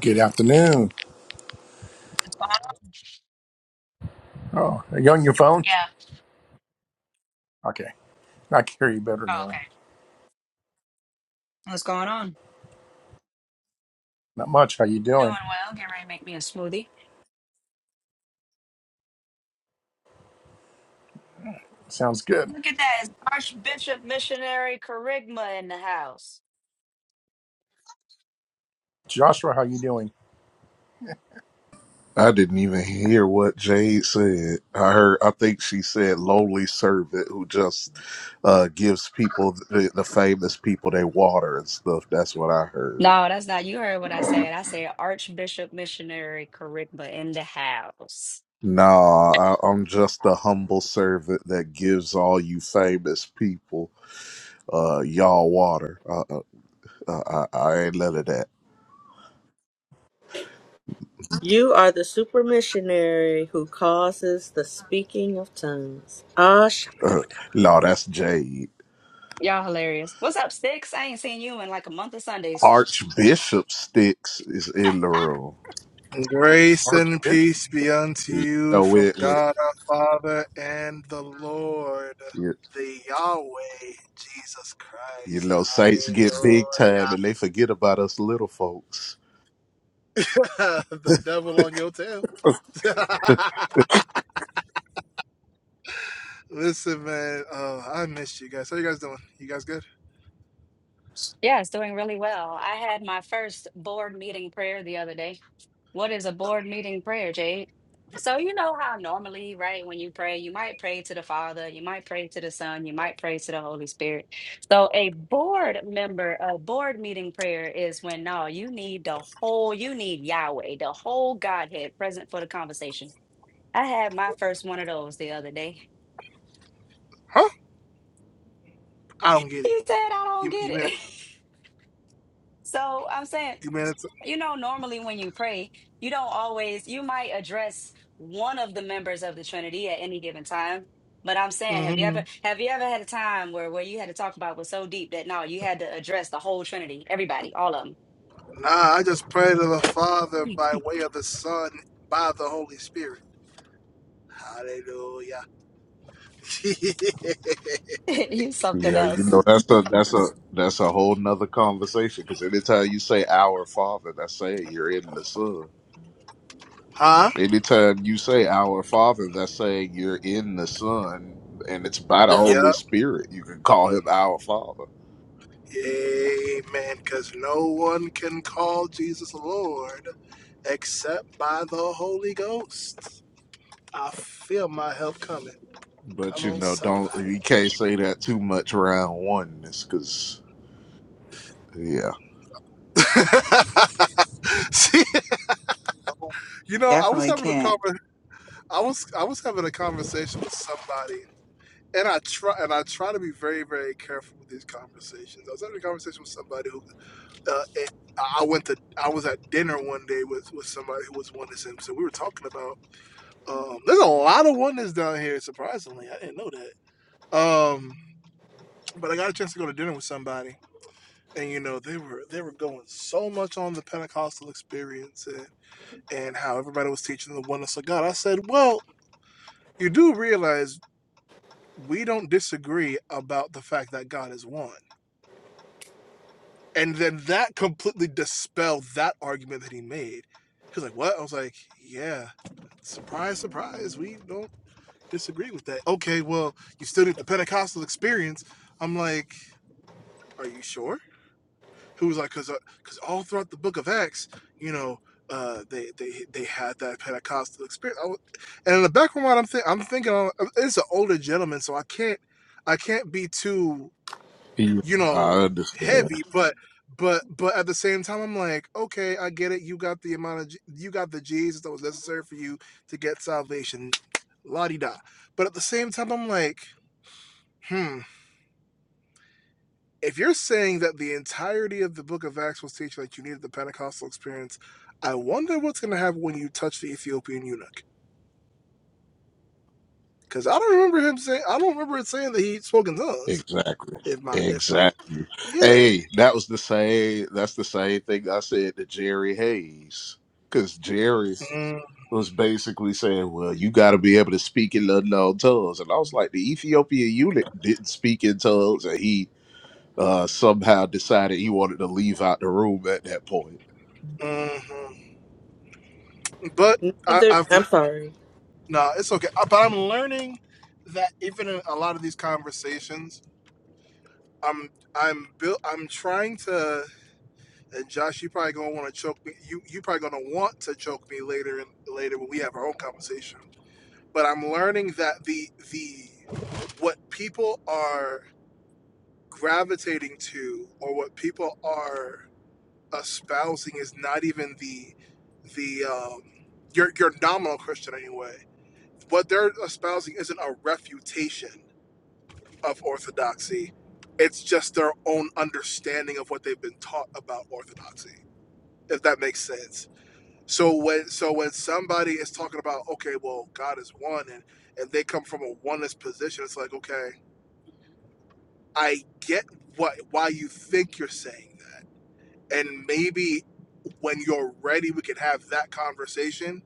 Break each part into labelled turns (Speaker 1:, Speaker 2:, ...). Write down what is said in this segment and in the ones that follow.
Speaker 1: Good afternoon.
Speaker 2: What's going on?
Speaker 1: Oh, are you on your phone?
Speaker 2: Yeah.
Speaker 1: Okay, I can hear you better
Speaker 2: Oh,
Speaker 1: now.
Speaker 2: okay. What's going on?
Speaker 1: Not much. How you
Speaker 2: Doing
Speaker 1: doing?
Speaker 2: well. Get ready to make me a smoothie.
Speaker 1: Sounds good.
Speaker 2: Look at that. It's Archbishop Missionary Kerygma in the house.
Speaker 1: Joshua, how you doing?
Speaker 2: No, that's not. You heard what I said. I said Archbishop Missionary Kerygma in the house.
Speaker 3: You are the super missionary who causes the speaking of tongues. Ah, shabba-dabba.
Speaker 2: Y'all hilarious. What's up, Six? I ain't seen you in like a month of Sundays.
Speaker 4: Grace
Speaker 1: Art,
Speaker 4: and
Speaker 1: it-
Speaker 4: peace be unto you from God our Father and the Lord, the Yahweh, Jesus Christ. Hallelujah. the devil on your tail. Listen, man, uh, I missed you guys. How you guys doing? You guys good?
Speaker 2: Yeah, it's doing really well. I had my first board meeting prayer the other day. What is a
Speaker 4: Um,
Speaker 2: board meeting prayer, Jade? So you know how normally, right, when you pray, you might pray to the Father, you might pray to the Son, you might pray to the Holy Spirit. So a board member, a board meeting prayer is when no, you need the whole, you need Yahweh, the whole Godhead present for the conversation. I had my first one of those the other day.
Speaker 4: Huh? I don't get it.
Speaker 2: He said, I don't
Speaker 4: You,
Speaker 2: get
Speaker 4: you mean
Speaker 2: it. So I'm saying
Speaker 4: you mean it's
Speaker 2: You know, normally when you pray, you don't always, you might address one of the members of the Trinity at any given time. But I'm saying, have you
Speaker 4: hmm
Speaker 2: ever have you ever had a time where where you had to talk about was so deep that no, you had to address the whole Trinity, everybody, all of
Speaker 4: Nah, I just pray to the Father
Speaker 2: them.
Speaker 4: by way of the Son, by the Holy Spirit. Hallelujah.
Speaker 2: you something else.
Speaker 4: huh? Yep. Amen. Because no one can call Jesus Lord except by the Holy Ghost. I feel my help coming. Come on, somebody. See, you know, I was
Speaker 5: Definitely
Speaker 4: having a
Speaker 5: can't.
Speaker 4: conver- I was I was having a conversation with somebody, and I try and I try to be very very careful with these conversations. I was having a conversation with somebody who uh, it, I went to I was at dinner one day with with somebody who was one of them. So we were talking about. Um, there's a lot of wonders down here. Surprisingly, I didn't know that. Um, but I got a chance to go to dinner with somebody, and you know they were they were going so much on the Pentecostal experience and, and how everybody was teaching the oneness of God. I said, well, you do realize we don't disagree about the fact that God is one, and then that completely dispelled that argument that he made. She was like, what? I was like, yeah. Surprise, surprise. We don't. disagree with that. Okay, well, you still need the Pentecostal experience. I'm like, are you sure? Who was like, because uh, because all throughout the Book of Acts, you know, uh, they they they had that Pentecostal experience. I wa- and in the background, of my mind, I'm thinking. I'm thinking uh, it's an older gentleman, so I can't I can't be too you know heavy, but. But but at the same time, I'm like, okay, I get it. You got the amount of J- you got the Jesus that was necessary for you to get salvation, la di da. But at the same time, I'm like, Hmm. If you're saying that the entirety of the book of Acts was teaching that you needed the Pentecostal experience, I wonder what's going to happen when you touch the Ethiopian eunuch. Because I don't remember him saying, I don't remember it saying that he spoke in tongues. If my, if my, yeah. Mm, hmm But I,
Speaker 3: neither.
Speaker 4: I've, no,
Speaker 3: I'm sorry.
Speaker 4: nah, it's okay. Uh, But I'm learning that even in a lot of these conversations, I'm, I'm built, I'm trying to And Josh, you probably gonna want to choke me. You you probably gonna want to choke me later and later when we have our own conversation. But I'm learning that the the what people are gravitating to or what people are espousing is not even the the um, your your nominal Christian anyway. What they're espousing isn't a refutation of orthodoxy. It's just their own understanding of what they've been taught about orthodoxy. If that makes sense So when so when somebody is talking about okay, well, God is one, and and they come from a oneness position, it's like okay, I get what why you think you're saying that, and maybe when you're ready, we could have that conversation.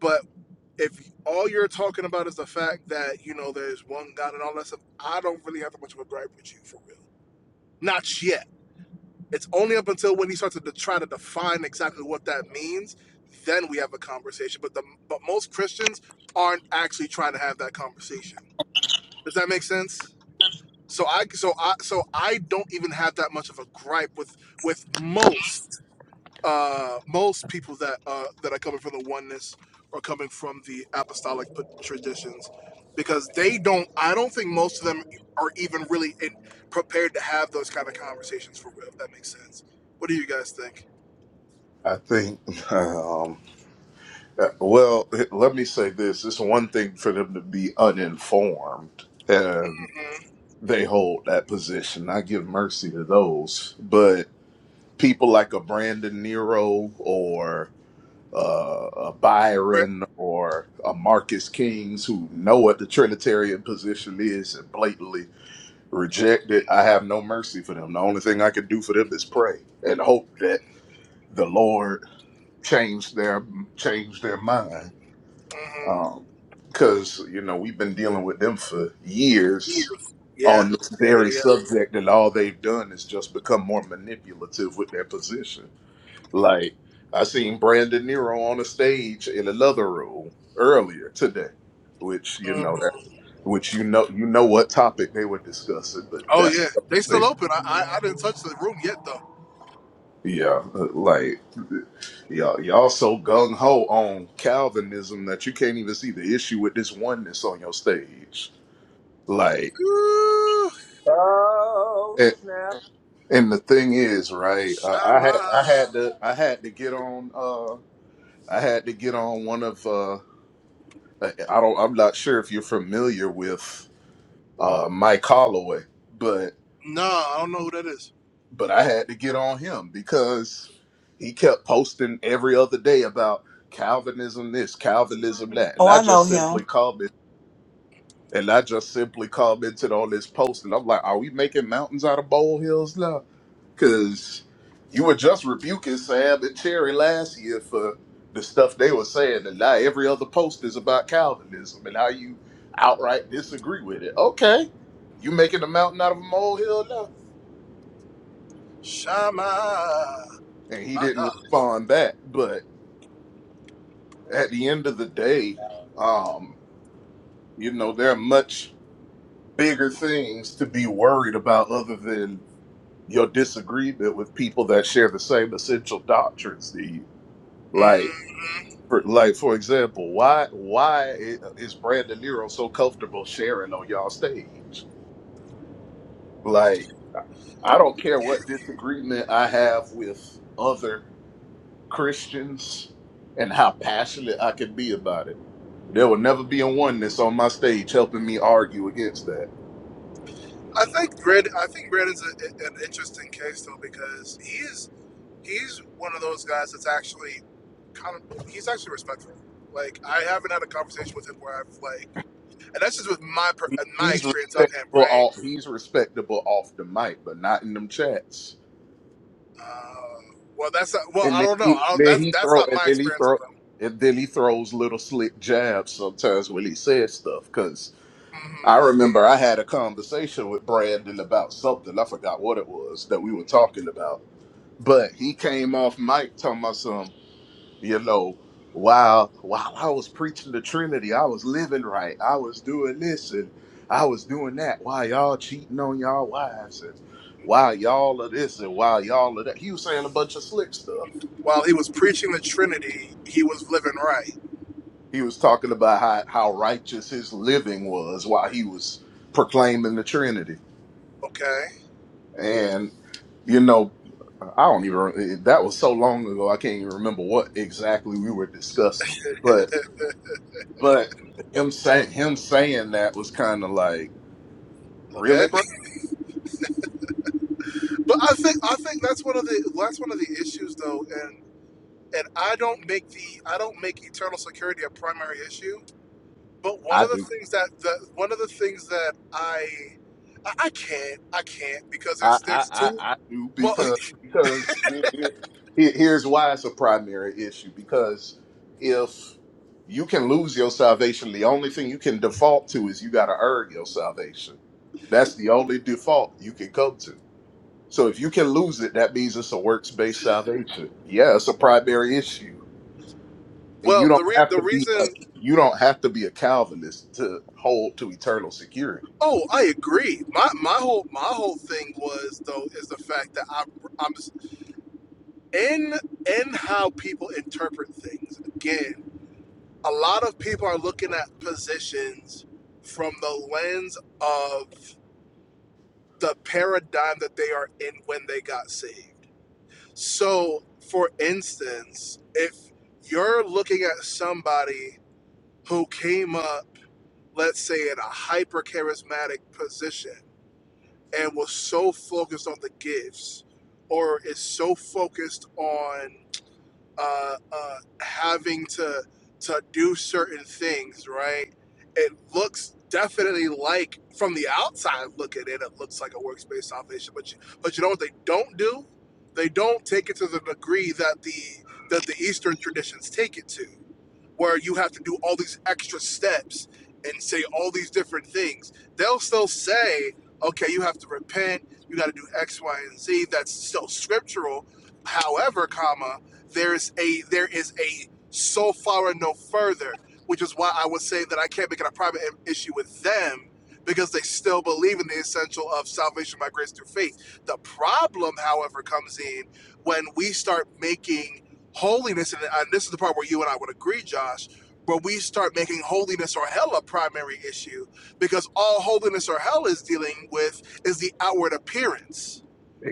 Speaker 4: But if all you're talking about is the fact that you know there's one God and all that stuff, I don't really have that much of a gripe with you for real. Not yet. It's only up until when he starts to de- try to define exactly what that means, then we have a conversation. But the but most Christians aren't actually trying to have that conversation. Does that make sense? So I so I so I don't even have that much of a gripe with with most uh, most people that uh, that are coming from the oneness are coming from the apostolic p- traditions because they don't i don't think most of them are even really in, prepared to have those kind of conversations for real if that makes sense what do you guys think mm-hmm. right mm-hmm. Years. yeah yeah yeah yeah hmm oh yeah they still open I, I i didn't touch the room yet though Ooh,
Speaker 6: Oh, snap.
Speaker 4: Shama. no i don't know who that is
Speaker 5: Oh, I know him.
Speaker 4: Shama. my god Mhm. I think Brandon. I think Brandon's a, an interesting case though because he's he's one of those guys that's actually kind of he's actually respectful. Like I haven't had a conversation with him where I've like, and that's just with my per- uh, my experience of him, right? Uh, well, that's not, well, I don't know. I don't, that's that's not my experience of him. hmm While he was preaching the Trinity, he was living right. Okay, okay. But I think I think that's one of the that's one of the issues though, and. and I don't make the I don't make eternal security a primary issue. But one of the things that the one of the things that I I, I can't I can't because there's there's two well well the re, the reason oh I agree my my whole my whole thing was though is the fact that I I'm in in how people interpret things again a lot of people are looking at positions from the lens of the paradigm that they are in when they got saved. So, for instance, if you're looking at somebody who came up, let's say, in a hyper charismatic position and was so focused on the gifts or is so focused on uh, uh, having to to do certain things, right? It looks definitely like from the outside looking in, it looks like a workspace salvation. But you, but you know what they don't do? They don't take it to the degree that the that the Eastern traditions take it to, where you have to do all these extra steps and say all these different things. They'll still say, okay, you have to repent, you got to do X, Y, and Z. That's still scriptural. However, comma there's a there is a so far and no further, which is why I would say that I can't make it a private issue with them because they still believe in the essential of salvation by grace through faith. The problem, however, comes in when we start making holiness, and and this is the part where you and I would agree, Josh, where we start making holiness or hell a primary issue because all holiness or hell is dealing with is the outward appearance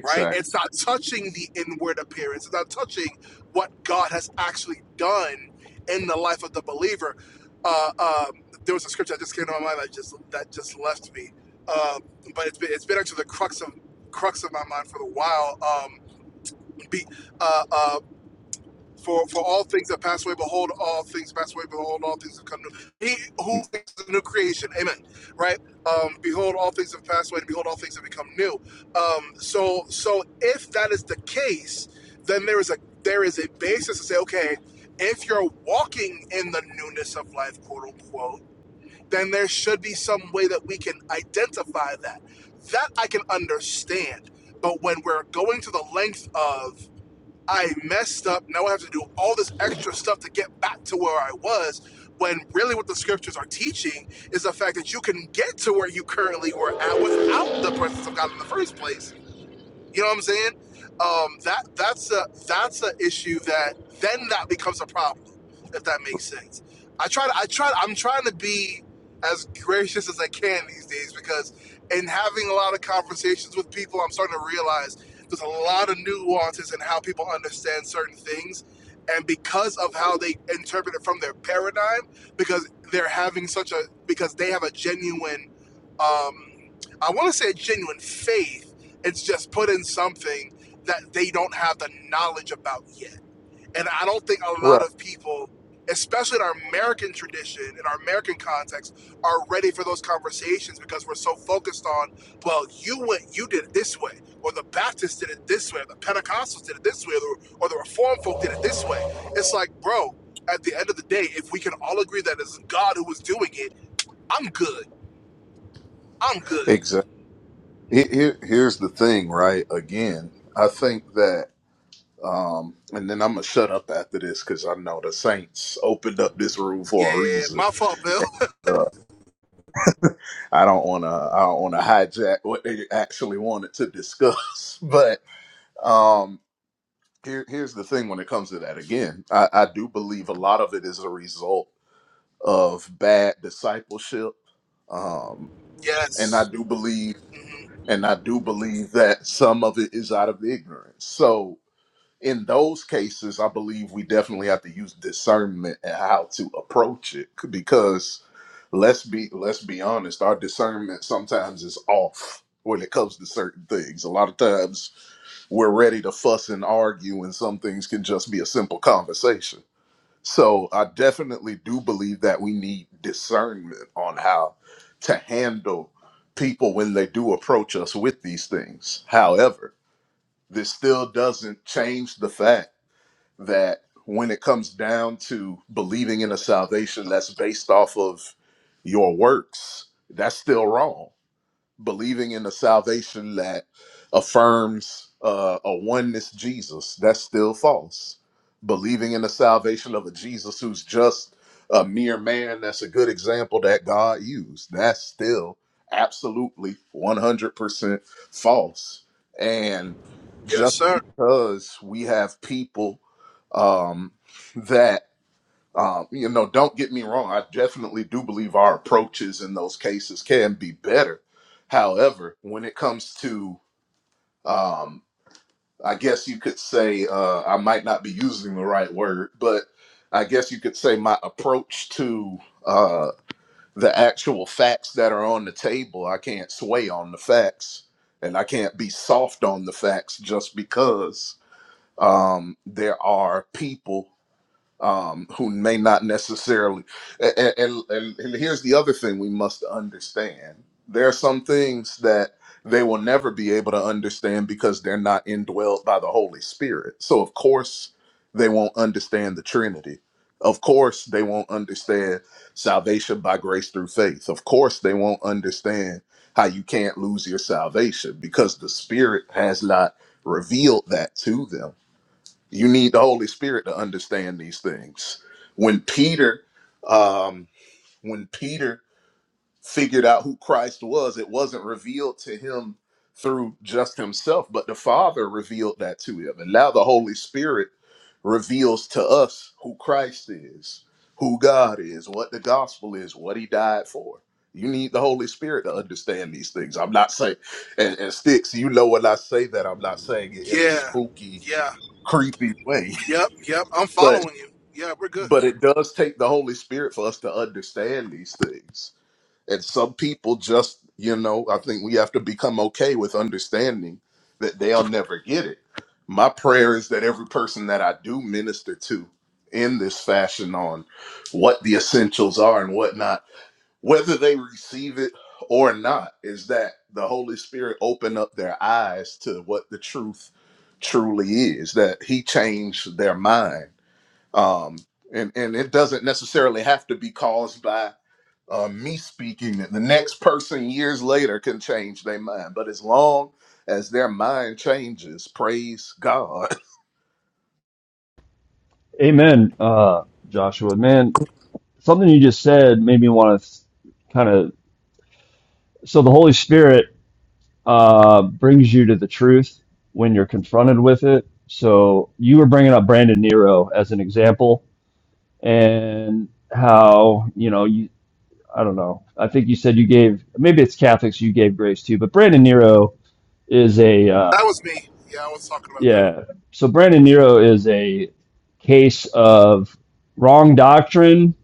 Speaker 4: right? It's not touching the inward appearance. It's not touching what God has actually done in the life of the believer. Uh, um, there was a scripture that just came to my mind that just that just left me, uh, but it's been it's been actually the crux of crux of my mind for a while. Um, be, uh, uh, for for all things that pass away, behold, all things pass away, behold, all things have come new. He who is the new creation, amen. Right? Um, behold, all things have passed away, and behold, all things have become new. Um, so so if that is the case, then there is a there is a basis to say, okay, if you're walking in the newness of life, quote unquote, then there should be some way that we can identify that. That I can understand. But when we're going to the length of I messed up. Now I have to do all this extra stuff to get back to where I was. When really, what the scriptures are teaching is the fact that you can get to where you currently were at without the presence of God in the first place you know what I'm saying? Um, that that's a that's an issue that then that becomes a problem, if that makes sense. I try to I try I'm trying to be as gracious as I can these days because in having a lot of conversations with people, I'm starting to realize there's a lot of nuances in how people understand certain things. And because of how they interpret it from their paradigm, because they're having such a because they have a genuine um, I want to say a genuine faith it's just put in something that they don't have the knowledge about yet. And I don't think a lot of people, especially in our American tradition, in our American context, are ready for those conversations because we're so focused on, well, you went, you did it this way, or the Baptists did it this way, or the Pentecostals did it this way, or the, or the Reformed folk did it this way. It's like, bro, at the end of the day, if we can all agree that it's God who was doing it, I'm good. I'm good. Yeah, my fault, Bill. Yes. Mhm. Yes, sir. Yeah. Yeah. Yep. Yep. I'm following you. Yeah, we're good.
Speaker 6: Amen, uh, Joshua. Man, something you just said made me want to kind of. So the Holy Spirit uh, brings you to the truth when you're confronted with it. So you were bringing up Brandon Nero as an example, and how you know you. I don't know. I think you said you gave maybe it's Catholics you gave grace to, but Brandon Nero is a. uh,
Speaker 4: That was me. Yeah, I was talking about that.
Speaker 6: Yeah. So Brandon Nero is a case of wrong doctrine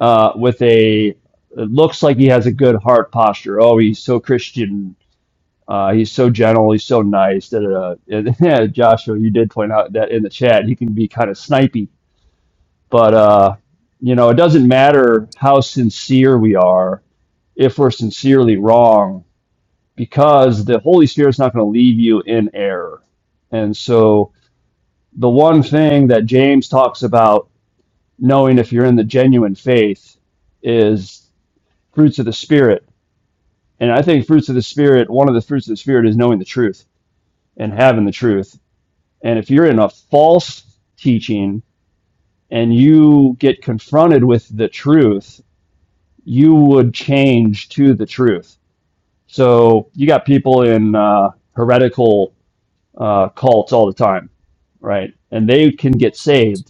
Speaker 6: uh, with a it looks like he has a good heart posture. Oh, he's so Christian. Uh, he's so gentle. He's so nice. Da, da, da. And, yeah, Joshua, you did point out that in the chat he can be kind of snipey, but uh, you know it doesn't matter how sincere we are if we're sincerely wrong because the Holy Spirit's not going to leave you in error. And so the one thing that James talks about knowing if you're in the genuine faith is fruits of the spirit. And I think fruits of the spirit, one of the fruits of the spirit is knowing the truth and having the truth. And if you're in a false teaching and you get confronted with the truth, you would change to the truth. So you got people in uh, heretical uh, cults all the time, right? And they can get saved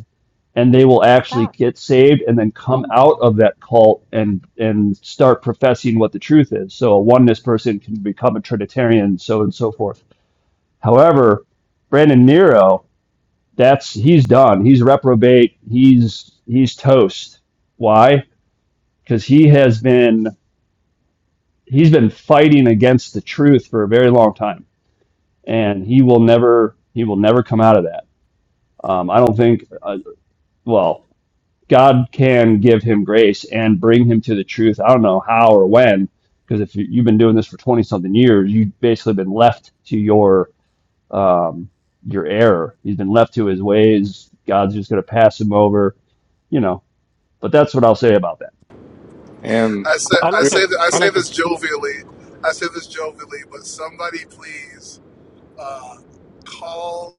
Speaker 6: and they will actually
Speaker 2: Stop.
Speaker 6: get saved and then come out of that cult and and start professing what the truth is. So a oneness person can become a Trinitarian, so and so forth. However, Brandon Nero, that's he's done. He's reprobate. He's he's toast. Why? Because he has been he's been fighting against the truth for a very long time, and he will never he will never come out of that. Um, I don't think. Uh, well, God can give him grace and bring him to the truth. I don't know how or when, because if you- have been doing this for twenty something years, you've basically been left to your um, your error. He's been left to his ways. God's just going to pass him over, you know. But that's what I'll say about that.
Speaker 4: I said
Speaker 7: I
Speaker 4: I
Speaker 7: like
Speaker 4: say
Speaker 7: it.
Speaker 4: that I
Speaker 7: I
Speaker 4: say
Speaker 7: like to.
Speaker 4: this jovially. I say this jovially, but somebody please uh, call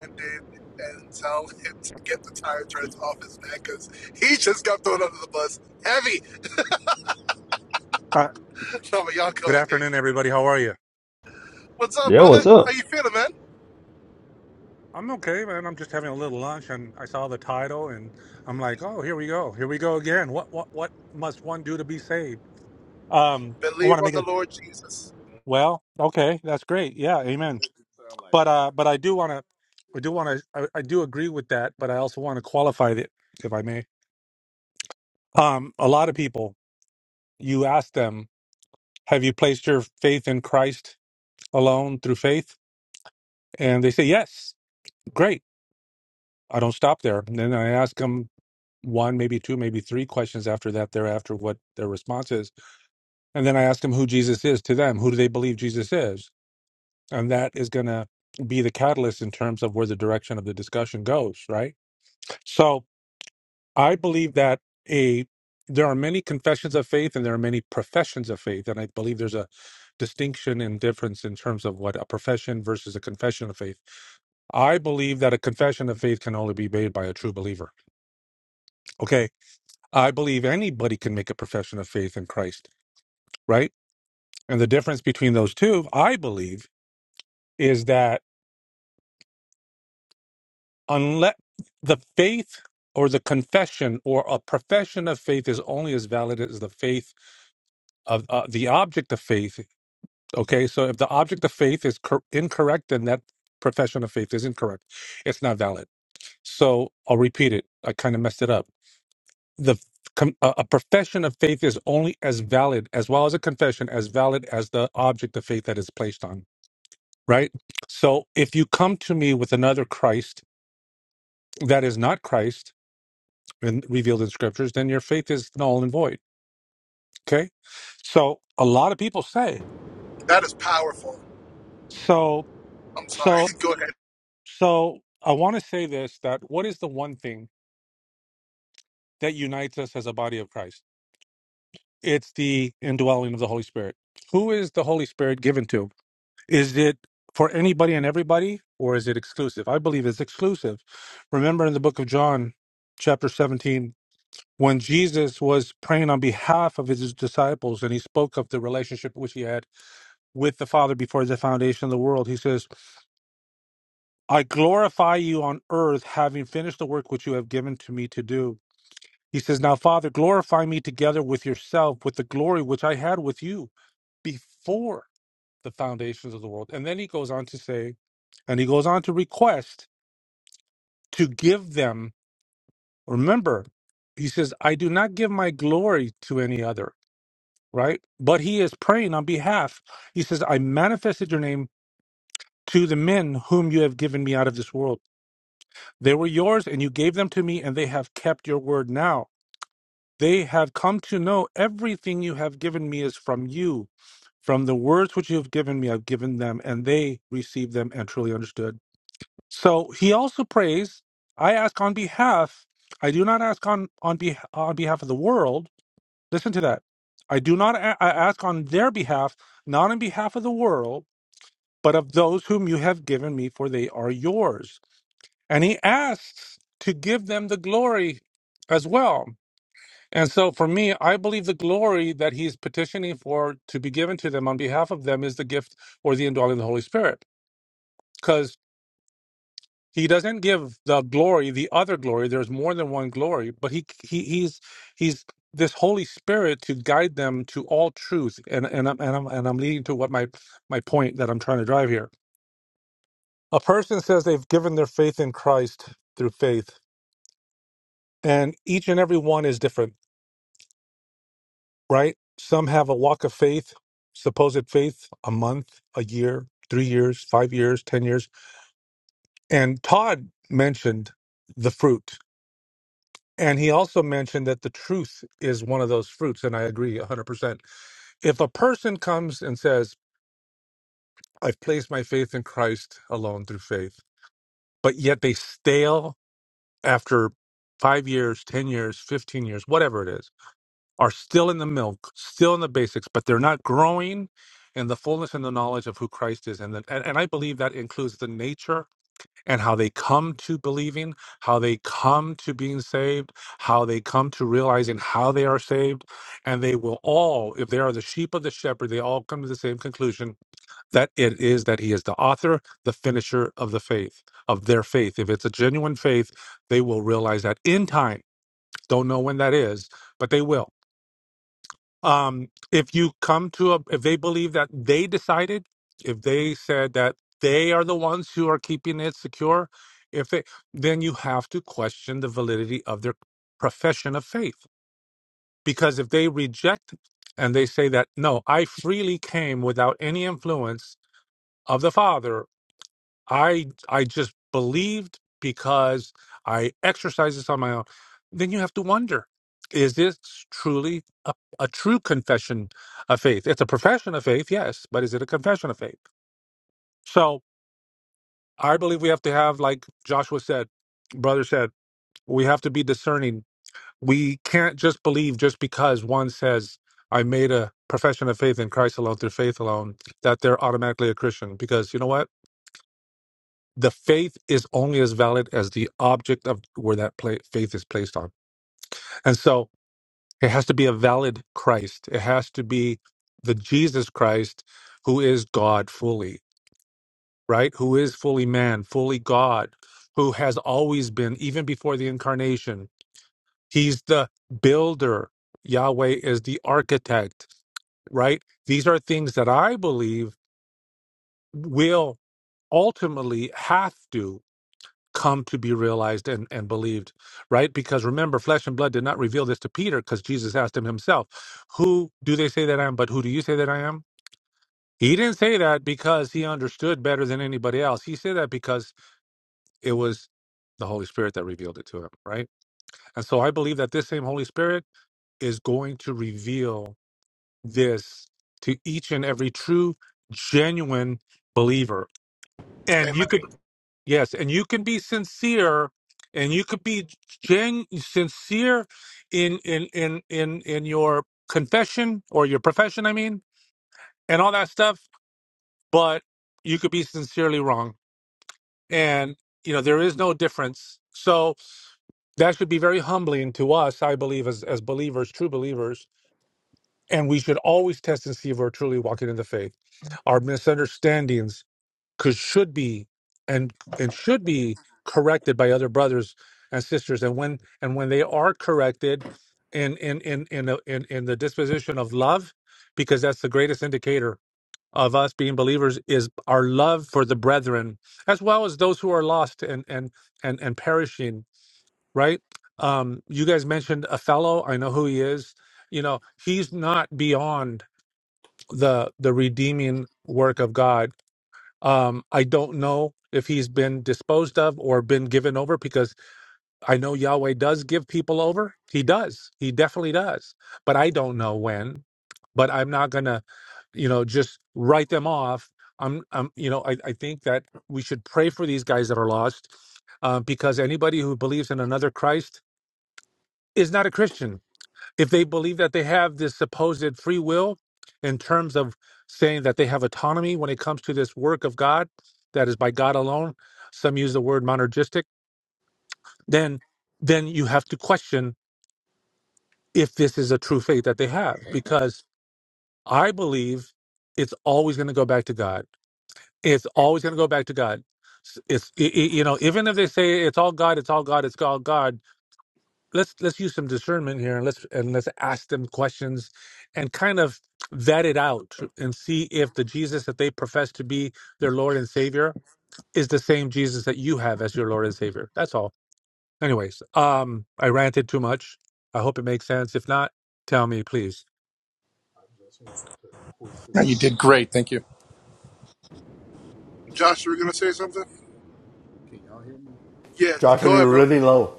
Speaker 4: Brandon and tell him to get the tire treads off his neck because he just got thrown under the bus heavy.
Speaker 7: Uh,
Speaker 4: No, but y'all
Speaker 7: Good
Speaker 4: go ahead.
Speaker 7: afternoon, everybody. How are you?
Speaker 4: What's up,
Speaker 6: Yeah,
Speaker 4: brother?
Speaker 6: what's
Speaker 4: How
Speaker 6: up?
Speaker 4: you feeling, man?
Speaker 7: I'm okay, man. I'm just having a little lunch, and I saw the title, and I'm like, oh, here we go. Here we go again. What what what must one do to be saved? Um, I want
Speaker 4: Believe
Speaker 7: to
Speaker 4: on
Speaker 7: make
Speaker 4: the
Speaker 7: it.
Speaker 4: Lord Jesus.
Speaker 7: Well, okay, that's great. Yeah, amen. But uh, but I do want to. I do want to. I, I do agree with that, but I also want to qualify it, if I may. Um, a lot of people, you ask them, have you placed your faith in Christ alone through faith? And they say yes. Great I don't stop there. And then I ask them one, maybe two, maybe three questions after that, thereafter, what their response is. And then I ask them who Jesus is to them. Who do they believe Jesus is? And that is going to be the catalyst in terms of where the direction of the discussion goes, right? So I believe that a there are many confessions of faith and there are many professions of faith. And I believe there's a distinction and difference in terms of what a profession versus a confession of faith. I believe that a confession of faith can only be made by a true believer. Okay I believe anybody can make a profession of faith in Christ, right? And the difference between those two, I believe, is that unless the faith or the confession or a profession of faith is only as valid as the faith of uh, the object of faith. Okay, so if the object of faith is cor- incorrect, then that profession of faith is incorrect. It's not valid. So I'll repeat it. I kind of messed it up. the com- a a profession of faith is only as valid as well as a confession as valid as the object of faith that is placed on right so if you come to me with another christ that is not christ and revealed in scriptures then your faith is null and void okay so a lot of people say
Speaker 4: That is powerful.
Speaker 7: so
Speaker 4: I'm sorry.
Speaker 7: so
Speaker 4: go ahead.
Speaker 7: so i want to say this that what is the one thing that unites us as a body of christ it's the indwelling of the holy spirit who is the holy spirit given to Is it for anybody and everybody, or is it exclusive? I believe it's exclusive. Remember in the book of John, chapter 17, when Jesus was praying on behalf of his disciples and he spoke of the relationship which he had with the Father before the foundation of the world, he says, I glorify you on earth, having finished the work which you have given to me to do. He says, Now, Father, glorify me together with yourself, with the glory which I had with you before the foundations of the world. And then he goes on to say, And he goes on to request to give them, remember, he says, I do not give my glory to any other, right? But he is praying on behalf. He says, I manifested your name to the men whom you have given me out of this world. They were yours and you gave them to me, and they have kept your word now. They have come to know everything you have given me is from you. From the words which you have given me, I've given them, and they received them and truly understood. So he also prays, I ask on behalf, I do not ask on, on, beh on behalf of the world. Listen to that. I do not a- I ask on their behalf, not on behalf of the world, but of those whom you have given me, for they are yours. And he asks to give them the glory as well. And so for me, I believe the glory that he's petitioning for to be given to them on behalf of them is the gift or the indwelling of the Holy Spirit. He doesn't give the glory, the other glory. There's more than one glory, but he, he he's he's this Holy Spirit to guide them to all truth. And and I'm and I'm and I'm leading to what my my point that I'm trying to drive here. A person says they've given their faith in Christ through faith, and each and every one is different, right? Some have a walk of faith, supposed faith, a month, a year, three years, five years, ten years. And Todd mentioned the fruit And he also mentioned that the truth is one of those fruits. And I agree 100%. If a person comes and says, I've placed my faith in Christ alone through faith, but yet they stale after five years, 10 years, 15 years, whatever it is, are still in the milk, still in the basics, but they're not growing in the fullness and the knowledge of who Christ is. And, the, and, and I believe that includes the nature and how they come to believing, how they come to being saved, how they come to realizing how they are saved. And they will all, if they are the sheep of the shepherd, they all come to the same conclusion that it is that he is the author, the finisher of the faith, of their faith. If it's a genuine faith, they will realize that in time. Don't know when that is, but they will um, if you come to a if they believe that they decided if they said that they are the ones who are keeping it secure if they then you have to question the validity of their profession of faith because if they reject and they say that no i freely came without any influence of the father I I just believed because I exercised this on my own. Then you have to wonder: Is this truly a, a true confession of faith? It's a profession of faith, yes, but is it a confession of faith? So I believe we have to have, like Joshua said, brother said, we have to be discerning. We can't just believe just because one says, "I made a profession of faith in Christ alone through faith alone," that they're automatically a Christian. Because you know what? the faith is only as valid as the object of where that pla faith is placed on. And so it has to be a valid Christ. It has to be the Jesus Christ who is God fully, right? Who is fully man, fully God, who has always been, even before the incarnation. He's the builder. Yahweh is the architect, right? These are things that I believe will ultimately have to. come to be realized and, and believed, right? Because remember, flesh and blood did not reveal this to Peter because Jesus asked him himself, Who do they say that I am? But who do you say that I am? He didn't say that because he understood better than anybody else. He said that because it was the Holy Spirit that revealed it to him, right? And so I believe that this same Holy Spirit is going to reveal this to each and every true, genuine believer. And
Speaker 4: Amen.
Speaker 7: you could Yes, and you can be sincere, and you could be gen- sincere in in in in in your confession or your profession, I mean, and all that stuff. But you could be sincerely wrong, and you know there is no difference. So that should be very humbling to us, I believe, as as believers, true believers, and we should always test and see if we're truly walking in the faith. Our misunderstandings could should be and and should be corrected by other brothers and sisters and when and when they are corrected in in in in a, in, in the disposition of love because that's the greatest indicator of us being believers is our love for the brethren as well as those who are lost and and and and perishing right um you guys mentioned a fellow i know who he is you know he's not beyond the the redeeming work of god um, I don't know if he's been disposed of or been given over because I know Yahweh does give people over. He does. He definitely does. But I don't know when. But I'm not going to, you know, just write them off. I'm, I'm you know, I, I think that we should pray for these guys that are lost uh, because anybody who believes in another Christ is not a Christian if they believe that they have this supposed free will in terms of saying that they have autonomy when it comes to this work of God that is by God alone, some use the word monergistic, then then you have to question if this is a true faith that they have because I believe it's always going to go back to God. It's always going to go back to God. It's it, it- you know even if they say it's all God, it's all God, it's all God let's let's use some discernment here and let's and let's ask them questions and kind of vet it out and see if the Jesus that they profess to be their Lord and Savior is the same Jesus that you have as your Lord and Savior. That's all. Anyways, um I ranted too much. I hope it makes sense. If not, tell me please.
Speaker 1: no, you did great. Thank you.
Speaker 4: Josh, you were gonna say something? Yeah,
Speaker 8: Josh,
Speaker 4: go ahead,
Speaker 8: you're
Speaker 4: bro.
Speaker 8: really low.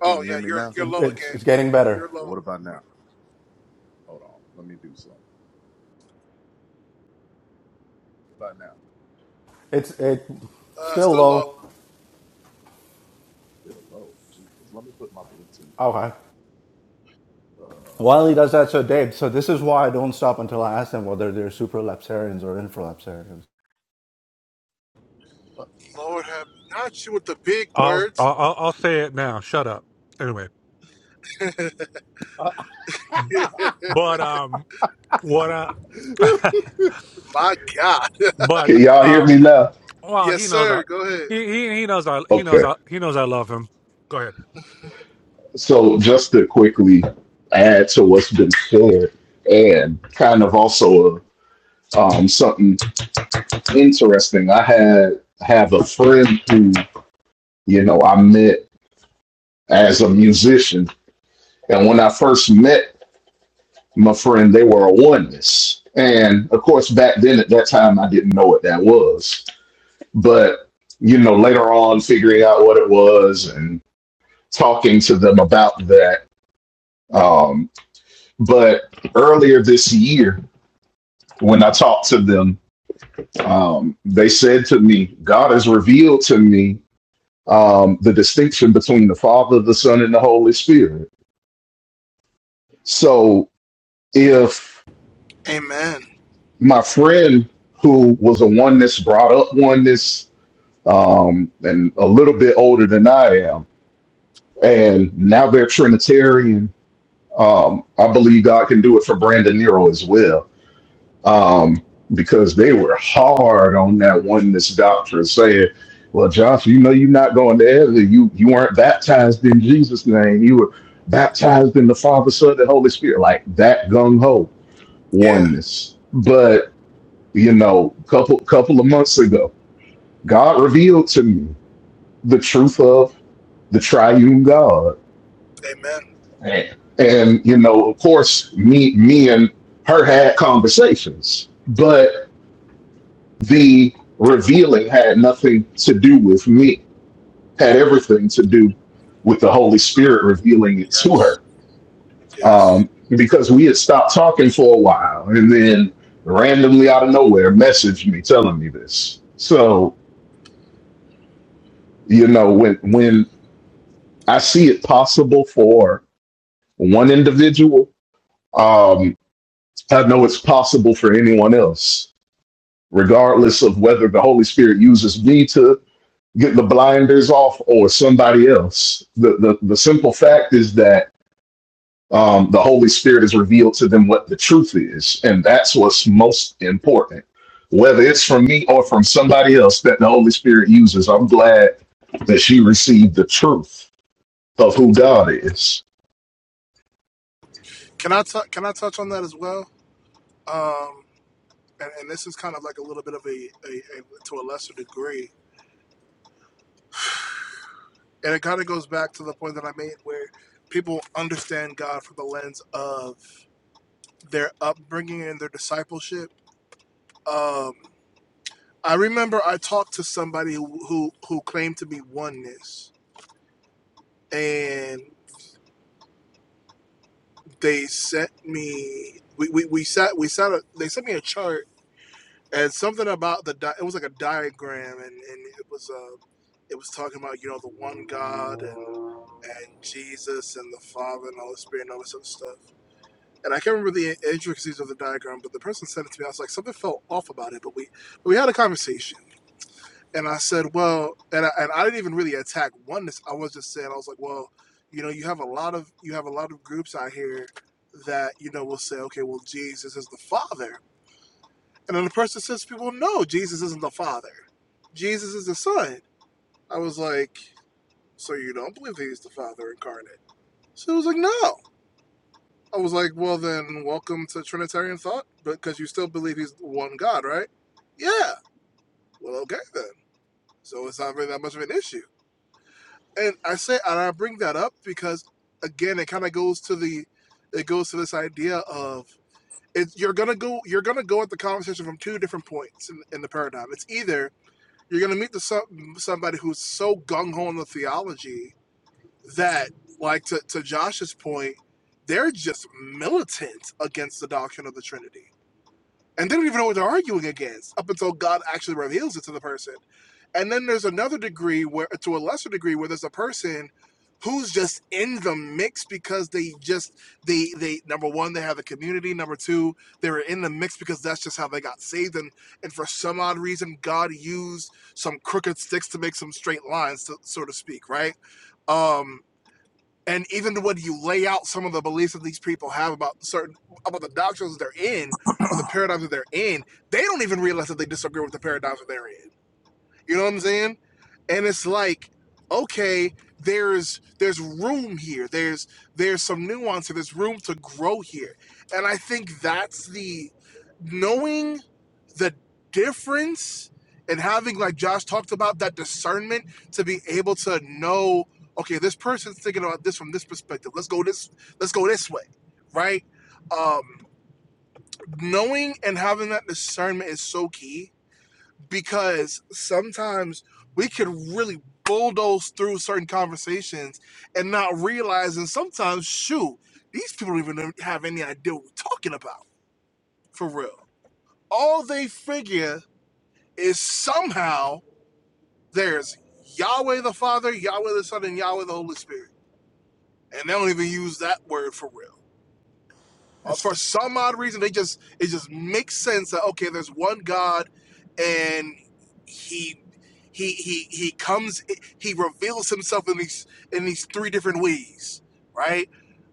Speaker 4: Oh yeah, you're you're
Speaker 8: It-
Speaker 4: low
Speaker 8: It's,
Speaker 4: again.
Speaker 8: it's getting better.
Speaker 4: You're low.
Speaker 8: It's it
Speaker 4: Uh,
Speaker 8: still
Speaker 4: still low.
Speaker 8: low. Okay. While he does that, so Dave, so this is why I don't stop until I ask them whether they're supralapsarians or infralapsarians.
Speaker 4: Lord have not you with the big
Speaker 7: I'll
Speaker 4: words.
Speaker 7: I'll I'll I'll say it now. Shut up. Anyway, but um what uh
Speaker 4: My God.
Speaker 7: but um well,
Speaker 4: Yes,
Speaker 7: he knows I
Speaker 4: sir. Go ahead.
Speaker 7: he he, he knows I he knows I he knows I love him. Go ahead.
Speaker 9: yet actions and let my oneness and this. But you know, things out that. Um, but earlier this year, when I talked to them, um, they said to me, God has revealed to me um, the distinction between the Father, the Son, and the Holy Spirit. So if
Speaker 4: Amen.
Speaker 9: my friend who was a oneness brought up oneness um, and a little bit older than I am, and now they're Trinitarian Um, I believe God can do it for Brandon Nero.
Speaker 4: Yeah. Amen.
Speaker 9: And you know, of course, me, me and her had conversations, but the reeling had nothing to do with me. Had everything to do with the Holy Spirit revealing it to
Speaker 4: Yes.
Speaker 9: her.
Speaker 4: Yes.
Speaker 9: Um, because we had stopped talking for a while, and then randomly out of nowhere, messaged me telling me this. So you know, when when I see it possible for one individual, um, I know it's possible for anyone else, regardless of whether the Holy Spirit uses me to get the blinders off or somebody else. The the, the simple fact is that um, the Holy Spirit has revealed to them what the truth is, and that's what's most important. Whether it's from me or from somebody else that the Holy Spirit uses, I'm glad that she received the truth of who God is.
Speaker 4: Can I t- can I touch on that as well? Um, and, and this is kind of like a little bit of a, a, a to a lesser degree, and it kind of goes back to the point that I made where people understand God from the lens of their upbringing and their discipleship. Um, I remember I talked to somebody who who, who claimed to be oneness, and they sent me we, we, we sat we sat a, they sent me a chart and something about the di- it was like a diagram and, and it was uh it was talking about you know the one God and and Jesus and the Father and the Holy Spirit and all this other stuff. And I can't remember the intricacies of the diagram, but the person sent it to me. I was like, something felt off about it, but we we had a conversation. And I said, well, and I, and I didn't even really attack oneness. I was just saying, I was like, well, you know, you have a lot of you have a lot of groups out here that you know will say, okay, well, Jesus is the Father, and then the person says, people, "Well, no, Jesus isn't the Father. Jesus is the Son. I was like, so you don't believe that he's the Father incarnate? So it was like, no. I was like, well, then welcome to Trinitarian thought, because you still believe he's one God, right? Yeah. Well, okay then. So it's not really that much of an issue. and I say and I bring that up because again it kind of goes to the it goes to this idea of it's you're gonna go you're gonna go at the conversation from two different points in, in the paradigm. It's either you're gonna meet the some, somebody who's so gung ho on the theology that like to, to Josh's point, they're just militant against the doctrine of the Trinity. And they don't even know what they're arguing against up until God actually reveals it to the person. And then there's another degree where, to a lesser degree, where there's a person who's just in the mix because they just they they number one they have the community number two they were in the mix because that's just how they got saved and and for some odd reason god used some crooked sticks to make some straight lines to, so to speak right um and even when you lay out some of the beliefs that these people have about certain about the doctrines they're in or the paradigms that they're in they don't even realize that they disagree with the paradigms that they're in you know what I'm saying? And it's like, okay, there's there's room here. There's there's some nuance here. There's room to grow here. And I think that's the knowing the difference and having like Josh talked about that discernment to be able to know, okay, this person's thinking about this from this perspective. Let's go this let's go this way. Right? Um knowing and having that discernment is so key because sometimes we could really bulldoze through certain conversations and not realizing sometimes, shoot, these people don't even have any idea what we're talking about for real. All they figure is somehow there's Yahweh the Father, Yahweh the Son, and Yahweh the Holy Spirit. And they don't even use that word for real Uh,
Speaker 1: That's-
Speaker 4: for some odd reason, they just it just makes sense that okay, there's one God, and he he he he comes he reveals himself in these in these three different ways, right?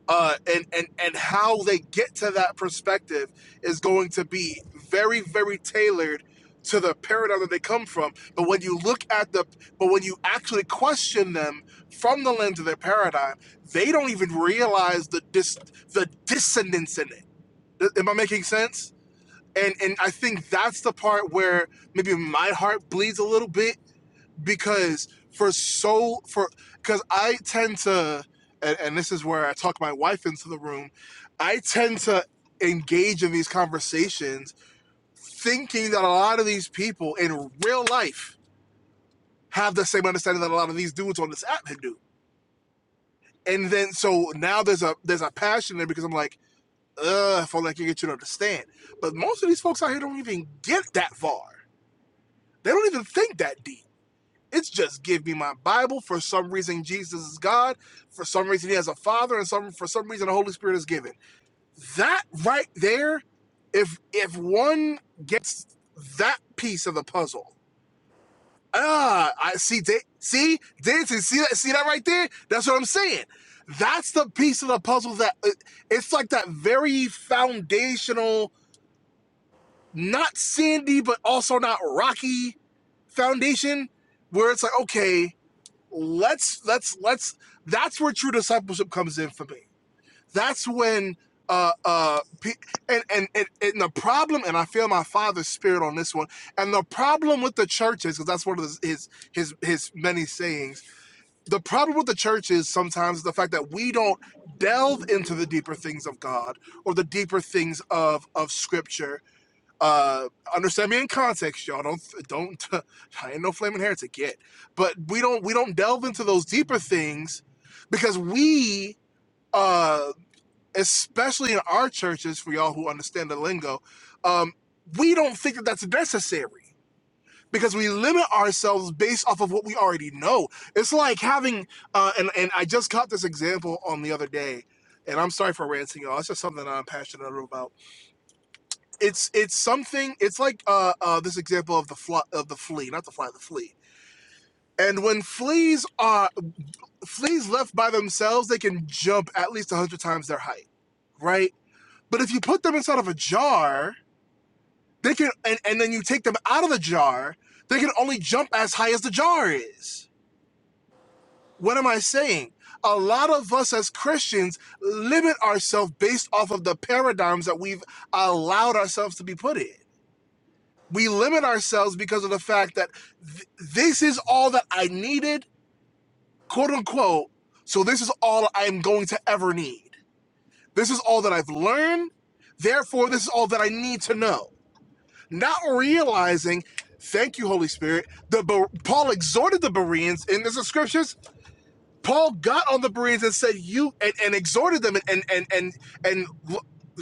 Speaker 4: Uh, and and and how they get to that perspective is going to be very very tailored to the paradigm that they come from. But when you look at the but when you actually question them from the lens of their paradigm, they don't even realize the dis the dissonance in it Am I making sense? And and I think that's the part where maybe my heart bleeds a little bit because for so for because I tend to and, and this is where I talk my wife into the room. I tend to engage in these conversations thinking that a lot of these people in real life have the same understanding that a lot of these dudes on this app do. And then so now there's a there's a passion there because I'm like uh, if only I could get you to understand. But most of these folks out here don't even get that far. They don't even think that deep. It's just give me my Bible. For some reason, Jesus is God. For some reason, He has a Father, and some for some reason, the Holy Spirit is given. That right there, if if one gets that piece of the puzzle, ah, I see. Da- see, dancing. See that? See that right there? That's what I'm saying. That's the piece of the puzzle that uh, it's like that very foundational not sandy, but also not rocky foundation where it's like, okay, let's let's let's that's where true discipleship comes in for me. That's when uh uh and and and, and the problem and I feel my father's spirit on this one. And the problem with the church is because that's one of his, his his his many sayings. The problem with the church is sometimes the fact that we don't delve into the deeper things of God or the deeper things of of scripture uh understand me in context y'all don't don't i ain't no flaming heretic yet but we don't we don't delve into those deeper things because we uh especially in our churches for y'all who understand the lingo um we don't think that that's necessary because we limit ourselves based off of what we already know it's like having uh and and i just caught this example on the other day and i'm sorry for ranting y'all it's just something that i'm passionate about it's it's something it's like uh, uh this example of the fly of the flea not the fly the flea and when fleas are fleas left by themselves they can jump at least 100 times their height right but if you put them inside of a jar they can and, and then you take them out of the jar they can only jump as high as the jar is what am i saying a lot of us as christians limit ourselves based off of the paradigms that we've allowed ourselves to be put in we limit ourselves because of the fact that th- this is all that I needed, quote unquote. So this is all I'm going to ever need. This is all that I've learned. Therefore, this is all that I need to know. Not realizing, thank you, Holy Spirit. The Ber- Paul exhorted the Bereans in the scriptures Paul got on the Bereans and said, "You," and, and exhorted them, and and and and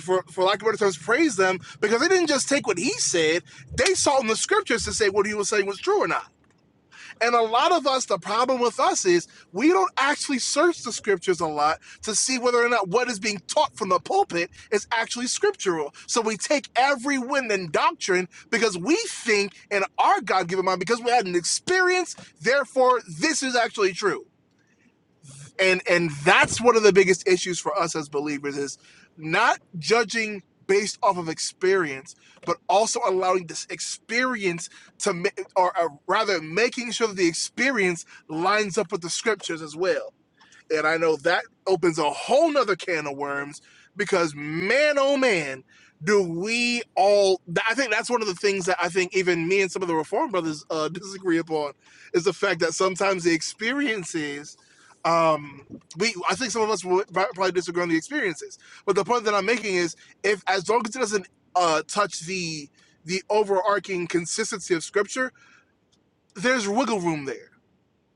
Speaker 4: for for lack of better terms, praised them because they didn't just take what he said; they sought in the scriptures to say what he was saying was true or not. And a lot of us, the problem with us is we don't actually search the scriptures a lot to see whether or not what is being taught from the pulpit is actually scriptural. So we take every wind and doctrine because we think in our God given mind, because we had an experience, therefore, this is actually true and and that's one of the biggest issues for us as believers is not judging based off of experience but also allowing this experience to ma- or, or rather making sure that the experience lines up with the scriptures as well and I know that opens a whole nother can of worms because man, oh man, do we all, I think that's one of the things that I think even me and some of the Reform brothers uh, disagree upon is the fact that sometimes the experiences, um, we, I think some of us would probably disagree on the experiences, but the point that I'm making is if, as long as it doesn't uh, touch the, the overarching consistency of scripture, there's wiggle room there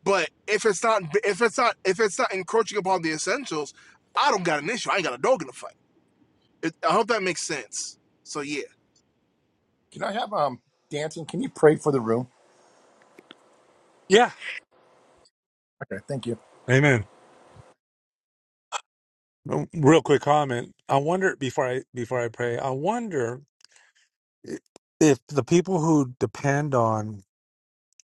Speaker 4: but if it's not if it's not if it's not encroaching upon the essentials, I don't got an issue. I ain't got a dog in the fight. It, I hope that makes sense. So yeah,
Speaker 1: Can I have um dancing? Can you pray for the room?
Speaker 7: Yeah.
Speaker 1: Okay, thank you.
Speaker 7: Amen. Um, Real quick comment. I wonder before I before I pray. I wonder i- if the people who depend on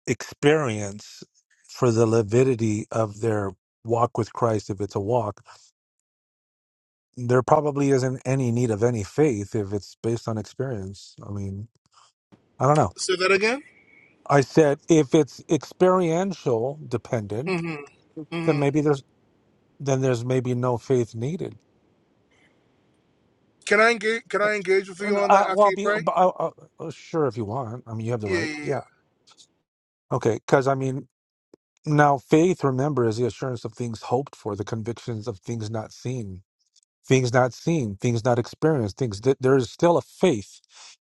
Speaker 7: experience for the lividity of their walk with Christ, if it's a walk, there probably isn't any need of any faith if it's based on experience. I mean, I don't know.
Speaker 4: say that again.
Speaker 7: I said if it's experiential
Speaker 4: mm
Speaker 7: dependent,
Speaker 4: hmm
Speaker 7: then
Speaker 4: mm hmm
Speaker 7: maybe there's then there's maybe no faith needed.
Speaker 4: Can I engage? Can I engage with you on that
Speaker 7: Uh, well,
Speaker 4: after
Speaker 7: I'll
Speaker 4: you
Speaker 7: be,
Speaker 4: pray?
Speaker 7: uh, uh, sure if you want. I mean, you have the
Speaker 4: Yeah,
Speaker 7: right.
Speaker 4: yeah, yeah.
Speaker 7: Yeah. Okay. Because, I mean, now faith, remember, is the assurance of things hoped for, the convictions of things not seen, things not seen, things not experienced, things that there is still a faith.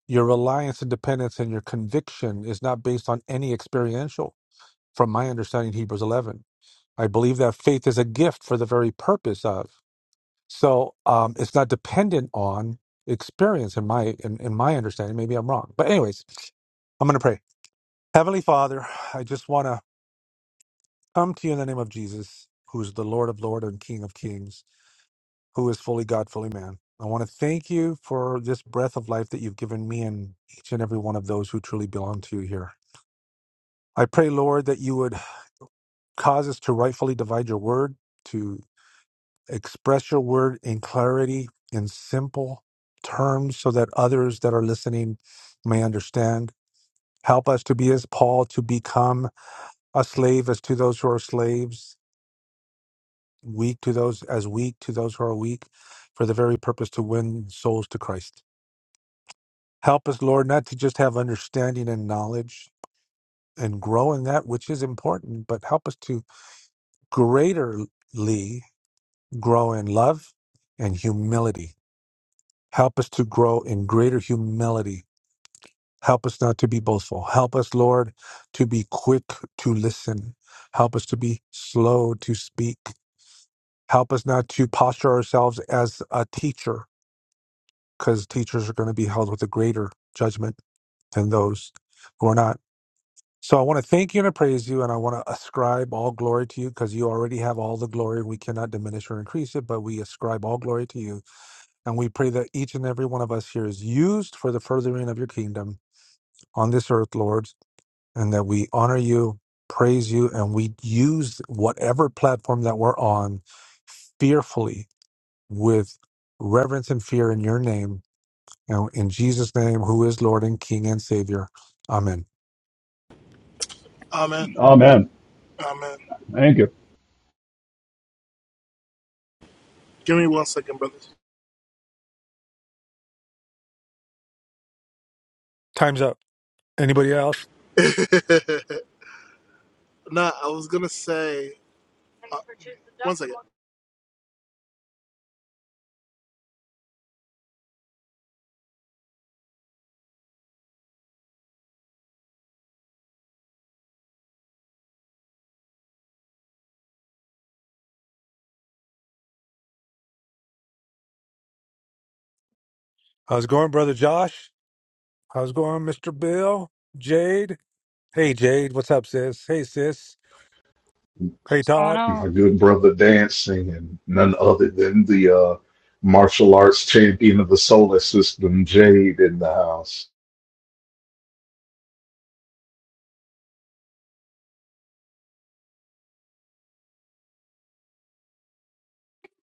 Speaker 7: Your reliance and dependence and your conviction is not based on any experiential, from my understanding, Hebrews 11. I believe that faith is a gift for the very purpose of. So um, it's not dependent on experience in my in, in my understanding maybe i'm wrong but anyways I'm going to pray. Heavenly Father, I just want to come to you in the name of Jesus, who's the Lord of Lords and King of Kings, who is fully God, fully man. I want to thank you for this breath of life that you've given me and each and every one of those who truly belong to you here. I pray, Lord, that you would cause us to rightfully divide your word, to express your word in clarity, in simple terms, so that others that are listening may understand. Help us to be as Paul, to become a slave as to those who are slaves, weak to those as weak to those who are weak for the very purpose to win souls to Christ. Help us, Lord, not to just have understanding and knowledge and grow in that which is important, but help us to greaterly grow in love and humility. Help us to grow in greater humility. Help us not to be boastful. Help us, Lord, to be quick to listen. Help us to be slow to speak. Help us not to posture ourselves as a teacher because teachers are going to be held with a greater judgment than those who are not. So I want to thank you and I praise you, and I want to ascribe all glory to you because you already have all the glory. We cannot diminish or increase it, but we ascribe all glory to you. And we pray that each and every one of us here is used for the furthering of your kingdom on this earth, Lord, and that we honor you, praise you, and we use whatever platform that we're on fearfully with reverence and fear in your name you know, in Jesus' name, who is Lord and King and Savior. Amen.
Speaker 4: Amen.
Speaker 6: Oh man,
Speaker 4: Amen.
Speaker 6: thank you.
Speaker 4: Give me one second, brothers.
Speaker 7: Time's up. Anybody else?
Speaker 4: nah, I was gonna say. uh, one second.
Speaker 7: How's it going, brother Josh? How's it going, Mr. Bill? Jade? Hey, Jade. What's up, sis? Hey, sis. Hey,
Speaker 2: What's going
Speaker 7: Todd.
Speaker 9: my
Speaker 2: on?
Speaker 9: good brother dancing, and none other than the uh, martial arts champion of the solar system, Jade, in the house.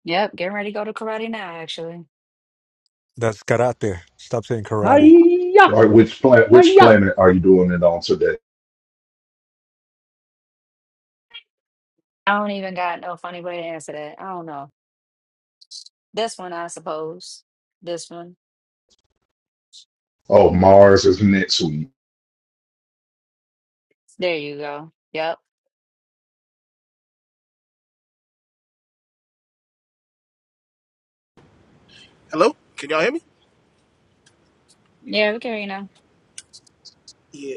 Speaker 2: Yep, getting ready to go to karate now, actually.
Speaker 7: That's karate. Stop saying karate.
Speaker 6: Hiya,
Speaker 9: All right, which planet? Which
Speaker 6: hiya.
Speaker 9: planet are you doing it on today?
Speaker 2: I don't even got no funny way to answer that. I don't know. This one, I suppose. This one.
Speaker 9: Oh, Mars is next week.
Speaker 2: There you go. Yep.
Speaker 4: Hello. Can y'all hear me?
Speaker 2: Yeah, we can, you know.
Speaker 4: Yeah.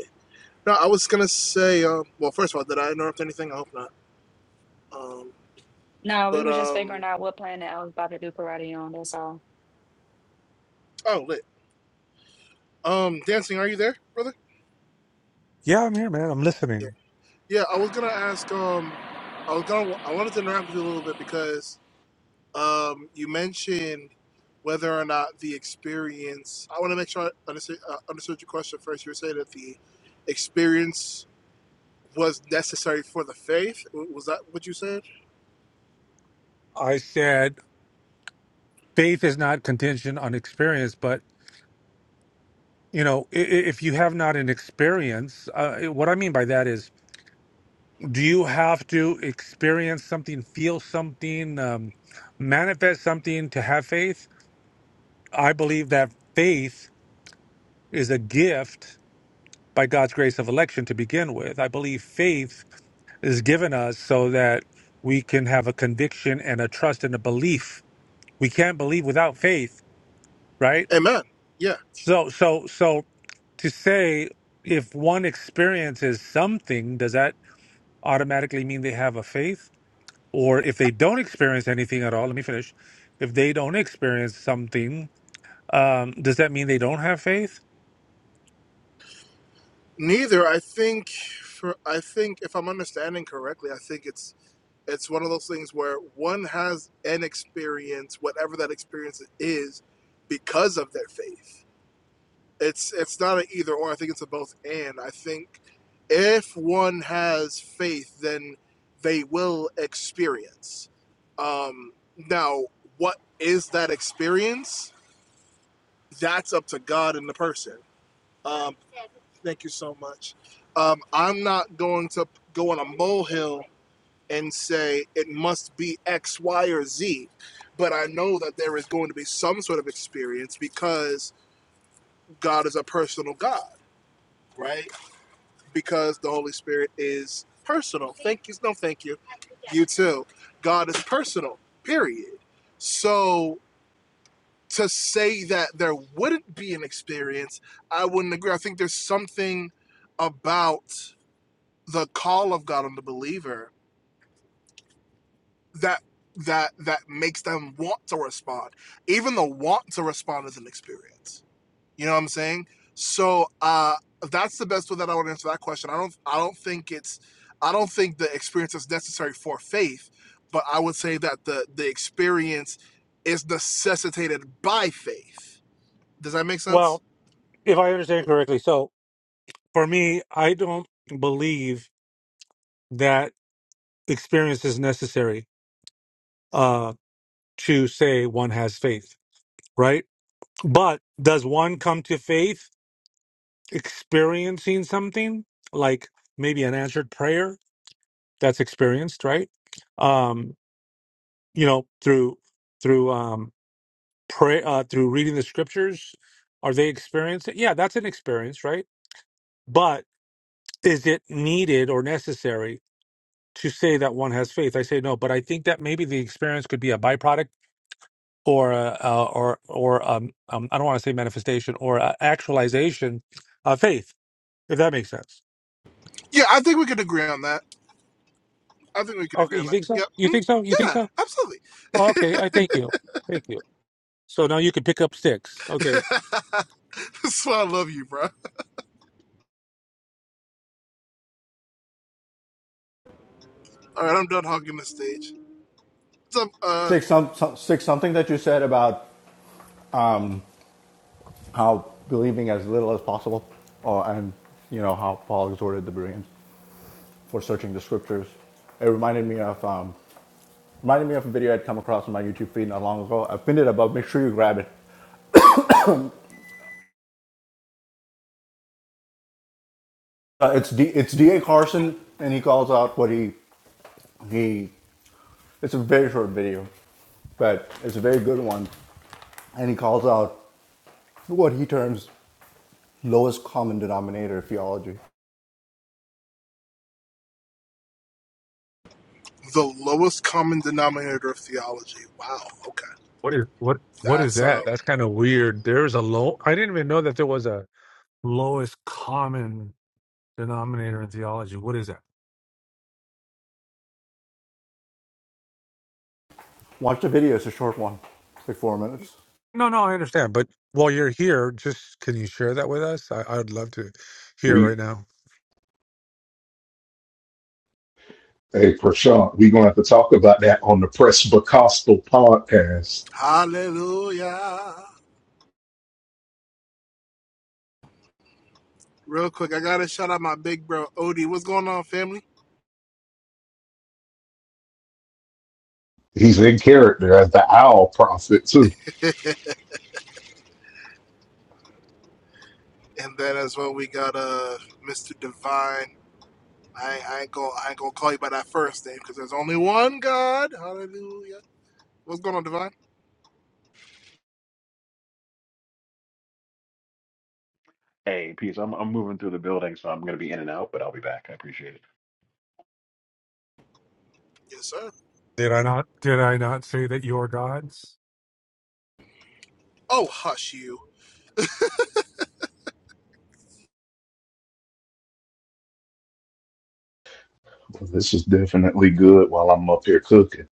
Speaker 4: No, I was gonna say. Um, well, first of all, did I interrupt anything? I hope not. Um,
Speaker 2: No, we
Speaker 4: but
Speaker 2: were just
Speaker 4: um,
Speaker 2: figuring out what planet I was about to do karate on. That's all.
Speaker 4: oh lit. Um, dancing. Are you there, brother?
Speaker 7: Yeah, I'm here, man. I'm
Speaker 4: Yeah,
Speaker 7: listening.
Speaker 4: yeah. I was gonna ask. Um, I was gonna. I wanted to interact with you a little bit because um, you mentioned whether or not the experience. I want to make sure I understood, uh, understood your question first. You were saying that the experience was necessary for the faith. W- Was that what you said?
Speaker 7: I said faith is not contingent on experience, but you know, i- i- if you have not an experience, uh, what I mean by that is do you have to experience something, feel something, um, manifest something to have faith? I believe that faith is a gift by God's grace of election to begin with. I believe faith is given us so that we can have a conviction and a trust and a belief. We can't believe without faith, right?
Speaker 4: Amen. Yeah.
Speaker 7: So, so, so to say if one experiences something, does that automatically mean they have a faith? or if they don't experience anything at all, let me finish. If they don't experience something, um, does that mean they don't have faith?
Speaker 4: Neither. I think. For I think if I'm understanding correctly, I think it's it's one of those things where one has an experience, whatever that experience is, because of their faith it's it's not an either or. I think it's a both and. I think if one has faith, then they will experience. Um, now, what is that experience? That's up to God and the person. Um, thank you so much. Um, I'm not going to go on a molehill and say it must be X, Y, or Z, but I know that there is going to be some sort of experience because God is a personal God, right? because the Holy Spirit is personal. Thank you. No, thank you. You too. God is personal, period. So to say that there wouldn't be an experience, I wouldn't agree. I think there's something about the call of God on the believer that that that makes them want to respond. Even the want to respond is an experience You know what I'm saying? So uh, that's the best way that I would answer that question. I don't I don't think it's I don't think the experience is necessary for faith, but I would say that the the experience is necessitated by faith. Does that make sense?
Speaker 7: Well, if I understand correctly, so for me, I don't believe that experience is necessary uh, to say one has faith, right? But does one come to faith experiencing something like maybe an answered prayer that's experienced, right? Um, you know, through through um pray uh through reading the scriptures, are they experienced? Yeah, that's an experience, right? But is it needed or necessary to say that one has faith? I say no, but I think that maybe the experience could be a byproduct or a, uh, or or um, um I don't want to say manifestation or a actualization of faith, if that makes sense.
Speaker 4: Yeah, I think we can agree on that. I think we can
Speaker 7: Okay,
Speaker 4: agree on
Speaker 7: you
Speaker 4: that.
Speaker 7: think so?
Speaker 4: Yep.
Speaker 7: You
Speaker 4: Mm,
Speaker 7: think so? You think
Speaker 4: yeah,
Speaker 7: so?
Speaker 4: absolutely.
Speaker 7: Oh, okay, I thank you. Thank you. So now you can pick up sticks. Okay.
Speaker 4: That's why I love you, bro. All right, I'm done hogging the stage. What's up? Uh,
Speaker 8: Stick, some, some, stick something that you said about um, how believing as little as possible, or, and you know how Paul exhorted the Bereans for searching the scriptures. It reminded me of um, reminded me of a video I'd come across on my YouTube feed not long ago. I pinned it above. Make sure you grab it. Uh, it's D, it's DA Carson, and he calls out what he he. It's a very short video, but it's a very good one, and he calls out what he terms lowest common denominator theology.
Speaker 4: the lowest common denominator of theology. Wow. Okay,
Speaker 7: What is what what is
Speaker 4: that's um.
Speaker 7: that? That's kind of weird. There's a low. I didn't even know that there was a lowest common denominator in theology. What is that?
Speaker 8: Watch the video; it's a short one, it's like four minutes.
Speaker 7: No, no, I understand. But while you're here, just can you share that with us? I, I'd love to hear
Speaker 9: We,
Speaker 7: right now.
Speaker 9: hey, Prashant, we're gonna have to talk about that on the Presbycostal podcast.
Speaker 4: Hallelujah. Real quick, I gotta shout out my big bro Odie. What's going on, family?
Speaker 9: He's in character as the Owl Prophet too.
Speaker 4: And then as well, we got uh Mr. Divine. I, I ain't gonna I ain't gonna call you by that first name because there's only one God. Hallelujah. What's going on, Divine?
Speaker 10: Hey, peace. I'm I'm moving through the building, so I'm gonna be in and out, but I'll be back. I appreciate it.
Speaker 4: Yes, sir.
Speaker 7: Did I not? Did I not say that you're gods?
Speaker 4: Oh, hush you.
Speaker 9: But This is definitely good. While I'm up here cooking,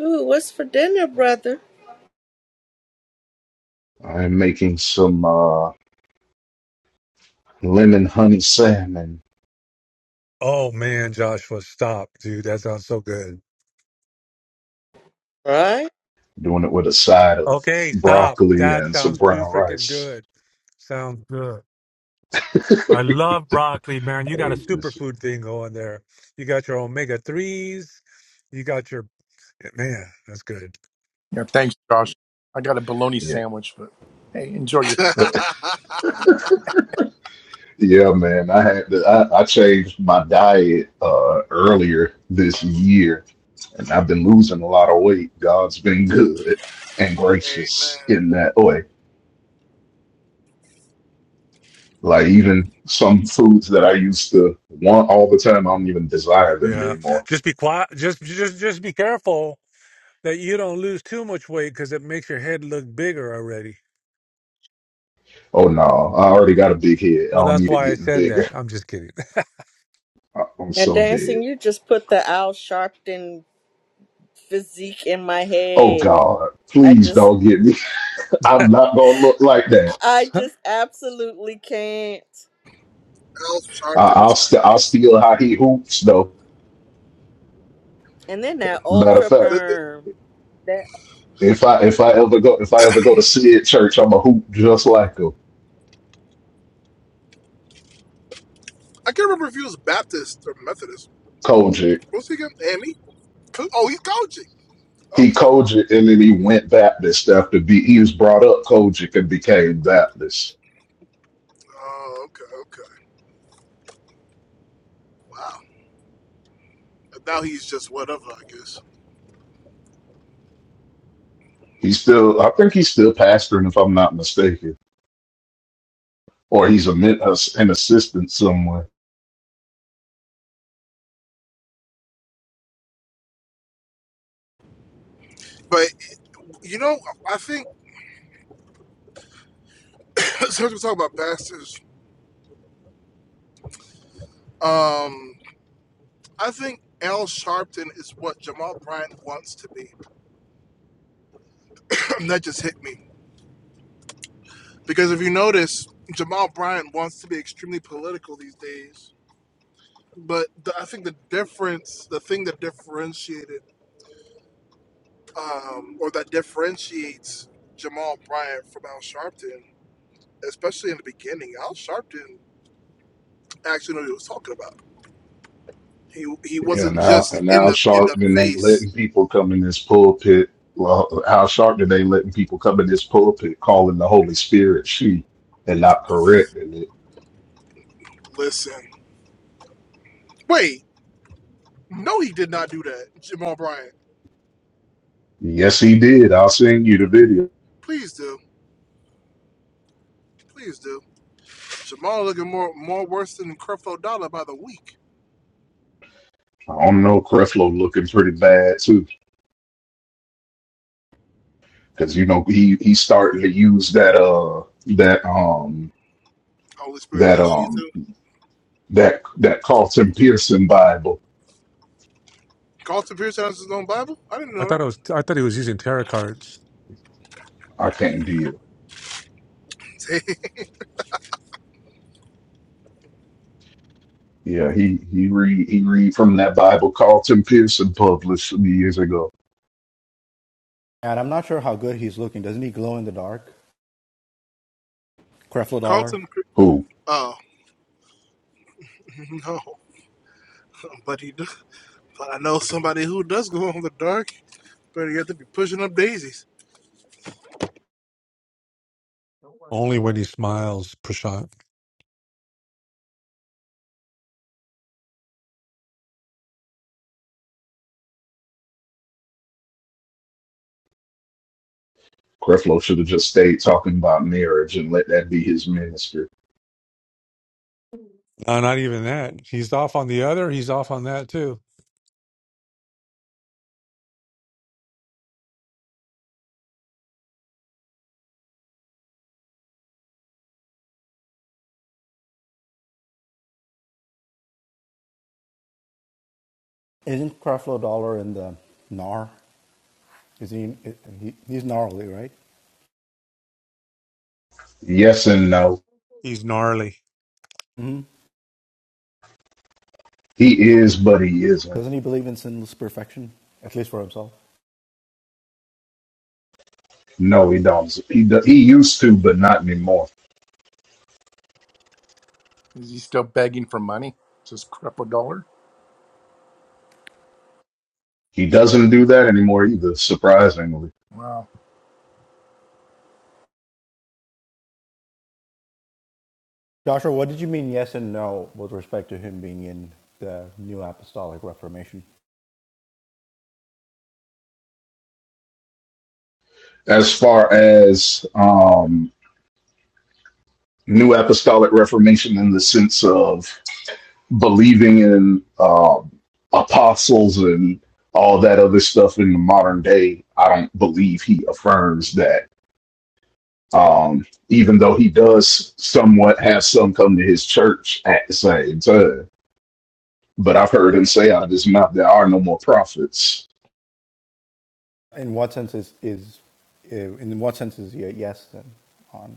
Speaker 3: Ooh, what's for dinner, brother?
Speaker 9: I'm making some uh, lemon honey salmon
Speaker 7: Oh man, Joshua, stop, dude. That sounds so good.
Speaker 3: Right?
Speaker 9: doing it with a side of
Speaker 7: Okay, stop.
Speaker 9: broccoli
Speaker 7: That
Speaker 9: and some
Speaker 7: sounds too
Speaker 9: brown
Speaker 7: freaking
Speaker 9: rice.
Speaker 7: good. Sounds good. I love broccoli, man. You got a
Speaker 9: Hey, listen,
Speaker 7: superfood thing going there. You got your omega threes. You got your man. That's good.
Speaker 1: Yeah, thanks, Josh. I got a bologna
Speaker 9: yeah,
Speaker 1: sandwich, but hey, enjoy your.
Speaker 4: Amen.
Speaker 9: yeah, man. I had to, I, I changed my diet uh, earlier this year, and I've been losing a lot of weight. God's been good and gracious in that way. Like even some foods that I used to want all the time, I don't even desire them
Speaker 7: Yeah.
Speaker 9: anymore.
Speaker 7: Just be quiet. Just just just be careful that you don't lose too much weight because it makes your head look bigger already.
Speaker 9: Oh no, I already got a big head. I
Speaker 7: Well,
Speaker 9: don't
Speaker 7: that's
Speaker 9: need it
Speaker 7: why I
Speaker 9: getting
Speaker 7: said that.
Speaker 9: bigger.
Speaker 7: I'm just kidding.
Speaker 9: I'm
Speaker 3: And
Speaker 9: so dead.
Speaker 3: dancing, you just put the Al Sharpton physique in my
Speaker 9: Oh
Speaker 3: head.
Speaker 9: God,
Speaker 3: I
Speaker 9: please
Speaker 3: just,
Speaker 9: don't get me.
Speaker 7: I
Speaker 9: I'm not gonna look like that.
Speaker 3: I just
Speaker 7: thought
Speaker 3: absolutely can't.
Speaker 4: Al
Speaker 9: I,
Speaker 4: Sharpton
Speaker 9: I'll
Speaker 4: is
Speaker 9: st- I'll
Speaker 4: crazy.
Speaker 9: steal how he hoops though.
Speaker 3: And then that
Speaker 9: Matter of
Speaker 3: ultra
Speaker 4: The-
Speaker 9: fact,
Speaker 4: the-
Speaker 3: perm. That.
Speaker 9: if I if I ever go if I ever go to Sid Church, I'm a hoop just like him.
Speaker 4: I can't remember if he was Baptist or Methodist.
Speaker 9: Kojic.
Speaker 4: What's he again? Amy? Co- Oh, he's coaching.
Speaker 9: He
Speaker 4: Okay.
Speaker 9: Kojic and then he went Baptist after be he was brought up Kojic and became Baptist.
Speaker 4: Oh, okay, okay. Wow. Now he's just whatever, I guess.
Speaker 9: He's still I think he's still pastoring if I'm not mistaken, or he's a uh, an assistant somewhere.
Speaker 4: But. You know, I think since we talk about bastards. um, I think Al Sharpton is what Jamal Bryant wants to be. that just hit me because if you notice, Jamal Bryant wants to be extremely political these days. But the, I think the difference, the thing that differentiated, um, or that differentiates Jamal Bryant from Al Sharpton, especially in the beginning, Al Sharpton actually knew what he was talking about. He he
Speaker 9: Yeah, And
Speaker 4: wasn't
Speaker 9: now,
Speaker 4: just
Speaker 9: and
Speaker 4: in
Speaker 9: how
Speaker 4: the in the
Speaker 9: Sharpton ain't
Speaker 4: face.
Speaker 9: letting people come in this pulpit. Well, how Sharpton ain't letting people come in this pulpit calling the Holy Spirit she and not correcting it.
Speaker 4: Listen. Wait, No, he did not do that, Jamal Bryant.
Speaker 9: Yes, he did. I'll send you the video.
Speaker 4: Please do. Please do. Jamal looking more more worse than Creflo Dollar by the week.
Speaker 9: I don't know. Creflo looking pretty bad too, because you know he he starting to use that uh that um
Speaker 4: Holy Spirit is
Speaker 9: that
Speaker 4: a she
Speaker 9: um
Speaker 4: too.
Speaker 9: that that Carlton Pearson Bible.
Speaker 4: Carlton Pierce has his own Bible? I didn't know
Speaker 7: it was. I thought he was using tarot cards.
Speaker 9: I can't deal.
Speaker 4: that.
Speaker 9: Yeah, he he read he read from that Bible Carlton Pearson published some years ago.
Speaker 8: And I'm not sure how good he's looking. Doesn't he glow in the dark? Creflo Dollar
Speaker 4: Carlton Pier-
Speaker 9: Who?
Speaker 4: Oh no. But he do- but I know somebody who does go on the dark, but you have to be pushing up daisies.
Speaker 7: Only when he smiles, Prashant.
Speaker 9: Creflo should have just stayed talking about marriage and let that be his ministry.
Speaker 7: No, not even that. He's off on the other. He's off on that too.
Speaker 8: isn't Creflo Dollar in the Nar? Is he, he? He's gnarly, right?
Speaker 9: Yes and no.
Speaker 7: He's gnarly.
Speaker 8: Mm-hmm.
Speaker 9: He is, but he isn't.
Speaker 8: Doesn't he believe in sinless perfection, at least for himself?
Speaker 9: No, he don't. He do, he used to, but not anymore.
Speaker 1: Is he still begging for money? Just cripple dollar?
Speaker 9: He doesn't do that anymore either. Surprisingly,
Speaker 1: Wow,
Speaker 8: Joshua, what did you mean yes and no with respect to him being in the New Apostolic Reformation?
Speaker 9: as far as um, New Apostolic Reformation in the sense of believing in um apostles and all that other stuff in the modern day, I don't believe he affirms that Um, even though he does somewhat have some come to his church at the same time. But I've heard him say out of his mouth there are no more prophets.
Speaker 8: In what sense is is eh, in what sense is he a yes then on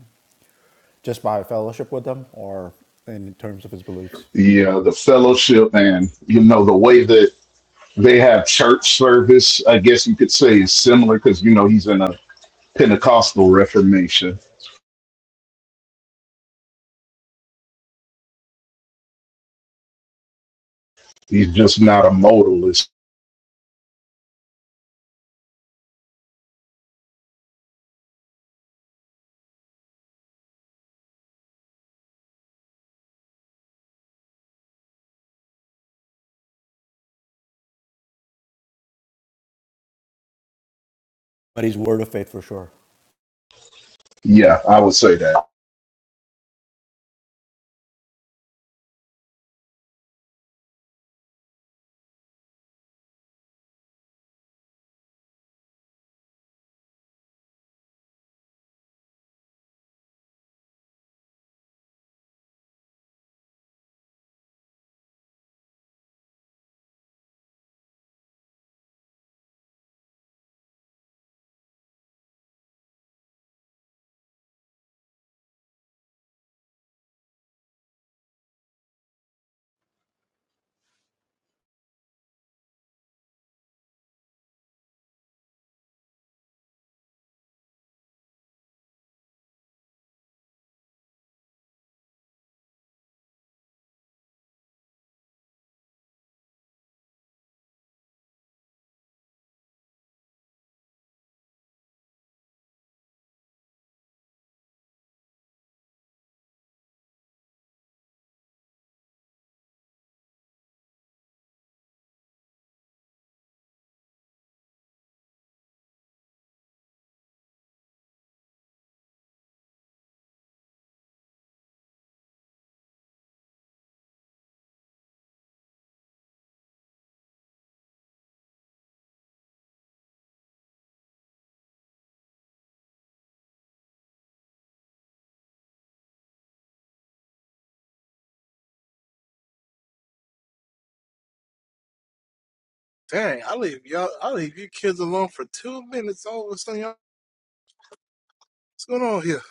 Speaker 8: just by fellowship with them or in terms of his beliefs?
Speaker 9: Yeah, the fellowship and you know the way that they have church service, I guess you could say is similar because you know he's in a Pentecostal Reformation. He's just not a modalist.
Speaker 8: But he's word of faith for sure.
Speaker 9: Yeah, I would say that.
Speaker 4: Dang, I leave y'all I leave you kids alone for two minutes all of a sudden y'all what's going on here?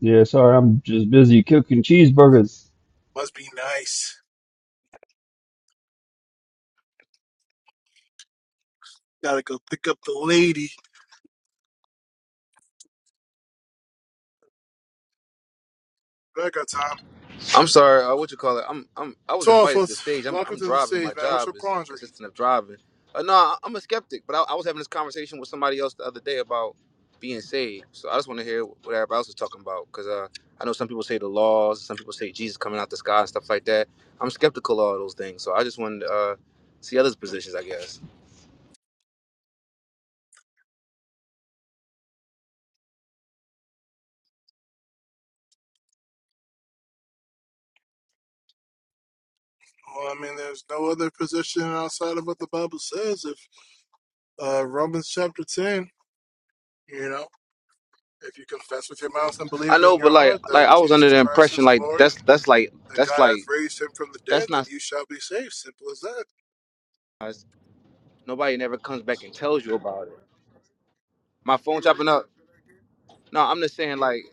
Speaker 6: Yeah, sorry, I'm just busy cooking cheeseburgers.
Speaker 4: Must be nice. Gotta go pick up the lady. But I got time.
Speaker 11: I'm sorry. Uh, what you call it? I'm I'm I was
Speaker 4: So,
Speaker 11: invited to the
Speaker 4: folks,
Speaker 11: stage. I'm
Speaker 4: welcome
Speaker 11: I'm
Speaker 4: to the
Speaker 11: driving.
Speaker 4: stage,
Speaker 11: My
Speaker 4: man. What's
Speaker 11: job
Speaker 4: your
Speaker 11: is
Speaker 4: quandary?
Speaker 11: consistent of driving. Uh, no, I- I'm a skeptic, but I, I was having this conversation with somebody else the other day about being saved. So I just want to hear what everybody else is talking about because uh, I know some people say the laws, some people say Jesus coming out the sky and stuff like that. I'm skeptical of all those things. So I just wanted to uh, see others' positions, I guess.
Speaker 4: Well, I mean, there's no other position outside of what the Bible says. If uh, Romans chapter 10, you know, if you confess with your mouth and believe
Speaker 11: I
Speaker 4: in
Speaker 11: know, but
Speaker 4: your
Speaker 11: like
Speaker 4: heart that
Speaker 11: like I was under
Speaker 4: Jesus
Speaker 11: the
Speaker 4: Christ
Speaker 11: impression
Speaker 4: is the
Speaker 11: like
Speaker 4: Lord and
Speaker 11: that's that's like
Speaker 4: that
Speaker 11: that's
Speaker 4: God hath
Speaker 11: like
Speaker 4: raised him from the dead,
Speaker 11: that's
Speaker 4: then
Speaker 11: not
Speaker 4: you shall be saved. Simple as that.
Speaker 11: nobody never comes back and tells you about it. My phone chopping up. No, I'm just saying like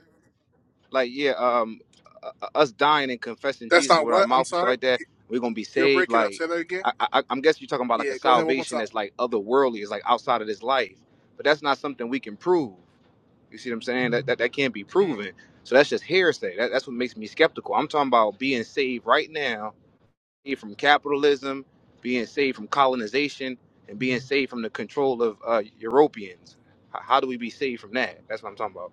Speaker 11: like yeah, um, uh, uh, us dying and confessing
Speaker 4: That's
Speaker 11: Jesus
Speaker 4: not
Speaker 11: with our
Speaker 4: what? I'm
Speaker 11: mouth and stuff
Speaker 4: sorry.
Speaker 11: like that, we're gonna be
Speaker 4: You're
Speaker 11: saved.
Speaker 4: breaking up.
Speaker 11: Like
Speaker 4: Say that again.
Speaker 11: I, I, I'm guessing you're talking about like
Speaker 4: Yeah,
Speaker 11: a
Speaker 4: go ahead one more
Speaker 11: salvation
Speaker 4: time.
Speaker 11: that's like otherworldly, is like outside of this life. But that's not something we can prove. You see what I'm saying? That that, that can't be
Speaker 4: Mm.
Speaker 11: proven. So that's just hearsay. That, that's what makes me skeptical. I'm talking about being saved right now, saved from capitalism, being saved from colonization, and being saved from the control of uh, Europeans. How, how do we be saved from that? That's what I'm talking about.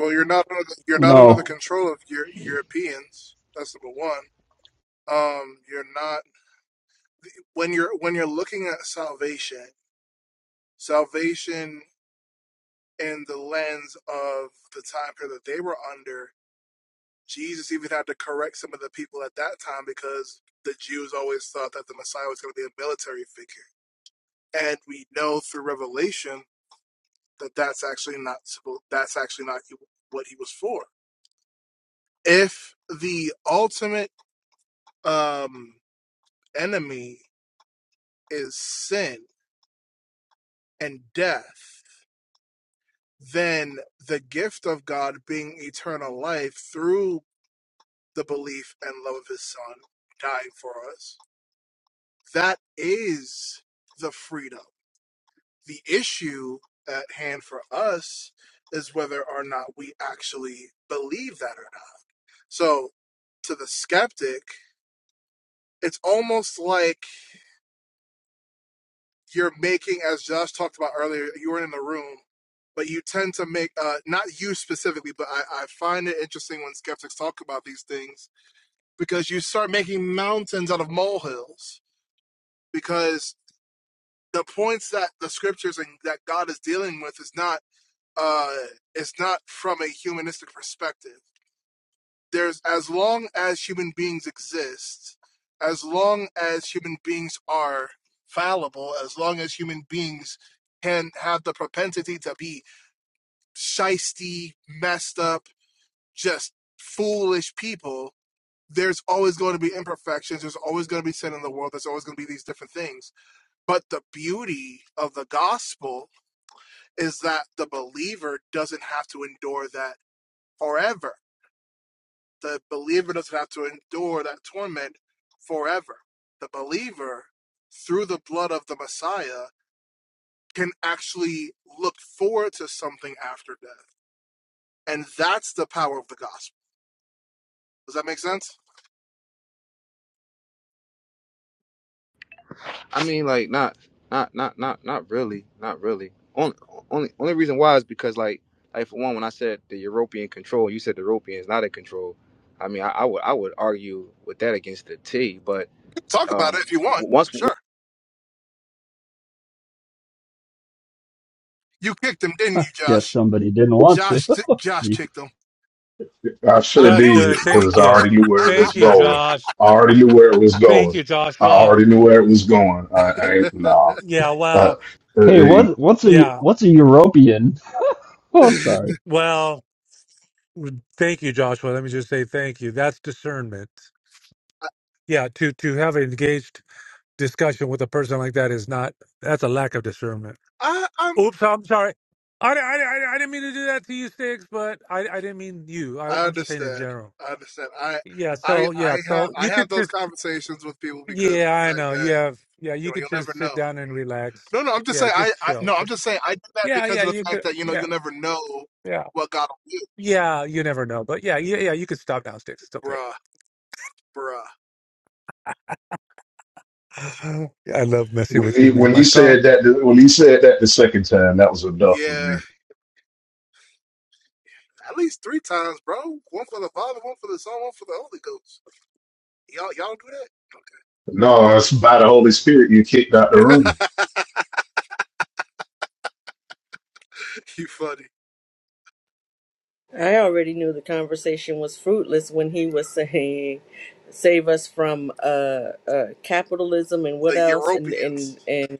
Speaker 4: Well, you're not under the, you're
Speaker 6: You
Speaker 4: not under the
Speaker 6: know,
Speaker 4: control of your Europeans. That's number one. Um, you're not when you're when you're looking at salvation. salvation in the lens of the time period that they were under, Jesus even had to correct some of the people at that time because the Jews always thought that the Messiah was going to be a military figure, and we know through Revelation that that's actually not that's actually not what he was for. If the ultimate um, enemy is sin and death, then the gift of God being eternal life through the belief and love of his son dying for us. That is the freedom. The issue at hand for us is whether or not we actually believe that or not. So, to the skeptic, it's almost like you're making, as Josh talked about earlier, you were in the room, but you tend to make, uh, not you specifically, but I, I find it interesting when skeptics talk about these things because you start making mountains out of molehills because the points that the scriptures and that God is dealing with is not uh is not from a humanistic perspective. There's as long as human beings exist, as long as human beings are fallible, as long as human beings can have the propensity to be shisty, messed up, just foolish people, there's always going to be imperfections, there's always going to be sin in the world, there's always going to be these different things. But the beauty of the gospel is that the believer doesn't have to endure that forever. The believer doesn't have to endure that torment forever. The believer, through the blood of the Messiah, can actually look forward to something after death. And that's the power of the gospel. Does that make sense?
Speaker 11: I mean, like not, not, not, not, not really, not really. Only, only, only reason why is because like, like for one, when I said the European control, you said the Europeans not in control. I mean, I, I would, I would argue with that against the T. But
Speaker 4: Talk about it
Speaker 11: um,
Speaker 4: if you want.
Speaker 11: w- once
Speaker 4: Sure. You kicked him, didn't
Speaker 6: I
Speaker 4: you,
Speaker 6: guess
Speaker 4: Josh?
Speaker 6: somebody didn't want to.
Speaker 4: Josh Josh kicked him.
Speaker 9: I
Speaker 4: I
Speaker 9: sure
Speaker 7: That's
Speaker 4: knew
Speaker 7: good.
Speaker 9: did
Speaker 4: it.
Speaker 7: Thank
Speaker 9: because I
Speaker 7: you.
Speaker 9: already knew where it
Speaker 7: Thank
Speaker 9: was
Speaker 7: you,
Speaker 9: going.
Speaker 7: Josh.
Speaker 9: I already knew where it was
Speaker 7: Thank
Speaker 9: going.
Speaker 7: you,
Speaker 9: I
Speaker 7: Joshua.
Speaker 9: already knew where it was going. I, I ain't nah.
Speaker 7: Yeah,
Speaker 9: Uh,
Speaker 7: well,
Speaker 6: hey,
Speaker 9: uh,
Speaker 6: what, what's a
Speaker 7: yeah,
Speaker 6: what's a European? Oh, sorry.
Speaker 7: well, thank you, Joshua. Let me just say thank you. That's discernment. Yeah, to to have an engaged discussion with a person like that is not that's a lack of discernment.
Speaker 4: I, I
Speaker 7: Oops, I'm sorry. I, I, I, I didn't mean to do that to you, Sticks, but I, I didn't mean you. I,
Speaker 4: I
Speaker 7: I'm just saying in
Speaker 4: understand.
Speaker 7: general.
Speaker 4: I understand. I
Speaker 7: Yeah,
Speaker 4: I
Speaker 7: so,
Speaker 4: I
Speaker 7: yeah,
Speaker 4: have
Speaker 7: so
Speaker 4: I
Speaker 7: you
Speaker 4: have
Speaker 7: could
Speaker 4: those
Speaker 7: just,
Speaker 4: conversations with people because of
Speaker 7: yeah,
Speaker 4: the
Speaker 7: I
Speaker 4: fact
Speaker 7: know. You
Speaker 4: that
Speaker 7: have, yeah,
Speaker 4: you
Speaker 7: you
Speaker 4: know
Speaker 7: could
Speaker 4: you'll never
Speaker 7: just sit
Speaker 4: know.
Speaker 7: down and relax.
Speaker 4: No, no, I'm just
Speaker 7: Yeah,
Speaker 4: saying I,
Speaker 7: just
Speaker 4: I
Speaker 7: chill.
Speaker 4: no, I'm just
Speaker 7: Just,
Speaker 4: saying I did that
Speaker 7: yeah,
Speaker 4: because
Speaker 7: yeah,
Speaker 4: of
Speaker 7: you
Speaker 4: the
Speaker 7: could,
Speaker 4: fact that you know
Speaker 7: yeah,
Speaker 4: you'll never know
Speaker 7: yeah.
Speaker 4: what God will do.
Speaker 7: Yeah, you never know. But yeah, yeah, yeah, you could stop now, Sticks. It's okay.
Speaker 4: Bruh, bruh.
Speaker 7: I love messing
Speaker 9: when
Speaker 7: with you,
Speaker 9: he
Speaker 7: man.
Speaker 9: when
Speaker 7: My
Speaker 9: he
Speaker 7: phone.
Speaker 9: said that when he said that the second time, that was enough for
Speaker 4: Yeah.
Speaker 9: me.
Speaker 4: At least three times, bro. One for the Father, one for the Son, one for the Holy Ghost. Y'all y'all do that?
Speaker 9: No, it's by the Holy Spirit you kicked out the room.
Speaker 4: you funny.
Speaker 3: I already knew the conversation was fruitless when he was saying, "Save us from uh, uh, capitalism and what
Speaker 4: The
Speaker 3: else?" And and
Speaker 4: Europeans.
Speaker 3: and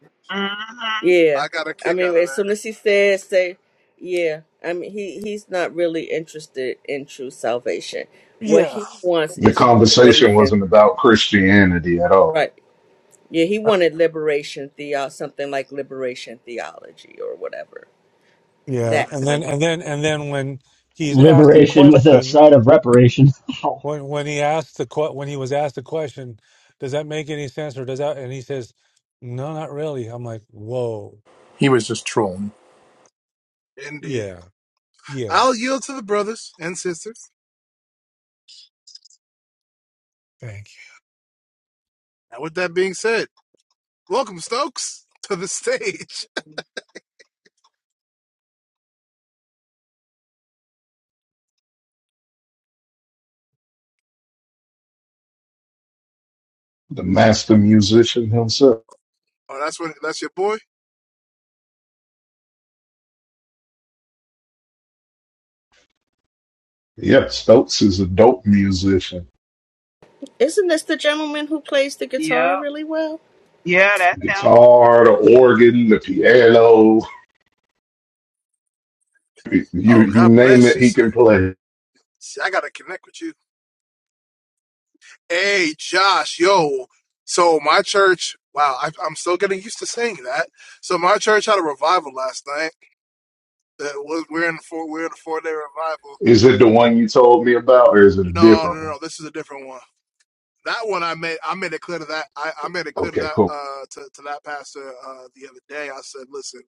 Speaker 3: yeah,
Speaker 4: I got a
Speaker 3: I
Speaker 4: kick
Speaker 3: mean,
Speaker 4: out of
Speaker 3: as soon
Speaker 4: that.
Speaker 3: as he said, "Say," yeah, I mean, he he's not really interested in true salvation. What
Speaker 7: Yeah.
Speaker 3: he wants
Speaker 9: The
Speaker 3: is
Speaker 9: conversation
Speaker 3: liberation,
Speaker 9: wasn't about Christianity at all.
Speaker 3: right? Yeah, he wanted liberation theo something like liberation theology or whatever
Speaker 7: Yeah.
Speaker 3: that
Speaker 7: And then,
Speaker 3: kind of.
Speaker 7: and then, and then when he's asked a
Speaker 6: Liberation with a
Speaker 7: question,
Speaker 6: side of reparation.
Speaker 7: when when he asked the que- when he was asked the question, does that make any sense or does that? And he says, no, not really. I'm like, whoa,
Speaker 1: he was just trolling,
Speaker 4: Indeed.
Speaker 7: yeah, yeah,
Speaker 4: I'll yield to the brothers and sisters.
Speaker 7: thank
Speaker 4: And with that being said, Welcome, Stokes, to the stage.
Speaker 9: The master musician himself.
Speaker 4: Oh, that's what that's your boy?
Speaker 9: Yep, Stokes is a dope musician.
Speaker 3: Isn't this the gentleman who plays the guitar
Speaker 5: Yeah,
Speaker 3: really well?
Speaker 5: yeah, that sound.
Speaker 9: Guitar, the organ, the piano, you
Speaker 4: Oh,
Speaker 9: you
Speaker 4: God
Speaker 9: name
Speaker 4: bless
Speaker 9: it,
Speaker 4: you,
Speaker 9: he
Speaker 4: sir.
Speaker 9: can play.
Speaker 4: See, I gotta connect with you. Hey, Josh, yo. So my church, wow, I, I'm still getting used to saying that. So my church had a revival last night. Uh, we're we're in four, we're in a four day revival.
Speaker 9: Is it the one you told me about, or is it a
Speaker 4: No, no,
Speaker 9: different
Speaker 4: no,
Speaker 9: one?
Speaker 4: no. This is a different one. That one I made I made it clear to that I, I made it clear to
Speaker 9: Okay,
Speaker 4: that
Speaker 9: cool.
Speaker 4: uh to, to that pastor uh the other day. I said, listen,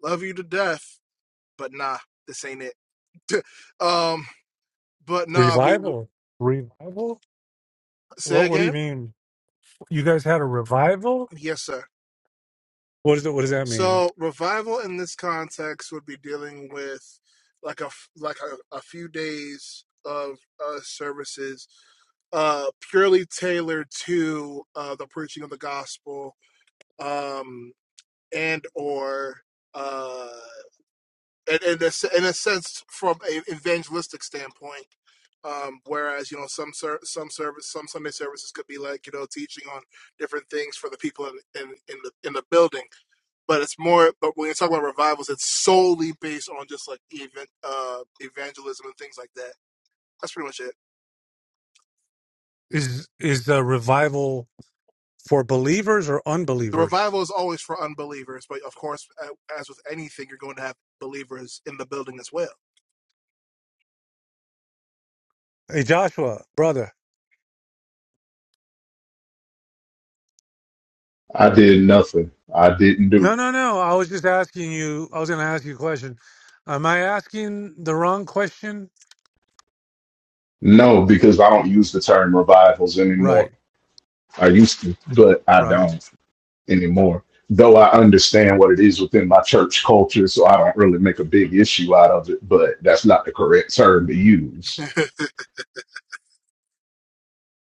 Speaker 4: love you to death, but nah, this ain't it. um But
Speaker 7: you.
Speaker 4: no, we, we
Speaker 7: Revival, revival.
Speaker 4: say
Speaker 7: What what do you
Speaker 4: again.
Speaker 7: mean? You guys had a revival?
Speaker 4: Yes, sir.
Speaker 7: What is it? What does that mean?
Speaker 4: So revival in this context would be dealing with like a f- like a, a few days of uh, services uh, purely tailored to uh, the preaching of the gospel um, and or uh, and in a, in a sense from a evangelistic standpoint um, whereas you know some ser- some service some Sunday services could be like you know teaching on different things for the people in, in, in the in the building, but it's more. But when you talk about revivals, it's solely based on just like even uh, evangelism and things like that. That's pretty much it.
Speaker 7: Is is the revival for believers or
Speaker 4: The
Speaker 7: unbelievers?
Speaker 4: revival is always for unbelievers, but of course, a- as with anything, you're going to have believers in the building as well.
Speaker 7: Hey, Joshua, brother.
Speaker 9: I did nothing. I didn't do.
Speaker 7: No, no, no. I was just asking you. I was going to ask you a question. Am I asking the wrong question?
Speaker 9: No, because I don't use the term revivals anymore.
Speaker 7: Right,
Speaker 9: I used to, but I
Speaker 7: right.
Speaker 9: don't anymore. Though I understand what it is within my church culture, so I don't really make a big issue out of it, but that's not the correct term to use.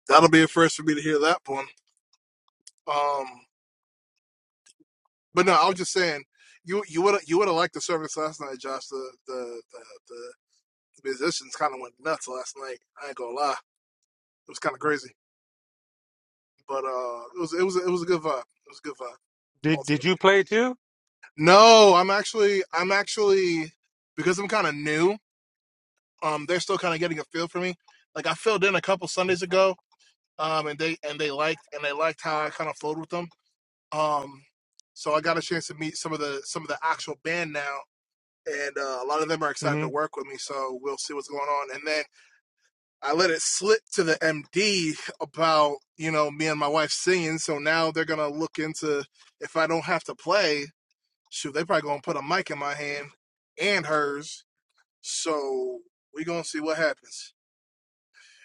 Speaker 4: That'll be a first for me to hear that one. Um, but no, I was just saying, you you would you would have liked the service last night, Josh. The the the, the musicians kind of went nuts last night. I ain't gonna lie, it was kind of crazy. But uh, it was it was it was a good vibe. It was a good vibe
Speaker 7: Did Did
Speaker 4: ultimately.
Speaker 7: you play too?
Speaker 4: No, I'm actually I'm actually because I'm kind of new. Um, they're still kind of getting a feel for me. Like I filled in a couple Sundays
Speaker 7: Mm-hmm.
Speaker 4: ago. Um, and they and they liked and they liked how I kind of flowed with them. Um, so I got a chance to meet some of the some of the actual band now and uh, a lot of them are excited to work with me. So we'll see what's going on. And then I let it slip to the MD about you know me and my wife singing. So now they're gonna look into if I don't have to play. Shoot, they probably gonna put a mic in my hand and hers. So we gonna see what happens.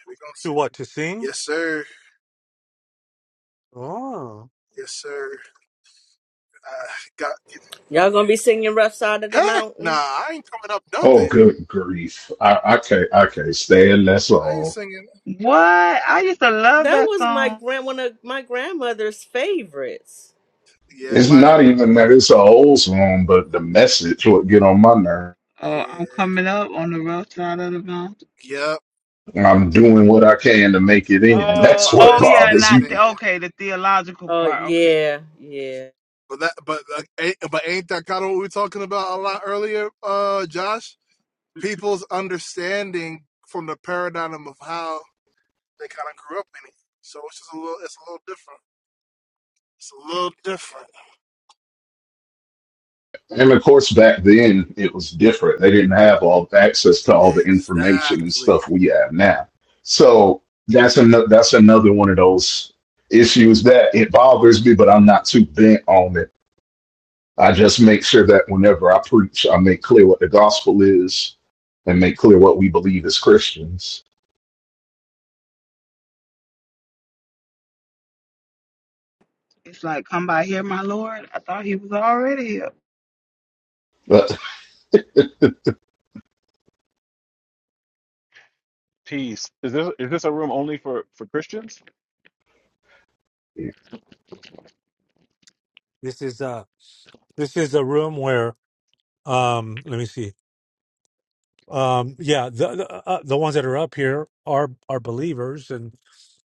Speaker 4: We gonna
Speaker 7: To
Speaker 4: see.
Speaker 7: what? To sing?
Speaker 4: Yes, sir.
Speaker 7: Oh,
Speaker 4: Yes, sir. I got
Speaker 3: Y'all gonna be singing Rough Side of the
Speaker 4: heck. Nah,
Speaker 3: Mountain?
Speaker 4: I ain't coming up
Speaker 9: Oh,
Speaker 4: nothing.
Speaker 9: good grief. I, I can't, I can't stand that
Speaker 4: I ain't
Speaker 9: song.
Speaker 4: singing.
Speaker 5: What? I used to love
Speaker 3: That
Speaker 5: that
Speaker 3: was my
Speaker 5: song.
Speaker 3: grand one of my grandmother's favorites.
Speaker 4: Yeah,
Speaker 9: It's
Speaker 4: my
Speaker 9: not even that it's an old song, but the message would get on my nerve.
Speaker 4: yeah,
Speaker 5: Oh, I'm coming up on the rough side of the mountain.
Speaker 4: yep.
Speaker 9: I'm doing what I can to make it
Speaker 4: I'm
Speaker 9: in.
Speaker 4: Doing
Speaker 5: Oh,
Speaker 9: That's
Speaker 4: my
Speaker 9: what
Speaker 5: oh
Speaker 4: best to
Speaker 5: yeah,
Speaker 4: make
Speaker 9: bothers
Speaker 4: it
Speaker 5: not
Speaker 9: me.
Speaker 5: the
Speaker 4: in.
Speaker 5: okay, the theological
Speaker 3: Oh
Speaker 5: part. Okay,
Speaker 3: yeah, yeah.
Speaker 4: But that, but uh, but ain't that kind of what we were talking about a lot earlier, uh, Josh? People's understanding from the paradigm of how they kind of grew up in it. So it's just a little, it's a little different. It's a little different.
Speaker 9: And of course, back then it was different. They didn't have all access to all the information and
Speaker 4: Exactly.
Speaker 9: stuff we have now. So that's another that's another one of those issues that it bothers me, but I'm not too bent on it. I just make sure that whenever I preach, I make clear what the gospel is and make clear what we believe as Christians.
Speaker 5: it's like, come by here, my Lord. I thought He was already here.
Speaker 9: But
Speaker 10: Peace. Is this is this a room only for for Christians?
Speaker 7: this is uh this is a room where um let me see um yeah the the, uh, uh, the ones that are up here are are believers and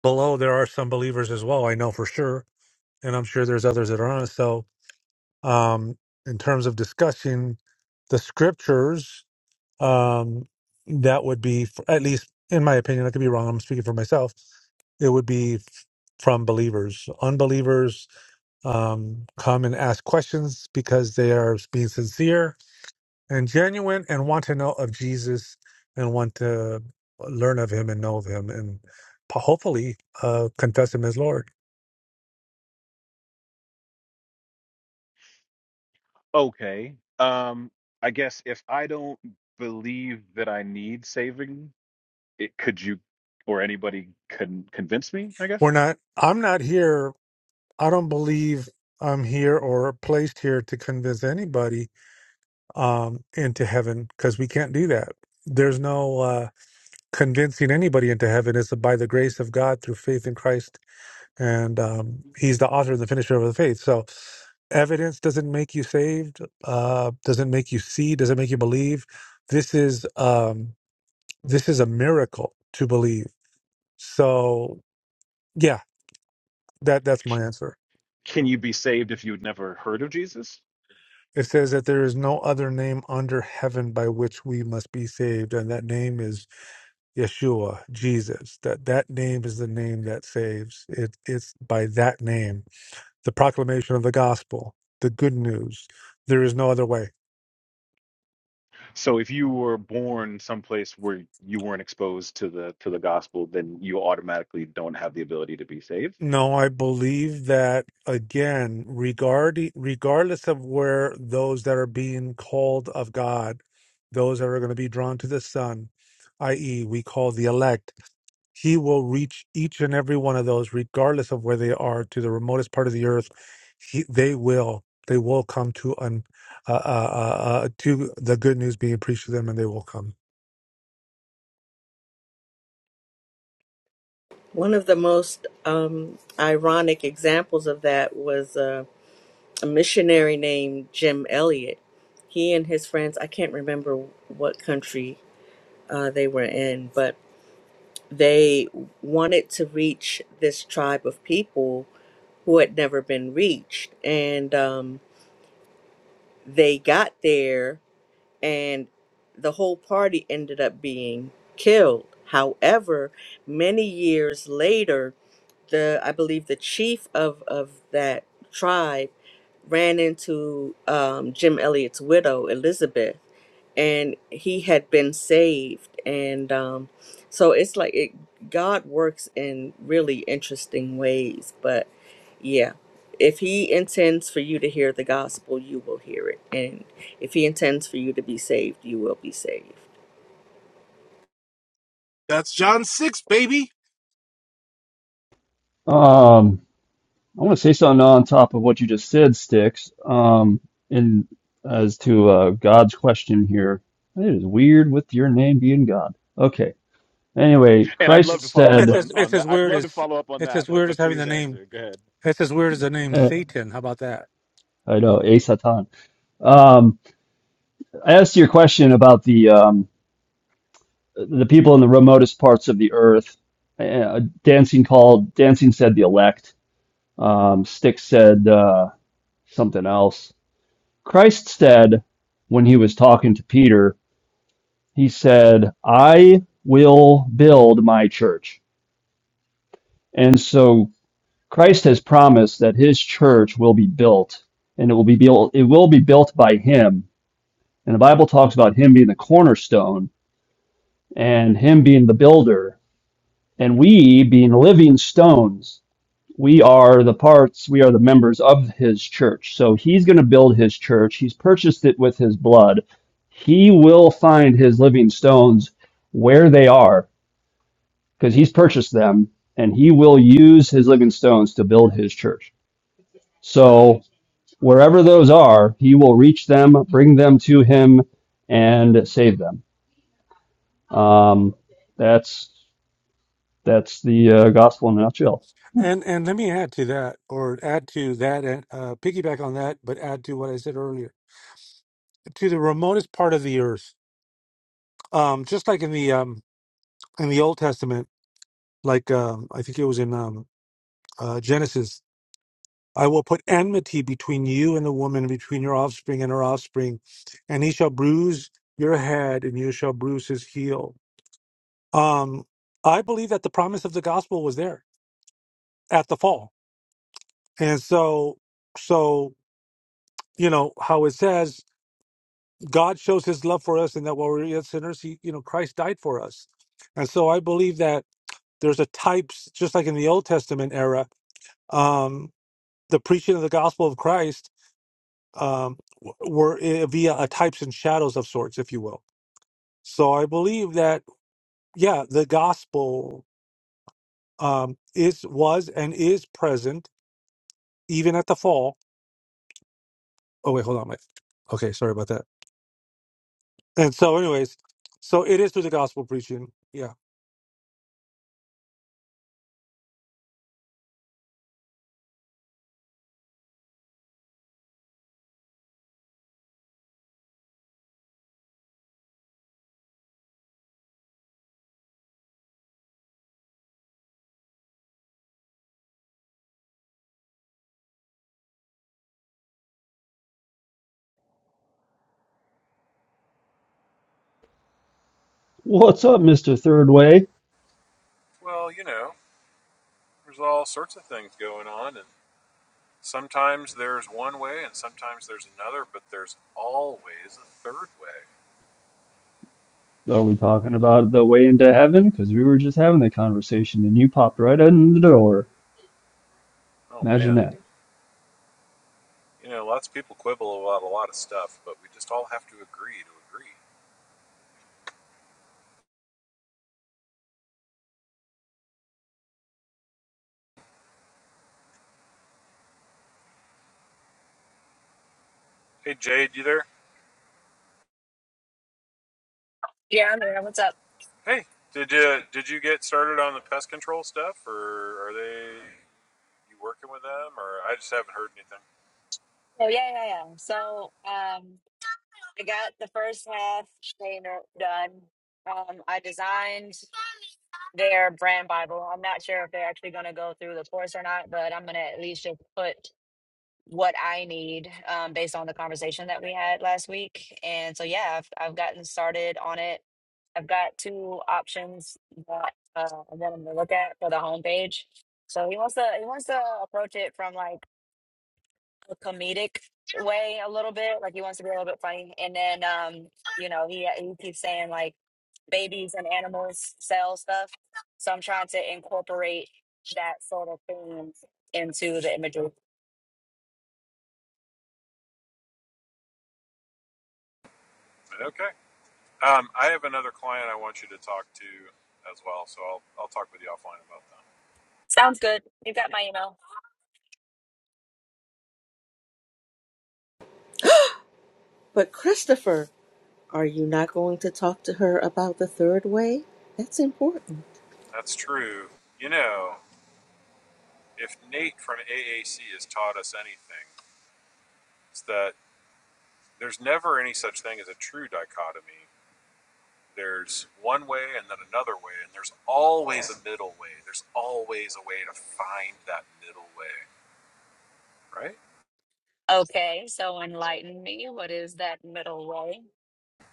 Speaker 7: below there are some believers as well I know for sure and I'm sure there's others that aren't so um in terms of discussing the scriptures um, that would be, f at least in my opinion, I could be wrong. I'm speaking for myself. It would be f- from believers. Unbelievers um, come and ask questions because they are being sincere and genuine and want to know of Jesus and want to learn of him and know of him and po- hopefully uh, confess him as Lord.
Speaker 10: Okay. Um, I guess if I don't believe that I need saving, it could you or anybody can convince me, I guess.
Speaker 7: We're not, I'm not here, I don't believe I'm here or placed here to convince anybody um, into heaven because we can't do that. There's no uh, convincing anybody into heaven. It's by the grace of God through faith in Christ, and um, He's the author and the finisher of the faith. So, evidence doesn't make you saved. Uh, doesn't make you see. Doesn't make you believe. This is um, this is a miracle to believe. So, yeah, that that's
Speaker 10: C-
Speaker 7: my answer.
Speaker 10: Can you be saved if you'd never heard of Jesus?
Speaker 7: It says that there is no other name under heaven by which we must be saved, and that name is Yeshua, Jesus, that that name is the name that saves. It, it's by that name, the proclamation of the gospel, the good news. There is no other way.
Speaker 10: So if you were born someplace where you weren't exposed to the to the gospel, then you automatically don't have the ability to be saved.
Speaker 7: No, I believe that again, regarding regardless of where those that are being called of God, those that are going to be drawn to the Son, i.e., we call the elect. He will reach each and every one of those, regardless of where they are, to the remotest part of the earth. He, they will, they will come to un, uh, uh, uh, uh, to the good news being preached to them, and they will come.
Speaker 3: One of the most um, ironic examples of that was uh, a missionary named Jim Elliot. He and his friends, I can't remember what country uh, they were in, but they wanted to reach this tribe of people who had never been reached, and um, they got there and the whole party ended up being killed. However, many years later, the I believe the chief of of that tribe ran into um, Jim Elliot's widow Elizabeth, and he had been saved, and um, so it's like it, God works in really interesting ways. But yeah, if He intends for you to hear the gospel, you will hear it, and if He intends for you to be saved, you will be saved.
Speaker 4: That's John six, baby.
Speaker 6: Um, I want to say something on top of what you just said, Sticks. Um, in as to uh, God's question here, it is weird with your name being God. Okay. Anyway,
Speaker 10: And I'd love to
Speaker 6: Christ
Speaker 7: It's,
Speaker 10: follow up
Speaker 7: it's
Speaker 6: said,
Speaker 10: on,
Speaker 7: as
Speaker 10: on
Speaker 7: it's
Speaker 10: that.
Speaker 7: as
Speaker 10: I'd
Speaker 7: weird
Speaker 10: love to
Speaker 7: as
Speaker 10: follow up on
Speaker 7: it's as
Speaker 10: that, but
Speaker 7: weird as
Speaker 10: but
Speaker 7: having
Speaker 10: please
Speaker 7: the name.
Speaker 10: answer. Go ahead.
Speaker 7: It's as weird as the name
Speaker 6: eh,
Speaker 7: Satan. How about that?
Speaker 6: I know, a Satan. Um, as to your question about the um, the people in the remotest parts of the earth, uh, Dancing called, Dancing said the elect. Um, Sticks said uh, something else. Christ said, when he was talking to Peter, he said, I will build my church. And so Christ has promised that his church will be built and it will be built, it will be built by him. And the Bible talks about him being the cornerstone and him being the builder and we being living stones we are the parts, we are the members of his church. So he's going to build his church. He's purchased it with his blood. He will find his living stones where they are because he's purchased them and he will use his living stones to build his church. So wherever those are, he will reach them, bring them to him, and save them. Um, that's that's the uh, gospel in a nutshell.
Speaker 7: And and let me add to that, or add to that, and uh, piggyback on that, but add to what I said earlier. To the remotest part of the earth, um, just like in the um, in the Old Testament, like um, I think it was in um, uh, Genesis, I will put enmity between you and the woman, between your offspring and her offspring, and he shall bruise your head, and you shall bruise his heel. Um, I believe that the promise of the gospel was there at the fall, and so, so you know how it says God shows His love for us, and that while we we're yet sinners, He, you know, Christ died for us, and so I believe that there's a types just like in the Old Testament era, um, the preaching of the gospel of Christ um, w- were eh, via a types and shadows of sorts, if you will. So I believe that yeah, the gospel um, is was and is present even at the fall. Oh wait, hold on, Mike. Okay, sorry about that. And so, anyways, so it is through the gospel preaching. Yeah.
Speaker 6: What's up, Mister Third Way?
Speaker 12: Well, you know, there's all sorts of things going on, and sometimes there's one way and sometimes there's another, but there's always a third way.
Speaker 6: Are we talking about the way into heaven? Because we were just having the conversation and you popped right in the door.
Speaker 12: Oh, man.
Speaker 6: Imagine that.
Speaker 12: You know, lots of people quibble about a lot of stuff, but we just all have to agree to agree. Hey, Jade, you there?
Speaker 2: Yeah, I'm there. What's up?
Speaker 12: Hey, did you did you get started on the pest control stuff, or are they you working with them, or I just haven't heard anything?
Speaker 2: Oh yeah, yeah, yeah. So um I got the first half trainer done. Um I designed their brand Bible. I'm not sure if they're actually gonna go through the course or not, but I'm gonna at least just put what I need um, based on the conversation that we had last week. And so, yeah, I've, I've gotten started on it. I've got two options that uh, that I'm gonna look at for the homepage. So he wants to he wants to approach it from like a comedic way a little bit, like he wants to be a little bit funny. And then um, you know he he keeps saying like babies and animals sell stuff. So I'm trying to incorporate that sort of theme into the imagery.
Speaker 12: But Okay, um, I have another client I want you to talk to as well, so I'll I'll talk with you offline about that.
Speaker 2: Sounds good. You've got my email.
Speaker 3: But Christopher, are you not going to talk to her about the third way? That's important.
Speaker 12: That's true. You know, if Nate from AAC has taught us anything, it's that there's never any such thing as a true dichotomy. There's one way and then another way, and there's always a middle way. There's always a way to find that middle way, right?
Speaker 2: Okay, so enlighten me. What is that middle way?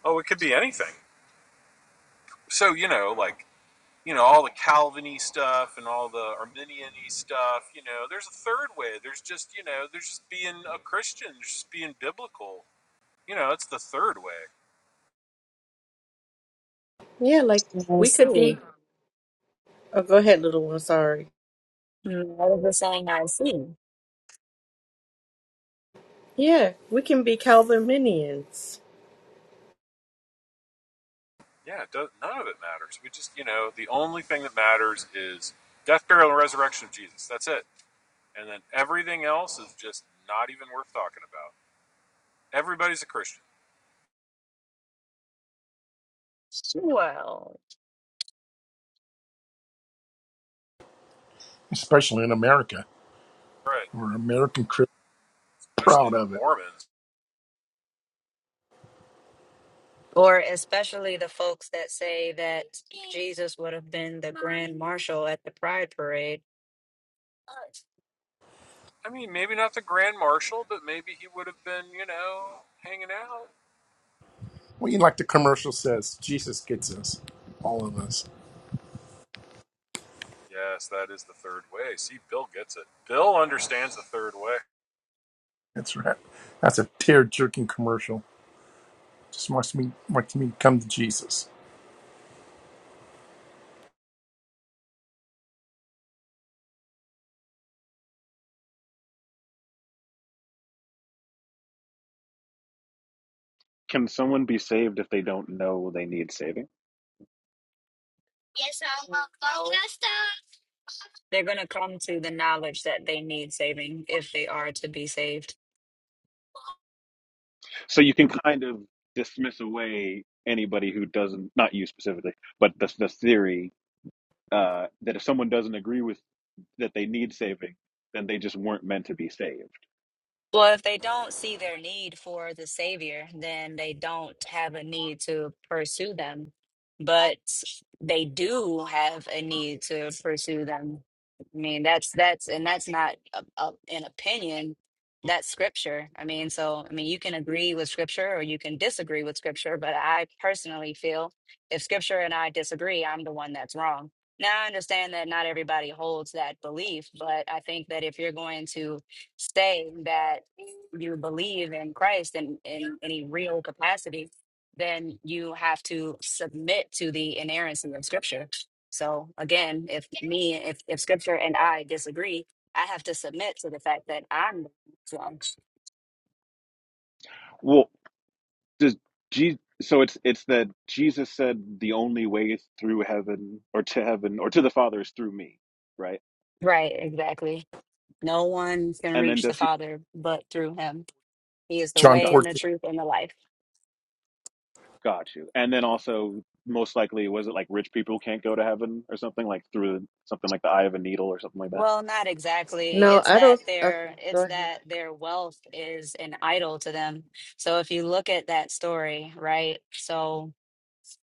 Speaker 12: Oh, it could be anything. So, you know, like, you know, all the Calviny stuff and all the Arminian stuff, you know, there's a third way. There's just, you know, there's just being a Christian, just being biblical. You know, it's the third way.
Speaker 3: Yeah, like
Speaker 2: I
Speaker 3: we could
Speaker 2: see.
Speaker 3: be. Oh, go ahead, little one. Sorry.
Speaker 2: What is the saying I see?
Speaker 3: Yeah, we can be Calvinians.
Speaker 12: Yeah, it does, none of it matters. We just, you know, the only thing that matters is death, burial, and resurrection of Jesus. That's it. And then everything else is just not even worth talking about. Everybody's a Christian,
Speaker 2: Well,
Speaker 1: especially in America.
Speaker 12: right?
Speaker 1: We're American Christians
Speaker 12: Especially
Speaker 1: proud
Speaker 12: the
Speaker 1: of it.
Speaker 12: Mormons.
Speaker 2: or especially the folks that say that Jesus would have been the grand marshal at the pride parade. No.
Speaker 12: I mean, maybe not the Grand Marshal, but maybe he would have been, you know, hanging out.
Speaker 1: Well, you know, like the commercial says, Jesus gets us, all of us.
Speaker 12: Yes, that is the third way. See, Bill gets it. Bill understands the third way.
Speaker 1: That's right. That's a tear jerking commercial. Just wants me wants me to come to Jesus.
Speaker 10: can someone be saved if they don't know they need saving?
Speaker 2: They're going to come to the knowledge that they need saving if they are to be saved.
Speaker 10: So you can kind of dismiss away anybody who doesn't, not you specifically, but the, the theory uh, that if someone doesn't agree with that they need saving, then they just weren't meant to be saved.
Speaker 2: Well, if they don't see their need for the Savior, then they don't have a need to pursue them. But they do have a need to pursue them. I mean, that's that's and that's not a, a, an opinion. That's scripture. I mean, so I mean, you can agree with scripture or you can disagree with scripture. But I personally feel if scripture and I disagree, I'm the one that's wrong. Now I understand that not everybody holds that belief, but I think that if you're going to saying that you believe in Christ in, in any real capacity, then you have to submit to the inerrancy of Scripture. So again, if me, if, if Scripture and I disagree, I have to submit to the fact that I'm wrong.
Speaker 10: Well, does Jesus? so it's it's that Jesus said the only way through heaven or to heaven or to the Father is through me, right?
Speaker 2: Right, exactly. No one can
Speaker 10: And then
Speaker 2: reach the
Speaker 10: does he?
Speaker 2: Father but through him. He is the
Speaker 1: John
Speaker 2: way
Speaker 10: Gotcha.
Speaker 2: and the
Speaker 1: fourteen
Speaker 2: truth and the life.
Speaker 10: Got you. And then also, most likely, was it like rich people can't go to heaven or something like through something like the eye of a needle or something like that?
Speaker 2: Well, not exactly.
Speaker 3: No,
Speaker 2: It's
Speaker 3: I
Speaker 2: that
Speaker 3: don't. Okay,
Speaker 2: their
Speaker 3: go
Speaker 2: it's
Speaker 3: ahead.
Speaker 2: that their wealth is an idol to them. So if you look at that story, right? So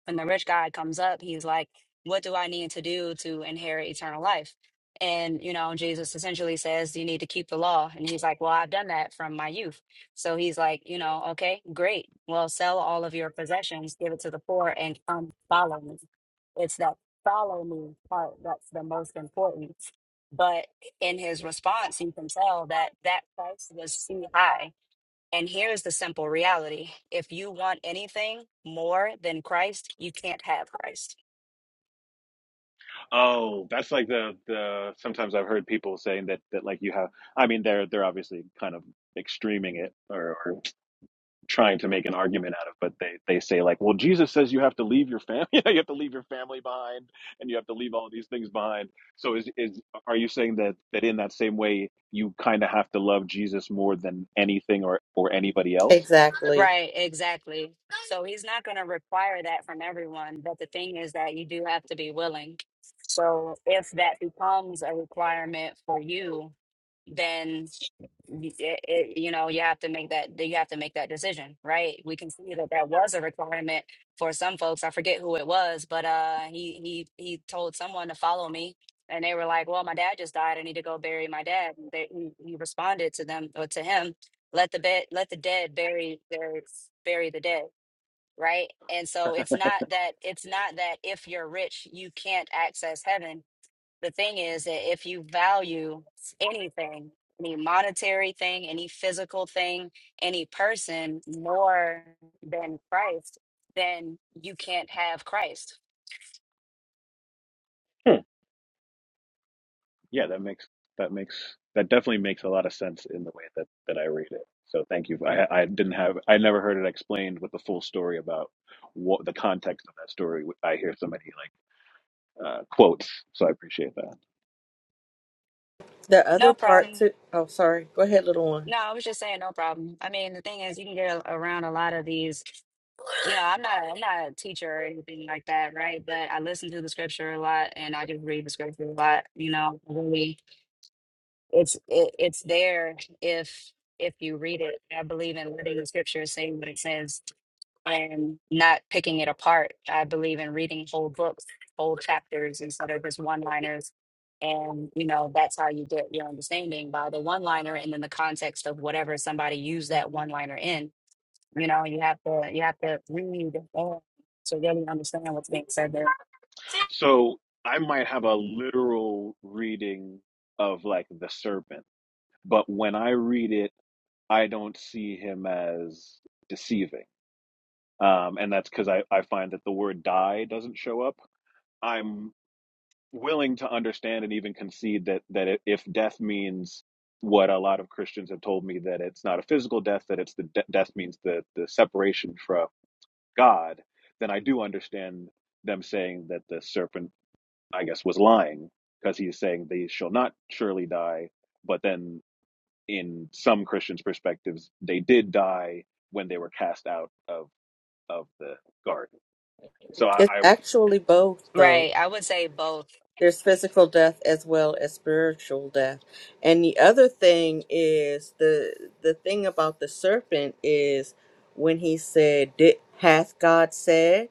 Speaker 2: when the rich guy comes up, he's like, What do I need to do to inherit eternal life? And, you know, Jesus essentially says, You need to keep the law. And he's like, Well, I've done that from my youth. So he's like, You know, okay, great. Well, sell all of your possessions, give it to the poor, and come follow me. It's that follow me part that's the most important. But in his response, you can tell that that price was too high and here's the simple reality if you want anything more than Christ, you can't have Christ.
Speaker 10: Oh, that's like the the. Sometimes I've heard people saying that that like you have. I mean, they're they're obviously kind of extreming it or, or trying to make an argument out of, but they they say like, well, Jesus says you have to leave your family, you have to leave your family behind, and you have to leave all these things behind. So is is are you saying that that in that same way you kind of have to love Jesus more than anything or or anybody else?
Speaker 3: Exactly.
Speaker 2: Right, exactly. So he's not going to require that from everyone. But the thing is that you do have to be willing. So if that becomes a requirement for you, then. y- it, it, you know you have to make that you have to make that decision right we can see that that was a requirement for some folks i forget who it was but uh he he he told someone to follow me and they were like well my dad just died i need to go bury my dad And they, he, he responded to them or to him let the bed let the dead bury their bury the dead right and so it's not that it's not that if you're rich you can't access heaven the thing is that if you value anything, any monetary thing, any physical thing, any person more than Christ, then you can't have Christ.
Speaker 10: Yeah, that makes that makes that definitely makes a lot of sense in the way that that I read it. So thank you. I I didn't have I never heard it explained with the full story about what the context of that story. I hear so many like uh, quotes, so I appreciate that.
Speaker 3: The other
Speaker 2: No
Speaker 3: part
Speaker 2: problem.
Speaker 3: too. Oh, sorry. Go ahead, little one.
Speaker 2: No, I was just saying no problem. I mean, the thing is you can get a- around a lot of these, you know, I'm not I'm not a teacher or anything like that, right? But I listen to the scripture a lot and I just read the scripture a lot, you know, really It's it, it's there if if you read it. I believe in letting the scripture say what it says and not picking it apart. I believe in reading whole books, whole chapters instead of just one-liners. And you know, that's how you get your understanding by the one-liner and then the context of whatever somebody used that one-liner in. You know, you have to you have to read all to really understand what's being said there.
Speaker 10: So I might have a literal reading of like the serpent, but when I read it I don't see him as deceiving. Um, and that's because I, I find that the word die doesn't show up. I'm willing to understand and even concede that that if death means what a lot of Christians have told me that it's not a physical death, that it's the de- death means the the separation from God, then I do understand them saying that the serpent, I guess, was lying because he's saying they shall not surely die. But then, in some Christians' perspectives, they did die when they were cast out of of the garden. So I,
Speaker 3: It's
Speaker 10: I
Speaker 3: actually both, though.
Speaker 2: Right. I would say both.
Speaker 3: There's physical death as well as spiritual death. And the other thing is the the thing about the serpent is when he said, "Did hath God said?"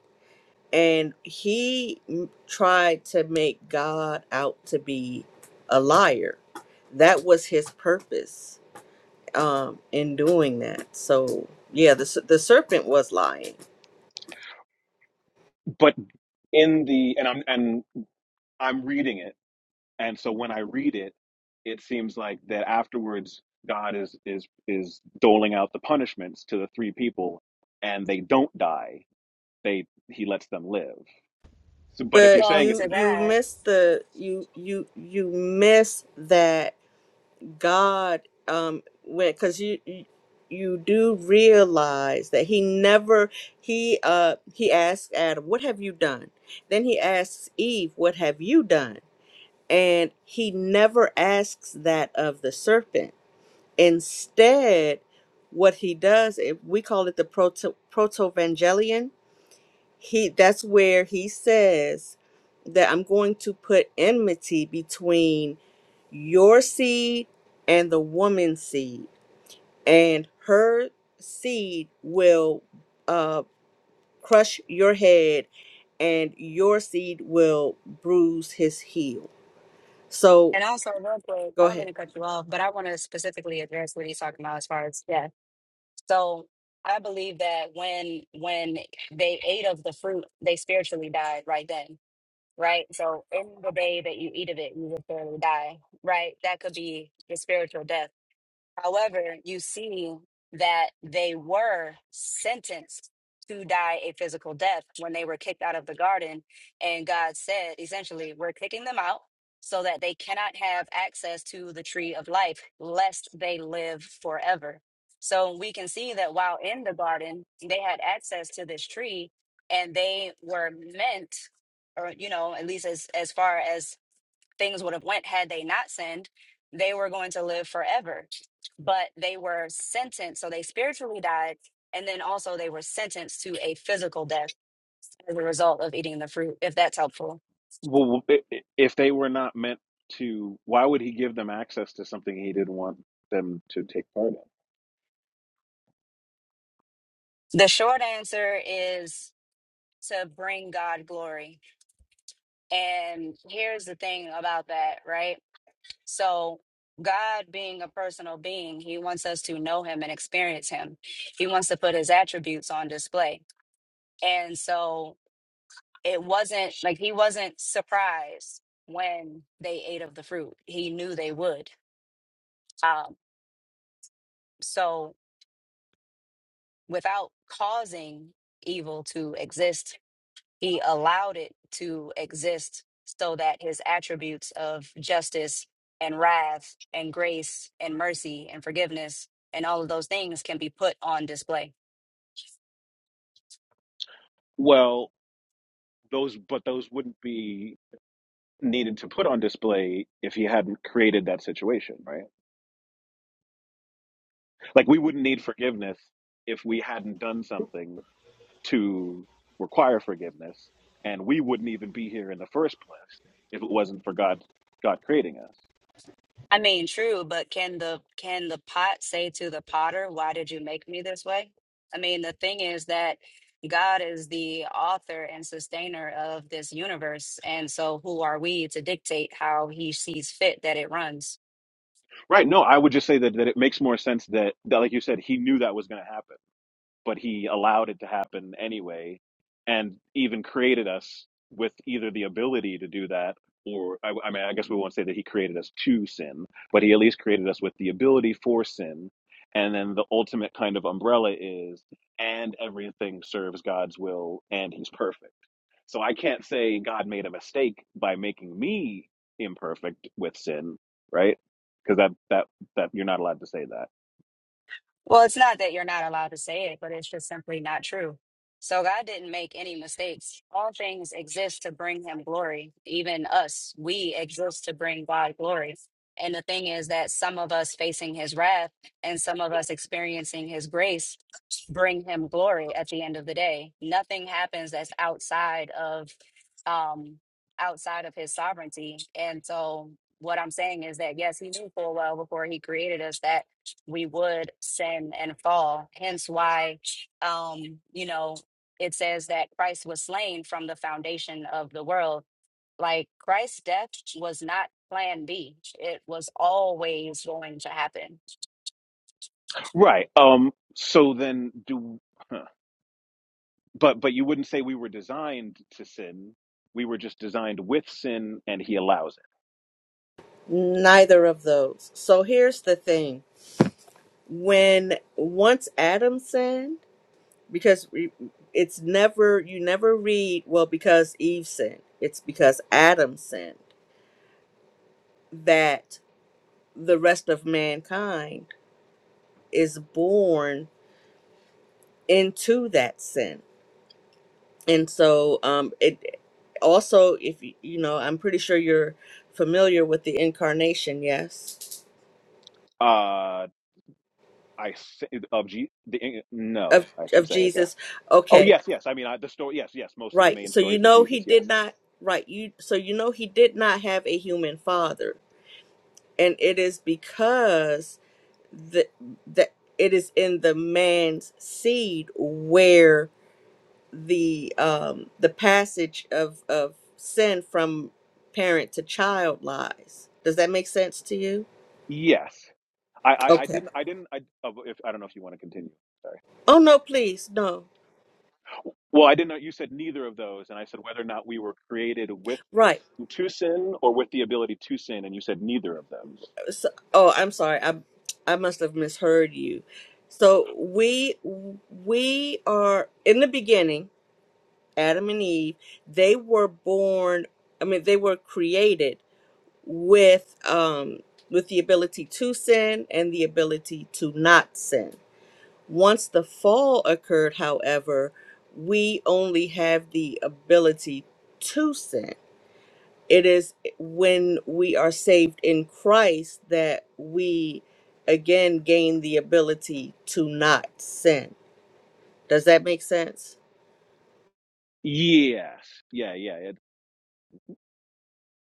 Speaker 3: and he m- tried to make God out to be a liar. That was his purpose um, in doing that. So yeah, the s- the serpent was lying,
Speaker 10: but in the and I'm and I'm reading it and so when i read it it seems like that afterwards god is is is doling out the punishments to the three people and they don't die they he lets them live so, but if you're
Speaker 3: but
Speaker 10: saying
Speaker 2: Well,
Speaker 10: it's
Speaker 3: you
Speaker 2: to
Speaker 3: you
Speaker 2: that.
Speaker 3: miss the you you you miss that God um when because you. you you do realize that he never he uh he asked Adam what have you done then he asks Eve what have you done And he never asks that of the serpent. Instead, what he does, if we call it the proto protovangelion, he that's where he says that I'm going to put enmity between your seed and the woman's seed, and her seed will uh, crush your head, and your seed will bruise his heel. So
Speaker 2: And also, real quick,
Speaker 3: go
Speaker 2: I don't
Speaker 3: ahead.
Speaker 2: mean to cut you off, but I want to specifically address what he's talking about as far as yeah. So I believe that when when they ate of the fruit, they spiritually died right then, right? So in the day that you eat of it, you will spiritually die, right? That could be the spiritual death. However, you see that they were sentenced to die a physical death when they were kicked out of the garden. And God said, essentially, we're kicking them out so that they cannot have access to the tree of life, lest they live forever. So we can see that while in the garden, they had access to this tree and they were meant, or, you know, at least as, as far as things would have went had they not sinned they were going to live forever but they were sentenced so they spiritually died and then also they were sentenced to a physical death as a result of eating the fruit if that's helpful
Speaker 10: well if they were not meant to why would he give them access to something he didn't want them to take part in
Speaker 2: the short answer is to bring god glory and here's the thing about that right so God being a personal being, he wants us to know him and experience him. He wants to put his attributes on display. And so it wasn't like he wasn't surprised when they ate of the fruit. He knew they would. Um, so without causing evil to exist, he allowed it to exist so that his attributes of justice and wrath and grace and mercy and forgiveness and all of those things can be put on display.
Speaker 10: well those but those wouldn't be needed to put on display if he hadn't created that situation right like we wouldn't need forgiveness if we hadn't done something to require forgiveness and we wouldn't even be here in the first place if it wasn't for god god creating us
Speaker 2: I mean, true, but can the can the pot say to the potter, "Why did you make me this way?" I mean, the thing is that God is the author and sustainer of this universe, and so who are we to dictate how he sees fit that it runs?
Speaker 10: right no i would just say that, that it makes more sense that, that like you said he knew that was going to happen but he allowed it to happen anyway and even created us with either the ability to do that or I, I mean i guess we won't say that he created us to sin but he at least created us with the ability for sin and then the ultimate kind of umbrella is and everything serves god's will and he's perfect so i can't say god made a mistake by making me imperfect with sin right because that that that you're not allowed to say that
Speaker 2: Well, it's not that you're not allowed to say it, but it's just simply not true. So God didn't make any mistakes. All things exist to bring him glory. Even us, we exist to bring God glory. And the thing is that some of us facing his wrath and some of us experiencing his grace bring him glory at the end of the day. Nothing happens that's outside of um outside of his sovereignty. And so what I'm saying is that yes, he knew full well before he created us that we would sin and fall. Hence why, um, you know, it says that Christ was slain from the foundation of the world. Like Christ's death was not plan B, it was always going to happen.
Speaker 10: right um so then do but but you wouldn't say we were designed to sin. We were just designed with sin, and He allows it.
Speaker 3: Neither of those. So here's the thing. When once Adam sinned, because we- it's never, you never read, well, because Eve sinned, it's because Adam sinned, that the rest of mankind is born into that sin. And so um, it also, if you you know, I'm pretty sure you're familiar with the incarnation, yes,
Speaker 10: Uh, I th- of G- the eh,
Speaker 3: of,
Speaker 10: no, I should
Speaker 3: of
Speaker 10: say, I guess.
Speaker 3: Jesus.
Speaker 10: Oh
Speaker 3: Okay
Speaker 10: yes, yes. I mean, I, the story. Yes, yes. Most of the
Speaker 3: Right.
Speaker 10: main
Speaker 3: So you
Speaker 10: stories of
Speaker 3: know he
Speaker 10: Jesus.
Speaker 3: did
Speaker 10: Yes,
Speaker 3: not right, you so you know he did not have a human father. And it is because the that it is in the man's seed where the um the passage of of sin from parent to child lies. Does that make sense to you?
Speaker 10: yes. I I, I
Speaker 3: Okay.
Speaker 10: didn't I didn't I of if I don't know if you want to continue. Sorry.
Speaker 3: Oh no, please. No.
Speaker 10: Well, I didn't know you said neither of those, and I said whether or not we were created with
Speaker 3: Right.
Speaker 10: to sin or with the ability to sin, and you said neither of those.
Speaker 3: So, oh, I'm sorry. I I must have misheard you. So we we are in the beginning, Adam and Eve. They were born. I mean, they were created with um with the ability to sin and the ability to not sin. Once the fall occurred, however, we only have the ability to sin it is when we are saved in Christ that we again gain the ability to not sin. Does that make sense?
Speaker 10: Yes, yeah, yeah, it,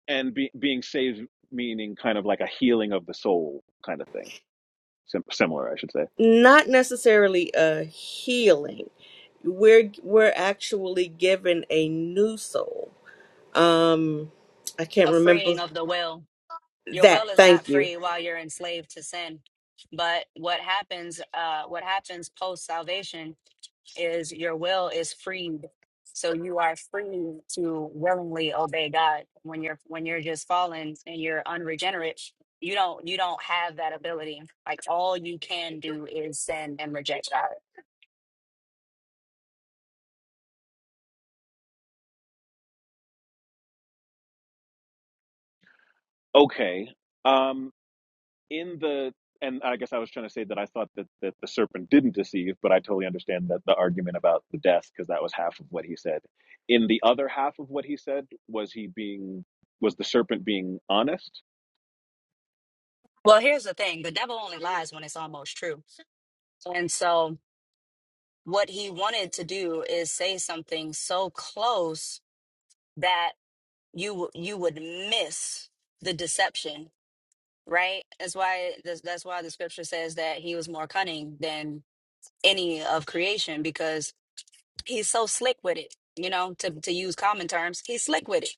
Speaker 10: and be, being saved meaning kind of like a healing of the soul kind of thing, Sim- similar, I should say.
Speaker 3: Not necessarily a healing. We're we're actually given a new soul. Um I can't
Speaker 2: A freeing
Speaker 3: remember
Speaker 2: of the will. Your
Speaker 3: that.
Speaker 2: will is not
Speaker 3: Thank you.
Speaker 2: free while you're enslaved to sin. But what happens, uh, what happens post salvation is your will is freed. So you are free to willingly obey God. When you're when you're just fallen and you're unregenerate, you don't you don't have that ability. Like all you can do is sin and reject God.
Speaker 10: Okay, um, in the and I guess I was trying to say that I thought that, that the serpent didn't deceive, but I totally understand that the argument about the death because that was half of what he said. In the other half of what he said, was he being was the serpent being honest?
Speaker 2: Well, here's the thing: the devil only lies when it's almost true. And so what he wanted to do is say something so close that you w- you would miss the deception right? That's why that's, that's why the scripture says that he was more cunning than any of creation because he's so slick with it you know to, to use common terms he's slick with it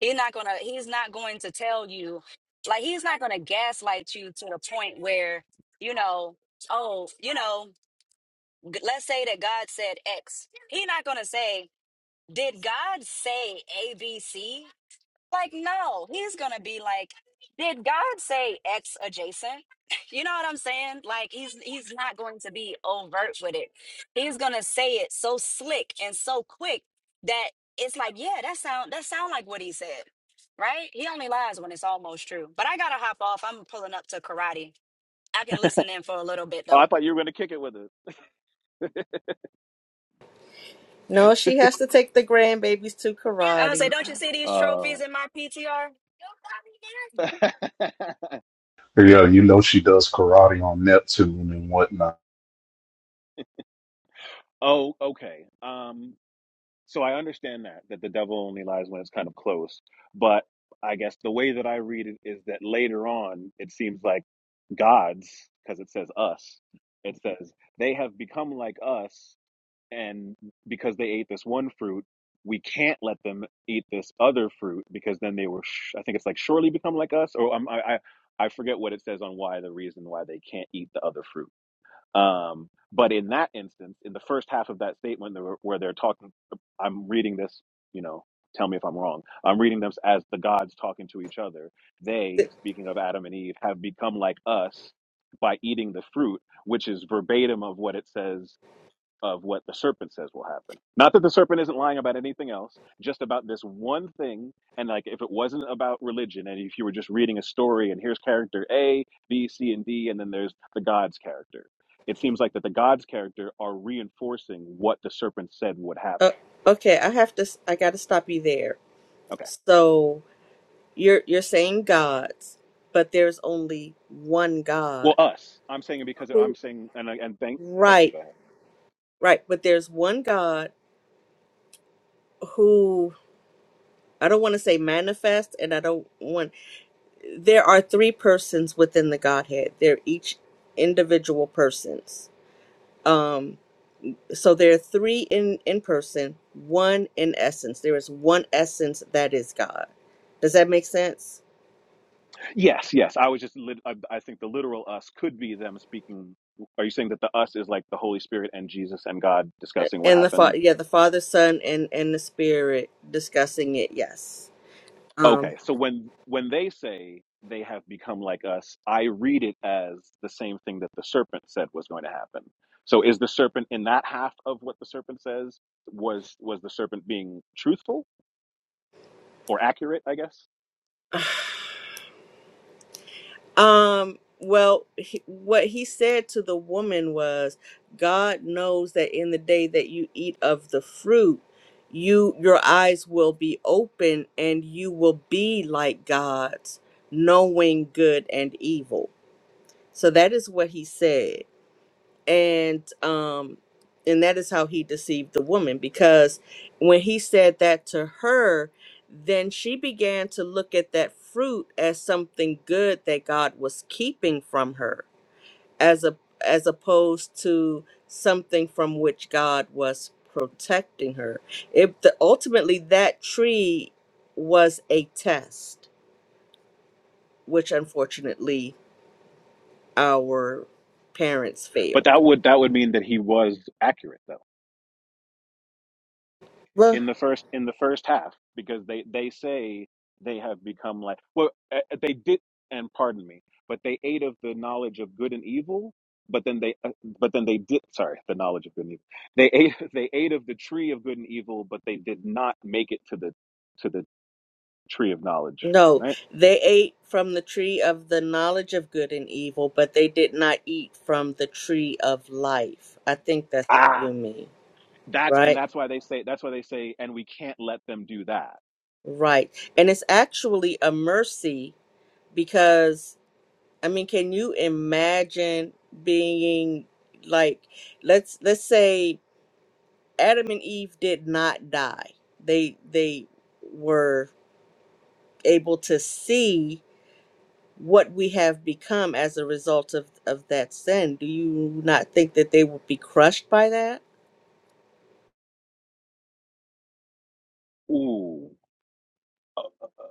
Speaker 2: he's not gonna he's not going to tell you like he's not gonna gaslight you to the point where you know oh you know g- let's say that god said x he's not gonna say did god say abc like, no, he's gonna be like, did God say X adjacent? You know what I'm saying? Like he's he's not going to be overt with it. He's gonna say it so slick and so quick that it's like, yeah, that sound that sound like what he said. Right? He only lies when it's almost true. But I gotta hop off. I'm pulling up to karate. I can listen in for a little bit
Speaker 10: Oh, I
Speaker 2: though.
Speaker 10: thought you were going to kick it with it.
Speaker 3: No, she has to take the grandbabies to
Speaker 2: I was say,
Speaker 3: karate.
Speaker 2: don't you see these trophies
Speaker 10: Oh.
Speaker 2: in my PTR?
Speaker 9: yeah, you know she does karate on Neptune and whatnot.
Speaker 10: oh, okay. Um, so I understand that that the devil only lies when it's kind of close, but I guess the way that I read it is that later on, it seems like gods because it says us. It says they have become like us, and because they ate this one fruit, we can't let them eat this other fruit because then they were. Sh- I think it's like surely become like us, or um, I, I I forget what it says on why the reason why they can't eat the other fruit um, but in that instance, in the first half of that statement, where they're talking, I'm reading this, you know, tell me if I'm wrong. I'm reading them as the gods talking to each other. They, speaking of Adam and Eve, have become like us by eating the fruit, which is verbatim of what it says of what the serpent says will happen. Not that the serpent isn't lying about anything else, just about this one thing. And like, if it wasn't about religion, and if you were just reading a story, and here's character A, B, C, and D, and then there's the God's character, it seems like that the God's character are reinforcing what the serpent said would
Speaker 3: Uh,
Speaker 10: happen.
Speaker 3: okay, I have to I got to stop you there.
Speaker 10: Okay.
Speaker 3: So You're you're saying gods, but there's only one
Speaker 10: Well,
Speaker 3: God.
Speaker 10: us. I'm saying it because I'm
Speaker 3: Who
Speaker 10: saying, and I- and thank. Okay,
Speaker 3: right,
Speaker 10: go ahead.
Speaker 3: right, but there's one God who I don't want to say manifest and I don't want there are three persons within the Godhead. They're each individual persons. Um so there are three in in person, one in essence. There is one essence that is God. Does that make sense?
Speaker 10: Yes, yes. I was just. lit- I, I think the literal us could be them speaking are you saying that the us is like the Holy Spirit and Jesus and God discussing what
Speaker 3: And the fa-
Speaker 10: happened
Speaker 3: yeah, the Father, Son, and and the Spirit discussing it. Yes. Um,
Speaker 10: Okay, so when when they say they have become like us, I read it as the same thing that the serpent said was going to happen. So is the serpent in that half of what the serpent says was was the serpent being truthful or accurate, I guess?
Speaker 3: Um, well, he, what he said to the woman was, God knows that in the day that you eat of the fruit, you your eyes will be open and you will be like gods, knowing good and evil. So that is what he said. and um and that is how he deceived the woman because when he said that to her then she began to look at that fruit as something good that god was keeping from her as a as opposed to something from which god was protecting her if the, ultimately that tree was a test which unfortunately our parents
Speaker 10: But
Speaker 3: failed
Speaker 10: that would that would mean that he was accurate though. in the first in the first half because they they say they have become like well uh, uh, they did and pardon me but they ate of the knowledge of good and evil but then they uh, but then they did sorry the knowledge of good and evil they ate they ate of the tree of good and evil but they did not make it to the to the tree of knowledge
Speaker 3: No,
Speaker 10: right
Speaker 3: they ate from the tree of the knowledge of good and evil, but they did not eat from the tree of life. I think that's what
Speaker 10: ah
Speaker 3: you mean,
Speaker 10: that's and
Speaker 3: right?
Speaker 10: that's why they say that's why they say and we can't let them do that
Speaker 3: Right. And it's actually a mercy because I mean, can you imagine being like let's let's say Adam and Eve did not die. They they were able to see what we have become as a result of, of that sin. Do you not think that they would be crushed by that?
Speaker 10: ooh Uh, uh, uh.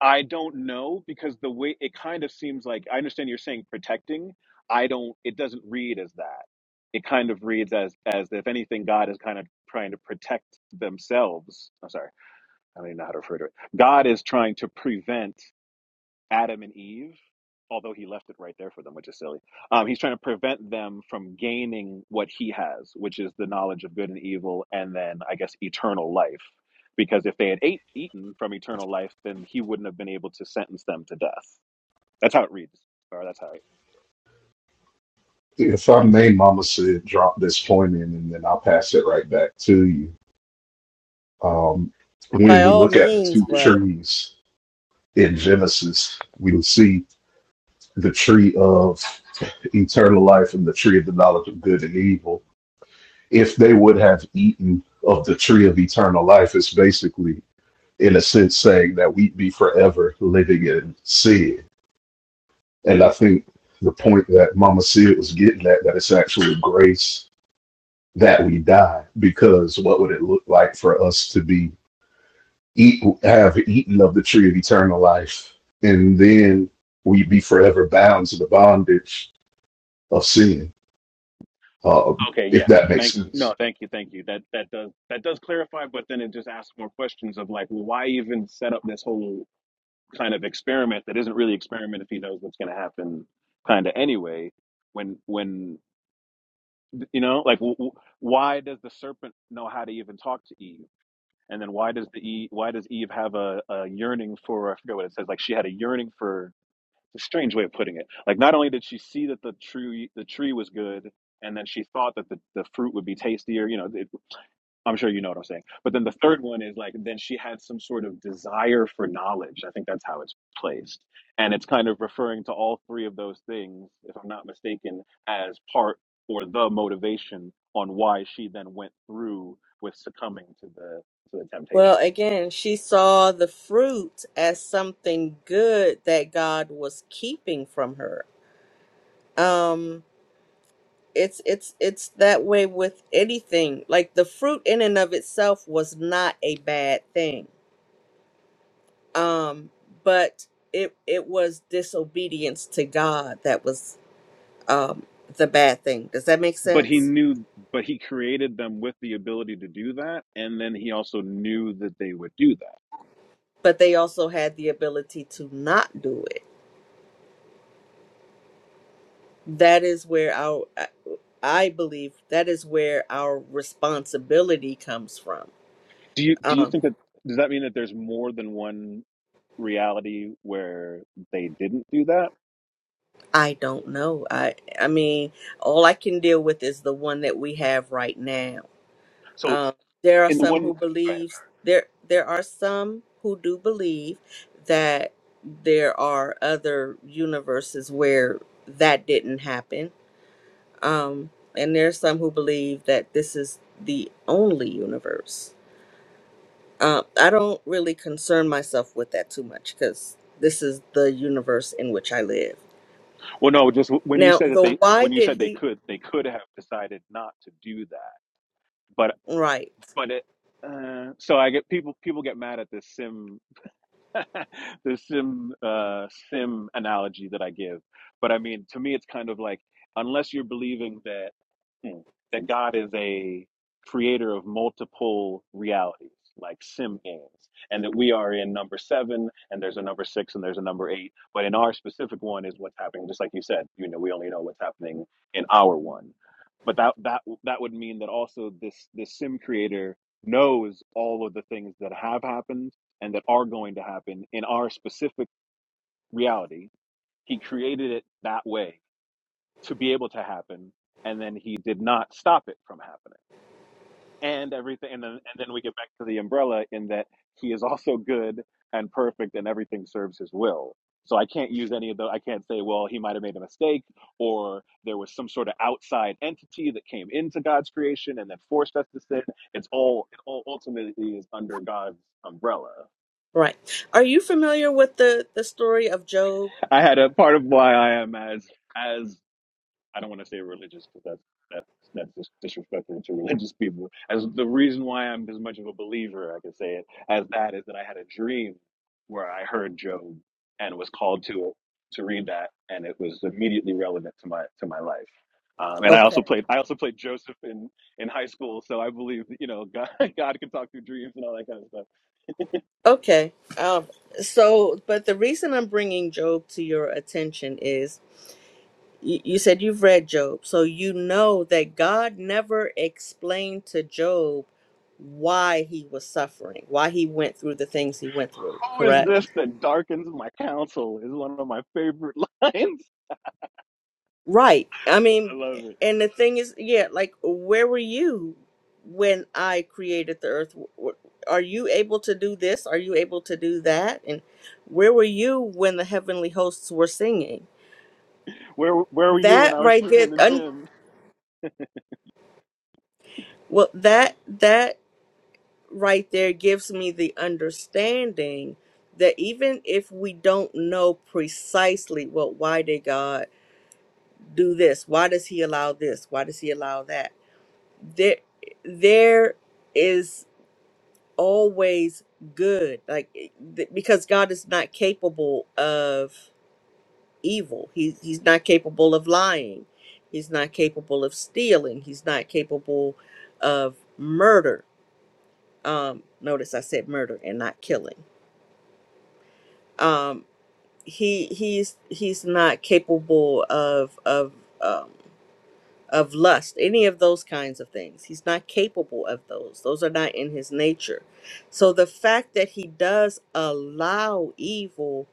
Speaker 10: I don't know because the way it kind of seems like I understand you're saying protecting. I don't. It doesn't read as that. It kind of reads as as if anything, God is kind of trying to protect themselves. I'm sorry, I don't even know how to refer to it. God is trying to prevent Adam and Eve, although he left it right there for them, which is silly. Um, he's trying to prevent them from gaining what he has, which is the knowledge of good and evil, and then I guess eternal life. Because if they had ate, eaten from eternal life, then he wouldn't have been able to sentence them to death. That's how it reads. Or that's how. It,
Speaker 9: If I may, Mama said, drop this point in, and then I'll pass it right back to you. Um,
Speaker 3: By
Speaker 9: when we
Speaker 3: all
Speaker 9: look at the
Speaker 3: means,
Speaker 9: two
Speaker 3: brother.
Speaker 9: trees in Genesis, we will see the tree of eternal life and the tree of the knowledge of good and evil. If they would have eaten of the tree of eternal life, it's basically, in a sense, saying that we'd be forever living in sin. And I think the point that Mama Sid was getting at, that it's actually grace that we die, because what would it look like for us to be eat have eaten of the tree of eternal life, and then we be forever bound to the bondage of sin. Uh,
Speaker 10: okay,
Speaker 9: if
Speaker 10: yeah.
Speaker 9: that makes
Speaker 10: Thank
Speaker 9: sense.
Speaker 10: no, thank you, thank you. That that does that does clarify, but then it just asks more questions of like, well, why even set up this whole kind of experiment that isn't really experiment if he knows what's going to happen kind of anyway when when you know like w- w- why does the serpent know how to even talk to eve and then why does the eve, why does eve have a, a yearning for i forget what it says like she had a yearning for it's a strange way of putting it like not only did she see that the tree the tree was good and then she thought that the, the fruit would be tastier you know it, I'm sure you know what I'm saying. But then the third one is like, then she had some sort of desire for knowledge. I think that's how it's placed. And it's kind of referring to all three of those things, if I'm not mistaken, as part or the motivation on why she then went through with succumbing to the to the
Speaker 3: Well,
Speaker 10: temptation.
Speaker 3: again, she saw the fruit as something good that God was keeping from her. Um, it's it's it's that way with anything. Like the fruit in and of itself was not a bad thing. Um, but it it was disobedience to God that was um, the bad thing. Does that make
Speaker 10: but he
Speaker 3: sense?
Speaker 10: knew but he created them with the ability to do that and then he also knew that they would do that
Speaker 3: But they also had the ability to not do it. That is where our, I I believe, that is where our responsibility comes from.
Speaker 10: do you do you
Speaker 3: Um,
Speaker 10: think that does that mean that there's more than one reality where they didn't do that
Speaker 3: I don't know. I, I mean, all I can deal with is the one that we have right now.
Speaker 10: so
Speaker 3: Um, there are
Speaker 10: in the
Speaker 3: some
Speaker 10: one
Speaker 3: who
Speaker 10: go ahead.
Speaker 3: believe there. There are some who do believe that there are other universes where that didn't happen Um, and there's some who believe that this is the only universe. Uh, I don't really concern myself with that too much because this is the universe in which I live.
Speaker 10: Well, no, just when you
Speaker 3: Now,
Speaker 10: said that
Speaker 3: the
Speaker 10: they
Speaker 3: why
Speaker 10: when you
Speaker 3: did
Speaker 10: said they
Speaker 3: he?
Speaker 10: could they could have decided not to do that, but
Speaker 3: Right,
Speaker 10: but it, uh, so I get people people get mad at this sim the sim uh, sim analogy that I give. But I mean, to me, it's kind of like unless you're believing that hmm, that God is a creator of multiple realities, like sim games, and that we are in number seven, and there's a number six, and there's a number eight. But in our specific one is what's happening. Just like you said, you know, we only know what's happening in our one. But that that that would mean that also this this sim creator knows all of the things that have happened and that are going to happen in our specific reality. He created it that way to be able to happen, and then he did not stop it from happening. And everything, and then and then we get back to the umbrella in that he is also good and perfect, and everything serves his will. So I can't use any of the. I can't say, well, he might have made a mistake, or there was some sort of outside entity that came into God's creation and then forced us to sin. It's all it all ultimately is under God's umbrella
Speaker 3: right. Are you familiar with the the story of Job?
Speaker 10: I had a part of why I am as as I don't want to say religious because that's that that's just disrespectful to religious people. As the reason why I'm as much of a believer, I can say it as that is that I had a dream where I heard Job and was called to it to read that, and it was immediately relevant to my to my life. Um, and I
Speaker 3: Okay.
Speaker 10: also played I also played Joseph in in high school, so I believe that, you know God God can talk through dreams and all that kind of stuff.
Speaker 3: Okay. Um, so, but the reason I'm bringing Job to your attention is you, you said you've read Job, so you know that God never explained to Job why he was suffering, why he went through the things he went through,
Speaker 10: Who is
Speaker 3: correct?
Speaker 10: this that darkens my counsel? Is one of my favorite lines
Speaker 3: Right. I
Speaker 10: I
Speaker 3: mean,
Speaker 10: love it.
Speaker 3: and the thing is, yeah, like, where were you when I created the earth? W- w- Are you able to do this? Are you able to do that? And where were you when the heavenly hosts were singing?
Speaker 10: Where where were you when
Speaker 3: That
Speaker 10: I was
Speaker 3: right
Speaker 10: shooting
Speaker 3: there,
Speaker 10: in the
Speaker 3: un-
Speaker 10: gym?
Speaker 3: well, that, that right there gives me the understanding that even if we don't know precisely, well, why did God? do this? Why does he allow this? Why does he allow that? There, there is always good, like th- because God is not capable of evil. He he's not capable of lying. He's not capable of stealing. He's not capable of murder. Um, notice I said murder and not killing. Um, he he's he's not capable of of. um of lust, any of those kinds of things. He's not capable of those. Those are not in his nature. So the fact that he does allow evil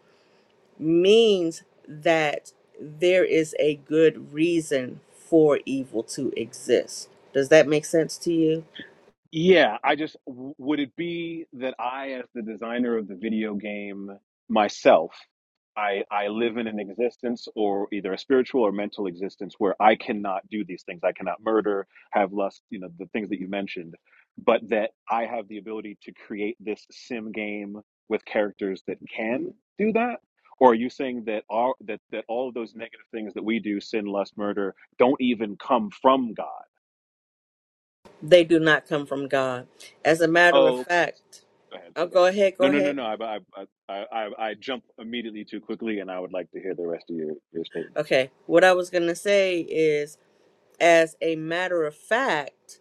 Speaker 3: means that there is a good reason for evil to exist. Does that make sense to you?
Speaker 10: Yeah, I just w- would it be that I, as the designer of the video game myself, I I live in an existence or either a spiritual or mental existence where I cannot do these things. I cannot murder, have lust, you know, the things that you mentioned, but that I have the ability to create this sim game with characters that can do that? Or are you saying that all that that all of those negative things that we do, sin, lust, murder, don't even come from God?
Speaker 3: They do not come from God. As a matter of fact,
Speaker 10: Go ahead. It's
Speaker 3: I'll
Speaker 10: okay.
Speaker 3: go ahead,
Speaker 10: No,
Speaker 3: go
Speaker 10: no, no,
Speaker 3: ahead.
Speaker 10: no. I, I, I, I, I jump immediately too quickly, and I would like to hear the rest of your, your statement.
Speaker 3: Okay. What I was going to say is as a matter of fact,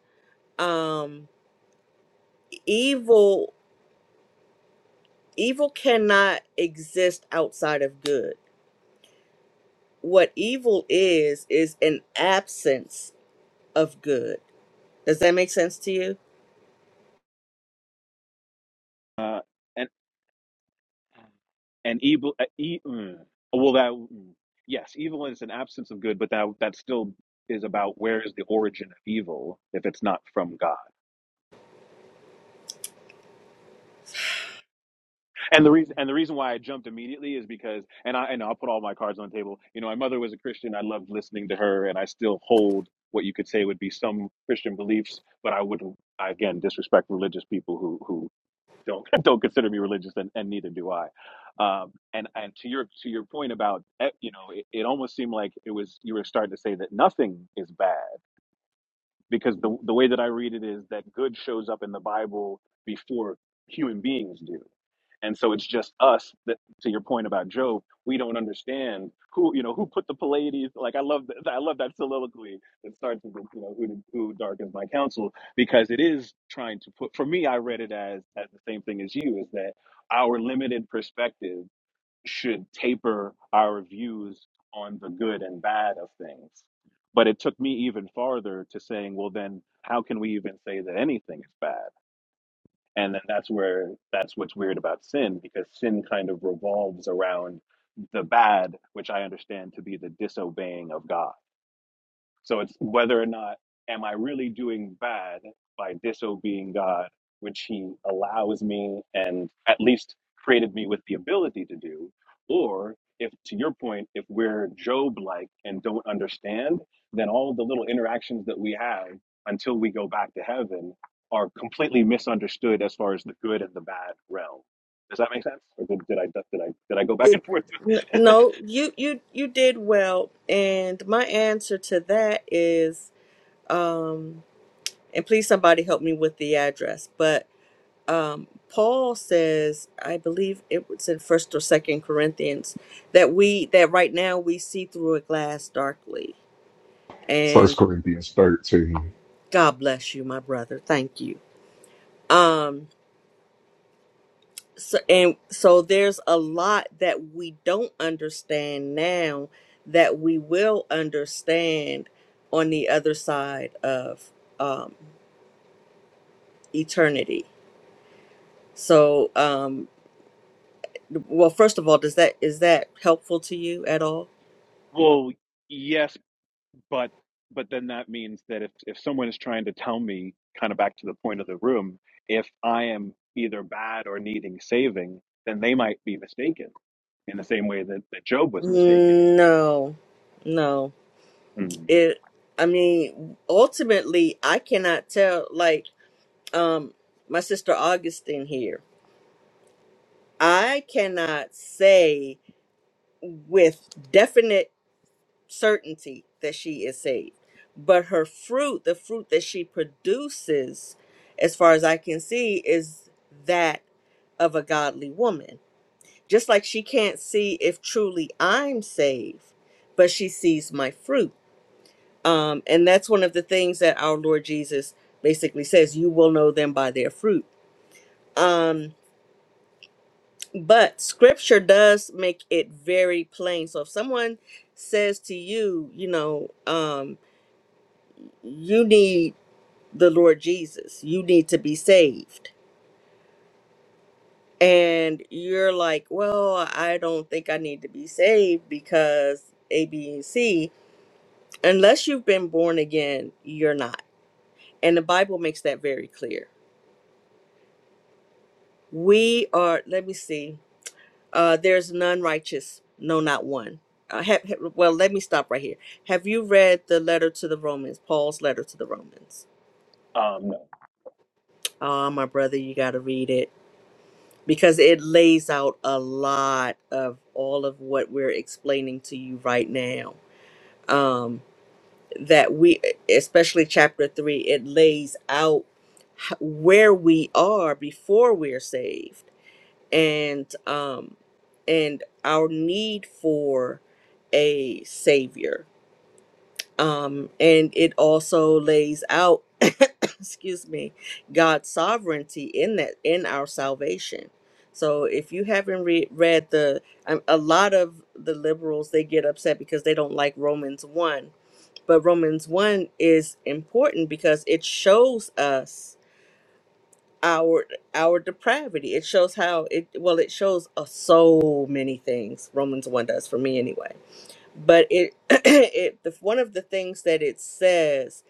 Speaker 3: um evil evil cannot exist outside of good. What evil is, is an absence of good. Does that make sense to you?
Speaker 10: Uh, and and evil, uh, e, mm, well, that mm, yes, evil is an absence of good, but that that still is about where is the origin of evil if it's not from God. And the reason and the reason why I jumped immediately is because and I and I'll put all my cards on the table. You know, my mother was a Christian. I loved listening to her, and I still hold what you could say would be some Christian beliefs, but I wouldn't I, again disrespect religious people who who don't don't consider me religious, and, and neither do I. Um, and and to your to your point about eh, you know, it, it almost seemed like it was you were starting to say that nothing is bad because the the way that I read it is that good shows up in the Bible before human beings do and so it's just us that to your point about job we don't understand who you know who put the pleiades like i love that i love that soliloquy that starts with you know who who darkens my counsel because it is trying to put for me i read it as as the same thing as you is that our limited perspective should taper our views on the good and bad of things but it took me even farther to saying well then how can we even say that anything is bad and then that's where that's what's weird about sin because sin kind of revolves around the bad which i understand to be the disobeying of god so it's whether or not am I really doing bad by disobeying God, which He allows me and at least created me with the ability to do, or if to your point, if we're Job like and don't understand, then all the little interactions that we have until we go back to heaven are completely misunderstood as far as the good and the bad realm. Does that make sense? Or did, did I did I did I go back
Speaker 3: It,
Speaker 10: and forth?
Speaker 3: n- no, you, you, you did well. And my answer to that is, um, and please somebody help me with the address, but, um, Paul says, I believe it was in first or second Corinthians that we, that right now we see through a glass darkly
Speaker 9: First Corinthians thirteen.
Speaker 3: God bless you, my brother. Thank you. Um so and so there's a lot that we don't understand now that we will understand on the other side of um eternity. So um well first of all, does that is that helpful to you at all?
Speaker 10: well, yes but but then that means that if if someone is trying to tell me kind of back to the point of the room if i am either bad or needing saving then they might be mistaken in the same way that, that job was mistaken
Speaker 3: No. No.
Speaker 10: Hmm.
Speaker 3: It I mean ultimately I cannot tell like um my sister Augustine here. I cannot say with definite certainty that she is saved, but her fruit, the fruit that she produces, as far as I can see, is that of a godly woman. Just like she can't see if truly I'm saved, but she sees my fruit. Um, and that's one of the things that our Lord Jesus basically says you will know them by their fruit. Um, But scripture does make it very plain. So if someone says to you, you know, um, you need the Lord Jesus, you need to be saved. And you're like, well, I don't think I need to be saved because A, B, and C. Unless you've been born again, you're not. And the Bible makes that very clear. We are, let me see. Uh, there's none righteous, no, not one. Uh, ha- ha- well, let me stop right here. Have you read the letter to the Romans, Paul's letter to the Romans?
Speaker 10: um no.
Speaker 3: Ah, my brother, you got to read it because it lays out a lot of all of what we're explaining to you right now. Um, that we, especially chapter three, it lays out h- where we are before we're saved and um and our need for a savior um and it also lays out excuse me god's sovereignty in that in our salvation so if you haven't re- read the um, a lot of the liberals they get upset because they don't like romans 1 but romans 1 is important because it shows us our our depravity. It shows how it well it shows uh, so many things. Romans one does for me anyway. But it it the, one of the things that it says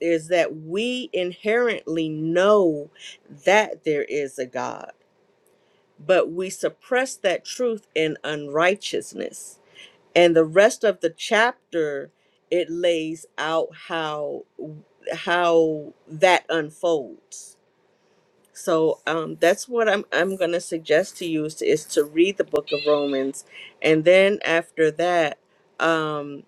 Speaker 3: is that we inherently know that there is a God, but we suppress that truth in unrighteousness. And the rest of the chapter it lays out how how that unfolds so um, that's what I'm I'm gonna suggest to you is, is to read the book of Romans, and then after that, um,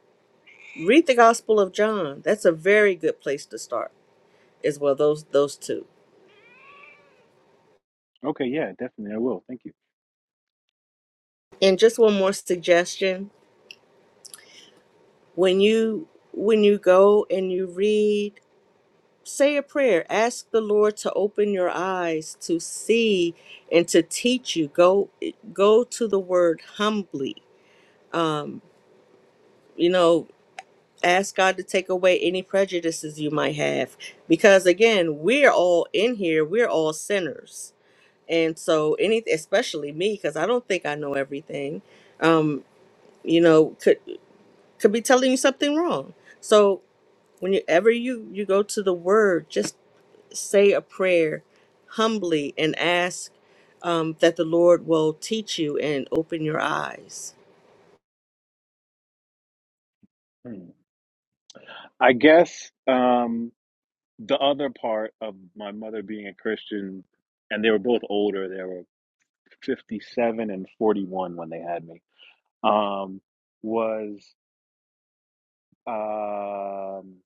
Speaker 3: read the Gospel of John. That's a very good place to start as well. Those those two.
Speaker 10: okay yeah definitely i will thank you
Speaker 3: And just one more suggestion: when you when you go and you read, say a prayer. Ask the Lord to open your eyes to see and to teach you. Go go to the Word humbly. Um, you know ask God to take away any prejudices you might have. Because again, we're all in here, we're all sinners. And so any especially me, because I don't think I know everything, um, you know, could could be telling you something wrong. So whenever you you go to the word, just say a prayer humbly and ask um, that the Lord will teach you and open your eyes.
Speaker 10: Hmm. i guess um the other part of my mother being a christian and they were both older they were 57 and 41 when they had me um was um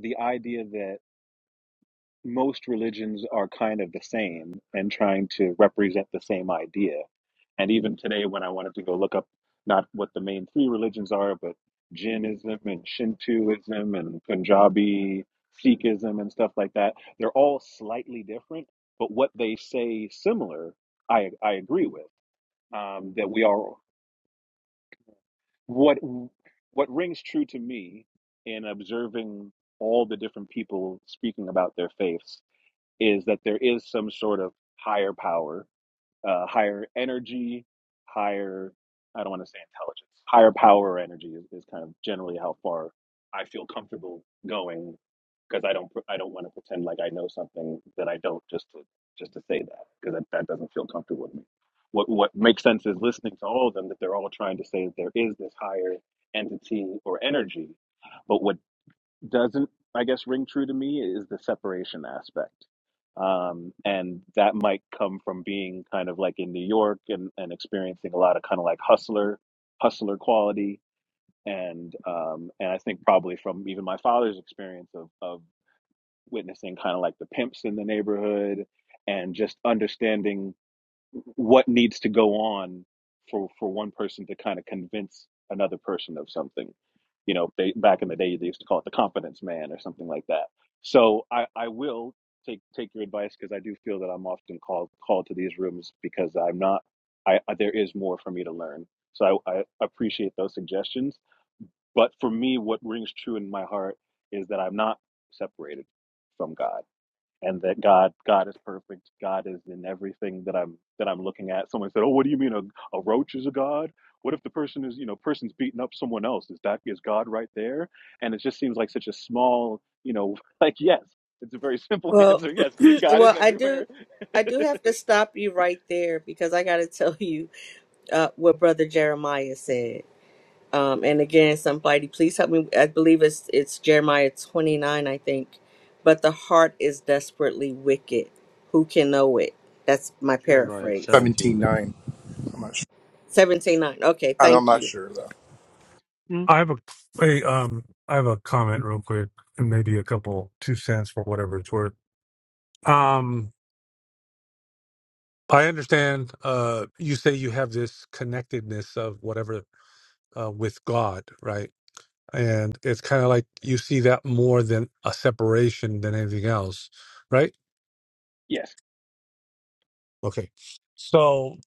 Speaker 10: the idea that most religions are kind of the same and trying to represent the same idea. And even today, when I wanted to go look up not what the main three religions are, but Jainism and Shintoism and Punjabi Sikhism and stuff like that, they're all slightly different, but what they say similar, I I agree with um, that we are what what rings true to me in observing all the different people speaking about their faiths is that there is some sort of higher power, uh, higher energy, higher, I don't want to say intelligence, higher power or energy is, is kind of generally how far I feel comfortable going because I don't, pr- I don't want to pretend like I know something that I don't just to, just to say that because that, that doesn't feel comfortable to me. What, what makes sense is listening to all of them that they're all trying to say that there is this higher entity or energy but what doesn't i guess ring true to me is the separation aspect um and that might come from being kind of like in new york and and experiencing a lot of kind of like hustler hustler quality and um and i think probably from even my father's experience of of witnessing kind of like the pimps in the neighborhood and just understanding what needs to go on for for one person to kind of convince another person of something you know they back in the day they used to call it the confidence man or something like that so i i will take take your advice because i do feel that i'm often called called to these rooms because i'm not i I- there is more for me to learn so i, I appreciate those suggestions but for me what rings true in my heart is that i'm not separated from god and that God God is perfect. God is in everything that I'm that I'm looking at. Someone said, "Oh, what do you mean a, a roach is a god? What if the person is you know person's beating up someone else? Is that is God right there?" And it just seems like such a small you know like yes, it's a very simple
Speaker 3: Well,
Speaker 10: answer. Yes, God is
Speaker 3: well, I
Speaker 10: everywhere.
Speaker 3: do, I do have to stop you right there because I got to tell you uh, what Brother Jeremiah said. Um, and again, somebody, please help me. I believe it's it's Jeremiah twenty nine, I think. But the heart is desperately wicked. Who can know it? That's my
Speaker 13: Jeremiah
Speaker 3: paraphrase.
Speaker 1: seventeen,
Speaker 13: seventeen nine.
Speaker 1: nine. I'm not sure.
Speaker 3: Seventeen nine. Okay,
Speaker 1: I'm
Speaker 3: thank
Speaker 1: not
Speaker 3: you.
Speaker 1: sure though.
Speaker 13: Yeah.
Speaker 7: I have a, a um I have a comment real quick and maybe a couple two cents for whatever it's worth. Um I understand uh you say you have this connectedness of whatever uh with God, right? and it's kind of like you see that more than a separation than anything else right
Speaker 10: yes,
Speaker 7: okay so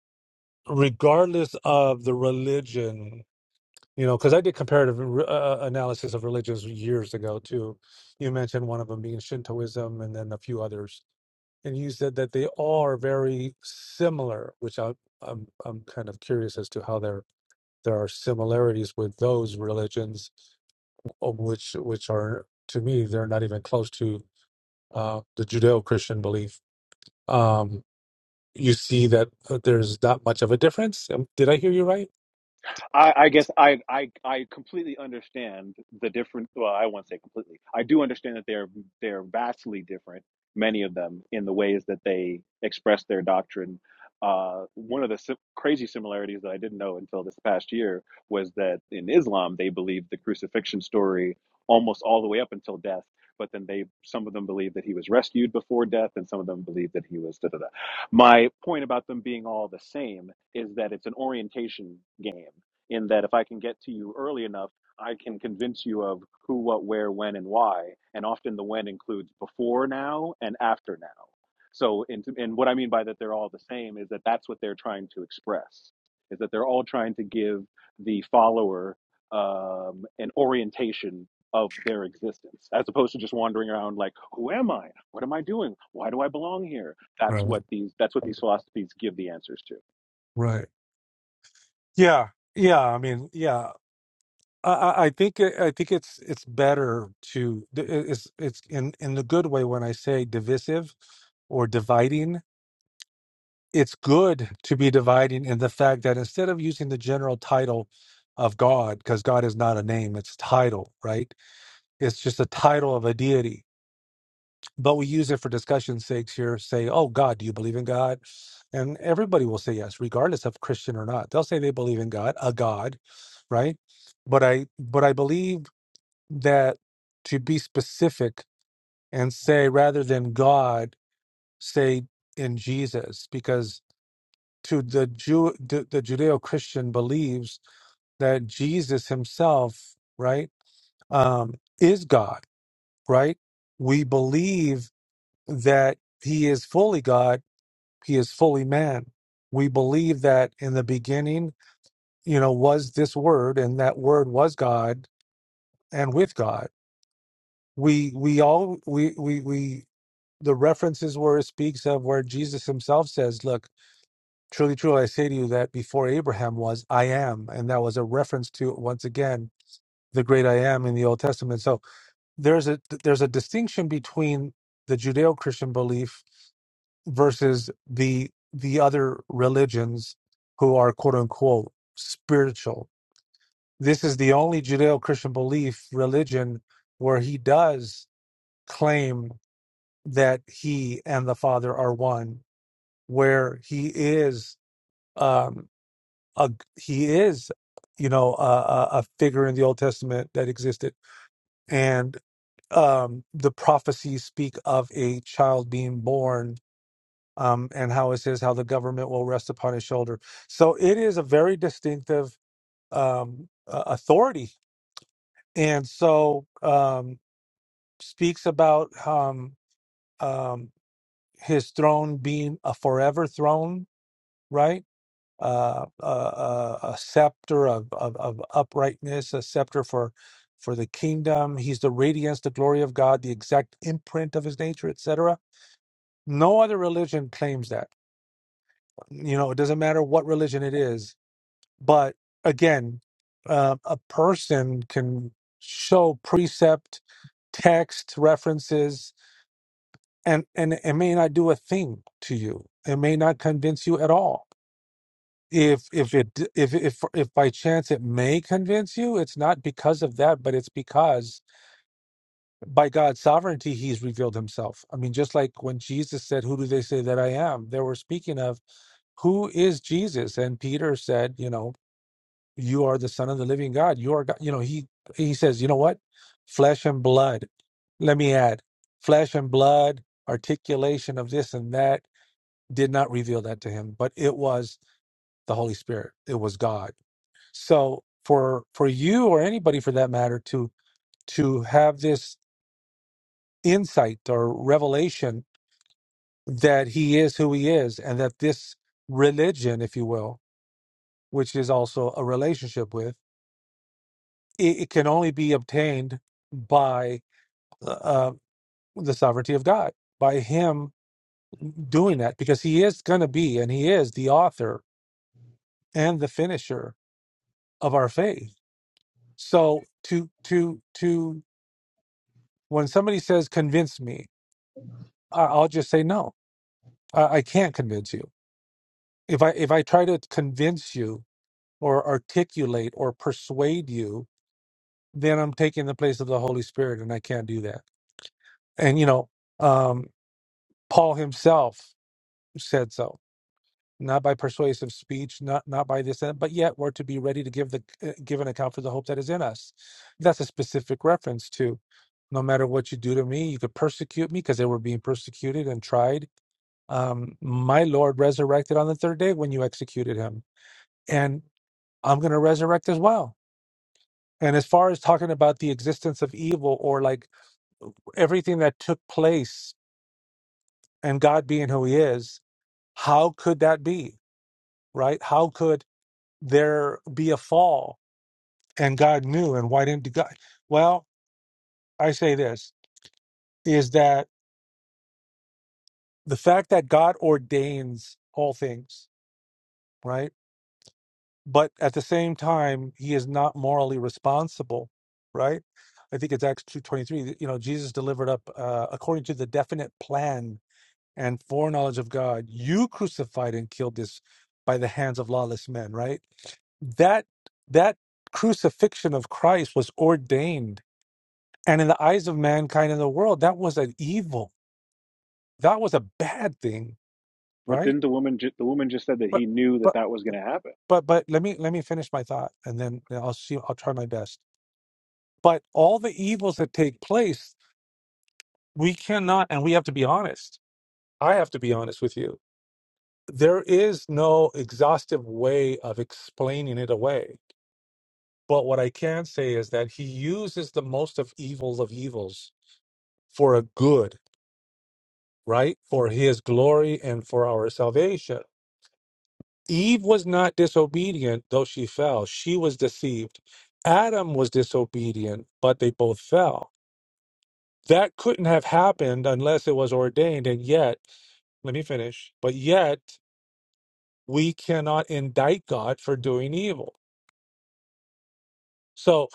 Speaker 7: regardless of the religion you know because i did comparative uh, analysis of religions years ago too you mentioned one of them being shintoism and then a few others and you said that they are very similar which I, i'm i'm kind of curious as to how there there are similarities with those religions of which which are to me they're not even close to uh, the Judeo-Christian belief, um, you see that uh, there's not much of a difference. Um, Did I hear you right?
Speaker 10: I, I guess I, I I completely understand the different. Well, I won't say completely. I do understand that they're they're vastly different, many of them, in the ways that they express their doctrine. Uh, one of the sim- crazy similarities that I didn't know until this past year was that in Islam they believe the crucifixion story almost all the way up until death, but then they some of them believe that he was rescued before death, and some of them believe that he was da da da. My point about them being all the same is that it's an orientation game in that if I can get to you early enough, I can convince you of who, what, where, when, and why. And often the when includes before now and after now. So, in, and what I mean by that they're all the same is that that's what they're trying to express, is that they're all trying to give the follower um, an orientation of their existence, as opposed to just wandering around like, who am I? What am I doing? Why do I belong here? That's
Speaker 7: Right.
Speaker 10: what these that's what these philosophies give the answers to.
Speaker 7: Right. Yeah. Yeah. I mean, yeah. I, I I think it- I think it's it's better to it's it's in in the good way when I say divisive or dividing. it's good to be dividing in the fact that instead of using the general title of God, because God is not a name, it's a title, right? It's just a title of a deity. But we use it for discussion's sakes here, say, oh, God, do you believe in God? And everybody will say yes, regardless of Christian or not. They'll say they believe in God, a God, right? But I but I believe that to be specific and say rather than God, say in Jesus, because to the Jew, the, the Judeo-Christian believes that Jesus Himself, right, um, is God, right? We believe that He is fully God, He is fully man. We believe that in the beginning, you know, was this Word, and that Word was God and with God. We we all we we we the references where it speaks of where Jesus Himself says, "Look." Truly, truly, I say to you that before Abraham was, I am, and that was a reference to once again the great I am in the Old Testament. So there's a there's a distinction between the Judeo-Christian belief versus the the other religions who are quote unquote spiritual. This is the only Judeo-Christian belief religion where he does claim that he and the Father are one, where he is. um, a, he is, you know, a, a a figure in the Old Testament that existed, and um, the prophecies speak of a child being born, um, and how it says how the government will rest upon his shoulder. So it is a very distinctive um, uh, authority, and so um, speaks about um, um, his throne being a forever throne, right? uh, a, a, a scepter of, of, of uprightness, a scepter for for the kingdom. He's the radiance, the glory of God, the exact imprint of His nature, etc. No other religion claims that. You know, it doesn't matter what religion it is. But again, uh, a person can show precept, text, references, and and it may not do a thing to you. It may not convince you at all if if it d- if if if by chance it may convince you it's not because of that but it's because by god's sovereignty he's revealed himself i mean just like when jesus said who do they say that i am they were speaking of who is jesus and peter said you know you are the son of the living god you are god you know he he says you know what flesh and blood let me add flesh and blood articulation of this and that did not reveal that to him but it was the holy spirit it was god So for for you or anybody for that matter to to have this insight or revelation that he is who he is and that this religion, if you will, which is also a relationship with, it, it can only be obtained by uh, uh, the sovereignty of God, by him doing that, because he is going to be and he is the author and the finisher of our faith. So to to to when somebody says convince me I- I'll just say no. I, I can't convince you. If I if I try to convince you or articulate or persuade you, then I'm taking the place of the Holy Spirit, and I can't do that. And you know, um, Paul himself said so, not by persuasive speech, not not by this, and- but yet we're to be ready to give the uh, give an account for the hope that is in us. That's a specific reference to. No matter what you do to me, you could persecute me because they were being persecuted and tried um, my Lord resurrected on the third day when you executed him, and I'm going to resurrect as well. And as far as talking about the existence of evil or like everything that took place and God being who he is, how could that be? Right? How could there be a fall and God knew and why didn't God? Well, I say this is that the fact that God ordains all things, right? but at the same time he is not morally responsible right i think it's acts 2.23 you know jesus delivered up uh, according to the definite plan and foreknowledge of god you crucified and killed this by the hands of lawless men right that that crucifixion of christ was ordained and in the eyes of mankind in the world that was an evil that was a bad thing
Speaker 10: But
Speaker 7: right
Speaker 10: didn't the woman ju- the woman just said that
Speaker 7: but
Speaker 10: he knew that
Speaker 7: but
Speaker 10: that was going to happen?
Speaker 7: but but let me let me finish my thought and then i'll see i'll try my best But all the evils that take place, we cannot, and we have to be honest. I have to be honest with you. There is no exhaustive way of explaining it away. But what I can say is that he uses the most of evil of evils for a good, right? For his glory and for our salvation. Eve was not disobedient, though she fell. She was deceived. Adam was disobedient, but they both fell That couldn't have happened unless it was ordained. And yet, let me finish. But yet, we cannot indict God for doing evil. So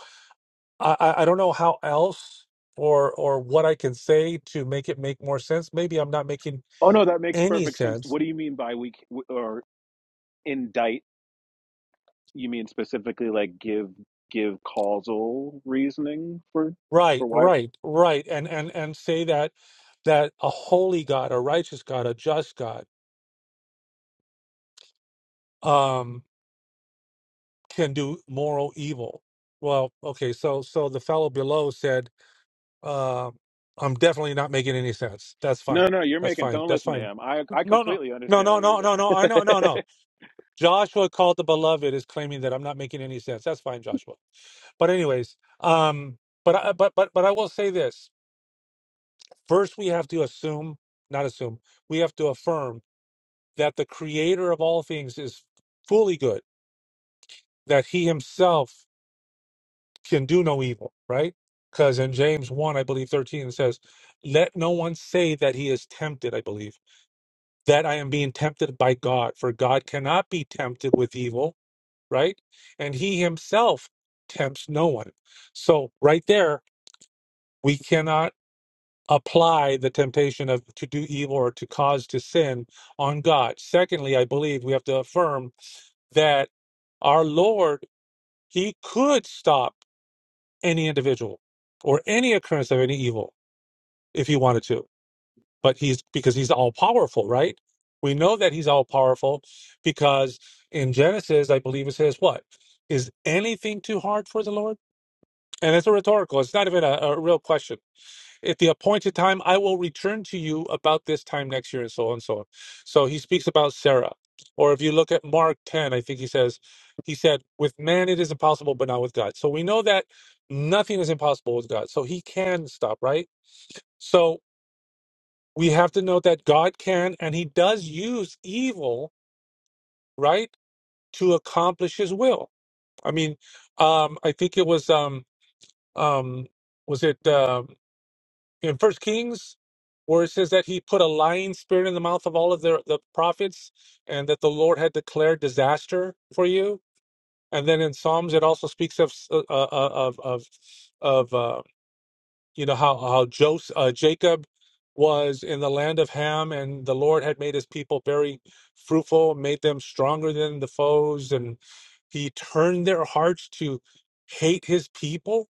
Speaker 7: I, I I don't know how else or or what I can say to make it make more sense. Maybe I'm not making
Speaker 10: Oh no, that makes
Speaker 7: any
Speaker 10: perfect sense.
Speaker 7: sense.
Speaker 10: What do you mean by we c- w- or indict? You mean specifically like give give causal reasoning for for
Speaker 7: Right,
Speaker 10: why?
Speaker 7: right, right. And and and say that that a holy God, a righteous God, a just God, um, can do moral evil. Well, okay. So so the fellow below said uh, I'm definitely not making any sense. That's
Speaker 10: No,
Speaker 7: fine.
Speaker 10: no, you're
Speaker 7: That's
Speaker 10: making.
Speaker 7: fine.
Speaker 10: Don't
Speaker 7: That's
Speaker 10: listen to
Speaker 7: fine.
Speaker 10: him. I I
Speaker 7: No, no,
Speaker 10: completely
Speaker 7: no,
Speaker 10: understand
Speaker 7: no,
Speaker 10: what you're
Speaker 7: no, no, no. I
Speaker 10: saying.
Speaker 7: know, no, no. Joshua called the beloved is claiming that I'm not making any sense. That's fine, Joshua. But anyways, um, but I, but but but I will say this first: we have to assume, not assume, we have to affirm that the Creator of all things is fully good. That He Himself can do no evil, right? Because in James one, I believe thirteen, it says, "Let no one say that he is tempted." I believe that I am being tempted by God, for God cannot be tempted with evil, right? And he himself tempts no one. So right there, we cannot apply the temptation of to do evil or to cause to sin on God. Secondly, I believe we have to affirm that our Lord, he could stop any individual or any occurrence of any evil if he wanted to but he's because he's all powerful, right? We know that he's all powerful because in Genesis, I believe it says, What is anything too hard for the Lord? And it's a rhetorical, it's not even a, a real question. At the appointed time, I will return to you about this time next year, and so on and so on. So he speaks about Sarah. Or if you look at Mark 10, I think he says, He said, With man it is impossible, but not with God. So we know that nothing is impossible with God. So he can stop, right? So we have to know that God can and he does use evil, right, to accomplish his will. I mean, um, I think it was um um was it um in First Kings where it says that he put a lying spirit in the mouth of all of the the prophets and that the Lord had declared disaster for you. And then in Psalms it also speaks of s- uh, uh, uh, of of of uh, you know how how Joseph, uh, Jacob was in the land of Ham, and the Lord had made His people very fruitful, made them stronger than the foes, and He turned their hearts to hate His people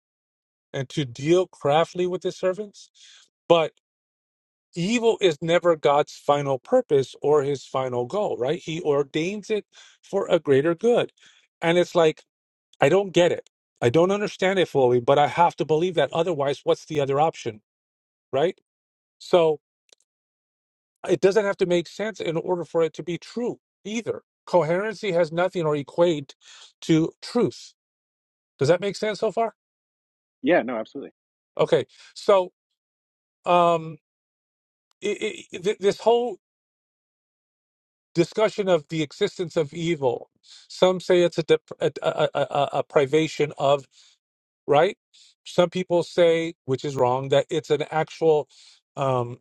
Speaker 7: and to deal craftily with His servants. But evil is never God's final purpose or His final goal, right? He ordains it for a greater good, and it's like I don't get it. I don't understand it fully, but I have to believe that. Otherwise, what's the other option, right? So it doesn't have to make sense in order for it to be true either. Coherency has nothing or equate to truth. Does that make sense so far?
Speaker 10: yeah, no, absolutely.
Speaker 7: Okay. So um, it, it, th- this whole discussion of the existence of evil, some say it's a, dep a, a, a, a a privation of, right? Some people say, which is wrong, that it's an actual. um,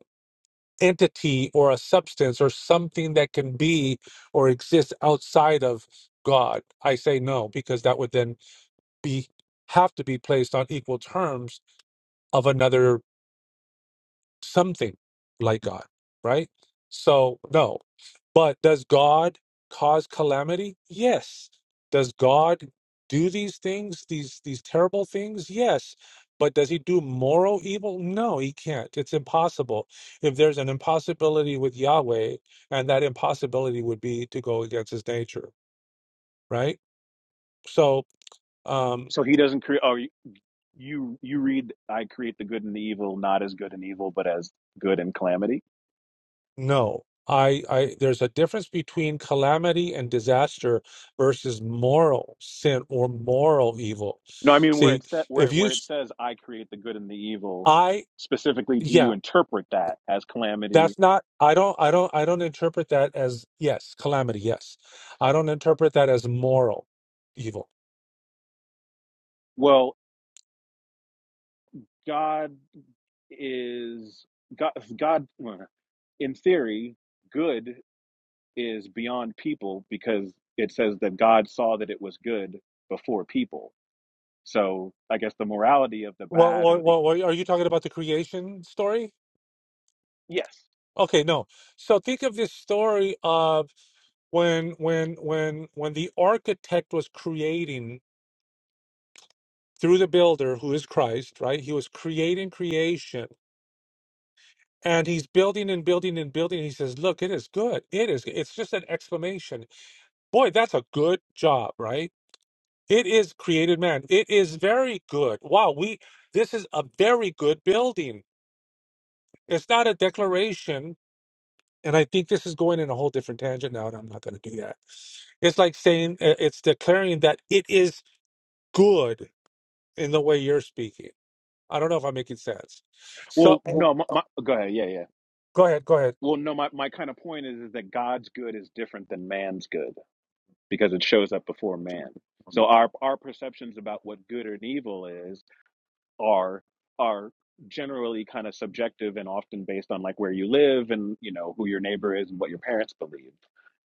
Speaker 7: entity or a substance or something that can be or exist outside of God. I say no because that would then be have to be placed on equal terms of another something like God, right? So, no. But does God cause calamity? Yes. Does God do these things, these these terrible things? Yes. But does he do moral evil? No, he can't. It's impossible. If there's an impossibility with Yahweh, and that impossibility would be to go against his nature, right? So, um,
Speaker 10: So he doesn't create. Oh, you you you read. I create the good and the evil, not as good and evil, but as good and calamity.
Speaker 7: No, I, I, there's a difference between calamity and disaster versus moral sin or moral evil.
Speaker 10: No, I mean where
Speaker 7: See,
Speaker 10: it sa where
Speaker 7: if you,
Speaker 10: where it says I create the good and the evil.
Speaker 7: I,
Speaker 10: Specifically, do you
Speaker 7: yeah,
Speaker 10: interpret that as calamity?
Speaker 7: that's not, I don't, I don't, I don't interpret that as, yes, calamity, yes. I
Speaker 10: Okay.
Speaker 7: don't interpret that as moral evil.
Speaker 10: Well, God is God. God, well, in theory, good is beyond people because it says that God saw that it was good before people. So I guess the morality of the
Speaker 7: Well,
Speaker 10: bad or
Speaker 7: what,
Speaker 10: the
Speaker 7: what, what, are you talking about the creation story?
Speaker 10: yes.
Speaker 7: Okay, no. So think of this story of when, when, when, when the architect was creating. through the builder who is Christ, right? He was creating creation and he's building and building and building. He says, Look, it is good. It is. It's just an exclamation. Boy, that's a good job, right? It is created man. It is very good. Wow, we this is a very good building. It's not a declaration. And I think this is going in a whole different tangent now, and I'm not going to do that. It's like saying uh, it's declaring that it is good in the way you're speaking. I don't know if I'm making sense. So
Speaker 10: Well, no, my, my, go ahead. Yeah, yeah.
Speaker 7: Go ahead. Go ahead.
Speaker 10: Well, no, my, my kind of point is, is that God's good is different than man's good because it shows up before man. So our our perceptions about what good and evil is are are generally kind of subjective and often based on like where you live and you know who your neighbor is and what your parents believe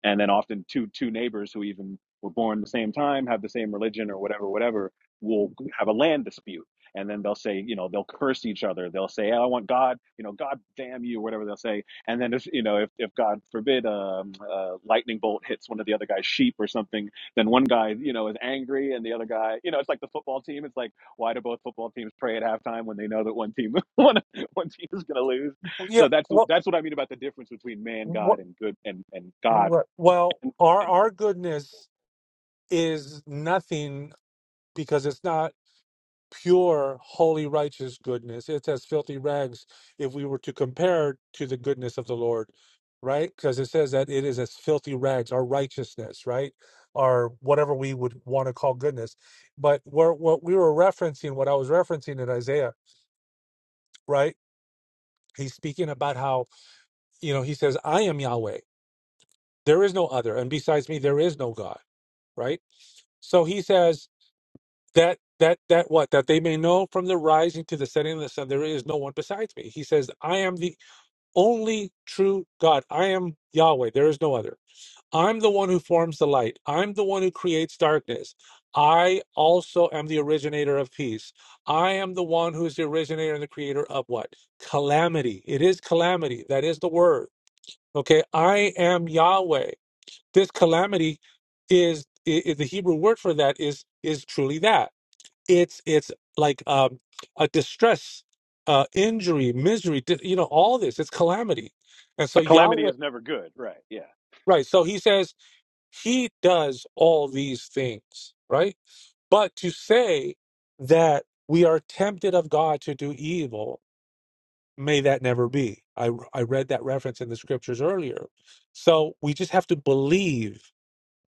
Speaker 10: and then often two two neighbors who even were born the same time have the same religion or whatever whatever will have a land dispute and then they'll say you know they'll curse each other they'll say i want god you know god damn you whatever they'll say and then if you know if, if god forbid um, a lightning bolt hits one of the other guy's sheep or something then one guy you know is angry and the other guy you know it's like the football team it's like why do both football teams pray at halftime when they know that one team one, one team is going to lose
Speaker 7: Yeah.
Speaker 10: so that's
Speaker 7: Well,
Speaker 10: that's what I mean about the difference between man, God,
Speaker 7: what,
Speaker 10: and good and and God
Speaker 7: what, well, our our goodness is nothing because it's not pure, holy, righteous goodness. It's as filthy rags if we were to compare to the goodness of the Lord, right? Because it says that it is as filthy rags, our righteousness, right, or whatever we would want to call goodness. But where what we were referencing, what I was referencing in Isaiah, right? He's speaking about how you know he says, "I am Yahweh." there is no other and besides me there is no god right so he says that that that what that they may know from the rising to the setting of the sun there is no one besides me he says i am the only true god i am yahweh there is no other i'm the one who forms the light i'm the one who creates darkness i also am the originator of peace i am the one who is the originator and the creator of what calamity it is calamity that is the word okay i am yahweh this calamity is, i i- the Hebrew word for that is is truly that. It's it's like um, a distress, uh, injury, misery. di- You know, all this. It's calamity, and so
Speaker 10: a calamity
Speaker 7: Yahweh,
Speaker 10: is never good, right? Yeah.
Speaker 7: right? So He says He does all these things, right? But to say that we are tempted of God to do evil, may that never be. I I read that reference in the scriptures earlier. So we just have to believe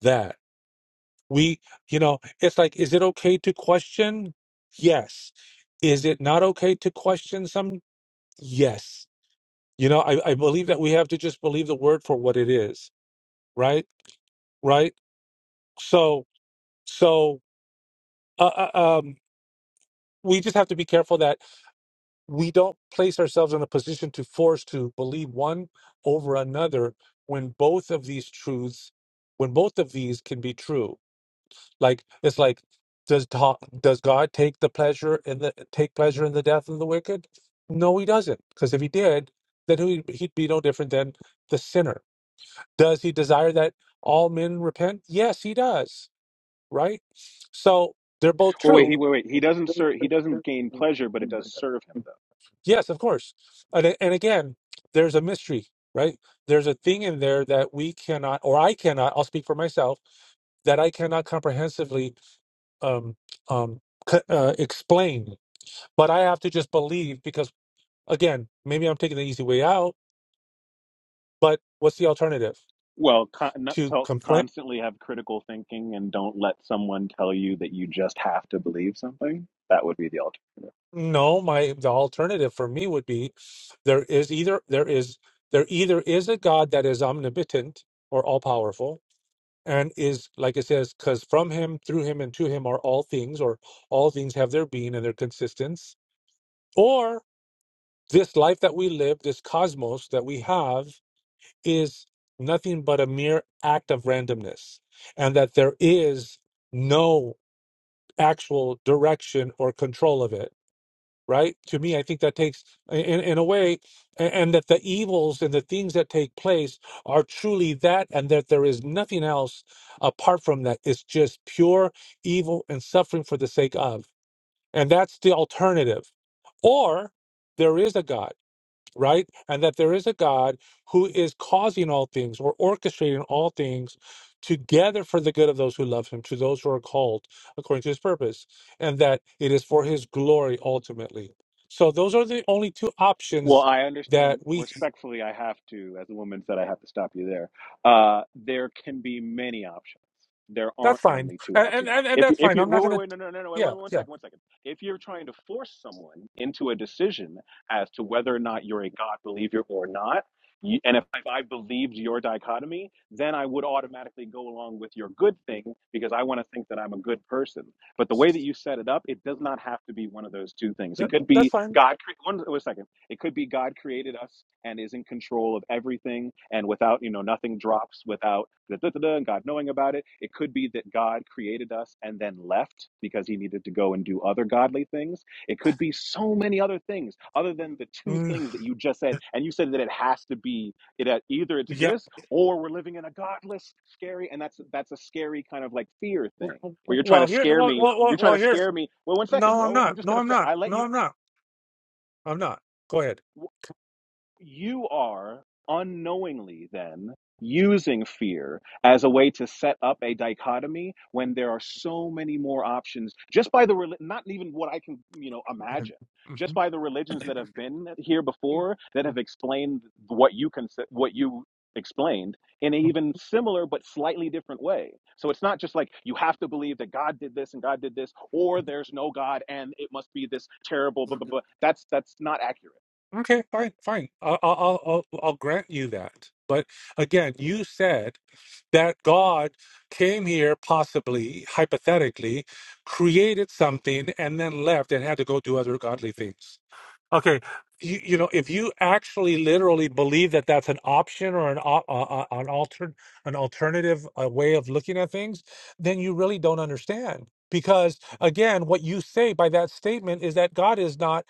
Speaker 7: that. We, you know, it's like, is it okay to question? Yes. Is it not okay to question some? Yes. You know, I, I believe that we have to just believe the word for what it is, right? Right. So, so, uh, uh, um, we just have to be careful that we don't place ourselves in a position to force to believe one over another when both of these truths, when both of these can be true Like it's like does ta does God take the pleasure in the take pleasure in the death of the wicked? No, he doesn't. Because if he did, then he, he'd be no different than the sinner. Does he desire that all men repent? Yes, he does. Right. So they're both
Speaker 10: Well, wait. He
Speaker 7: true.
Speaker 10: wait wait. He doesn't serve. He doesn't gain pleasure, but it does serve him though.
Speaker 7: Yes, of course. And a- and again, there's a mystery. Right. There's a thing in there that we cannot, or I cannot. I'll speak for myself that I cannot comprehensively um, um, c- uh, explain But I have to just believe because, again, maybe I'm taking the easy way out. But what's the alternative?
Speaker 10: Well, con- not
Speaker 7: To
Speaker 10: tell-
Speaker 7: complain?
Speaker 10: constantly have critical thinking and don't let someone tell you that you just have to believe something. That would be the alternative.
Speaker 7: No, my the alternative for me would be there is either there is there either is a God that is omnipotent or all powerful and is like it says because from him through him and to him are all things or all things have their being and their consistence or this life that we live this cosmos that we have is nothing but a mere act of randomness, and that there is no actual direction or control of it. Right? To me, I think that takes, in, in a way, a- and that the evils and the things that take place are truly that, and that there is nothing else apart from that. It's just pure evil and suffering for the sake of. And that's the alternative. Or there is a God right? And that there is a God who is causing all things or orchestrating all things together for the good of those who love him, to those who are called according to his purpose, and that it is for his glory ultimately. So those are the only two
Speaker 10: Well,
Speaker 7: options
Speaker 10: I
Speaker 7: that
Speaker 10: understand
Speaker 7: we
Speaker 10: respectfully, I have to, as a woman said, I have to stop you there. Uh, there can be many options. There
Speaker 7: that's
Speaker 10: aren't
Speaker 7: fine.
Speaker 10: only two
Speaker 7: And and,
Speaker 10: options.
Speaker 7: and, and
Speaker 10: If you,
Speaker 7: that's
Speaker 10: if
Speaker 7: fine.
Speaker 10: you,
Speaker 7: I'm
Speaker 10: wait,
Speaker 7: not
Speaker 10: wait,
Speaker 7: gonna
Speaker 10: wait, no, no, no, no, wait,
Speaker 7: yeah,
Speaker 10: wait, one
Speaker 7: yeah.
Speaker 10: second, one second. If you're trying to force someone into a decision as to whether or not you're a God believer or not, you, and if, if I believed your dichotomy, then I would automatically go along with your good thing because I want to think that I'm a good person. But the way that you set it up, it does not have to be one of those two things. It
Speaker 7: That,
Speaker 10: could
Speaker 7: that's
Speaker 10: be
Speaker 7: fine.
Speaker 10: God. cre- One, one second. It could be God created us and is in control of everything, and without, you know, nothing drops without da, da, da, da, and God knowing about it. It could be that God created us and then left because he needed to go and do other godly things. It could be so many other things other than the two
Speaker 7: Mm,
Speaker 10: things that you just said. And you said that it has to be it uh, either it's
Speaker 7: yeah.
Speaker 10: this or we're living in a godless, scary, and that's that's a scary kind of like fear
Speaker 7: W-
Speaker 10: thing
Speaker 7: w-
Speaker 10: where you're trying
Speaker 7: Well
Speaker 10: to
Speaker 7: here
Speaker 10: scare
Speaker 7: well,
Speaker 10: me.
Speaker 7: well well
Speaker 10: You're trying
Speaker 7: well
Speaker 10: to
Speaker 7: here
Speaker 10: scare me. Well, one second,
Speaker 7: no I'm
Speaker 10: bro. I'm
Speaker 7: not.
Speaker 10: just
Speaker 7: No
Speaker 10: gonna.
Speaker 7: I'm not.
Speaker 10: I let
Speaker 7: No
Speaker 10: you.
Speaker 7: I'm not. I'm not. Go ahead.
Speaker 10: you are unknowingly then using fear as a way to set up a dichotomy when there are so many more options just by the reli- not even what i can you know imagine just by the religions that have been here before that have explained what you can what you explained in an even similar but slightly different way so it's not just like you have to believe that god did this and god did this or there's no god and it must be this terrible blah
Speaker 7: Mhm.
Speaker 10: blah blah that's that's not accurate
Speaker 7: Okay, fine, fine. I'll, I'll, I'll, I'll I'll grant you that. But again, you said that God came here, possibly, hypothetically, created something, and then left and had to go do other godly things. Okay, you, you know, if you actually literally believe that that's an option or an op, uh, uh, an altern an alternative uh, way of looking at things, then you really don't understand. Because again, what you say by that statement is that God is not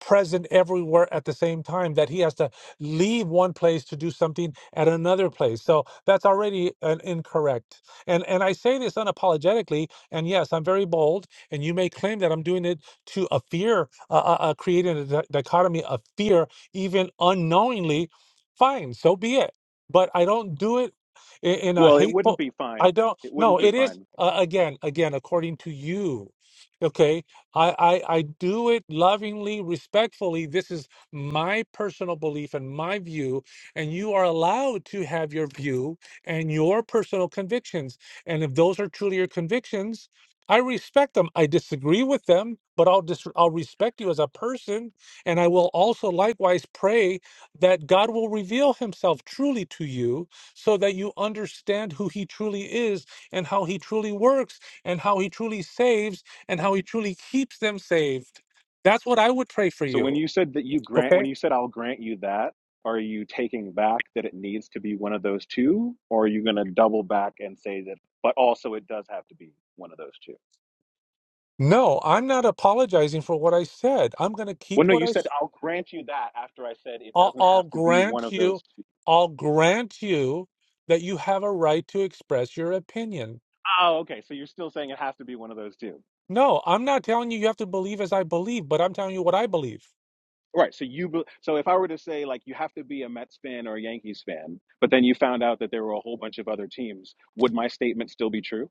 Speaker 7: present everywhere at the same time. That He has to leave one place to do something at another place. So that's already an incorrect. And and I say this unapologetically. And yes, I'm very bold. And you may claim that I'm doing it to a fear, uh, uh, uh, creating a di- dichotomy of fear, even unknowingly, fine, so be it. But I don't do it in, in a
Speaker 10: Well, it wouldn't
Speaker 7: hateful.
Speaker 10: be
Speaker 7: I
Speaker 10: fine.
Speaker 7: don't.
Speaker 10: It wouldn't
Speaker 7: No,
Speaker 10: be
Speaker 7: it is
Speaker 10: fine.
Speaker 7: uh, again, again, according to you. Okay, I, I I do it lovingly, respectfully. This is my personal belief and my view, and you are allowed to have your view and your personal convictions. And if those are truly your convictions, I respect them. I disagree with them, but I'll dis- I'll respect you as a person, and I will also likewise pray that God will reveal Himself truly to you, so that you understand who He truly is, and how He truly works, and how He truly saves, and how He truly keeps them saved. That's what I would pray for
Speaker 10: So when
Speaker 7: you.
Speaker 10: you said that you grant, when
Speaker 7: Okay.
Speaker 10: you said I'll grant you that, are you taking back that it needs to be one of those two, or are you going to double back and say that, but also it does have to be one of those two?
Speaker 7: No, I'm not apologizing for what I said. I'm going to keep
Speaker 10: Well, no,
Speaker 7: what
Speaker 10: you
Speaker 7: I
Speaker 10: said I'll grant you that after I said it
Speaker 7: I'll,
Speaker 10: doesn't
Speaker 7: I'll
Speaker 10: have to be one
Speaker 7: grant
Speaker 10: of those
Speaker 7: you,
Speaker 10: two.
Speaker 7: I'll grant you that you have a right to express your opinion.
Speaker 10: Oh, okay. So you're still saying it has to be one of those two.
Speaker 7: No, I'm not telling you you have to believe as I believe, but I'm telling you what I believe.
Speaker 10: Right. So you, be- so if I were to say like you have to be a Mets fan or a Yankees fan, but then you found out that there were a whole bunch of other teams, would my statement still be true?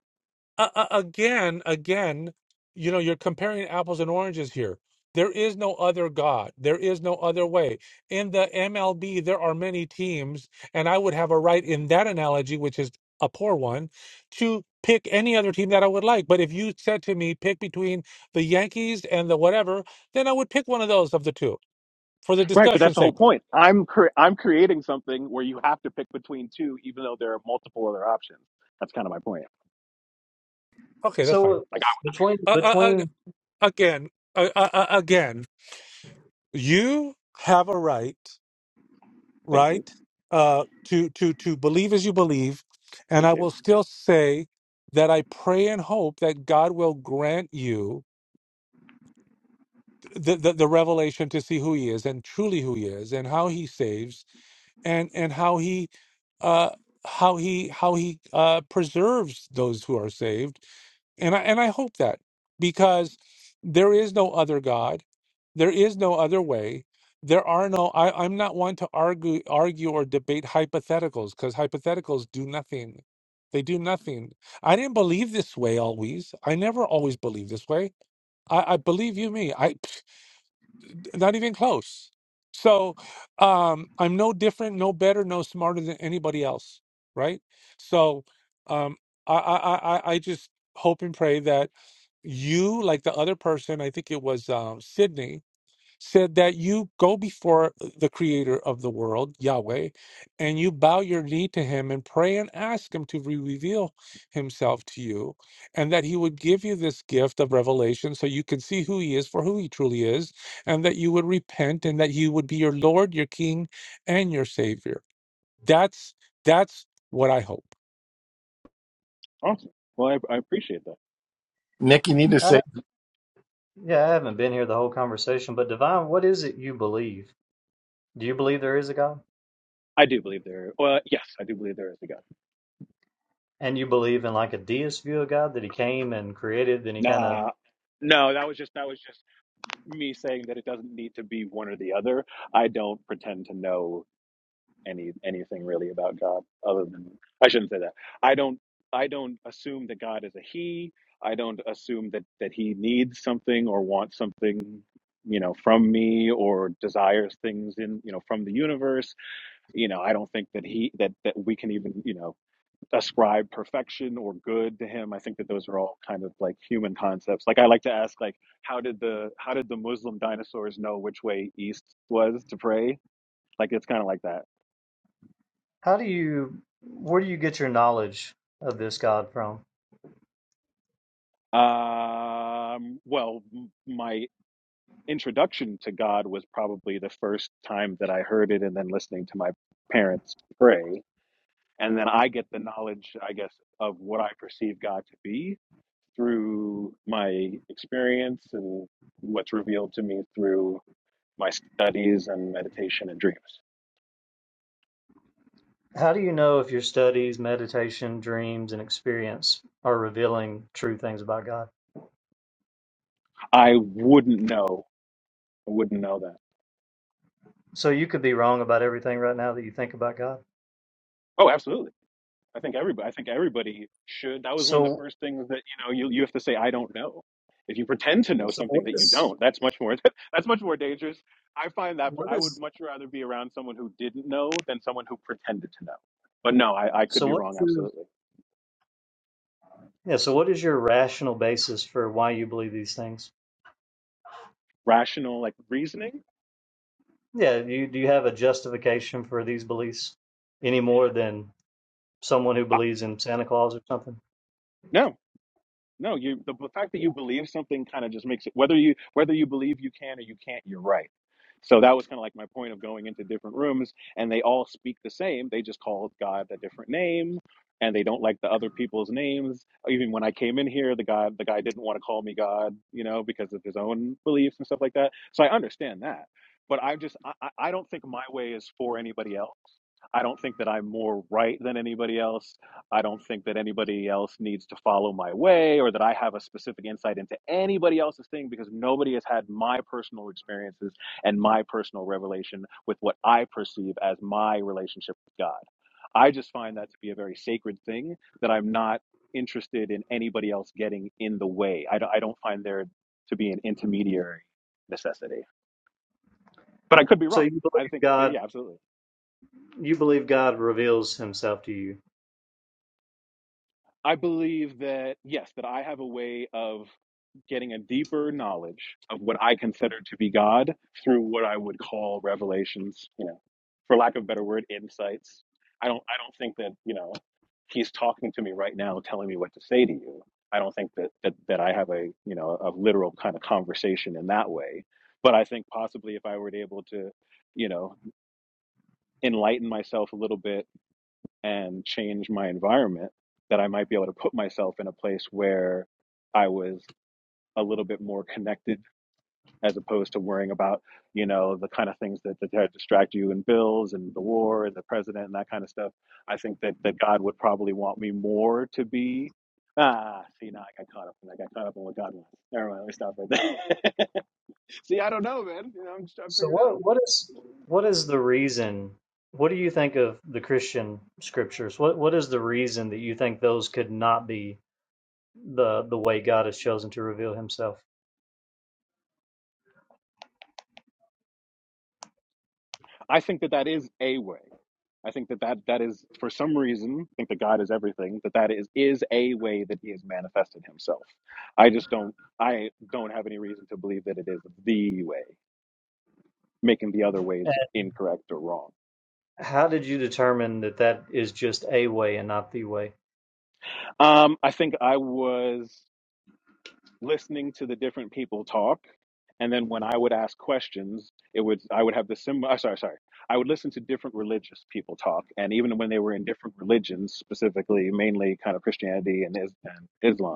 Speaker 7: uh, uh, again, again, you know, you're comparing apples and oranges here. There is no other God. There is no other way. In the MLB, there are many teams, and I would have a right in that analogy, which is a poor one, to pick any other team that I would like. But if you said to me, pick between the Yankees and the whatever, then I would pick one of those of the two for the
Speaker 10: Right, but that's
Speaker 7: discussion's
Speaker 10: the whole
Speaker 7: sake.
Speaker 10: point. I'm cre- I'm creating something where you have to pick between two, even though there are multiple other options. That's kind of my point.
Speaker 7: Okay, that's
Speaker 14: So
Speaker 7: fine.
Speaker 14: uh,
Speaker 10: Like, I-
Speaker 14: between
Speaker 7: Uh, uh, uh,
Speaker 14: between
Speaker 7: again, uh, uh, uh, again, you have a right
Speaker 10: thank you,
Speaker 7: right? Uh, to to to believe as you believe, and I
Speaker 10: appreciate
Speaker 7: will
Speaker 10: it.
Speaker 7: still say that I pray and hope that God will grant you the, the the revelation to see who He is and truly who He is and how He saves and and how He uh how He how He uh preserves those who are saved and I, and I hope that because there is no other God, there is no other way. There are no. I, I'm not one to argue, argue or debate hypotheticals because hypotheticals do nothing. They do nothing. I didn't believe this way always. I never always believed this way. I, I believe you me. I not even close. So um, I'm no different, no better, no smarter than anybody else, right? So um, I, I, I, I I just hope and pray that you, like the other person, I think it was um, Sydney, said that you go before the creator of the world, Yahweh, and you bow your knee to him and pray and ask him to re- reveal himself to you, and that he would give you this gift of revelation so you can see who he is for who he truly is, and that you would repent and that he would be your Lord, your King, and your Savior. That's that's what I hope.
Speaker 10: Awesome. Well, I, I appreciate that.
Speaker 1: Nick, you need to
Speaker 14: I
Speaker 1: say
Speaker 14: have, yeah, I haven't been here the whole conversation, but Divine, what is it you believe? Do you believe there is a God?
Speaker 10: I do believe there. Well, yes, I do believe there is a God.
Speaker 14: And you believe in like a deist view of God that he came and created, then he kind of
Speaker 10: Nah, no, that was just that was just me saying that it doesn't need to be one or the other. I don't pretend to know any anything really about God other than I shouldn't say that. I don't I don't assume that God is a he. I don't assume that that he needs something or wants something, you know, from me or desires things in, you know, from the universe. You know, I don't think that he that that we can even, you know, ascribe perfection or good to him. I think that those are all kind of like human concepts. Like I like to ask like how did the how did the Muslim dinosaurs know which way east was to pray? Like it's kind of like that
Speaker 14: How do you where do you get your knowledge of this God from?
Speaker 10: Um, well, my introduction to God was probably the first time that I heard it, and then listening to my parents pray. And then I get the knowledge, I guess, of what I perceive God to be through my experience and what's revealed to me through my studies and meditation and dreams.
Speaker 14: How do you know if your studies, meditation, dreams, and experience are revealing true things about God?
Speaker 10: I wouldn't know. I wouldn't know that.
Speaker 14: So you could be wrong about everything right now that you think about God.
Speaker 10: Oh, absolutely. I think everybody. I think everybody should. That was one of the
Speaker 14: So
Speaker 10: first things that you know. You you have to say I don't know. If you pretend to know
Speaker 14: so
Speaker 10: something
Speaker 14: what
Speaker 10: that you
Speaker 14: is
Speaker 10: don't, that's much more. That's much more dangerous. I find that
Speaker 14: what
Speaker 10: I would
Speaker 14: is
Speaker 10: much rather be around someone who didn't know than someone who pretended to know. But no, I, I could
Speaker 14: so
Speaker 10: be wrong.
Speaker 14: what's your
Speaker 10: Absolutely
Speaker 14: Yeah, so what is your rational basis for why you believe these things?
Speaker 10: rational, like reasoning.
Speaker 14: Yeah, you do you have a justification for these beliefs any more than someone who
Speaker 10: Uh,
Speaker 14: believes in Santa Claus or something?
Speaker 10: no, no. You the, the fact that you believe something kind of just makes it whether you whether you believe you can or you can't. You're right So that was kind of like my point of going into different rooms, and they all speak the same. They just call God a different name, and they don't like the other people's names. Even when I came in here, the guy the guy didn't want to call me God, you know, because of his own beliefs and stuff like that. So I understand that, but I just I, I don't think my way is for anybody else. I don't think that I'm more right than anybody else. I don't think that anybody else needs to follow my way or that I have a specific insight into anybody else's thing because nobody has had my personal experiences and my personal revelation with what I perceive as my relationship with God. I just find that to be a very sacred thing that I'm not interested in anybody else getting in the way. I, don't- I don't find there to be an intermediary necessity, but I could be
Speaker 14: So
Speaker 10: wrong.
Speaker 14: you
Speaker 10: I
Speaker 14: believe
Speaker 10: think, but
Speaker 14: God
Speaker 10: yeah, absolutely.
Speaker 14: you believe God reveals himself to you.
Speaker 10: I believe that, yes, that I have a way of getting a deeper knowledge of what I consider to be God through what I would call revelations, you know, for lack of a better word, insights. I don't I don't think that, you know, he's talking to me right now telling me what to say to you. I don't think that that, that I have a, you know, a literal kind of conversation in that way. But I think possibly if I were able to, you know, enlighten myself a little bit and change my environment that I might be able to put myself in a place where I was a little bit more connected as opposed to worrying about, you know, the kind of things that, that distract you and bills and the war and the president and that kind of stuff. I think that, that God would probably want me more to be. Ah, see, now I got caught up and I got caught up in what God wants. Never mind, let me stop right there. see, I don't know, man. You know, I'm just trying to
Speaker 14: So
Speaker 10: figure it out.
Speaker 14: what what is what is the reason what do you think of the Christian scriptures? What what is the reason that you think those could not be the the way God has chosen to reveal himself?
Speaker 10: I think that that is a way. I think that that, that is, for some reason, I think that God is everything, that that is, is a way that he has manifested himself. I just don't, I don't have any reason to believe that it is the way, making the other ways incorrect or wrong.
Speaker 14: How did you determine that that is just a way and not the way?
Speaker 10: Um, I think I was listening to the different people talk and then when i would ask questions it would i would have the sim uh, sorry sorry i would listen to different religious people talk and even when they were in different religions specifically mainly kind of christianity and, Is- and islam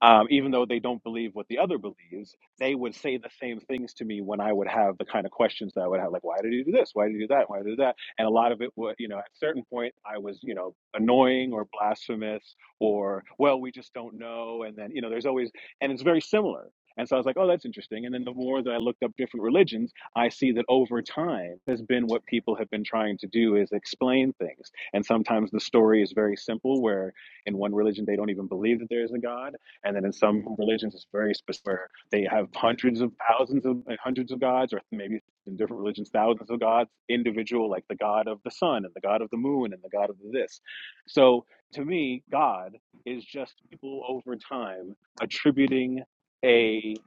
Speaker 10: um, even though they don't believe what the other believes, they would say the same things to me when I would have the kind of questions that I would have, like, why did you do this? Why did you do that? Why did you do that? And a lot of it would, you know, at a certain point, I was, you know, annoying or blasphemous or, well, we just don't know. And then, you know, there's always, and it's very similar. And so I was like, oh, that's interesting. And then the more that I looked up different religions, I see that over time has been what people have been trying to do is explain things. And sometimes the story is very simple, where in one religion they don't even believe that there is a God and then in some religions, it's very specific. Where they have hundreds of thousands of like hundreds of gods, or maybe in different religions, thousands of gods, individual, like the god of the sun and the god of the moon and the god of this. So to me, God is just people over time attributing a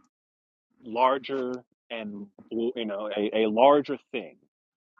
Speaker 10: larger and you know a, a larger thing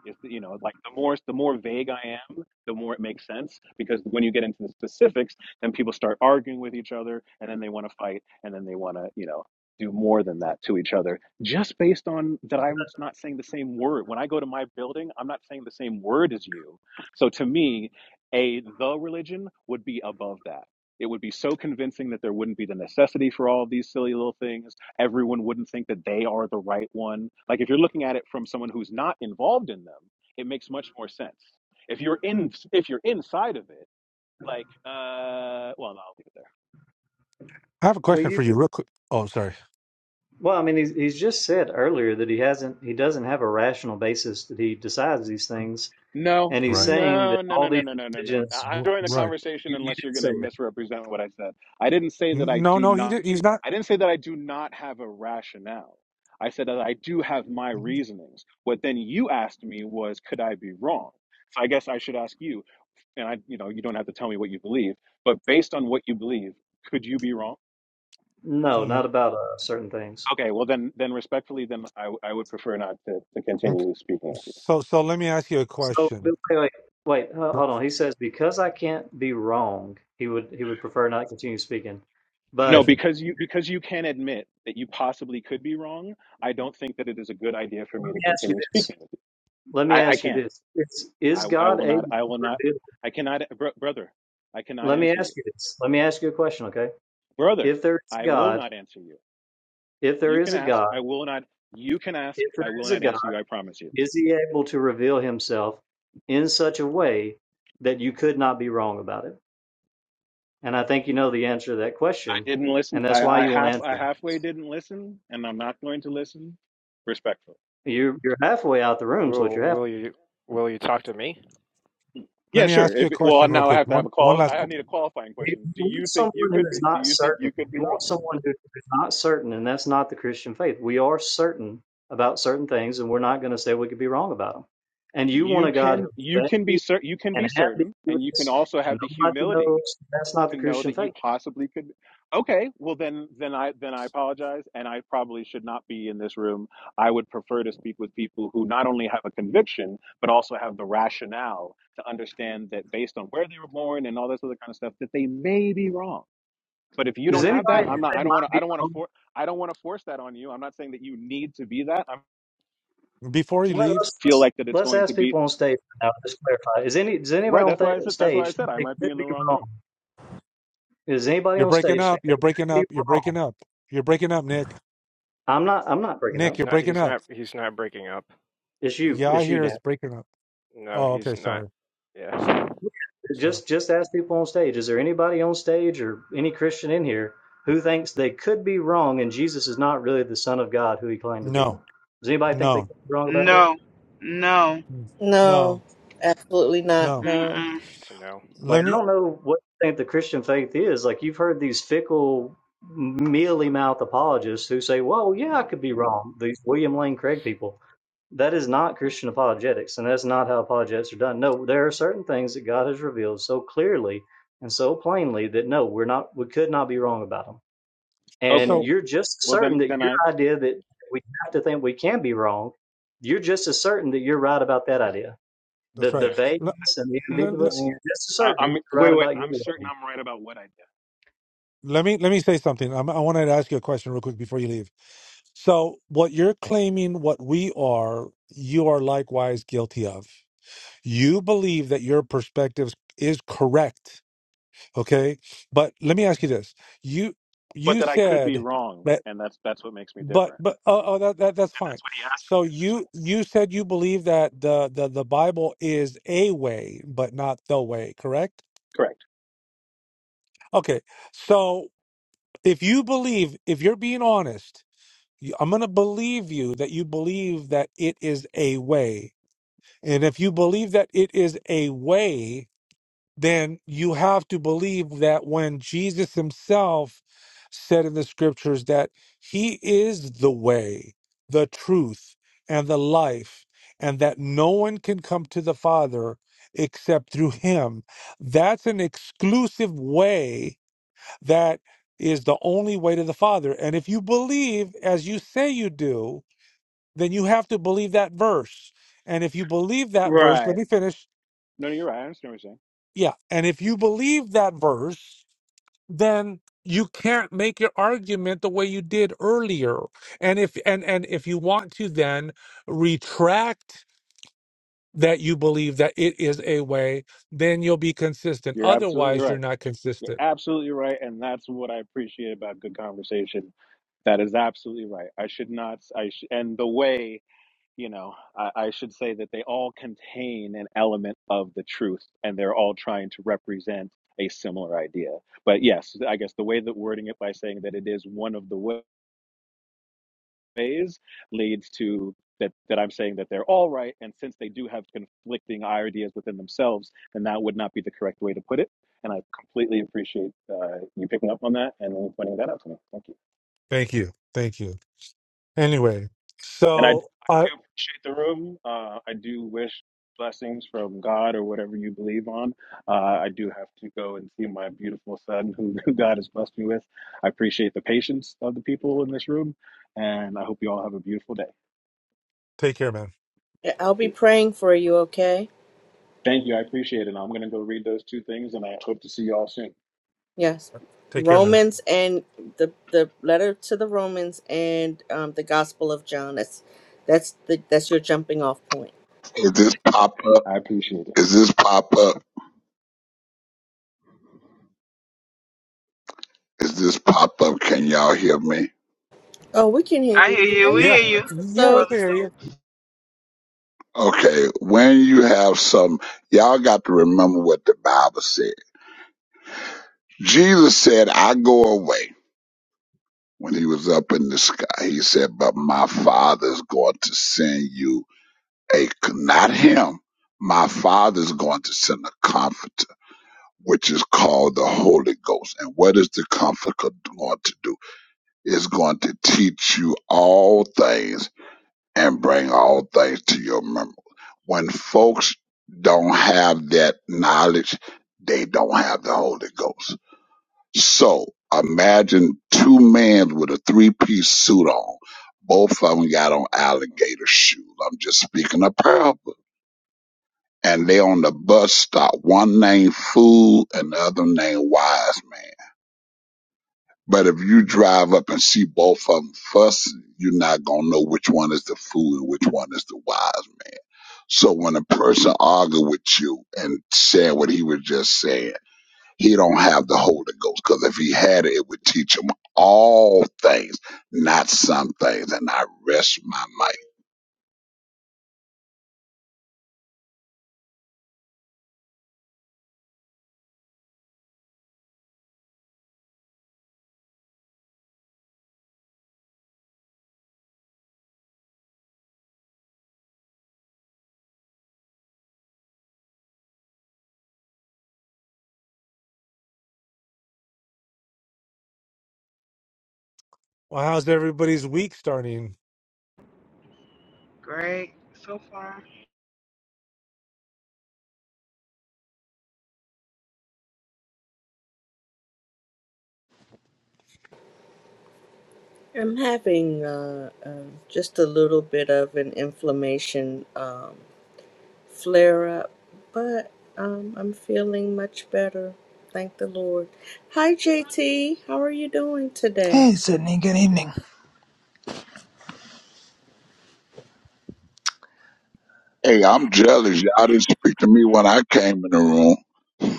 Speaker 10: is you know like the more the more vague i am the more it makes sense because when you get into the specifics then people start arguing with each other and then they want to fight and then they want to you know do more than that to each other just based on that i'm not saying the same word when i go to my building i'm not saying the same word as you so to me a the religion would be above that it would be so convincing that there wouldn't be the necessity for all of these silly little things everyone wouldn't think that they are the right one. Like if you're looking at it from someone who's not involved in them, it makes much more sense. If you're in, if you're inside of it, like, uh, well, no, I'll leave it there.
Speaker 7: I have a
Speaker 14: Well, you.
Speaker 7: question for you, real quick. Oh, sorry.
Speaker 14: Well, I mean, he's, he's just said earlier that he hasn't, he doesn't have a rational basis that he decides these things,
Speaker 10: No,
Speaker 14: and he's
Speaker 7: Right.
Speaker 14: saying that
Speaker 10: no, no, no,
Speaker 14: all
Speaker 10: no,
Speaker 14: these
Speaker 10: no, no, no, no.
Speaker 14: religions.
Speaker 10: I
Speaker 7: R-
Speaker 10: join the
Speaker 7: Right.
Speaker 10: conversation
Speaker 14: You, you
Speaker 10: unless
Speaker 14: did
Speaker 10: you're going
Speaker 14: say
Speaker 10: to
Speaker 14: that.
Speaker 10: misrepresent what I said. I didn't say that
Speaker 7: N-
Speaker 10: I
Speaker 7: No,
Speaker 10: do
Speaker 7: no, he
Speaker 10: not.
Speaker 7: did, he's not.
Speaker 10: I didn't say that I do not have a rationale. I said that I do have my reasonings. What then you asked me was, could I be wrong? So I guess I should ask you, and I, you know, you don't have to tell me what you believe, but based on what you believe, could you be wrong?
Speaker 14: No, not about uh, certain things.
Speaker 10: Okay, well then, then respectfully, then I, I would prefer not to, to continue speaking with you.
Speaker 7: So, so let me ask you a
Speaker 14: So but
Speaker 7: question.
Speaker 14: wait, wait, wait, ho-
Speaker 7: No,
Speaker 14: hold on. He says because I can't be wrong, he would he would prefer not to continue speaking.
Speaker 10: No,
Speaker 14: But
Speaker 7: that's right.
Speaker 10: because you because you can admit that you possibly could be wrong. I don't think that it is a good idea for
Speaker 14: let
Speaker 10: me to
Speaker 14: me ask you
Speaker 10: continue
Speaker 14: this.
Speaker 10: speaking with you.
Speaker 14: Let me
Speaker 10: I, I
Speaker 14: ask you
Speaker 10: can't.
Speaker 14: this. Is,
Speaker 10: I,
Speaker 14: is
Speaker 10: I
Speaker 14: God
Speaker 10: will not.
Speaker 14: able
Speaker 10: I will not.
Speaker 14: to?
Speaker 10: I cannot, br- brother. I cannot
Speaker 14: Let me
Speaker 10: answer you,
Speaker 14: ask you this. Let me ask you a question, okay?
Speaker 10: brother.
Speaker 14: If there is
Speaker 10: I will
Speaker 14: God,
Speaker 10: not answer you.
Speaker 14: if there
Speaker 10: You can
Speaker 14: is a
Speaker 10: ask.
Speaker 14: God,
Speaker 10: I will not. You can ask.
Speaker 14: if there
Speaker 10: I will
Speaker 14: is a
Speaker 10: not
Speaker 14: God.
Speaker 10: answer you. I promise you.
Speaker 14: Is he able to reveal himself in such a way that you could not be wrong about it? And I think you know the answer to that question,
Speaker 10: Didn't listen.
Speaker 14: and that's
Speaker 10: I,
Speaker 14: why
Speaker 10: I
Speaker 14: you won't
Speaker 10: half I
Speaker 14: answer.
Speaker 10: halfway didn't listen, and I'm not going to listen. Respectful.
Speaker 14: You're you're halfway out the room, so what
Speaker 15: Will
Speaker 14: you're half.
Speaker 15: will you will you talk to me?
Speaker 7: Let
Speaker 10: Yeah,
Speaker 7: me
Speaker 10: sure.
Speaker 7: ask you
Speaker 10: If
Speaker 7: a
Speaker 10: well,
Speaker 7: question real
Speaker 10: now I
Speaker 7: quick.
Speaker 10: have to have
Speaker 7: One,
Speaker 10: a
Speaker 7: one
Speaker 10: call.
Speaker 7: last
Speaker 10: I
Speaker 7: qu-
Speaker 10: need a qualifying
Speaker 14: You
Speaker 10: question. Do
Speaker 14: want
Speaker 10: you think
Speaker 14: someone
Speaker 10: you
Speaker 14: who
Speaker 10: could be?
Speaker 14: is
Speaker 10: Do
Speaker 14: not
Speaker 10: you think
Speaker 14: certain.
Speaker 10: you could be
Speaker 14: You
Speaker 10: wrong?
Speaker 14: want someone who is not certain, and that's not the Christian faith. We are certain about certain things, and we're not going to say we could be wrong about them. And you want
Speaker 10: You
Speaker 14: a God
Speaker 10: can. You
Speaker 14: who's
Speaker 10: can be
Speaker 14: vague
Speaker 10: certain. You can
Speaker 14: and
Speaker 10: be certain, and you can
Speaker 14: ambiguous,
Speaker 10: also
Speaker 14: and
Speaker 10: have the
Speaker 14: nobody
Speaker 10: humility
Speaker 14: knows. That's not
Speaker 10: to
Speaker 14: the
Speaker 10: know
Speaker 14: Christian
Speaker 10: that you
Speaker 14: faith.
Speaker 10: possibly could okay well then then i then i apologize and i probably should not be in this room i would prefer to speak with people who not only have a conviction but also have the rationale to understand that based on where they were born and all this other kind of stuff that they may be wrong but if you
Speaker 7: uh,
Speaker 14: Does
Speaker 10: don't
Speaker 14: anybody
Speaker 10: have that i'm
Speaker 14: think
Speaker 10: not
Speaker 14: they
Speaker 10: i don't want to
Speaker 14: might
Speaker 10: i
Speaker 14: be
Speaker 10: don't want to
Speaker 14: wrong?
Speaker 10: for i don't want to force that on you i'm not saying that you need to be that i
Speaker 7: before you
Speaker 14: Well,
Speaker 7: leave.
Speaker 14: let's,
Speaker 10: feel
Speaker 14: let's
Speaker 10: like that it's
Speaker 14: let's
Speaker 10: going to
Speaker 14: ask
Speaker 10: be
Speaker 14: people on stage right now. Just clarify: Is any does anybody
Speaker 10: right
Speaker 14: on
Speaker 10: that's why i
Speaker 14: th-
Speaker 10: said that's why i
Speaker 14: stage
Speaker 10: said i
Speaker 14: think
Speaker 10: might
Speaker 14: they
Speaker 10: be
Speaker 14: could
Speaker 10: in the
Speaker 14: be
Speaker 10: wrong
Speaker 14: wrong?
Speaker 10: room
Speaker 14: Is anybody
Speaker 7: You're
Speaker 14: on
Speaker 7: breaking
Speaker 14: stage
Speaker 7: up.
Speaker 14: think
Speaker 7: You're
Speaker 14: they
Speaker 7: breaking
Speaker 14: could be
Speaker 7: up. You're
Speaker 14: wrong?
Speaker 7: breaking up. You're breaking up, Nick.
Speaker 14: I'm not. I'm not breaking
Speaker 7: Nick,
Speaker 14: up.
Speaker 15: He's
Speaker 7: you're
Speaker 15: not
Speaker 7: breaking
Speaker 15: he's
Speaker 7: up.
Speaker 15: not he's not breaking up.
Speaker 14: It's you.
Speaker 7: Yeah, I
Speaker 14: It's you,
Speaker 7: hear
Speaker 14: Dan.
Speaker 7: it's breaking up.
Speaker 15: No,
Speaker 7: Oh,
Speaker 15: he's
Speaker 7: okay.
Speaker 15: not.
Speaker 7: Sorry. Sorry.
Speaker 15: Yeah.
Speaker 7: Sorry.
Speaker 14: Just just ask people on stage. Is there anybody on stage or any Christian in here who thinks they could be wrong and Jesus is not really the Son of God who he claimed to be?
Speaker 7: No.
Speaker 14: Does anybody think they
Speaker 7: No.
Speaker 14: could be wrong about that?
Speaker 5: No, no.
Speaker 3: No,
Speaker 7: No.
Speaker 3: absolutely not.
Speaker 7: No.
Speaker 3: No,
Speaker 5: Mm-mm.
Speaker 15: So no.
Speaker 14: Like,
Speaker 7: Let
Speaker 14: I
Speaker 7: me.
Speaker 14: don't know what you think the Christian faith is. Like, you've heard these fickle, mealy mouth apologists who say, well, yeah, I could be wrong. These William Lane Craig people. That is not Christian apologetics, and that's not how apologetics are done. No, there are certain things that God has revealed so clearly and so plainly that no, we're not, we could not be wrong about them. And
Speaker 10: okay
Speaker 7: So
Speaker 14: you're just
Speaker 10: well
Speaker 14: certain
Speaker 10: then
Speaker 14: that
Speaker 10: then i
Speaker 14: your idea that we have to think we can be wrong, you're just as certain that you're right about that idea.
Speaker 7: that's
Speaker 14: The
Speaker 15: Yeah.
Speaker 7: right.
Speaker 14: the vagueness and the ambiguous, you're
Speaker 10: Mm,
Speaker 14: just as
Speaker 10: I,
Speaker 14: certain
Speaker 10: I'm
Speaker 14: you're right
Speaker 10: wait, wait.
Speaker 14: about your
Speaker 10: I'm
Speaker 14: worldview.
Speaker 10: certain I'm right about what I did,
Speaker 7: Let me let me say something. I'm, I wanted to ask you a question real quick before you leave. So, what you're claiming, what we are, you are likewise guilty of. You believe that your perspective is correct, okay? But let me ask you this: you
Speaker 10: but
Speaker 7: you
Speaker 10: that I could be
Speaker 7: said
Speaker 10: wrong,
Speaker 7: that,
Speaker 10: and that's that's what makes me
Speaker 7: but
Speaker 10: different.
Speaker 7: but oh, oh that, that that's
Speaker 10: And
Speaker 7: fine.
Speaker 10: that's what he asked
Speaker 7: So you you said you believe that the the the Bible is a way, but not the way, correct?
Speaker 10: me. Correct.
Speaker 7: Okay. So if you believe, if you're being honest I'm going to believe you that you believe that it is a way. And if you believe that it is a way, then you have to believe that when Jesus himself said in the scriptures that he is the way, the truth, and the life, and that no one can come to the Father except through him. That's an exclusive way that is the only way to the Father. And if you believe, as you say you do, then you have to believe that verse. And if you believe that verse, let
Speaker 10: Right.
Speaker 7: me finish.
Speaker 10: No, no, you're right. I understand what you're saying.
Speaker 7: Yeah. And if you believe that verse, then you can't make your argument the way you did earlier. And if and and if you want to then retract that you believe that it is a way, then you'll be consistent.
Speaker 10: You're absolutely
Speaker 7: Otherwise,
Speaker 10: right.
Speaker 7: you're not
Speaker 10: You're
Speaker 7: consistent.
Speaker 10: absolutely right, and that's what I appreciate about good conversation. That is absolutely right. I should not. I sh- and the way you know, I, I should say that they all contain an element of the truth, and they're all trying to represent a similar idea. But yes, I guess the way that wording it by saying that it is one of the ways. phase leads to that that I'm saying that they're all right. And since they do have conflicting ideas within themselves, then that would not be the correct way to put it. And I completely appreciate uh, you picking up on that and pointing that out to me. Thank you.
Speaker 7: Thank you. Thank you. Anyway,
Speaker 10: And I, I
Speaker 7: so uh
Speaker 10: do appreciate the room. Uh, I do wish blessings from God or whatever you believe on. Uh, I do have to go and see my beautiful son who, who God has blessed me with. I appreciate the patience of the people in this room. And I hope you all have a beautiful day.
Speaker 7: take care, man.
Speaker 3: I'll
Speaker 10: Peace.
Speaker 3: be praying for you. Okay.
Speaker 10: Thank you. I appreciate it. I'm going to go read those two things and I hope to see you all soon.
Speaker 3: Yes.
Speaker 7: Take care, man.
Speaker 3: Romans and the the letter to the Romans and um, the Gospel of John. That's that's the that's your jumping off point.
Speaker 16: Is this pop
Speaker 10: Okay.
Speaker 16: up?
Speaker 10: I appreciate it.
Speaker 16: Is this pop up? Is this pop up? Can y'all hear me?
Speaker 3: Oh, we can hear
Speaker 5: I hear
Speaker 3: you. How
Speaker 5: you. We
Speaker 3: you
Speaker 7: Yeah.
Speaker 5: hear
Speaker 3: doing,
Speaker 5: you,
Speaker 3: Mr.
Speaker 7: Yeah, we
Speaker 5: brother
Speaker 7: can
Speaker 3: Stokes?
Speaker 7: hear you.
Speaker 5: Stokes.
Speaker 16: Okay, when you have some, y'all got to remember what the Bible said. Jesus said, I go away when he was up in the sky. He said, but my father's going to send you a, not him, my father's going to send a comforter, which is called the Holy Ghost. And what is the comforter going to do? It's going to teach you all things and bring all things to your remembrance. When folks don't have that knowledge, they don't have the Holy Ghost. So imagine two men with a three piece suit on. Both of them got on alligator shoes. I'm just speaking a parable. And they on the bus stop. One named Fool and the other named Wise Man. But if you drive up and see both of them fussing, you're not gonna know which one is the fool and which one is the wise man. So when a person argue with you and saying what he was just saying, he don't have the Holy Ghost because if he had it, it would teach him all things, not some things. And I rest my mind.
Speaker 7: Well, how's everybody's week starting?
Speaker 5: Great so far.
Speaker 3: I'm having uh, um just a little bit of an inflammation um, flare up, but um, I'm feeling much better. Thank the Lord. Hi, JT. How are you doing today?
Speaker 17: Hey, Sydney, good evening.
Speaker 16: Hey, I'm jealous. Y'all didn't speak to me when I came in the room.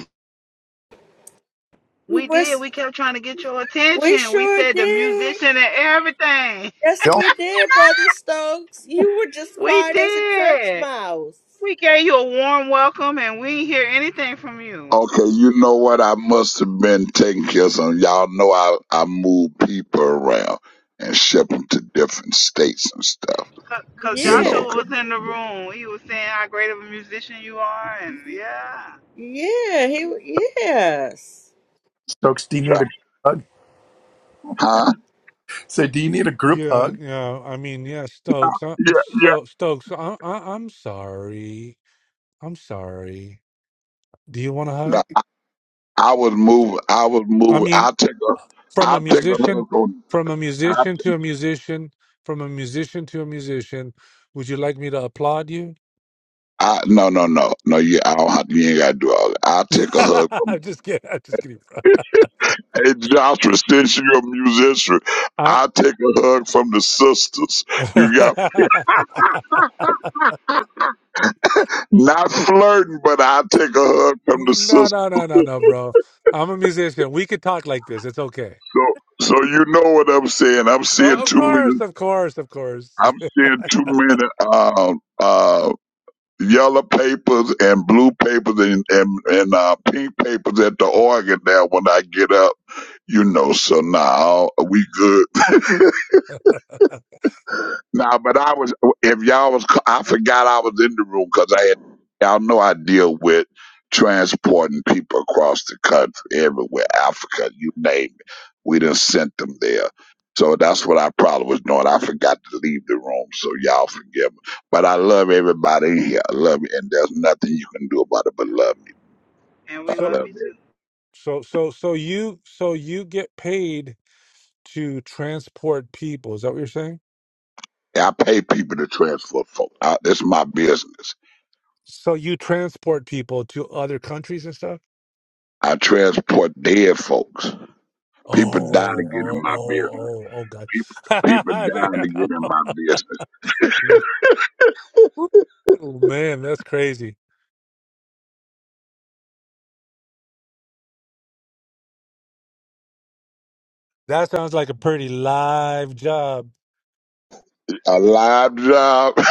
Speaker 3: We,
Speaker 5: We did.
Speaker 3: was-
Speaker 5: We kept trying to get your
Speaker 3: we
Speaker 5: attention. We
Speaker 3: sure
Speaker 5: said the
Speaker 3: did.
Speaker 5: musician and everything.
Speaker 3: Yes,
Speaker 1: Bill
Speaker 3: we did, Brother Stokes. You were just
Speaker 5: We
Speaker 3: quiet as a church
Speaker 5: did.
Speaker 3: mouse.
Speaker 5: We gave you a warm welcome, and we didn't hear anything from you.
Speaker 16: Okay, you know what? I must have been taking care of some. Y'all know I, I move people around and ship them to different states and stuff.
Speaker 5: Cause
Speaker 16: You
Speaker 5: Joshua
Speaker 16: know,
Speaker 3: Yeah,
Speaker 16: 'cause
Speaker 5: was in the room. He was saying how great of a musician you are, and yeah,
Speaker 3: yeah, he, yes.
Speaker 1: Stokes, do you need a
Speaker 16: John,
Speaker 1: group hug?
Speaker 16: huh?
Speaker 1: Say, do you need a group
Speaker 7: Yeah,
Speaker 1: hug?
Speaker 7: yeah. I mean, yeah, Stokes. I,
Speaker 16: Yeah, yeah.
Speaker 7: so Stokes, I, I, I'm sorry. I'm sorry. Do you want a hug?
Speaker 16: No, I was moving. I was
Speaker 7: I
Speaker 16: moving.
Speaker 7: mean,
Speaker 16: I take a,
Speaker 7: from
Speaker 16: I
Speaker 7: a
Speaker 16: take a
Speaker 7: musician,
Speaker 16: hug on.
Speaker 7: from a
Speaker 16: I,
Speaker 7: musician
Speaker 16: take-
Speaker 7: to a musician, from a musician to a musician. Would you like me to applaud you?
Speaker 16: I no, no, no, no. Yeah, I don't have. You ain't got to do all that. I take a hug.
Speaker 7: I'm just kidding. I'm just kidding, bro.
Speaker 16: Hey, Joshua, since you're a musician,
Speaker 7: I...
Speaker 16: I take a hug from the sisters. You got not flirting, but I take a hug from the sisters.
Speaker 7: no, no, no, no, no, bro. I'm a musician. We could talk like this. It's okay.
Speaker 16: So, so you know what I'm saying. I'm seeing
Speaker 7: Oh, of
Speaker 16: too
Speaker 7: course,
Speaker 16: many.
Speaker 7: of course, of course.
Speaker 16: I'm seeing too many uh, uh, yellow papers and blue papers and and, and uh, pink papers at the organ now. When I get up, you know. So now we good. Now, but I was if y'all was I forgot I was in the room because I had y'all know I deal with transporting people across the country, everywhere, Africa, you name it. We done sent them there. So that's what I probably was doing. I forgot to leave the room, so y'all forgive me. But I love everybody in here. I love you, and there's nothing you can do about it but love me.
Speaker 5: and
Speaker 16: I
Speaker 5: we love
Speaker 16: love
Speaker 5: you
Speaker 16: you.
Speaker 5: too.
Speaker 7: So so so you so you get paid to transport people. Is that what you're saying?
Speaker 16: I pay people to transport folks. I, this is my business.
Speaker 7: So you transport people to other countries and stuff?
Speaker 16: I transport dead folks. People die to
Speaker 7: Oh,
Speaker 16: get in
Speaker 7: oh, oh,
Speaker 16: my business.
Speaker 7: oh, oh god.
Speaker 16: People, people
Speaker 7: They-
Speaker 16: dying to get in my business.
Speaker 7: oh man, that's crazy. That sounds like a pretty live job.
Speaker 16: A live job.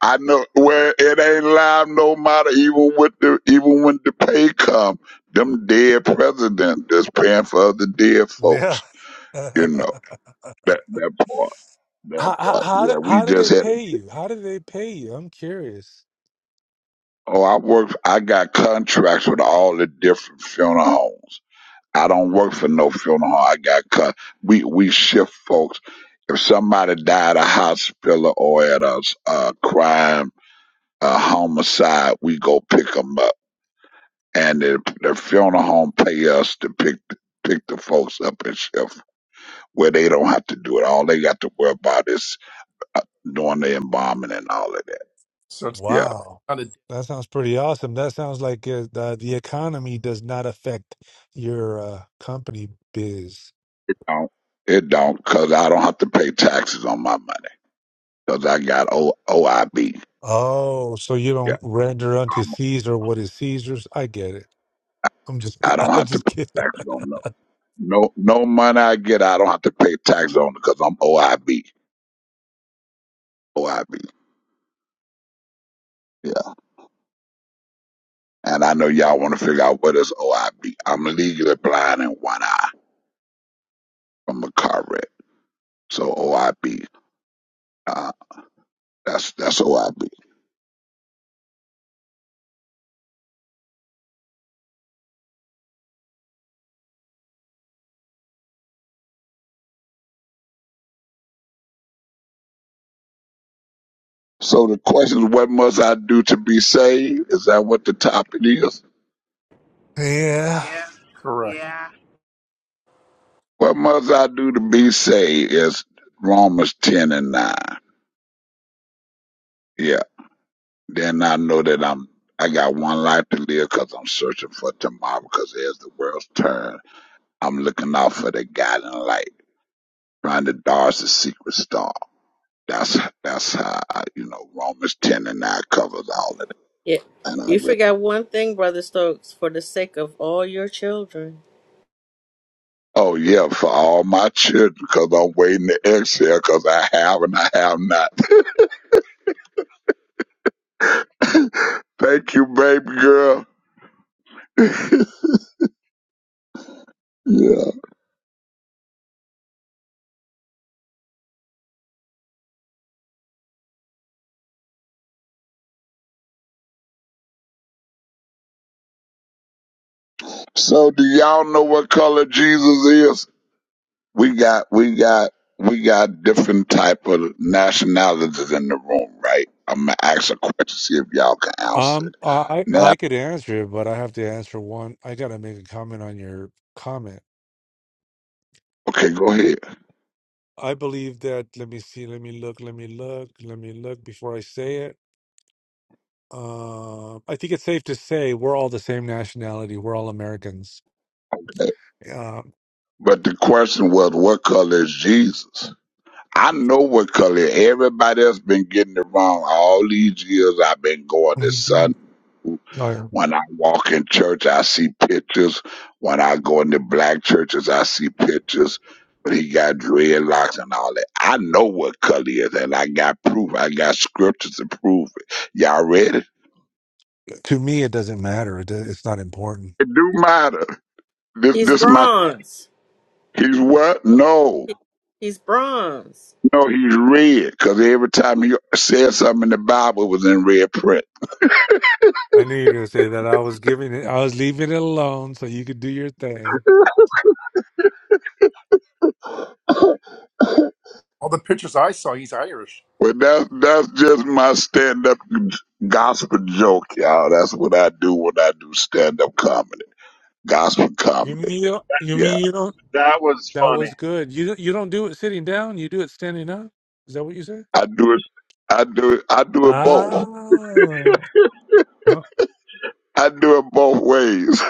Speaker 16: I know where it ain't live no matter even with the even when the pay come. Them dead presidents that's paying for other dead
Speaker 7: Yeah.
Speaker 16: folks.
Speaker 7: how,
Speaker 16: You know. That that part. That
Speaker 7: how
Speaker 16: part.
Speaker 7: how do
Speaker 16: Yeah, we
Speaker 7: how do
Speaker 16: just
Speaker 7: they
Speaker 16: had a
Speaker 7: pay you? How do they pay you? I'm curious.
Speaker 16: Oh, I work I got contracts with all the different funeral homes. I don't work for no funeral home. I got cut. We we shift folks. If somebody died at a hospital or at a, a crime, a homicide, we go pick them up, and the, the funeral home pay us to pick pick the folks up and shift where they don't have to do it. All they got to worry about is uh, doing the embalming and all of that.
Speaker 1: So it's
Speaker 16: Yeah,
Speaker 7: Wow.
Speaker 1: not a
Speaker 7: That sounds pretty awesome. That sounds like uh, the, the economy does not affect your uh, company biz.
Speaker 16: don't, it don't, cause I don't have to pay taxes on my money, cause I got o, OIB.
Speaker 7: Oh, so you
Speaker 16: Yeah,
Speaker 7: don't render unto
Speaker 16: I'm,
Speaker 7: Caesar what is Caesar's? I get it. I'm just
Speaker 16: I
Speaker 7: kid-
Speaker 16: don't
Speaker 7: I'm
Speaker 16: have to
Speaker 7: just
Speaker 16: pay
Speaker 7: kidding.
Speaker 16: taxes on No, no money I get, I don't have to pay tax on it because I'm OIB. OIB. Yeah. And I know y'all want to figure out what is OIB. I'm legally blind in one eye from a car wreck. So OIB. Uh, that's that's OIB. So the question is, what must I do to be saved? Is that what the topic is?
Speaker 7: Yeah.
Speaker 5: Yeah,
Speaker 1: correct.
Speaker 5: yeah.
Speaker 16: What must I do to be saved? Is Romans ten and nine. Yeah. Then I know that I'm. I got one life to live because I'm searching for tomorrow because there's the world's turn I'm looking out for the guiding light, trying to dodge the secret star. That's that's how I, you know Romans ten and nine covers all of it.
Speaker 3: Yeah,
Speaker 16: And I
Speaker 3: you
Speaker 16: really,
Speaker 3: forgot one thing, Brother Stokes, for the sake of all your children.
Speaker 16: oh yeah, for all my children, because I'm waiting to exhale, because I have and I have not. Thank you, baby girl. Yeah. So do y'all know what color Jesus is? We got we got we got different type of nationalities in the room, right? I'm gonna ask a question, see if y'all can answer
Speaker 7: Um
Speaker 16: it.
Speaker 7: I
Speaker 16: now.
Speaker 7: I I could answer it, but I have to answer one. I got to make a comment on your comment.
Speaker 16: Okay, go ahead.
Speaker 7: I believe that let me see, let me look, let me look, let me look before I say it. Uh, I think it's safe to say we're all the same nationality. We're all Americans. Uh,
Speaker 16: But the question was, what color is Jesus? I know what color. Everybody else been getting it wrong all these years. I've been going to Sunday.
Speaker 7: uh,
Speaker 16: When I walk in church, I see pictures. When I go into black churches, I see pictures. But he got dreadlocks and all that. I know what color he is, and I got proof. I got scriptures to prove it. Y'all ready?
Speaker 7: to me, it doesn't matter. It, do- it's not important.
Speaker 16: It do matter. This,
Speaker 3: He's
Speaker 16: this my.
Speaker 3: bronze.
Speaker 16: He's what? No.
Speaker 3: He's bronze.
Speaker 16: No, he's red because every time he said something in the Bible it was in red print.
Speaker 7: I knew you were going to say that. I was giving it. I was leaving it alone so you could do your thing.
Speaker 1: All the pictures I saw, he's Irish.
Speaker 16: Well, that's that's just my stand up gospel joke, y'all. That's what I do when I do stand up comedy, gospel
Speaker 7: You
Speaker 16: comedy.
Speaker 7: mean you? don't- You
Speaker 16: Yeah,
Speaker 7: mean you don't?
Speaker 18: That was
Speaker 7: That
Speaker 18: funny.
Speaker 7: was good. You don't- you don't do it sitting down. You do it standing up. Is that what you said?
Speaker 16: I do it. I do it. I do it
Speaker 7: Ah.
Speaker 16: both.
Speaker 7: Oh,
Speaker 16: I do it both ways,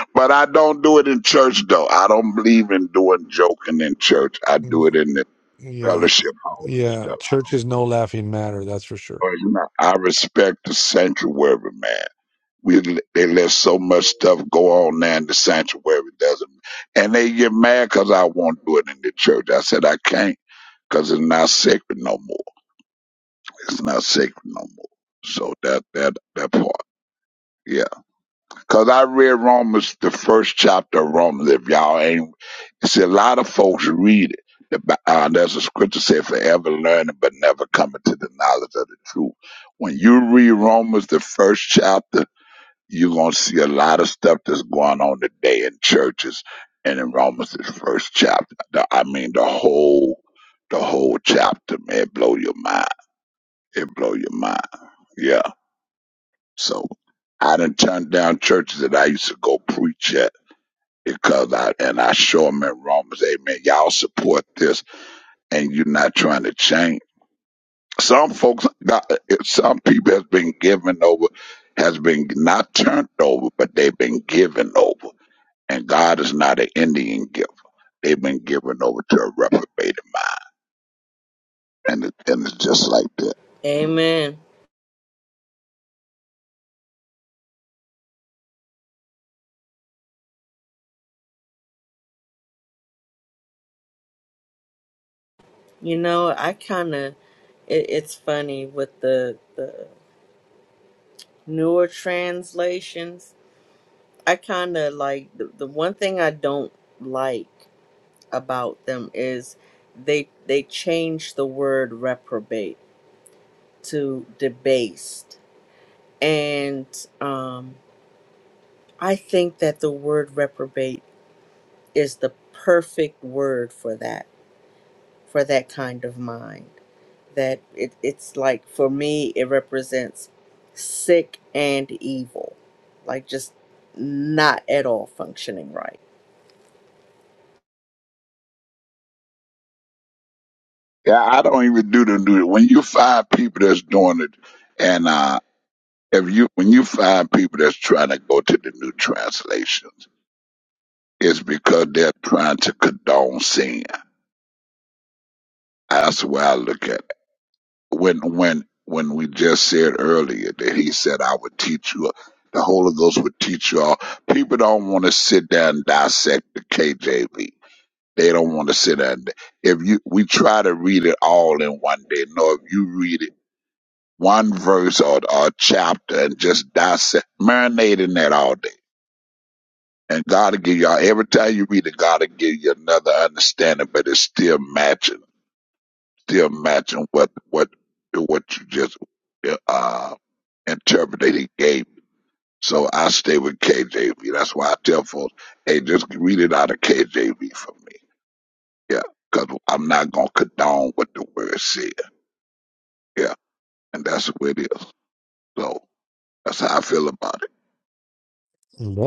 Speaker 16: but I don't do it in church though. I don't believe in doing joking in church. I do it in the
Speaker 7: Yeah,
Speaker 16: fellowship hall and
Speaker 7: yeah.
Speaker 16: stuff. I
Speaker 7: Church
Speaker 16: don't.
Speaker 7: is no laughing matter. That's for sure.
Speaker 16: well, You know, I respect the sanctuary, man. we they let so much stuff go on now in the sanctuary doesn't and they get mad cause i won't do it in the church i said i can't not cause it's not sacred no more it's not sacred no more so that that that part yeah. Cause i read romans the first chapter of romans if y'all ain't see a lot of folks read it the, Bi- uh, there's a scripture said forever learning but never coming to the knowledge of the truth when you read romans the first chapter you're going to see a lot of stuff that's going on today in churches and in Romans' first chapter. The- I mean, the whole, the whole chapter, man, it blow your mind. It blow your mind. Yeah. So I done turned down churches that I used to go preach at because I, and I show them in Romans, amen, y'all support this and you're not trying to change. Some folks, got- eh, some people has been given over, has been not turned over, but they've been given over And God is not an Indian giver. They've been given over to a reprobated mind. And, it, and it's just like that.
Speaker 3: Amen. You know, I kind of, it, it's funny with the, the newer translations. I kind of like, the, the one thing I don't like about them is they they changed the word reprobate to debased and um i think that the word reprobate is the perfect word for that for that kind of mind that it, it's like for me it represents sick and evil like just not at all functioning right
Speaker 16: Yeah, I don't even do the new. When you find people that's doing it, and uh, if you when you find people that's trying to go to the new translations, it's because they're trying to condone sin. That's the way I look at it. When when when we just said earlier that he said I would teach you the Holy Ghost would teach you all. People don't want to sit down and dissect the KJV. They don't want to sit down. and- If you we try to read it all in one day. No, if you read it one verse or, or a chapter and just dissect, marinate in that all day. And God will give y'all every time you read it, God will give you another understanding, but it's still matching still matching what what what you just uh interpreted gave. me. So I stay with KJV. That's why I tell folks, hey, just read it out of KJV for me. Yeah, because I'm not gonna condone what the word said. Yeah, and that's what it is. So that's how I feel about it.
Speaker 7: Yep.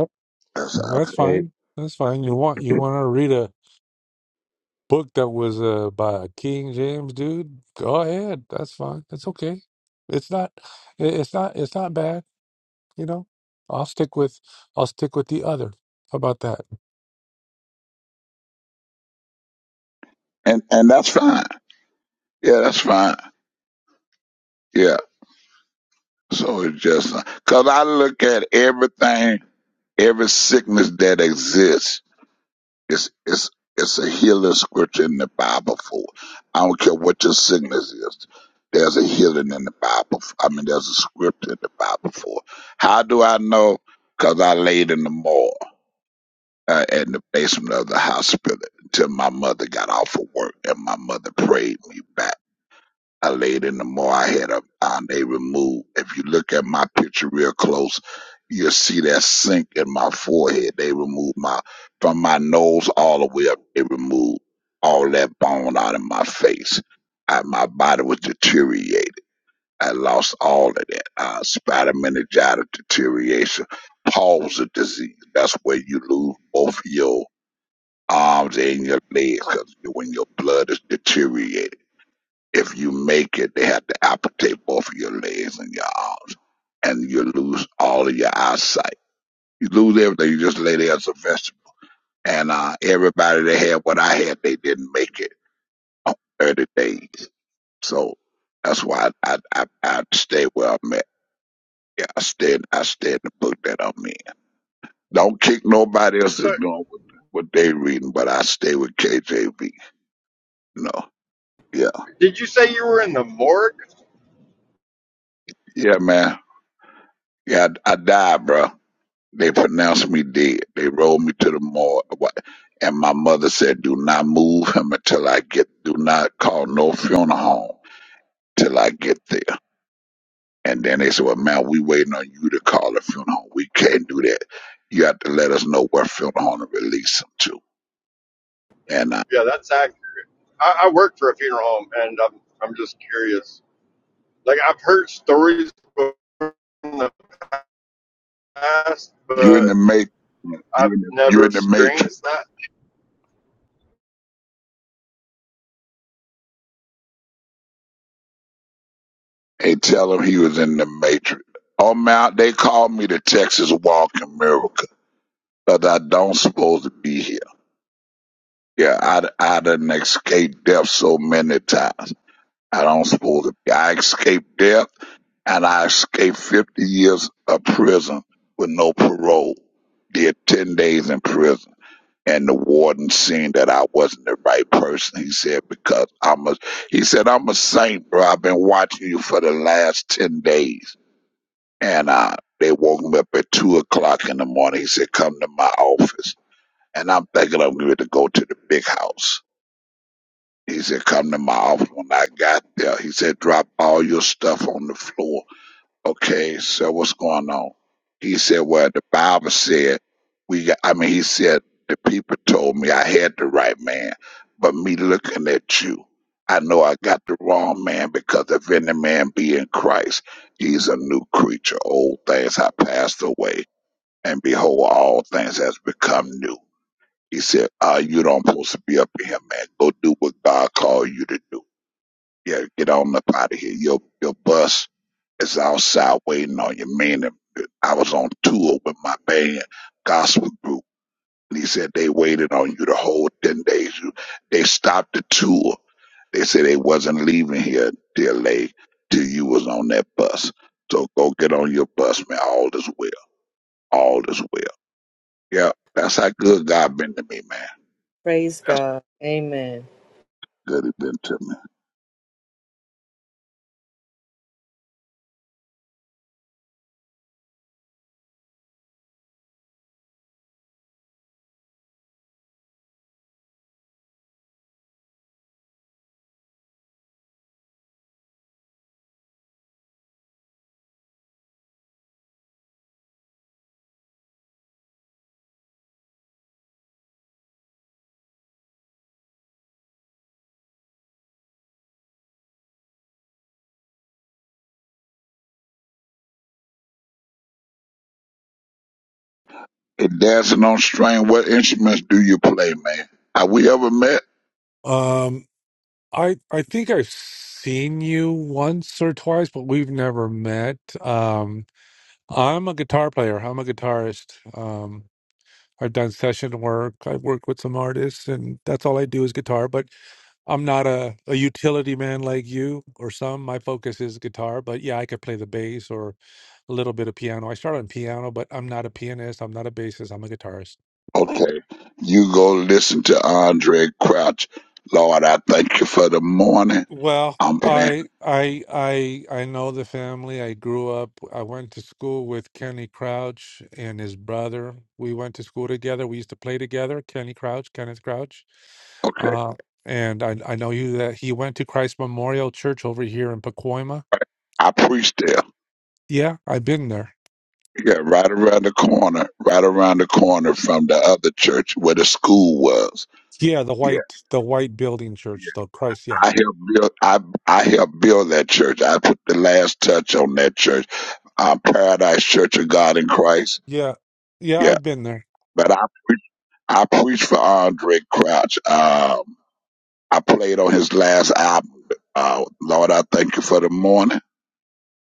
Speaker 16: That's how I
Speaker 7: That's fine.
Speaker 19: Hey
Speaker 7: That's fine. You want you want to read a book that was uh, by a King James, dude? Go ahead. That's fine. It's okay. It's not. it- It's not. It's not bad. You know. I'll stick with. I'll stick with the other. How about that?
Speaker 16: feel. and and that's fine. Yeah, that's fine. Yeah. So it's just because I look at everything, every sickness that exists. It's it's it's a healing scripture in the Bible for. it. I don't care what your sickness is. There's a healing in the Bible. f- I mean, there's a scripture in the Bible for. it. How do I know? Because I laid in the morgue uh, in the basement of the hospital until my mother got off of work and my mother prayed me back. I laid in the mall. I had a uh, they removed. If you look at my picture real close, you'll see that sink in my forehead. They removed my from my nose all the way up. They removed all that bone out of my face. I, my body was deteriorated. I lost all of that. Uh, spider meningitis deterioration, palsy disease. That's where you lose both your arms and your legs 'cause when your blood is deteriorated. If you make it, they have to amputate both of your legs and your arms, and you lose all of your eyesight. You lose everything. You just lay there as a vegetable. And uh, everybody that had what I had, they didn't make it on 30 days. So that's why I I, I, stay where I'm at. Yeah, I stay I stay in the book that I'm in. Don't kick nobody else that's
Speaker 18: So,
Speaker 16: doing what, what they reading, but I stay with KJV. You know. Yeah.
Speaker 18: did you say you were in the morgue?
Speaker 16: Yeah, man. Yeah, I, I died, bro. They pronounced me dead. They rolled me to the morgue. Wha- And my mother said, do not move him until I get, do not call no funeral home till I get there. And then they said, well, man, we waiting on you to call a funeral home. We can't do that. You have to let us know what funeral home to release him to. And uh,
Speaker 18: Yeah, that's act. I, I work for a funeral home, and I'm I'm just curious. Like I've heard stories before in the past,
Speaker 16: you in
Speaker 18: but
Speaker 16: the matrix, you
Speaker 18: I've
Speaker 16: in the, you
Speaker 18: never
Speaker 16: in the matrix.
Speaker 18: experienced that
Speaker 16: And tell him he was in the matrix. Oh, man, they called me the Texas Walking Miracle because I don't supposed to be here. Yeah, I, I done escaped death so many times. I don't suppose it. I escaped death and I escaped 50 years of prison with no parole. Did 10 days in prison. And the warden seen that I wasn't the right person. He said, because I'm a, he said, I'm a saint, bro. I've been watching you for the last 10 days. And, uh, they woke me up at two o'clock in the morning. He said, come to my office. And I'm thinking I'm going to go to the big house he said, come to my office when I got there. He said, drop all your stuff on the floor. Okay, so what's going on? He said, well, the Bible said, we got, I mean, he said, the people told me I had the right man, but me looking at you, I know I got the wrong man because if any man be in Christ, he's a new creature. Old things have passed away, and behold, all things has become new. He said, uh, you don't supposed to be up in here, man. Go do what God called you to do. Yeah, get on up out of here. Your your bus is outside waiting on you. Man, I was on tour with my band, gospel group, and he said they waited on you the whole ten days. You- They stopped the tour. They said they wasn't leaving here till they till you was on that bus. So go get on your bus, man. All is well. All is well. Yeah, that's how good God been to me, man.
Speaker 3: praise
Speaker 16: That's
Speaker 3: god amen
Speaker 16: how good he been to me. And dancing on string, what instruments do you play, man? Have we ever met?
Speaker 7: Um, I I think I've seen you once or twice, but we've never met. Um, I'm a guitar player. I'm a guitarist. Um, I've done session work. I've worked with some artists, and that's all I do is guitar. But I'm not a, a utility man like you or some. My focus is guitar, but yeah, I could play the bass or a little bit of piano. I start on piano, but I'm not a pianist. I'm not a bassist. I'm a guitarist.
Speaker 16: Okay. You go listen to Andre Crouch. Lord, I thank you for the morning.
Speaker 7: Well,
Speaker 16: I'm playing.
Speaker 7: I I I I know the family. I grew up. I went to school with Kenny Crouch and his brother. We went to school together. We used to play together. Kenny Crouch, Kenneth Crouch,
Speaker 16: Okay.
Speaker 7: uh, and I I know you that he went to Christ Memorial Church over here in Pacoima.
Speaker 16: I preach there.
Speaker 7: Yeah, I've been there.
Speaker 16: Yeah, right around the corner, right around the corner from the other church where the school was.
Speaker 7: Yeah, the
Speaker 16: Yeah,
Speaker 7: white the white building church
Speaker 16: yeah.
Speaker 7: the Christ, yeah.
Speaker 16: I helped build. I I helped build that church. I put the last touch on that church, uh, Paradise Church of God in Christ.
Speaker 7: Yeah. Yeah,
Speaker 16: Yeah,
Speaker 7: I've been there.
Speaker 16: but I I preached for Andre Crouch. Um, I played on his last album. Uh, Lord, I thank you for the morning.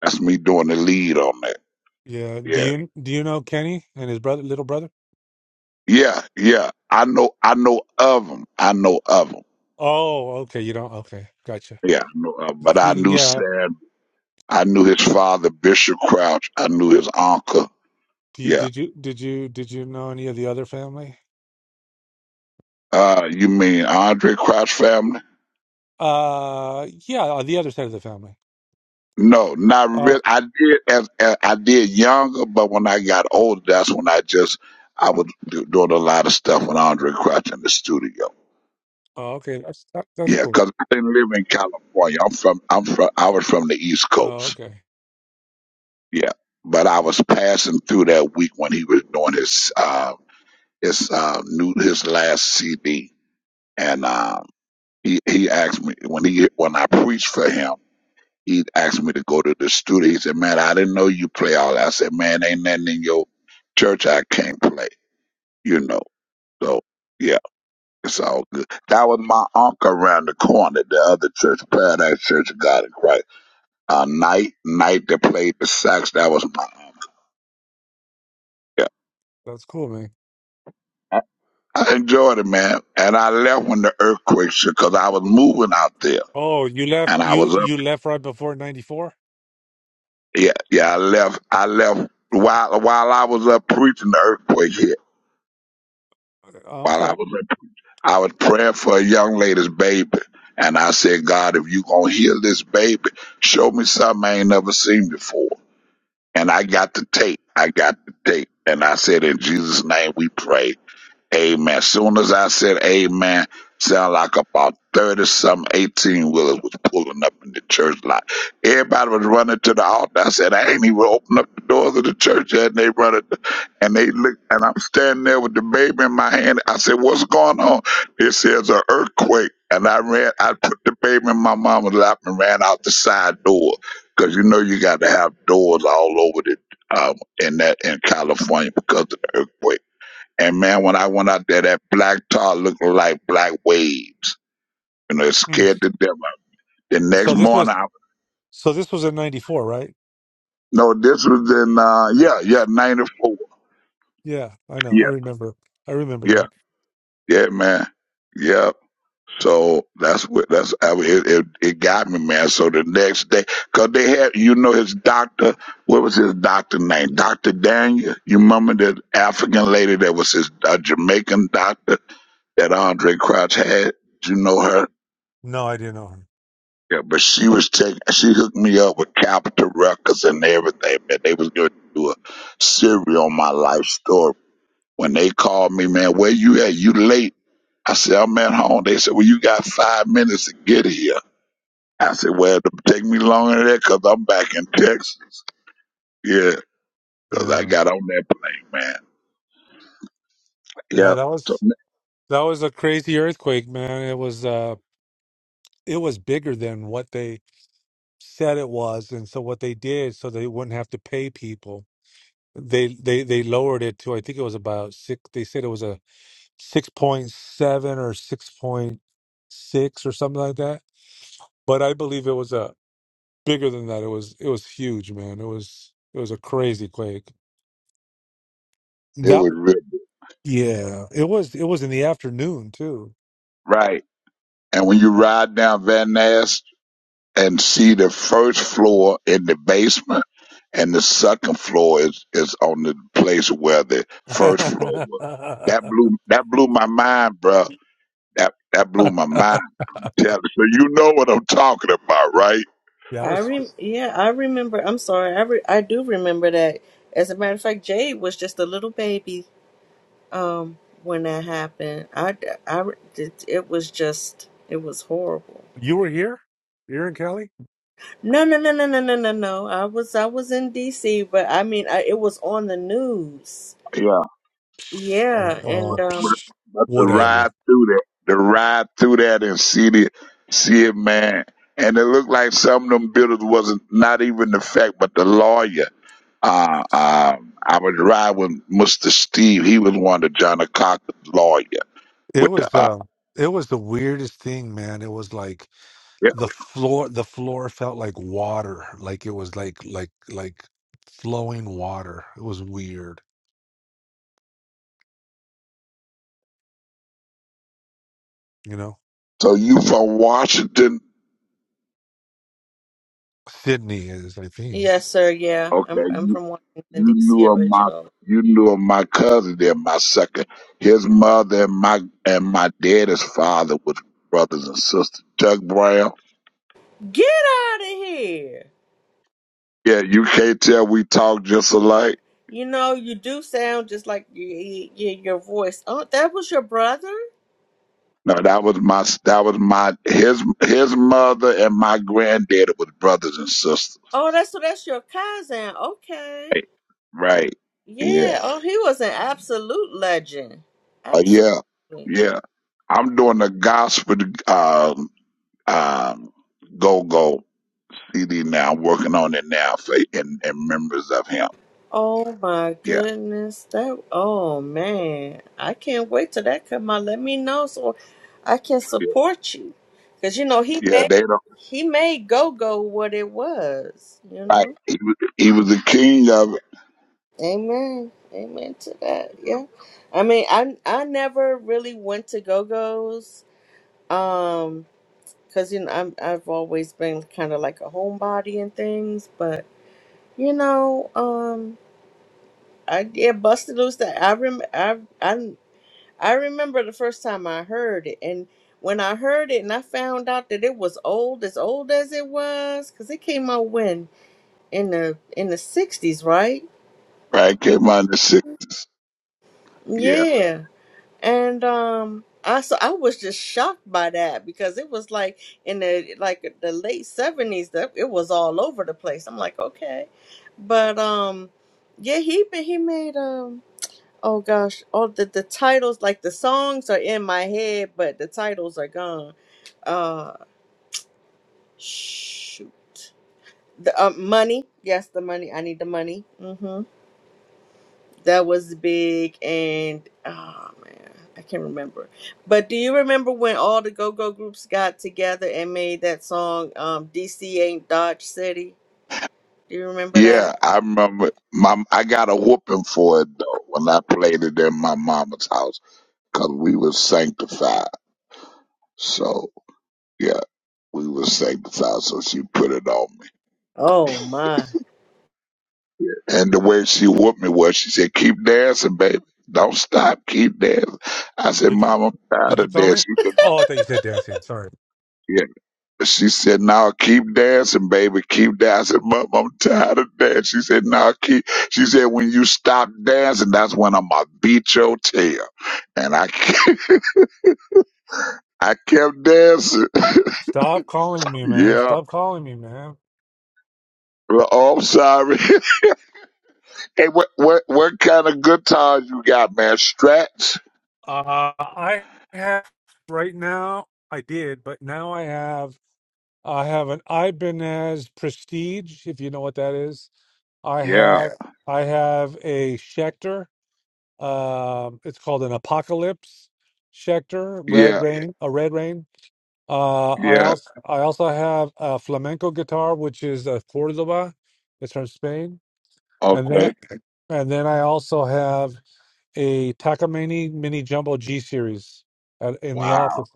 Speaker 16: That's me doing the lead on that.
Speaker 7: Yeah. Do
Speaker 16: Yeah,
Speaker 7: you do you know Kenny and his brother little brother?
Speaker 16: yeah, yeah. I know, I know of him. I know of him.
Speaker 7: Oh, okay. You don't okay, gotcha.
Speaker 16: Yeah, I know of 'em.
Speaker 7: Y-
Speaker 16: But I knew
Speaker 7: Yeah.
Speaker 16: Sam. I knew his father, Bishop Crouch. I knew his uncle.
Speaker 7: Do you
Speaker 16: Yeah.
Speaker 7: did you did you did you know any of the other family?
Speaker 16: Uh, you mean Andre Crouch family?
Speaker 7: Uh yeah, on the other side of the family.
Speaker 16: No, not
Speaker 7: Oh,
Speaker 16: really. I did as, as I did younger, but when I got older, that's when I just I was do, doing a lot of stuff with Andre Crouch in the studio.
Speaker 7: oh okay. That's that, that's
Speaker 16: Yeah,
Speaker 7: cool.
Speaker 16: 'cause I didn't live in California. I'm from I'm from I was from the East
Speaker 7: Oh,
Speaker 16: Coast.
Speaker 7: okay.
Speaker 16: Yeah, but I was passing through that week when he was doing his uh, his uh, new his last CD, and um, he he asked me when he when I preached for him. He asked me to go to the studio. He said, "Man, I didn't know you play all that." I said, "Man, ain't nothing in your church I can't play." You know, so yeah, it's all good. That was my uncle around the corner, the other church, Paradise Church of God in Christ. Uh, night, night that played the sax. That was my uncle. Yeah,
Speaker 7: That's cool, man.
Speaker 16: I I enjoyed it, man. And I left when the earthquake shook because I was moving out there,
Speaker 7: Oh, you left
Speaker 16: and I
Speaker 7: you
Speaker 16: was up.
Speaker 7: you left right before 94?
Speaker 16: Yeah, yeah, I left. I left while while I was up preaching. The earthquake hit while I
Speaker 7: Okay.
Speaker 16: was I was praying for a young lady's baby. And I said, God, if you gonna heal this baby, show me something I ain't never seen before. And I got the tape. I got the tape. And I said, in Jesus' name we pray. Amen. Soon as I said amen, sound like about 30 some 18 wheelers was pulling up in the church lot. Everybody was running to the altar. I said, I ain't even opened up the doors of the church yet. And they run it. And they look, and I'm standing there with the baby in my hand. I said, What's going on? It says an earthquake. And I ran, I put the baby in my mama's lap and ran out the side door. Because you know, you got to have doors all over the, um, in that, in California because of the earthquake. And man, when I went out there, that black tar looked like black waves. You know, it
Speaker 7: Hmm.
Speaker 16: scared the devil. The next
Speaker 7: So this
Speaker 16: morning,
Speaker 7: was
Speaker 16: I
Speaker 7: so this was in 94, right?
Speaker 16: no, this was in uh, yeah, yeah, '94.
Speaker 7: Yeah, I know.
Speaker 16: Yeah,
Speaker 7: I remember. I remember
Speaker 16: yeah,
Speaker 7: that.
Speaker 16: yeah, man. Yeah. So that's what that's I it, it. It got me, man. So the next day, cause they had, you know, his doctor. What was his doctor name? Doctor Daniel. You remember that African lady that was his uh, Jamaican doctor that Andre Crouch had? You know her?
Speaker 7: No, I didn't know her.
Speaker 16: Yeah, but she was taking. She hooked me up with Capitol Records and everything, man. They was going to do a series on my life story. When they called me, man, where you at? You late? I said, I'm at home. They said, well, you got five minutes to get here. I said, well, it'll take me longer than that 'cause I'm back in Texas. Yeah, 'cause I
Speaker 7: Yeah.
Speaker 16: got on that plane, man.
Speaker 7: Yeah,
Speaker 16: Yep.
Speaker 7: that
Speaker 16: So
Speaker 7: was that was a crazy earthquake, man. It was uh it was bigger than what they said it was. And so what they did so they wouldn't have to pay people, they they they lowered it to I think it was about six they said it was a 6.7 or 6.6 or something like that. But I believe it was a bigger than that. It was it was huge, man. It was it was a crazy quake
Speaker 16: it
Speaker 7: that.
Speaker 16: was real.
Speaker 7: Yeah, it was it was in the afternoon too.
Speaker 16: Right. And when you ride down Van Ness and see the first floor in the basement, and the second floor is, is on the place where the first floor
Speaker 7: yeah,
Speaker 16: was.
Speaker 7: I
Speaker 16: That blew that blew my mind, bro. That that blew my mind. Yeah, so you know what I'm talking about, right?
Speaker 3: I
Speaker 7: was
Speaker 3: rem- yeah, I remember. I'm sorry. I re- I do remember that. As a matter of fact, Jade was just a little baby um when that happened. I d- I re- it, it was just it was horrible.
Speaker 7: you were here? You're in Cali?
Speaker 3: No, no, no, no, no, no, no, no. I was I was in DC, but I mean, I, it was on the news.
Speaker 16: Yeah.
Speaker 3: Yeah,
Speaker 7: Oh,
Speaker 16: but,
Speaker 7: uh,
Speaker 3: and
Speaker 16: but,
Speaker 3: um
Speaker 7: psh,
Speaker 16: but to
Speaker 3: yeah,
Speaker 7: whatever.
Speaker 16: ride through that, to ride through that and see the see it, man. And it looked like some of them builders wasn't not even the fact, but the lawyer. Uh, um, I would ride with Mister Steve. He was one of John Cocker's lawyer
Speaker 7: It
Speaker 16: with the.
Speaker 7: was
Speaker 16: Uh,
Speaker 7: uh it was the weirdest thing, man. It was like
Speaker 16: yeah.
Speaker 7: the floor the floor felt like water. Like it was like like like flowing water. It was weird, you know?
Speaker 16: So you from Washington?
Speaker 7: Sydney is I think.
Speaker 3: yes, sir. Yeah. I'm
Speaker 16: Okay,
Speaker 3: I'm
Speaker 16: you
Speaker 3: from
Speaker 16: you
Speaker 3: Washington
Speaker 16: knew
Speaker 3: DC
Speaker 16: of my
Speaker 3: originally.
Speaker 16: you knew of my cousin there, my second. His mother and my and my daddy's father was brothers and sisters. Doug Brown.
Speaker 3: Get out of here.
Speaker 16: Yeah, you can't tell we talk just alike.
Speaker 3: You know, you do sound just like y y your voice. Oh, that was your brother?
Speaker 16: No, that was my that was my his his mother and my granddaddy was brothers and sisters.
Speaker 3: Oh, that's so that's your cousin. Okay.
Speaker 16: Right. Right. Yeah.
Speaker 3: Yeah. Oh, he was an absolute legend.
Speaker 16: Uh, yeah.
Speaker 3: Absolutely.
Speaker 16: Yeah. I'm doing the gospel um um go go CD now. I'm working on it now for and, and members of him.
Speaker 3: Oh my
Speaker 16: Yeah.
Speaker 3: goodness. That oh man. I can't wait till that come out. Let me know so I can
Speaker 16: Yeah.
Speaker 3: support you. Cause you know he
Speaker 16: Yeah. They
Speaker 3: made
Speaker 16: don't.
Speaker 3: he made go go what it was, you
Speaker 16: Right.
Speaker 3: know?
Speaker 16: He was he was the king of it.
Speaker 3: Amen. Amen to that. Yeah. I mean, I I never really went to go-go's um cuz you know I'm I've always been kind of like a homebody and things, but you know, um I yeah, busted loose that I rem I I I remember the first time I heard it and when I heard it and I found out that it was old as old as it was cuz it came out when in the in the 60s, right?
Speaker 16: Right. Came out in the sixties. Yeah.
Speaker 3: Yeah. And um I so I was just shocked by that because it was like in the like the late seventies that it was all over the place. I'm like, okay. But um yeah, he ma- he made um oh gosh, all the the titles like the songs are in my head, but the titles are gone. Uh shoot. The uh, money, yes, the money. I need the money. hmm. That was big, and oh man, I can't remember. But do you remember when all the go go groups got together and made that song, um, DC Ain't Dodge City? Do you remember
Speaker 16: Yeah,
Speaker 3: that?
Speaker 16: I remember. My I got a whooping for it though when I played it in my mama's house because we were sanctified. So yeah, we were sanctified. So she put it on me,
Speaker 3: Oh my.
Speaker 16: and the way she whooped me was she said, "Keep dancing, baby. Don't stop. Keep dancing." I said,
Speaker 7: Did you
Speaker 16: "Mama, I'm tired
Speaker 7: did you
Speaker 16: of
Speaker 7: comment?
Speaker 16: dancing." She said,
Speaker 7: Oh, I thought you said dancing. Sorry.
Speaker 16: "No." She said, "Now keep dancing, baby, keep dancing, mom. I'm tired of dancing." She said, "Now keep." She said, "When you stop dancing, that's when I'm gonna beat your tail." And I, I kept dancing.
Speaker 7: Stop calling me, man.
Speaker 16: Yeah.
Speaker 7: Stop calling me, man.
Speaker 16: Well, Oh, I'm sorry. hey, what, what, what kind of guitars you got, man? Strats?
Speaker 7: Uh, I have right now. I did, but now I have. I have an Ibanez Prestige, if you know what that is. I Yeah. have.
Speaker 16: Yeah.
Speaker 7: Yeah. I have a Schecter. Um, it's called an Apocalypse Schecter Red
Speaker 16: Yeah.
Speaker 7: Yeah. Rain. A Red Rain. Uh, I
Speaker 16: Yeah.
Speaker 7: also. I also have a flamenco guitar, which is a Cordoba. It's from Spain, and then
Speaker 16: Okay.
Speaker 7: and then I also have a Takamine Mini Jumbo G series at, in the
Speaker 16: Wow.
Speaker 7: office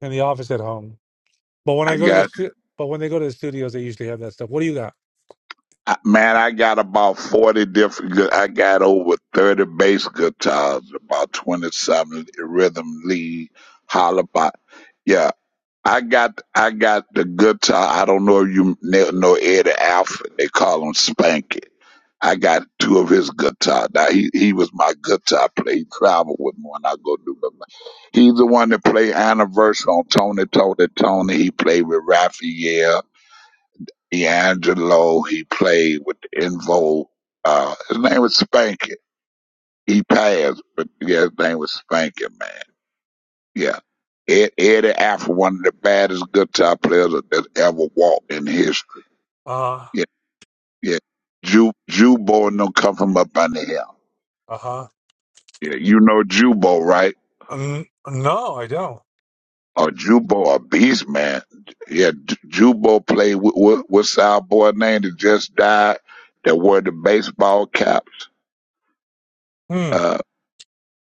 Speaker 7: in the office at home. But when I
Speaker 16: I
Speaker 7: go to
Speaker 16: got
Speaker 7: the stu- but when they go to the studios, they usually have that stuff. What do you got?
Speaker 16: I- Man, I got about 40 different, gu- I got over 30 bass guitars, about 27 rhythm lead, hollabot. Yeah, I got, I got the guitar. I don't know if you kn- know Eddie Alford. They call him Spanky. I got two of his guitars. Now, he, he was my guitar player. He traveled with me when I go do the, he's the one that played anniversary on Tony, Tony, Tony. He played with Raphael. D'Angelo, he played with the Invo. Uh, his name was Spankin. He passed, but yeah, his name was Spankin, man. Yeah. Ed, Eddie Afro, one of the baddest guitar players that ever walked in history.
Speaker 7: Uh
Speaker 16: Yeah, yeah. Ju, Jubo and them come from up under here.
Speaker 7: uh huh.
Speaker 16: Yeah, you know Jubo, right?
Speaker 7: N- no, I don't.
Speaker 16: Or Jubo, a beast, man. Yeah, J- Jubo played with, with, what's our boy name that just died that wore the baseball caps?
Speaker 7: Hmm.
Speaker 16: Uh,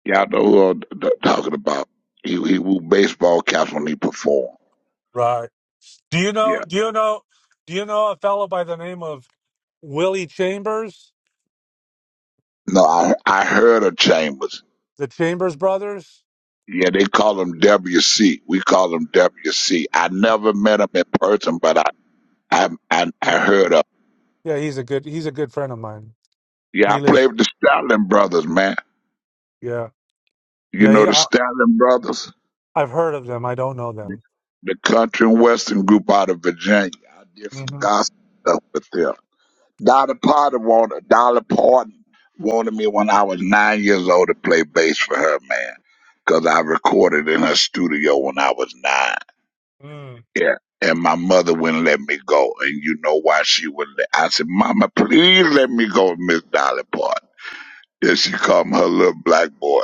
Speaker 16: Y'all know who I'm t- talking about. He he wore baseball caps when he performed.
Speaker 7: Right. Do you know?
Speaker 16: Yeah.
Speaker 7: Do you know? Do you know a fellow by the name of Willie Chambers,
Speaker 16: No, I I heard of Chambers.
Speaker 7: the Chambers brothers?
Speaker 16: Yeah, they call him WC. We call him WC. I never met him in person, but I I I, I
Speaker 7: Yeah.
Speaker 16: heard of.
Speaker 7: Yeah, he's a good he's a good friend of mine.
Speaker 16: Yeah, I
Speaker 7: He
Speaker 16: played
Speaker 7: lives.
Speaker 16: with the Stalin brothers, man.
Speaker 7: Yeah.
Speaker 16: You
Speaker 7: Yeah.
Speaker 16: know the
Speaker 7: yeah
Speaker 16: Stalin brothers,
Speaker 7: I, I've heard of them. I don't know
Speaker 16: the, the country and western group out of Virginia. I did some
Speaker 7: them.
Speaker 16: gospel stuff with them. Dolly Parton wanted Dolly Parton wanted me when I was nine years old to play bass for her, man. 'Cause I recorded in her studio when I was nine.
Speaker 7: hmm
Speaker 16: Yeah. And my mother wouldn't let me go. And you know why she wouldn't let I said, Mama, please let me go, Miss Dolly Parton. Then she called me her little black boy.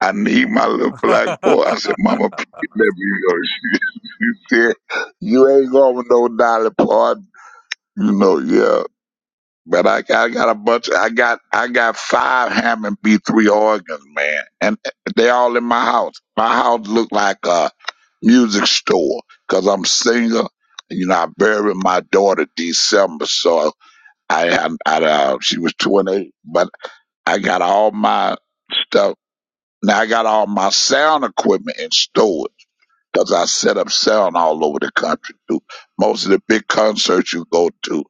Speaker 16: I need my little black boy. I said,
Speaker 7: Mm.
Speaker 16: Mama, please let me go. She, she said, You ain't going with no Dolly Parton. You know, yeah. But I got, I got a bunch. I got I got five Hammond B three organs, man, and they all in my house. My house look like a music store, because 'cause I'm single. You know, I buried my daughter December, so I had I, uh, she was 28. But I got all my stuff. Now I got all my sound equipment in storage, cause I set up sound all over the country too. Most of the big concerts you go to,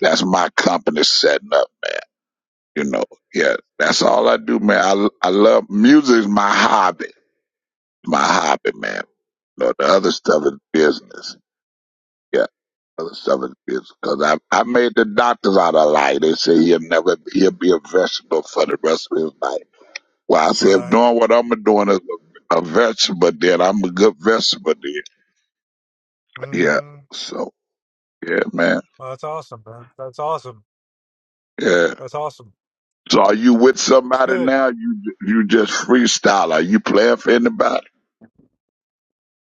Speaker 16: that's my company setting up you know, yeah, that's all I do, man. I I love music is my hobby, my hobby, man. You know, the other stuff is business. Yeah, other stuff is business. Cause I I made the doctors out of lie. They say he'll never he'll be a vegetable for the rest of his life. Well, I say if
Speaker 7: Right.
Speaker 16: doing what I'm doing is a, a vegetable, then I'm a good vegetable. Then, yeah.
Speaker 7: Mm-hmm.
Speaker 16: So yeah, man,
Speaker 7: Well, that's awesome, man. That's awesome.
Speaker 16: yeah.
Speaker 7: That's awesome.
Speaker 16: So are you with
Speaker 7: It's
Speaker 16: somebody
Speaker 7: good.
Speaker 16: now? You you just freestyle? Are you playing for anybody?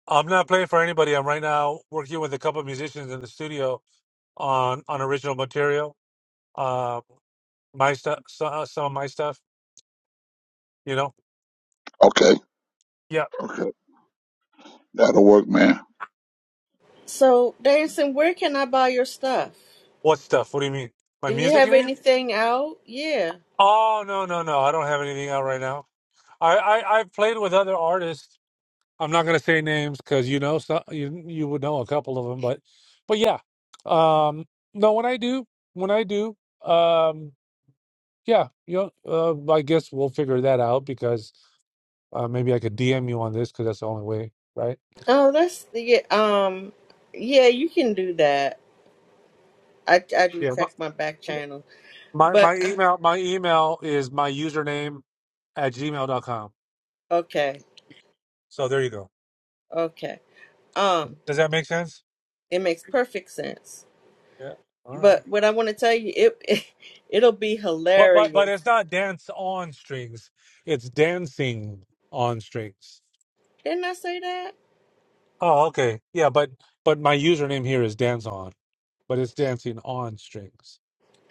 Speaker 7: I'm not playing for anybody. I'm right now working with a couple of musicians in the studio on on original material. Uh, my stuff, so, uh, some of my stuff. You know.
Speaker 16: Okay,
Speaker 7: Yeah.
Speaker 16: okay. That'll work, man.
Speaker 3: So, Davidson, where can I buy your stuff?
Speaker 7: What stuff? What do you mean?
Speaker 3: Do
Speaker 7: My
Speaker 3: you
Speaker 7: music?
Speaker 3: have
Speaker 7: You mean?
Speaker 3: anything out? Yeah.
Speaker 7: Oh no, no, no. I don't have anything out right now. I I I've played with other artists I'm not going to say names because you know so, you you would know a couple of them, but but yeah, um, no. When I do, when I do, um, yeah, you know, uh, I guess we'll figure that out because uh, maybe I could DM you on this because that's the only way, right?
Speaker 3: Oh, that's yeah. Um, yeah, you can do that. I I do
Speaker 7: Yeah.
Speaker 3: check my back channel,
Speaker 7: My, my my
Speaker 3: but uh,
Speaker 7: email my email is my username at gmail dot com.
Speaker 3: okay,
Speaker 7: So there you go.
Speaker 3: okay. Um,
Speaker 7: Does that make sense?
Speaker 3: it makes perfect sense.
Speaker 7: Yeah. All right.
Speaker 3: But what I want to tell you, it, it it'll be
Speaker 7: But but but
Speaker 3: hilarious.
Speaker 7: it's not dance on strings. It's dancing on strings.
Speaker 3: Didn't I say that?
Speaker 7: Oh, okay. Yeah, but but my username here is dance on, but it's dancing on strings.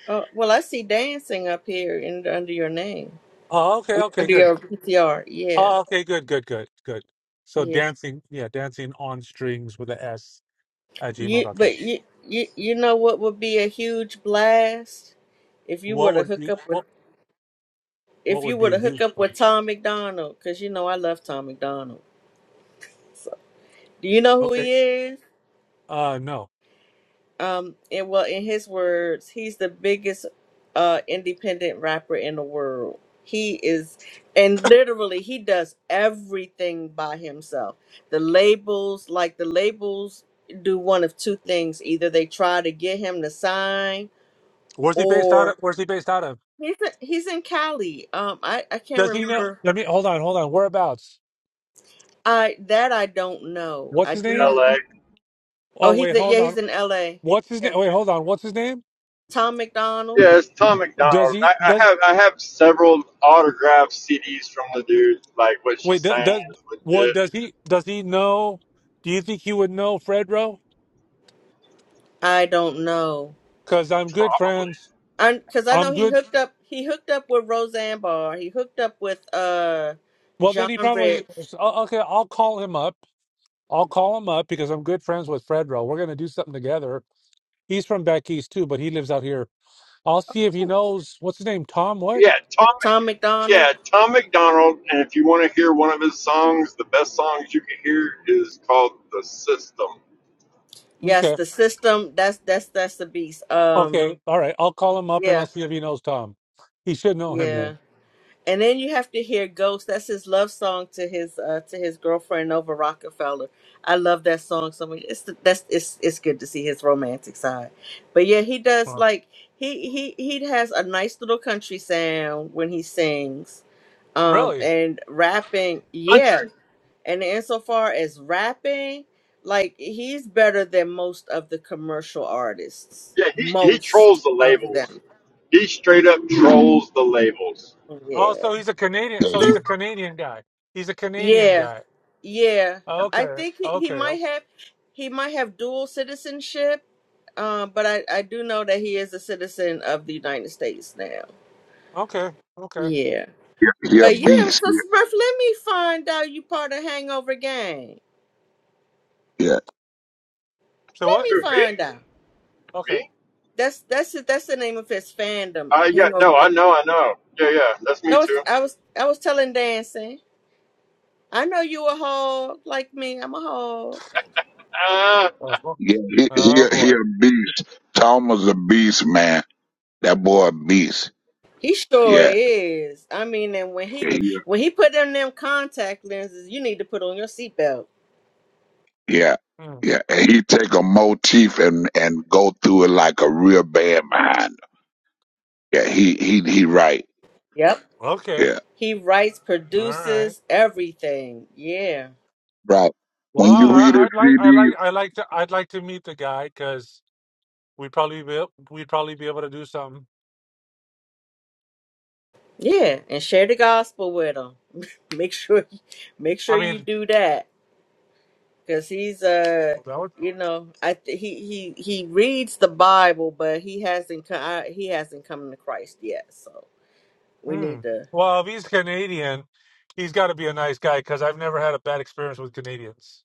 Speaker 3: Oh, well, I see dancing up here in, under your name,
Speaker 7: Oh, okay, okay,
Speaker 3: under
Speaker 7: good.
Speaker 3: your PTR. Yeah,
Speaker 7: Oh, okay, good, good, good, good. So
Speaker 3: yeah.
Speaker 7: dancing, yeah, dancing on strings with a S at Gmail
Speaker 3: You,
Speaker 7: dot com.
Speaker 3: but you, you, you know what would be a huge blast if you were
Speaker 7: What
Speaker 3: to
Speaker 7: would
Speaker 3: hook
Speaker 7: be
Speaker 3: up with
Speaker 7: what what
Speaker 3: if you
Speaker 7: would
Speaker 3: were
Speaker 7: be a
Speaker 3: to hook
Speaker 7: huge
Speaker 3: up with
Speaker 7: plus?
Speaker 3: Tom McDonald, because you know I love Tom McDonald. Do you know who
Speaker 7: Okay.
Speaker 3: he is?
Speaker 7: Uh no.
Speaker 3: Um, and well, in his words, he's the biggest uh independent rapper in the world. He is, and literally, he does everything by himself. The labels, like the labels, do one of two things: either they try to get him to sign,
Speaker 7: Where's he based out of?
Speaker 3: or
Speaker 7: Where's he based out of?
Speaker 3: he's he's in Cali. Um, I I can't
Speaker 7: Does he know?
Speaker 3: remember.
Speaker 7: Let me hold on, hold on. Whereabouts?
Speaker 3: I that I don't know.
Speaker 7: What's
Speaker 3: I
Speaker 7: his
Speaker 18: in
Speaker 3: do know.
Speaker 7: name?
Speaker 18: L.A.
Speaker 3: Oh,
Speaker 7: Oh
Speaker 3: he's
Speaker 7: wait,
Speaker 3: in,
Speaker 7: hold
Speaker 3: yeah,
Speaker 7: on.
Speaker 3: he's in L.A.
Speaker 7: What's his
Speaker 3: Yeah,
Speaker 7: name? Wait, hold on. What's his name?
Speaker 3: Tom McDonald.
Speaker 18: Yeah, it's Tom McDonald.
Speaker 7: Does he
Speaker 18: I, I
Speaker 7: does
Speaker 18: have I have several autographed CDs from the dude. Like what she's
Speaker 7: Wait, does,
Speaker 18: saying
Speaker 7: does
Speaker 18: is
Speaker 7: what
Speaker 18: legit,
Speaker 7: does he does he know? Do you think he would know Fredro?
Speaker 3: I don't know
Speaker 7: Because I'm good
Speaker 18: probably.
Speaker 7: friends.
Speaker 3: I because I know
Speaker 7: I'm
Speaker 3: he
Speaker 7: good.
Speaker 3: hooked up. He hooked up with Roseanne Barr. He hooked up with uh
Speaker 7: Well,
Speaker 3: John
Speaker 7: then he probably
Speaker 3: Rich,
Speaker 7: o- okay. I'll call him up. I'll call him up because I'm good friends with Fredro. We're gonna do something together. He's from back east too, but he lives out here. I'll see if he knows what's his name. Tom. What?
Speaker 18: Yeah, Tom.
Speaker 3: Tom McDonald.
Speaker 18: Yeah, Tom McDonald, and if you want to hear one of his songs, the best songs you can hear is called "The System."
Speaker 3: Yes,
Speaker 7: Okay.
Speaker 3: the system. That's that's that's the beast. Um,
Speaker 7: Okay. All right. I'll call him up and I'll
Speaker 3: yeah,
Speaker 7: see if he knows Tom. He should know him
Speaker 3: yeah.
Speaker 7: then.
Speaker 3: And then you have to hear "Ghost." That's his love song to his uh, to his girlfriend Nova Rockefeller. I love that song so much. It's the, that's it's it's good to see his romantic side. But yeah, he does
Speaker 7: Wow.
Speaker 3: like he he he has a nice little country sound when he sings, um,
Speaker 7: Really?
Speaker 3: and rapping. Yeah,
Speaker 18: Country.
Speaker 3: and insofar as rapping, like he's better than most of the commercial artists.
Speaker 18: Yeah, he, he trolls
Speaker 3: Most
Speaker 18: the
Speaker 3: of
Speaker 18: labels.
Speaker 3: them.
Speaker 18: He straight up trolls the labels.
Speaker 7: Oh,
Speaker 3: Yeah.
Speaker 7: so he's a Canadian.
Speaker 16: Yeah,
Speaker 7: So
Speaker 16: he,
Speaker 7: he's a Canadian guy. He's a Canadian
Speaker 3: Yeah.
Speaker 7: guy.
Speaker 3: Yeah, I
Speaker 7: Okay.
Speaker 3: think he, he
Speaker 7: Okay.
Speaker 3: might have he might have dual citizenship, um, but I I do know that he is a citizen of the United States now.
Speaker 7: Okay. Okay.
Speaker 3: Yeah,
Speaker 16: he he a
Speaker 3: but yeah,
Speaker 16: beast.
Speaker 3: so Smurf, let me find out you part of Hangover Gang.
Speaker 16: Yeah,
Speaker 7: So
Speaker 3: Let
Speaker 7: what?
Speaker 18: Who
Speaker 3: me
Speaker 18: me?
Speaker 3: find out.
Speaker 7: Okay.
Speaker 18: Me?
Speaker 3: That's that's it. That's the name of his fandom,
Speaker 18: I got
Speaker 3: Hangover
Speaker 18: no.
Speaker 3: Gang.
Speaker 18: I know. I know. Yeah, yeah. That's me
Speaker 3: No, it's-
Speaker 18: too.
Speaker 3: I was I was telling Dancing. I know you a hog like me. I'm a hog.
Speaker 18: Ah,
Speaker 7: Oh, well.
Speaker 16: yeah, he, he,
Speaker 7: oh
Speaker 16: a- he
Speaker 7: boy.
Speaker 16: a beast. Tom was a beast, man. That boy a beast.
Speaker 3: He sure
Speaker 16: Yeah,
Speaker 3: is. I mean, and when
Speaker 16: yeah,
Speaker 3: he
Speaker 16: he,
Speaker 3: when he put in them contact lenses, you need to put on your seatbelt.
Speaker 16: yeah,
Speaker 7: Hmm.
Speaker 16: yeah. And he take a motif and and go through it like a real band behind. Him. Yeah, he he he right.
Speaker 3: Yep.
Speaker 7: Okay.
Speaker 16: Yeah,
Speaker 3: He writes,
Speaker 7: All right.
Speaker 3: produces everything. Yeah,
Speaker 16: right.
Speaker 7: Well,
Speaker 16: When you read a
Speaker 7: I, I'd like, I like,
Speaker 16: CD,
Speaker 7: I like to, I'd like to meet the guy because we'd probably be, ab- we'd probably be able to do something.
Speaker 3: yeah, and share the gospel with him. Make sure, make
Speaker 7: I
Speaker 3: sure you
Speaker 7: mean,
Speaker 3: do that because he's uh,
Speaker 7: that would.
Speaker 3: you know, I th- he he he reads the Bible, but he hasn't co- I, he hasn't come to Christ yet. So we
Speaker 7: Hmm.
Speaker 3: need to.
Speaker 7: Well, if he's Canadian, he's got to be a nice guy because I've never had a bad experience with Canadians.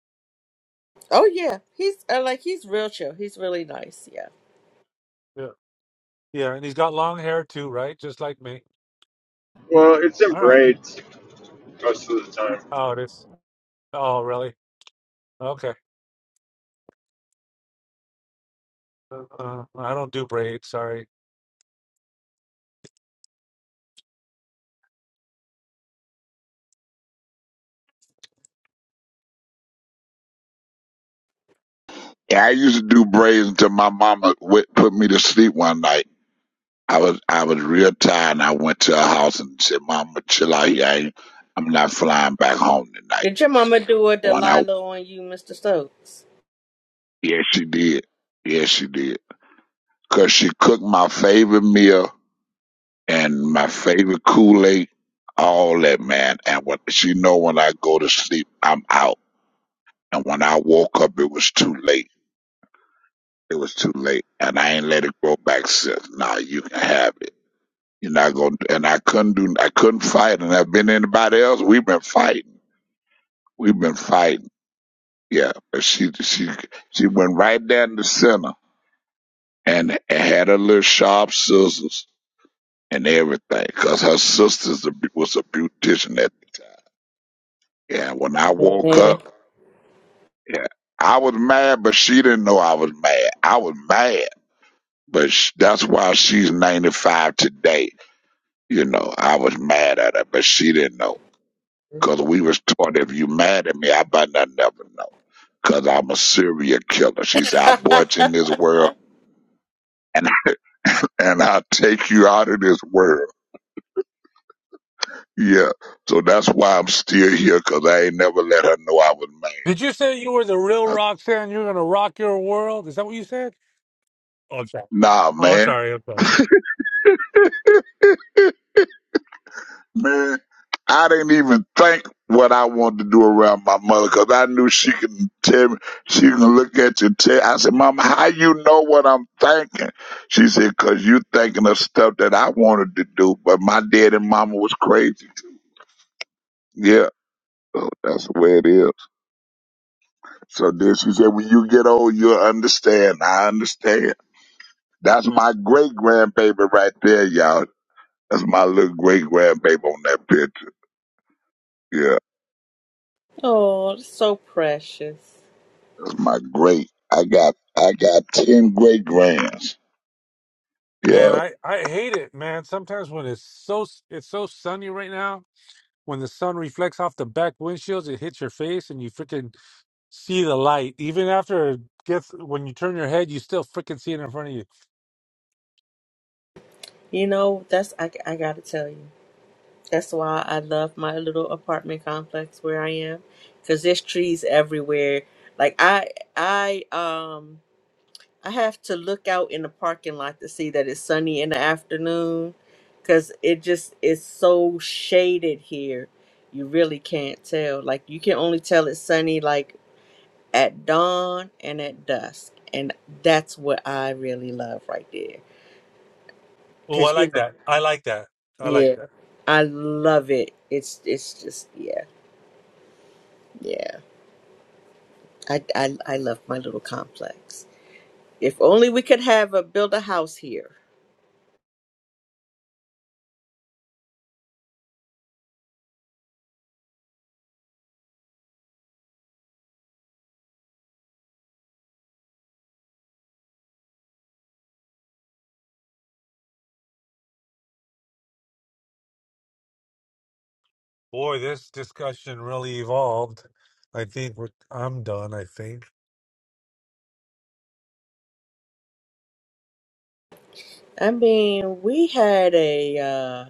Speaker 3: Oh yeah, he's uh, like he's real chill. He's really nice. Yeah.
Speaker 7: Yeah. Yeah, and he's got long hair too, right? Just like me.
Speaker 18: well, it's in
Speaker 7: All right.
Speaker 18: braids most of the time.
Speaker 7: Oh, it is. Oh, really? Okay. Uh, I don't do braids. Sorry.
Speaker 16: I used to do braids until my mama w- put me to sleep one night. I was I was real tired. and I went to her house and said, "Mama, chill out here. I ain't, I'm not flying back home tonight."
Speaker 3: Did your mama do a
Speaker 16: When I
Speaker 3: Delilah on you, Mr. Stokes?
Speaker 16: yes, she did. Yes, she did. Cause she cooked my favorite meal and my favorite Kool Aid, all that man. And what she know when I go to sleep, I'm out. And when I woke up, it was too late. It was too late, and I ain't let it grow back since. Nah, you can have it. You're not gonna. And I couldn't do. I couldn't fight. And I've been anybody else. We've been fighting. We've been fighting. Yeah, but she she she went right down the center and had her little sharp scissors and everything, cause her sister's a, was a beautician at the yeah. When I woke
Speaker 3: Man.
Speaker 16: up, yeah, I was mad, but she didn't know I was mad. I was mad, but sh that's why she's ninety five today. You know, I was mad at her, but she didn't know, cause we was taught if you mad at me, I better not never know, cause I'm a serial killer. She said, "I boy, it's in this world." and and I'll take you out of this world. Yeah. So that's why I'm still here, cause I ain't never let her know I was mad.
Speaker 7: Did you say you were the real
Speaker 16: I-
Speaker 7: rock fan? You're gonna rock your world. Is that what you said? Oh, I'm sorry.
Speaker 16: nah,
Speaker 7: Oh, I'm
Speaker 16: man.
Speaker 7: sorry. I'm sorry.
Speaker 16: Man, I didn't even think what I wanted to do around my mother, cause I knew she can tell me, she can look at you and tell. I said, Mama, how you know what I'm thinking? She said, because you thinking of stuff that I wanted to do, but my dad and mama was crazy. Yeah. So that's the way it is. So then she said, when you get old, you'll understand. I understand. That's my great grandbaby right there, y'all. That's my little great grandbaby on that picture. Yeah.
Speaker 3: oh, that's so precious.
Speaker 16: That's my great. I got, I got 10 great grands. Yeah.
Speaker 7: Man, I I hate it, man. Sometimes when it's so it's so sunny right now, when the sun reflects off the back windshields, it hits your face, and you freaking see the light. Even after it gets when you turn your head, you still freaking see it in front of you.
Speaker 3: You know, that's I, I gotta tell you. That's why I love my little apartment complex where I am, cause there's trees everywhere. Like I, I um. I have to look out in the parking lot to see that it's sunny in the afternoon because it just is so shaded here. You really can't tell. Like, you can only tell it's sunny like at dawn and at dusk. And that's what I really love right there.
Speaker 7: Oh, I
Speaker 3: Because, you
Speaker 7: like
Speaker 3: know,
Speaker 7: that. I like that. I like
Speaker 3: yeah,
Speaker 7: that.
Speaker 3: I love it. It's, it's just, yeah, yeah. I, I, I love my little complex. If only we could have a build a house here.
Speaker 7: Boy, this discussion really evolved. I think we're, I'm done. I think.
Speaker 3: I mean, we had a. uh,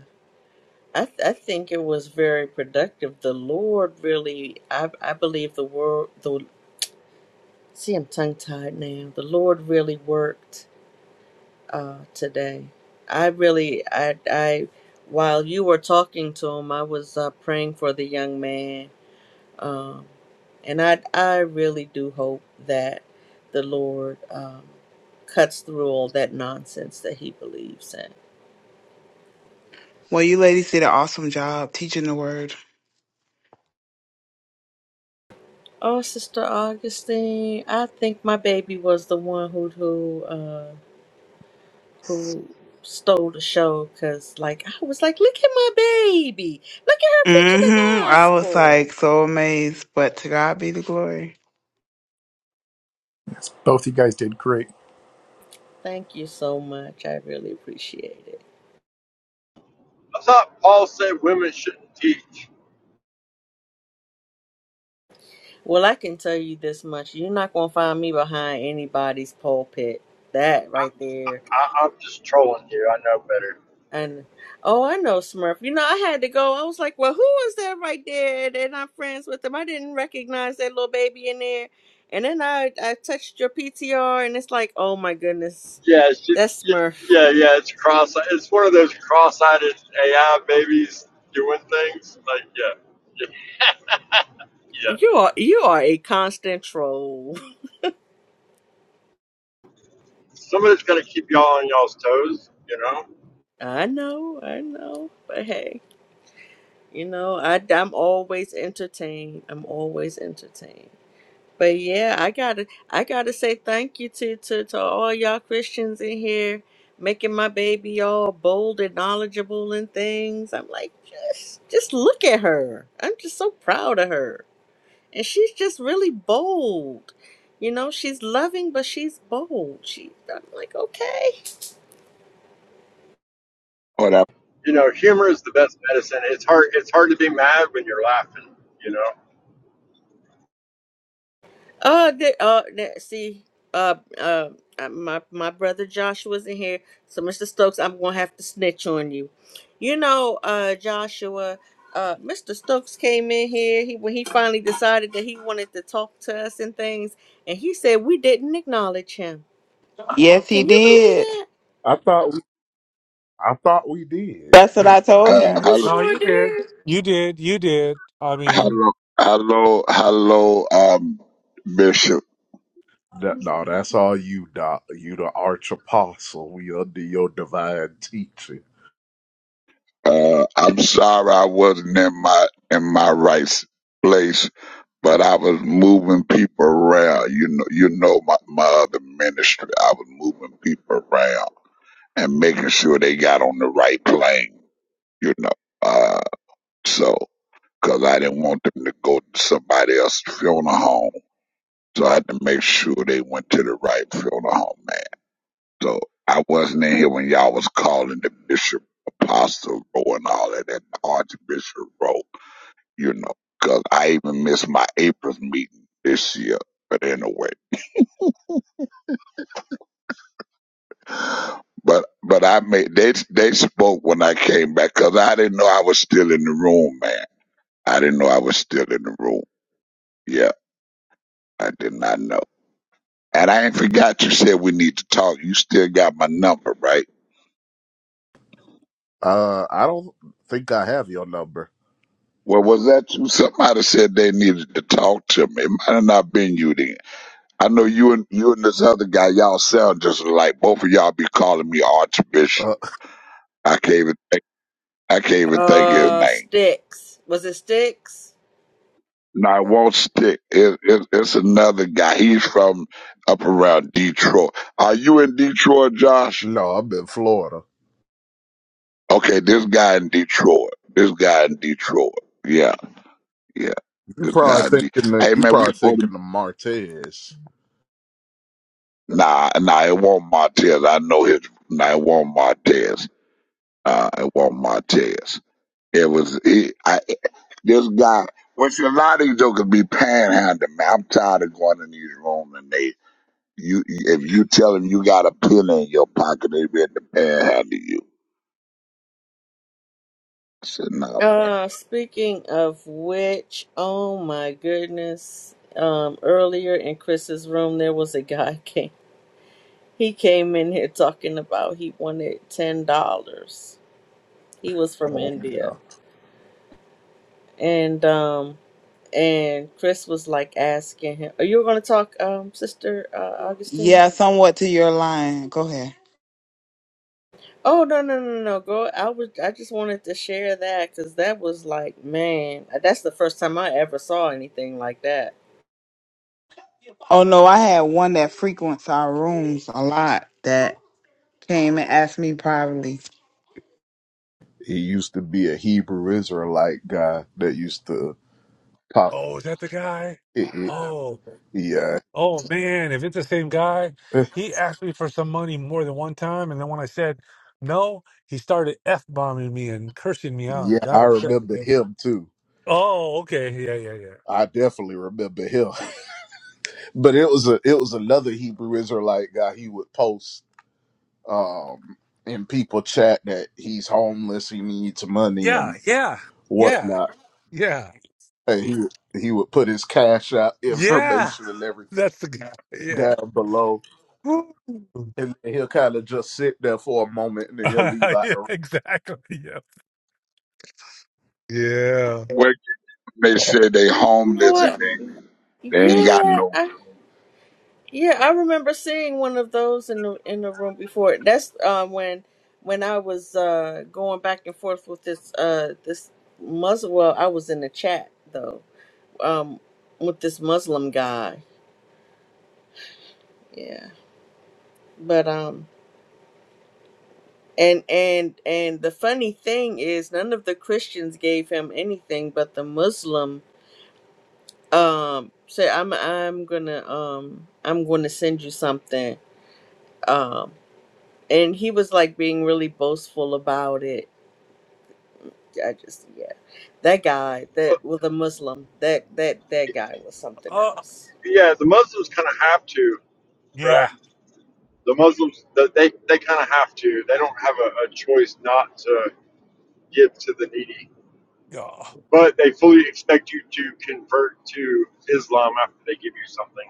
Speaker 3: I, th- I think it was very productive. The Lord really, I, I believe the world, the, see, I'm tongue tied now. The Lord really worked uh, today. I really, I, I, while you were talking to him, I was uh, praying for the young man. Um, and I, I really do hope that the Lord um, cuts through all that nonsense that he believes in.
Speaker 5: Well, you ladies did an awesome job teaching the word.
Speaker 3: Oh, Sister Augustine, I think my baby was the one who, who, uh, who stole the show because, like, I was like, look at my baby. Look at her preaching
Speaker 5: mm
Speaker 3: the
Speaker 5: hmm I was
Speaker 3: gospel.
Speaker 5: like so amazed, but to God be the glory.
Speaker 1: Yes, both you guys did great.
Speaker 3: Thank you so much. I really appreciate it.
Speaker 18: I thought Paul said women shouldn't teach.
Speaker 3: Well, I can tell you this much. You're not going to find me behind anybody's pulpit. That right there.
Speaker 18: I, I'm just trolling you. I know better.
Speaker 3: And oh, I know Smurf. You know, I had to go. I was like, well, who is that right there? And I'm friends with them. I didn't recognize that little baby in there. And then I, I touched your PTR, and it's like, oh my goodness,
Speaker 18: Yeah, she,
Speaker 3: that's Smurf.
Speaker 18: yeah, yeah. It's cross. It's one of those cross-eyed AI babies doing things. Like, yeah, yeah, yeah.
Speaker 3: You are you are a constant troll.
Speaker 18: Some of it's gonna keep y'all on y'all's toes. You know.
Speaker 3: I know, I know, but hey, you know I I'm always entertained. I'm always entertained. But yeah, I gotta I gotta say thank you to to to all y'all Christians in here, making my baby all bold and knowledgeable and things. I'm like just just look at her. I'm just so proud of her, and she's just really bold. You know, she's loving, but she's bold. She I'm like okay.
Speaker 16: Hold up.
Speaker 18: You know, humor is the best medicine. It's hard. It's hard to be mad when you're laughing. You know.
Speaker 3: Uh, they, uh, they, see, uh, uh, uh, my my brother Joshua's in here, so Mr. Stokes, I'm gonna have to snitch on you. You know, uh, Joshua, uh, Mr. Stokes came in here. He when he finally decided that he wanted to talk to us and things, and he said we didn't acknowledge him.
Speaker 5: Yes, he
Speaker 3: Can you
Speaker 5: did.
Speaker 3: believe
Speaker 5: That's what I told
Speaker 16: Uh,
Speaker 5: him.
Speaker 16: hello,
Speaker 7: No, you did. You did. You did. I mean,
Speaker 16: hello, hello, hello, um, Bishop. Uh, I'm sorry I wasn't in my in my right s- place, but I was moving people around. You know, you know my my other ministry. I was moving people around and making sure they got on the right plane. You know, uh, so because I didn't want them to go to somebody else's funeral home, so I had to make sure they went to the right funeral home, man. So I wasn't in here when y'all was calling the bishop apostle row and all of that, the archbishop row, you know, 'cause I even missed my April's meeting this year. But anyway, but but I made they they spoke when I came back 'cause I didn't know I was still in the room, man. I didn't know I was still in the room. Yeah, I did not know. And I ain't forgot you said we need to talk. You still got my number, right? Well, was that you? Somebody said they needed to talk to me. It might have not been you then. I know you and you and this other guy, y'all sound just like both of y'all be calling me Archbishop. I can't even think, I can't
Speaker 3: that?
Speaker 16: even think his
Speaker 3: Uh,
Speaker 16: name.
Speaker 3: sticks. Was it sticks?
Speaker 16: No, it won't stick. It, it, it's another guy. He's from up around Detroit. Are you in Detroit, Josh? Okay, this guy in Detroit. This guy in Detroit. Yeah, yeah. This guy in Detroit. Hey man, we supposed to Nah, nah, it won't Montez. I know his. Nah, it won't Montez. Uh, it won't Montez. It was he. I, this guy. Which a lot of these jokers be panhandling. Man, I'm tired of going in these rooms and they. You, if you tell them you got a pen in your pocket, they be in the panhandle you. I said no.
Speaker 3: Uh, speaking of which, oh my goodness. Um, earlier in Chris's room, there was a guy came. He came in here talking about he wanted ten dollars. He was from India, and um, and Chris was like asking him, "Are you going to talk, um, Sister uh, Augustine?"
Speaker 5: Yeah, somewhat to your line. Go ahead.
Speaker 3: Oh no no no no, girl! I was I just wanted to share that because that was like, man, that's the first time I ever saw anything like that.
Speaker 5: Oh no, I had one that frequents our rooms a lot. that. came and asked me privately.
Speaker 7: Oh, is that the guy? Oh, oh man, if it's the same guy, he asked me for some money more than one time, and then when I said no, he started f bombing me and cursing me out. Got upset. Oh, okay, yeah, yeah, yeah, yeah, yeah, yeah, yeah, yeah. That's the guy. Yeah. Woo. yeah, exactly. Yeah. Yeah.
Speaker 16: Where they say they
Speaker 3: You know
Speaker 16: homeless and
Speaker 3: what?
Speaker 16: they they ain't got
Speaker 3: Yeah,
Speaker 16: no.
Speaker 3: I Yeah, I remember seeing one of those in the in the room before. That's uh, when when I was uh, going back and forth with this uh, this Muslim. Well, I was in the chat though um, with this Muslim guy. Yeah, but um, and and and the funny thing is, none of the Christians gave him anything, but the Muslim um said, "I'm I'm gonna um I'm going to send you something." Um, and he was like being really boastful about it I just yeah, that guy
Speaker 18: But
Speaker 3: that was a Muslim. That that that guy was something
Speaker 7: Uh,
Speaker 3: else.
Speaker 18: yeah, the Muslims kind of have to, right?
Speaker 7: yeah.
Speaker 18: The Muslims, th- they they kind of have to. They don't have a, a choice not to give to the needy,
Speaker 7: Yeah.
Speaker 18: but they fully expect you to convert to Islam after they give you something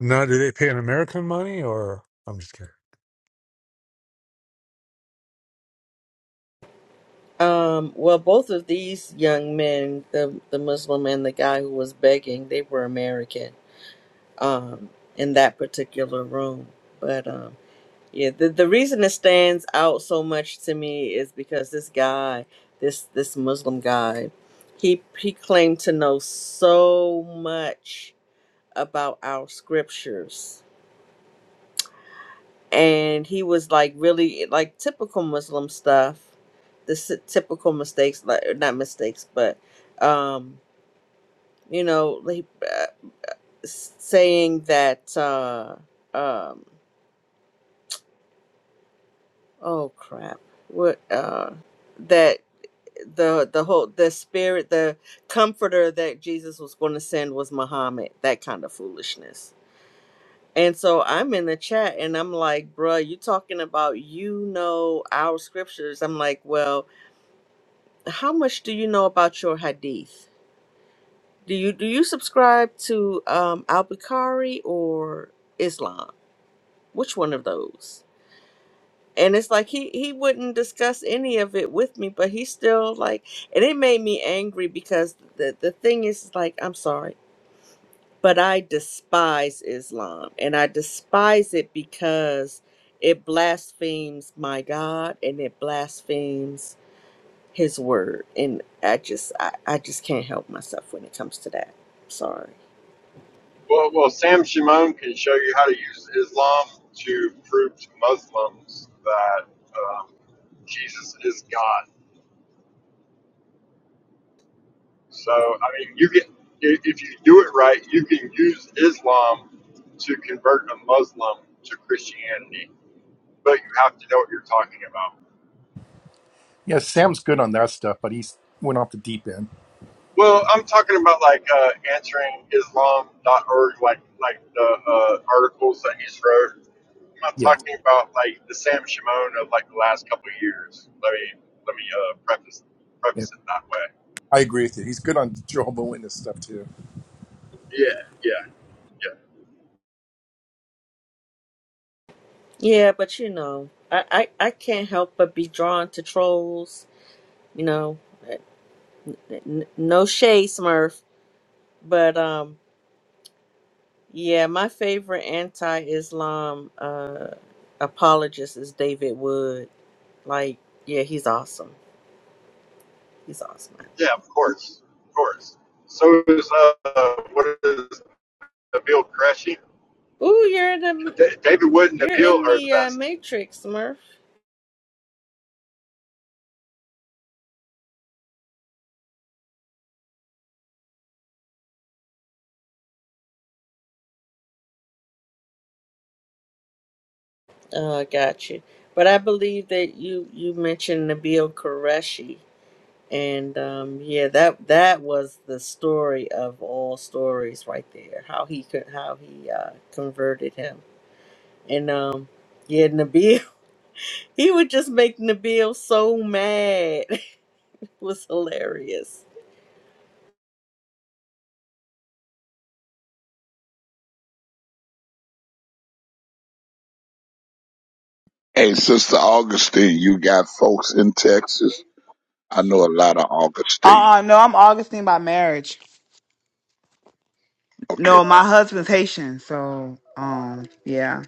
Speaker 7: Now, do they pay an American money or? I'm just kidding.
Speaker 3: Um, well, both of these young men, the the Muslim and the guy who was begging, they were American. Um, in that particular room, but um, yeah, the the reason it stands out so much to me is because this guy, this this Muslim guy, he he claimed to know so much about our scriptures and he was like really like typical Muslim stuff, the s- typical mistakes, like not mistakes, but um, you know, like uh, s- saying that uh, um, oh crap, what uh, that the the whole the spirit the comforter that Jesus was going to send was Muhammad, that kind of foolishness. And so I'm in the chat and I'm like, bruh, you talking about you know our scriptures. I'm like, well, How much do you know about your hadith? Do you do you subscribe to um, Al Bukhari or Islam? Which one of those? And it's like he he wouldn't discuss any of it with me, but he still like, and it made me angry because the the thing is like, I'm sorry, but I despise Islam, and I despise it because it blasphemes my God and it blasphemes his word and i just I, I just can't help myself when it comes to that sorry
Speaker 18: Well, well, Sam Shimon can show you how to use Islam to prove to Muslims that um, Jesus is God. So, I mean, you can if if you do it right, you can use Islam to convert a Muslim to Christianity, but you have to know what you're talking about.
Speaker 1: Yeah, Sam's good on that stuff, but he's went off the deep end.
Speaker 18: Well, I'm talking about like uh, answering Islam.org, like like the uh, articles that he's wrote I'm not
Speaker 1: Yes.
Speaker 18: talking about like the Sam Shimon of like the last couple of years. Let me let me uh, preface
Speaker 1: yes.
Speaker 18: preface it that way.
Speaker 1: I agree with you. He's good on Jehovah Witness stuff too.
Speaker 18: Yeah, yeah, yeah,
Speaker 3: yeah but you know i i, I can't help but be drawn to trolls you know N- no shade smurf but um yeah my favorite anti-islam uh apologist is david wood like yeah he's awesome he's awesome
Speaker 18: yeah. Of course, of course. So is uh, what is Nabil Qureshi?
Speaker 3: Ooh, you're in the
Speaker 18: Da David Wood and
Speaker 3: you're
Speaker 18: Nabil
Speaker 3: in
Speaker 18: are the
Speaker 3: the uh,
Speaker 18: best.
Speaker 3: matrix smurf Oh, I got you. But I believe that you you mentioned Nabil Qureshi, and um, yeah, that that was the story of all stories right there. How he could how he uh, converted him, and um, yeah, Nabil he would just make Nabil so mad. it was hilarious.
Speaker 16: Hey, Sister Augustine, you got folks in Texas. I know a lot of
Speaker 5: Uh
Speaker 16: Augustine.
Speaker 5: uh no, I'm Augustine by marriage.
Speaker 16: Okay.
Speaker 5: No, my husband's Haitian, so um yeah.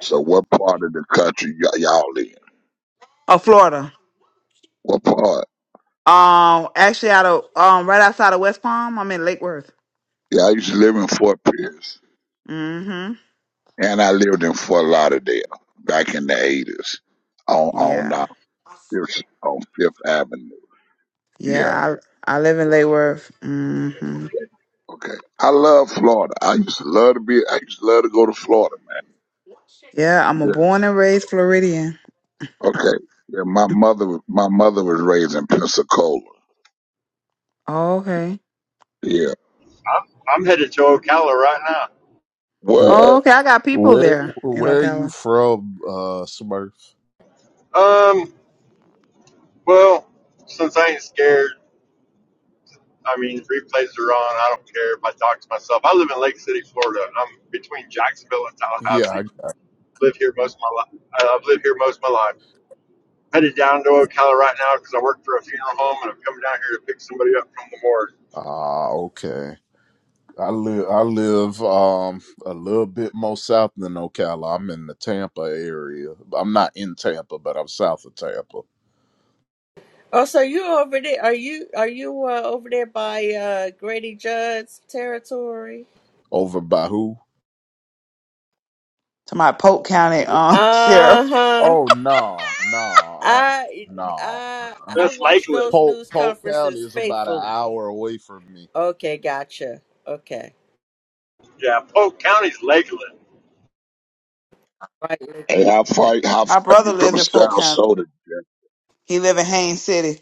Speaker 16: So what part of the country y- y'all in?
Speaker 5: Oh Florida.
Speaker 16: What part?
Speaker 5: Um actually out of um right outside of West Palm, I'm in Lake Worth.
Speaker 16: Yeah, I used to live in Fort Pierce,
Speaker 5: Mm-hmm.
Speaker 16: and I lived in Fort Lauderdale back in the eighties on on
Speaker 5: Yeah.
Speaker 16: uh, Fifth on Fifth Avenue. Yeah,
Speaker 5: Yeah, I I live in Lake Worth. Mm-hmm.
Speaker 16: okay. I love Florida. I used to love to be. I used to love to go to Florida, man.
Speaker 5: Yeah, I'm a
Speaker 16: Yeah.
Speaker 5: born and raised Floridian.
Speaker 16: Okay. Yeah, my mother. My mother was raised in Pensacola.
Speaker 5: Oh, okay.
Speaker 16: Yeah.
Speaker 18: I'm I'm headed to Ocala right
Speaker 5: Oh,
Speaker 16: What?
Speaker 5: okay, I got people there in Ocala.
Speaker 18: now. Um, well, since I ain't scared, I mean replays are on. I don't care if I talk to myself. I live in Lake City, Florida, and I'm between Jacksonville and Tallahassee. lived here most of my life. I've lived here most of my life. Headed down to Ocala right now because I work for a funeral home and I'm coming down here to pick somebody up from the morgue.
Speaker 3: Oh, so you over there? Are you are you uh, over there by uh, Grady Judd's territory?
Speaker 5: To my Polk County um
Speaker 3: Uh
Speaker 5: sheriff.
Speaker 3: huh. I I I
Speaker 18: That's
Speaker 3: watch
Speaker 18: Lakeland.
Speaker 3: those news conferences faithfully. Okay, gotcha. Okay.
Speaker 18: Yeah, Polk County's Lakeland.
Speaker 3: Right.
Speaker 16: Hey,
Speaker 3: Lakewood,
Speaker 16: how
Speaker 3: Okay.
Speaker 16: far? How far
Speaker 5: My brother
Speaker 16: you
Speaker 5: lives
Speaker 16: from
Speaker 5: in Polk
Speaker 16: South
Speaker 5: County.
Speaker 16: Soda?
Speaker 5: He live in Haines City.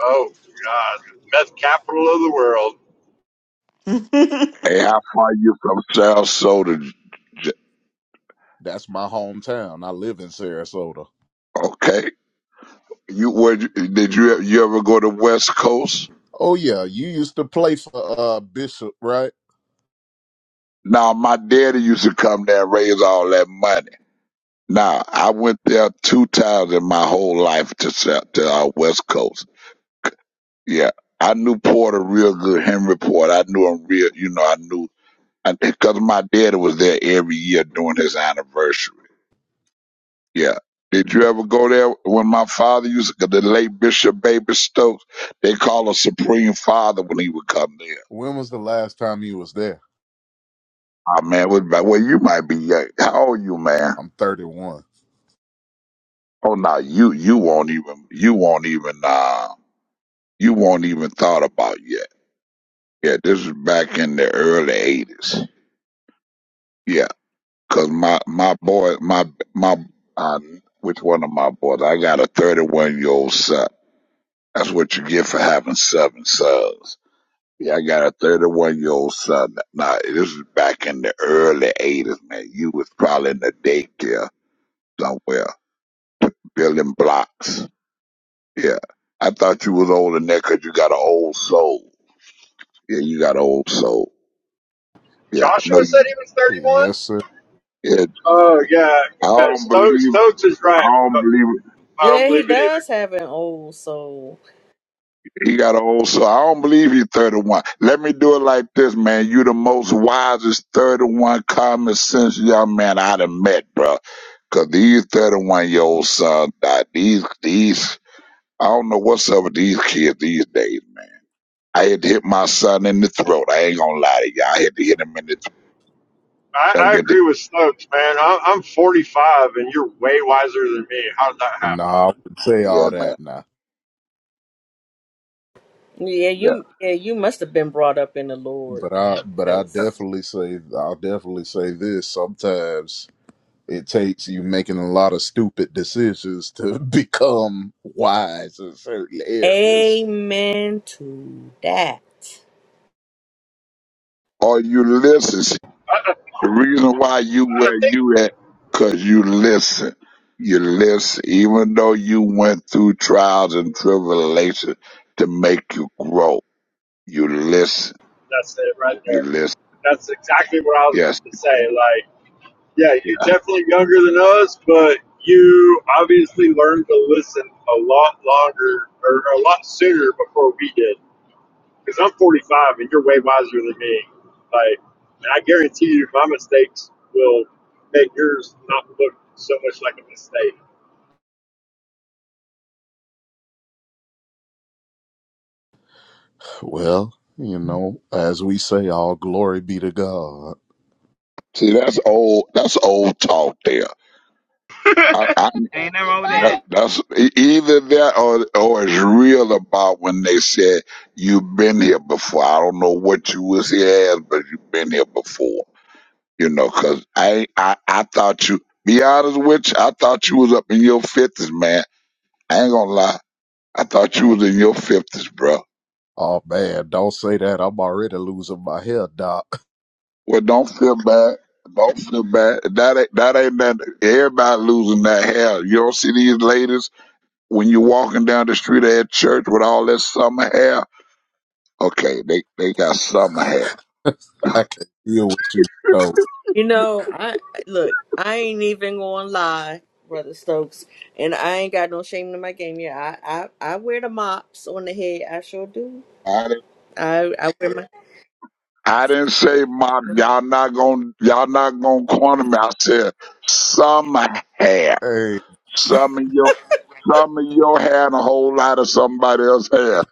Speaker 18: Oh, God. Meth capital of the world.
Speaker 16: Hey, how far you from South Soda? J- Okay. You were did you you ever go to West Coast? Now my daddy used to come there and raise all that money. Now I went there two times in my whole life to South- to our West Coast. Yeah, I knew Porter real good, Henry Porter. I knew him real. You know, I knew because my daddy was there every year during his anniversary. Yeah. Did you ever go there when my father used the late Bishop Baby Stokes? They call him Supreme Father when he would come there. Oh man, what about well you might be young. How old you, man? Oh no, you you won't even you won't even uh you won't even thought about yet. Yeah, this is back in the early eighties. Yeah, cause my my boy my my uh, which one of my boys? I got a thirty one year old son. That's what you get for having seven sons. Yeah, I got a thirty one year old son. Now this is back in the early eighties, man. You was probably in the daycare somewhere building blocks. Yeah. I thought you was older than that 'cause you got an old soul. Yeah, you got an old soul. Yeah, I
Speaker 18: Joshua
Speaker 16: know
Speaker 18: said
Speaker 16: you.
Speaker 18: he was 31?
Speaker 16: Yeah,
Speaker 18: Oh, yeah.
Speaker 16: I
Speaker 18: yeah
Speaker 16: don't believe
Speaker 18: Stokes,
Speaker 16: it.
Speaker 18: Stokes is
Speaker 16: I
Speaker 18: right.
Speaker 16: don't
Speaker 18: but
Speaker 16: believe
Speaker 18: I don't
Speaker 3: Yeah,
Speaker 18: believe
Speaker 3: he
Speaker 18: it either.
Speaker 3: does have an old soul.
Speaker 16: it. He got an old soul. I don't believe you 31. Let me do it like this, man. You the most wisest 31 common sense young man I done met, bro. 'Cause these 31 year old sons, uh, these, these, I don't know what's up with these kids these days, man. I had to hit my son in the throat. I ain't gonna lie to you. I had to hit him in the throat. Never
Speaker 18: I, I
Speaker 16: get to-
Speaker 18: agree with Stokes, man. I, I'm 45 and you're way wiser than me. How did that happen?
Speaker 16: Yeah, man.
Speaker 3: Yeah,
Speaker 16: Yeah.
Speaker 3: you yeah, you must have been brought up in the Lord then, cause Amen to that.
Speaker 16: Or you listen. See,
Speaker 18: I
Speaker 16: The reason why you
Speaker 18: I
Speaker 16: where
Speaker 18: think
Speaker 16: you at, cause you listen. You listen, even though you went through trials and tribulations to make you grow. You listen.
Speaker 18: that's it right there.
Speaker 16: You listen.
Speaker 18: That's exactly what I was
Speaker 16: Yes.
Speaker 18: going to say. Like, yeah, you're definitely younger than us, but you obviously learned to listen a lot longer or a lot sooner before we did. Because I'm 45 and you're way wiser than me. Like, and I guarantee you, my mistakes will make yours not look so much like a mistake.
Speaker 16: See, that's old. That's old talk there. I,
Speaker 5: Ain't nothing wrong with
Speaker 16: That,
Speaker 5: that.
Speaker 16: that's e- either that or or it's real about when they said you've been here before. I don't know what you was here as, but you've been here before. You know, 'cause I I I thought you. Be honest with you, I thought you was up in your fifties, man. I ain't gonna lie, I thought you was in your fifties, bro. Well, don't feel bad. Don't feel bad. That ain't that ain't that. Everybody losing that hair. You don't see these ladies when you walking down the street at church with all that summer hair. Okay, they they got some hair.
Speaker 3: You know, I look, I ain't even gonna lie, Brother Stokes, and I ain't got no shame in my game. Yeah, I I, I wear the mops on the head, I sure do.
Speaker 16: I didn't
Speaker 3: I, I wear my
Speaker 16: I didn't say mop. Y'all not gonna y'all not gonna corner me. I said some hair. Some of your some of your hair and a whole lot of somebody else's hair.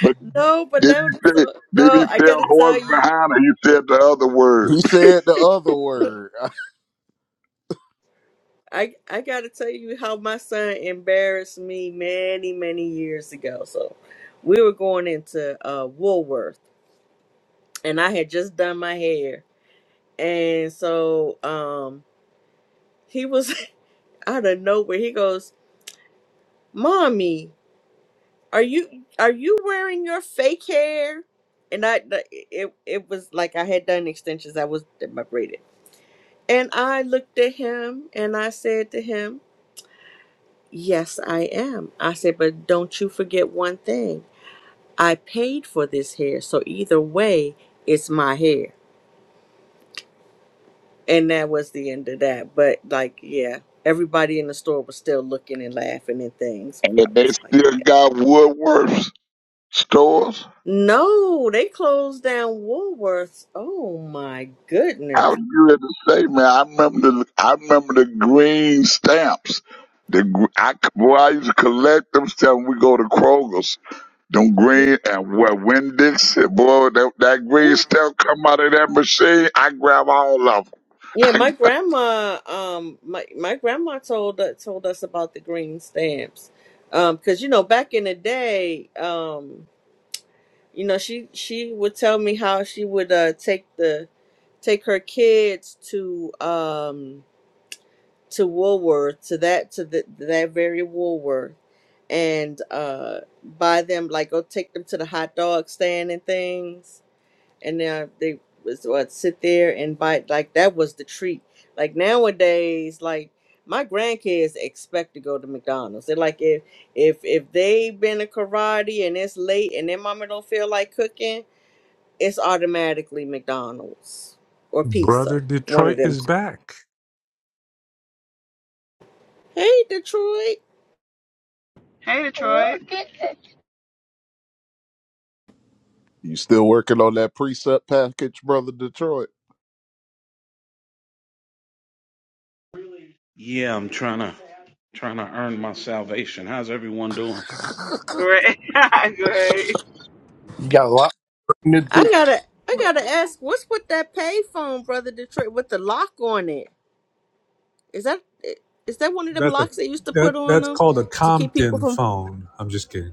Speaker 16: But
Speaker 3: No, but
Speaker 16: did
Speaker 3: that was
Speaker 16: he say
Speaker 3: so,
Speaker 16: did he
Speaker 3: no. I
Speaker 16: say
Speaker 3: gotta
Speaker 16: a
Speaker 3: tell
Speaker 16: horse
Speaker 3: you,
Speaker 16: behind or he said the other word?
Speaker 3: I I gotta tell you how my son embarrassed me many many years ago. So, we were going into uh Woolworth, and I had just done my hair, and so um he was out of nowhere. He goes, "Mommy, are you are you wearing your fake hair?" And I it it was like I had done extensions. I was my braided, and I looked at him and I said to him. Yes, I am. I said, but don't you forget one thing. I paid for this hair, so either way, it's my hair. And that was the end of that. But like, yeah, everybody in the store was still looking and laughing and things.
Speaker 16: And
Speaker 3: But I
Speaker 16: they
Speaker 3: was like,
Speaker 16: still
Speaker 3: yeah.
Speaker 16: got Woodworth's stores.
Speaker 3: No, they closed down Woolworths. Oh my
Speaker 16: I
Speaker 3: goodness.
Speaker 16: was good to say, man. I remember the I remember the green stamps. The gr- I c- boy, I used to collect them stamps. When we go to Kroger's, them green and what Winn Dixie, boy, that, that green
Speaker 3: Yeah,
Speaker 16: stamp come out of that machine. I grab all of
Speaker 3: yeah my
Speaker 16: them.
Speaker 3: grandma um my, my grandma told uh, told us about the green stamps. um, because you know, back in the day, um. you know she she would tell me how she would uh take the take her kids to um to Woolworth to that to the, that very Woolworth and uh buy them like go take them to the hot dog stand and things and then they was what sit there and bite like that was the treat like nowadays like my grandkids expect to go to McDonald's they're like if if if they've been to karate and it's late and their mama don't feel like cooking it's automatically McDonald's or
Speaker 7: Brother
Speaker 3: pizza, one of
Speaker 7: Detroit
Speaker 3: them.
Speaker 7: is
Speaker 3: two.
Speaker 7: back.
Speaker 3: Hey, Detroit,
Speaker 5: Hey, Detroit.
Speaker 20: Yeah, I'm trying to trying to earn my salvation. How's everyone doing?
Speaker 5: Great. Great.
Speaker 1: You got a lot to
Speaker 3: I
Speaker 1: do
Speaker 3: gotta, I gotta ask, what's with that payphone, brother Detroit, with the lock on it? Is that, is that one of them
Speaker 7: That's a
Speaker 3: locks they used to put
Speaker 7: that
Speaker 3: on
Speaker 7: that's
Speaker 3: them
Speaker 7: called a
Speaker 3: to keep people
Speaker 7: Compton
Speaker 3: from?
Speaker 7: phone. I'm just kidding.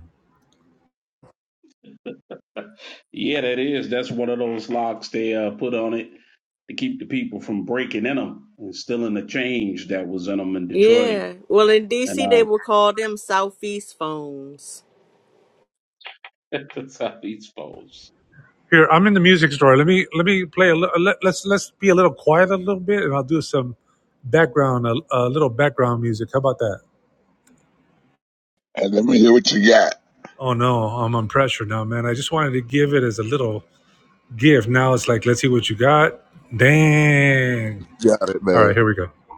Speaker 20: Yeah, that is. That's one of those locks they uh, put on it to keep the people from breaking in them and stealing the change that was in them in Detroit.
Speaker 3: Yeah. Well, in
Speaker 20: And
Speaker 3: DC, they
Speaker 20: uh,
Speaker 3: would call them Southeast phones.
Speaker 20: that's how these folks.
Speaker 7: Here, I'm in the music store. Let me let me play a li- let, let's let's be a little quiet a little bit and I'll do some background a, a little background music. How about that?
Speaker 16: and let me hear what you got.
Speaker 7: Oh no, I'm on pressure now, man. I just wanted to give it as a little give. Now it's like, let's see what you got. Dang. All right, here we go.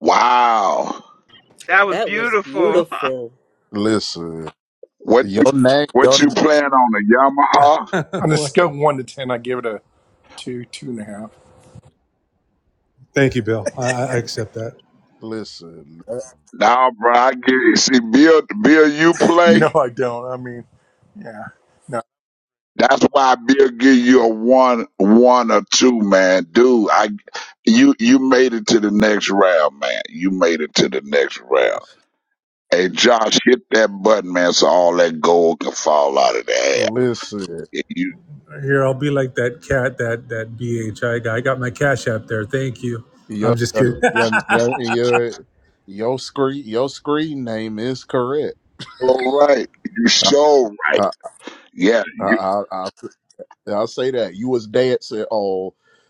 Speaker 16: Wow,
Speaker 5: That was
Speaker 3: That was
Speaker 5: beautiful.
Speaker 3: beautiful.
Speaker 16: what what you playing on a Yamaha?
Speaker 1: On a scale of
Speaker 7: what?
Speaker 1: one to ten, I give it a two, two and a half.
Speaker 7: Thank you, Bill. I, I accept that.
Speaker 16: Nah, bro, I get see Bill. Bill, you play.
Speaker 1: No, I don't. I mean, yeah, no.
Speaker 16: That's why Bill give you a one, one or two, man. Dude, I, you, you made it to the next round, man. You made it to the next round. Hey, Josh, hit that button, man, so all that gold can fall out of the air. You
Speaker 7: Here, I'll be like that cat, that that BHI guy. I got my cash app there. Thank you. I'm just kidding.
Speaker 16: so right. You so right. Yeah, you,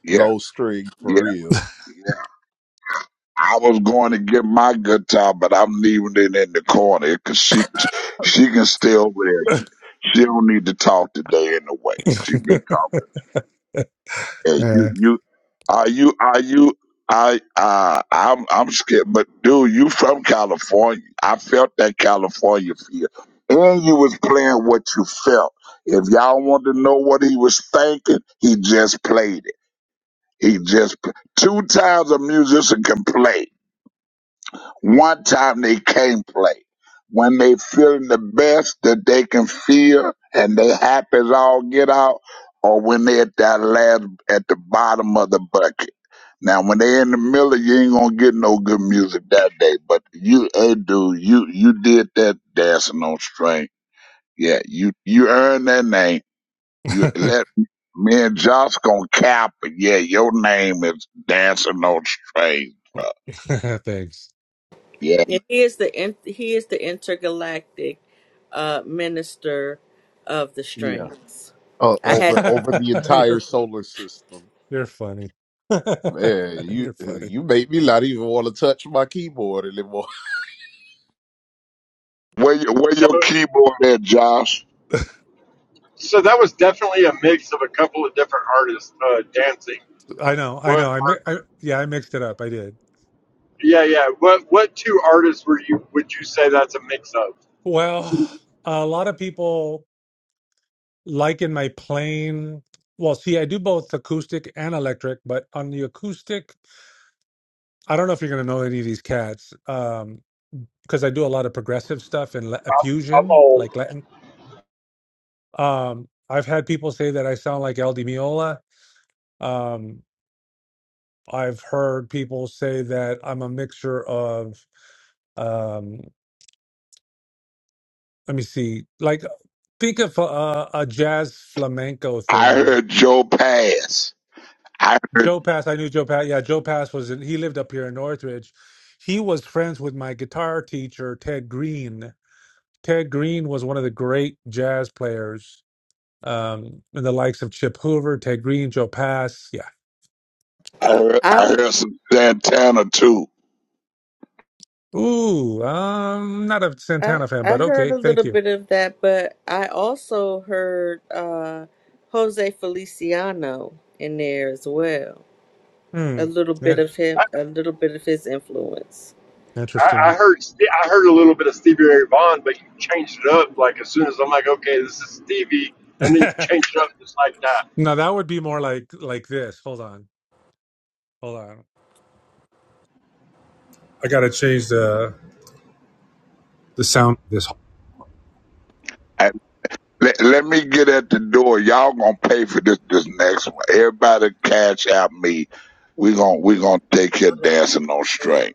Speaker 16: yeah, yeah, yeah. I was going to get my guitar, but I'm leaving it in the corner because she, she can stay over there. She don't need to talk today anyway. She been talking. Yeah, you
Speaker 7: Yeah.
Speaker 16: you are you are you I uh I'm I'm scared, but dude, you from California. I felt that California feel. And you was playing what you felt. If y'all want to know what he was thinking, he just played it. He just pl- two times a musician can play. One time they can't play. When they feeling the best that they can feel and they happy as all get out, or when they at that last at the bottom of the bucket now, when they in the middle, you ain't gonna get no good music that day. But you, hey, dude, you you did that dancing on string. Yeah, you you earned that name. You let me and Josh gonna cap it. Yeah, your name is dancing on strings, bro.
Speaker 7: Thanks.
Speaker 16: Yeah,
Speaker 3: And he is the in- he is the intergalactic uh, minister of the
Speaker 9: Yeah.
Speaker 3: strings. I had.
Speaker 7: you're you're funny. you're funny.
Speaker 16: where your- where
Speaker 18: So,
Speaker 16: your keyboard at, Josh?
Speaker 18: so that was definitely a mix of a couple of different artists uh, dancing.
Speaker 7: I know, I
Speaker 18: What
Speaker 7: know. I, mi-
Speaker 18: art?
Speaker 7: I yeah, I mixed it up. I did.
Speaker 18: Yeah, yeah. What what two artists were you? Would you say that's a mix of?
Speaker 7: Well, a lot of people like in my plane. Well, see, I do both acoustic and electric, but on the acoustic, I don't know if you're going to know any of these cats um, because I do a lot of progressive stuff and la-
Speaker 18: I'm, I'm
Speaker 7: fusion,
Speaker 18: old.
Speaker 7: like Latin. Um, I've had people say that I sound like El Di Meola. Um, I've heard people say that I'm a mixture of. um, let me see. Like, think of uh, a jazz flamenco
Speaker 16: I
Speaker 7: thing.
Speaker 16: heard Joe Pass. I heard
Speaker 7: Joe Pass, I knew Joe Pass. Yeah, Joe Pass was in, he lived up here in Northridge. He was friends with my guitar teacher, Ted Green. Ted Green was one of the great jazz players, um, and the likes of Chip Hoover, Ted Green, Joe Pass. Yeah.
Speaker 16: I heard I
Speaker 3: I.
Speaker 16: heard some Santana too.
Speaker 7: Ooh, um, not a
Speaker 3: I
Speaker 7: Santana fan,
Speaker 3: I
Speaker 7: but
Speaker 3: heard
Speaker 7: okay,
Speaker 3: a little
Speaker 7: thank you.
Speaker 3: bit of that, but I also heard uh Jose Feliciano in there as well.
Speaker 7: Hmm.
Speaker 3: A little
Speaker 7: Yeah,
Speaker 3: bit of him,
Speaker 18: I,
Speaker 3: a little bit of his influence.
Speaker 18: I I
Speaker 7: interesting.
Speaker 18: heard Ste- I heard a little bit of Stevie Ray Vaughan, but you changed it up like as soon as I'm like, okay, this is Stevie, and then you changed it up just like
Speaker 7: Now that would be more like like this. Hold on, hold on. I gotta change the the sound of this. There
Speaker 16: Let, let me get at the door. Y'all gonna pay for this this next one. Everybody cash out me. We gonna, we gonna take care dancing on
Speaker 7: we go.
Speaker 16: string.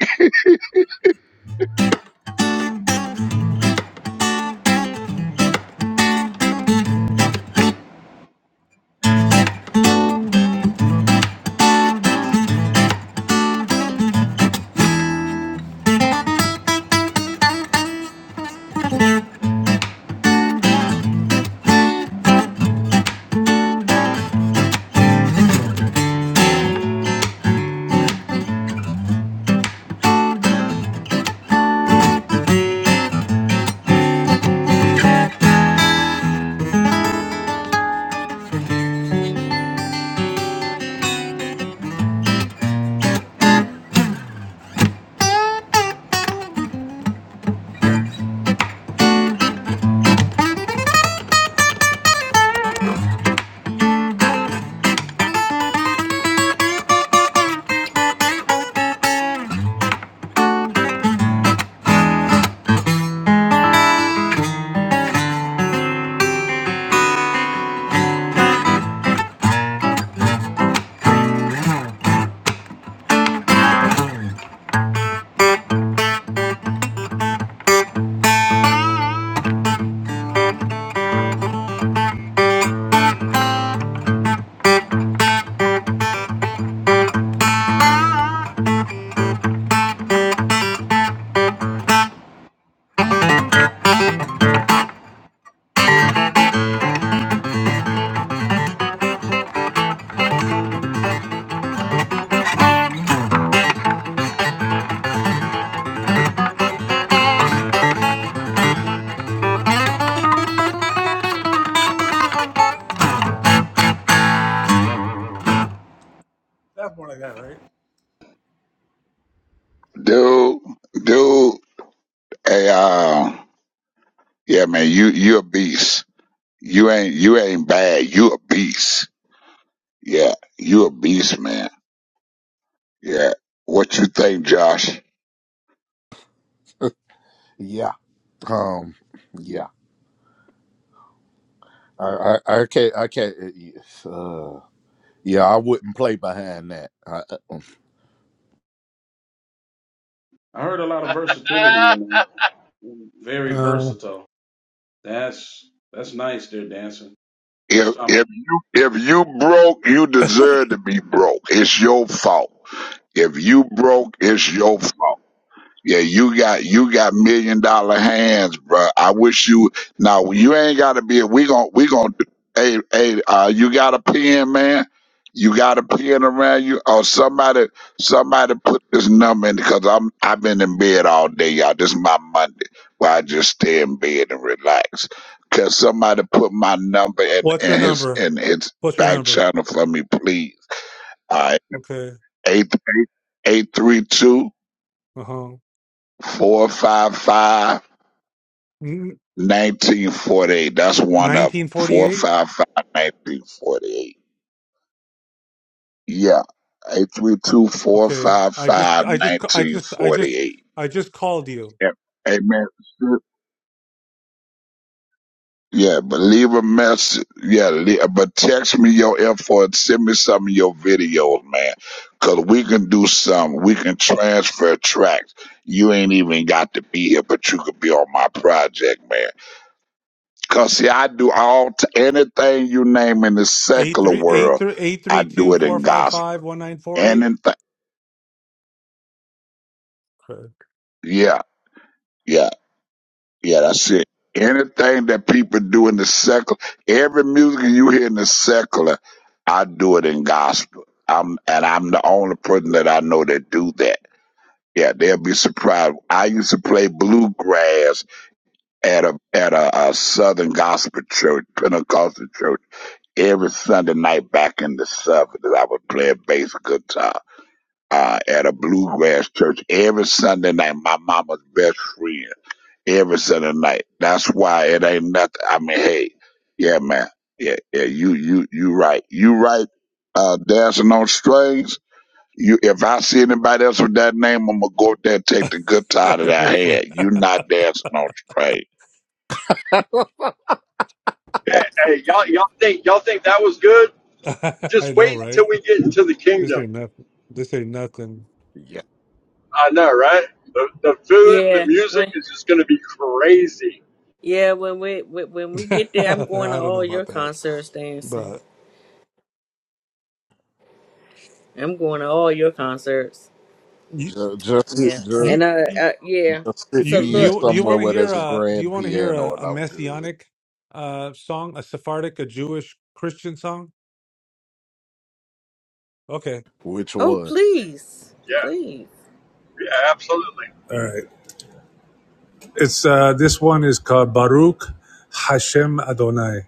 Speaker 7: That's one I got, right?
Speaker 16: Dude, dude, hey uh yeah man, you you a beast. You ain't you ain't bad. You a beast. Yeah, you a beast, man. Yeah. What you think, Josh?
Speaker 20: I heard a lot of versatility
Speaker 18: that.
Speaker 20: in them. Very
Speaker 7: Uh,
Speaker 20: versatile. That's that's nice. They're dancing. First
Speaker 16: If
Speaker 20: time
Speaker 16: if you if you broke, you deserve to be broke. It's your fault. If you broke, it's your fault. Yeah, you got you got million dollar hands, bro. I wish you now you ain't gotta be we gon' we gon' hey hey uh you got a pen, man. You got a pen around you or somebody somebody put this number in because I'm I've been in bed all day, y'all. This is my Monday where I just stay in bed and relax. Cause somebody put my number in,
Speaker 7: what's
Speaker 16: in
Speaker 7: your
Speaker 16: his
Speaker 7: number?
Speaker 16: in his
Speaker 7: What's your
Speaker 16: back
Speaker 7: number?
Speaker 16: channel for me, please. All right.
Speaker 7: Okay.
Speaker 16: Eight eight three two
Speaker 7: Uh huh.
Speaker 16: four five five. 1948. That's one of them.
Speaker 7: Nineteen forty-eight.
Speaker 16: 455 1948. Yeah. 832
Speaker 7: Okay. I just, I just, I just, I just,
Speaker 16: 1948.
Speaker 7: I just called you.
Speaker 16: Yeah. Amen. Yeah, but leave a message. Yeah, le but text me your info and send me some of your videos, man. Cause we can do something. We can transfer tracks. You ain't even got to be here, but you could be on my project, man. Cause see, I do all t- anything you name in the
Speaker 7: Eight
Speaker 16: secular
Speaker 7: three eight
Speaker 16: world,
Speaker 7: three eight
Speaker 16: I
Speaker 7: three
Speaker 16: do
Speaker 7: two
Speaker 16: it
Speaker 7: four
Speaker 16: in
Speaker 7: five
Speaker 16: gospel.
Speaker 7: five one nine four eight.
Speaker 16: Anything, yeah, yeah, yeah. That's it. Anything that people do in the secular, every music you hear in the secular, I do it in gospel. I'm and I'm the only person that I know that do that. Yeah, they'll be surprised. I used to play bluegrass at a at a, a Southern Gospel church, Pentecostal church every Sunday night back in the seventies, I would play bass guitar uh, at a bluegrass church every Sunday night. My mama's best friend every Sunday night. That's why it ain't nothing. I mean, hey, yeah, man, yeah, yeah, you, you, you right, you right. Uh, dancing on strings. You, if I see anybody else with that name, I'm gonna go up there and take the guitar that
Speaker 7: Okay. You're
Speaker 16: I
Speaker 7: fun.
Speaker 16: had. You not dancing on strings. Yeah.
Speaker 18: Ah, Hey, y'all, y'all think y'all think that was good?
Speaker 7: I
Speaker 18: Just
Speaker 7: know,
Speaker 18: wait until
Speaker 7: right?
Speaker 18: we get into the
Speaker 7: This
Speaker 18: kingdom.
Speaker 7: ain't nothing. This ain't nothing.
Speaker 18: I know, right? The the food and the
Speaker 3: Yeah,
Speaker 18: music
Speaker 3: when
Speaker 18: is just going to be crazy.
Speaker 3: yeah, when we when when we get there, I'm going to
Speaker 7: I don't know
Speaker 3: all your
Speaker 7: about that,
Speaker 3: concerts dancing.
Speaker 7: but
Speaker 3: I'm going to all your concerts.
Speaker 7: you,
Speaker 3: Yeah, and uh,
Speaker 7: you.
Speaker 3: uh yeah. So
Speaker 7: You do
Speaker 3: look,
Speaker 7: you do you
Speaker 3: look.
Speaker 7: want
Speaker 3: Th-
Speaker 7: to
Speaker 3: th-
Speaker 7: hear a do you want to hear a, a messianic uh song, a Sephardic, a Jewish Christian song? Okay.
Speaker 3: oh, please,
Speaker 18: Yeah,
Speaker 3: please,
Speaker 18: yeah, absolutely.
Speaker 7: All right. It's uh this one is called Baruch Hashem Adonai.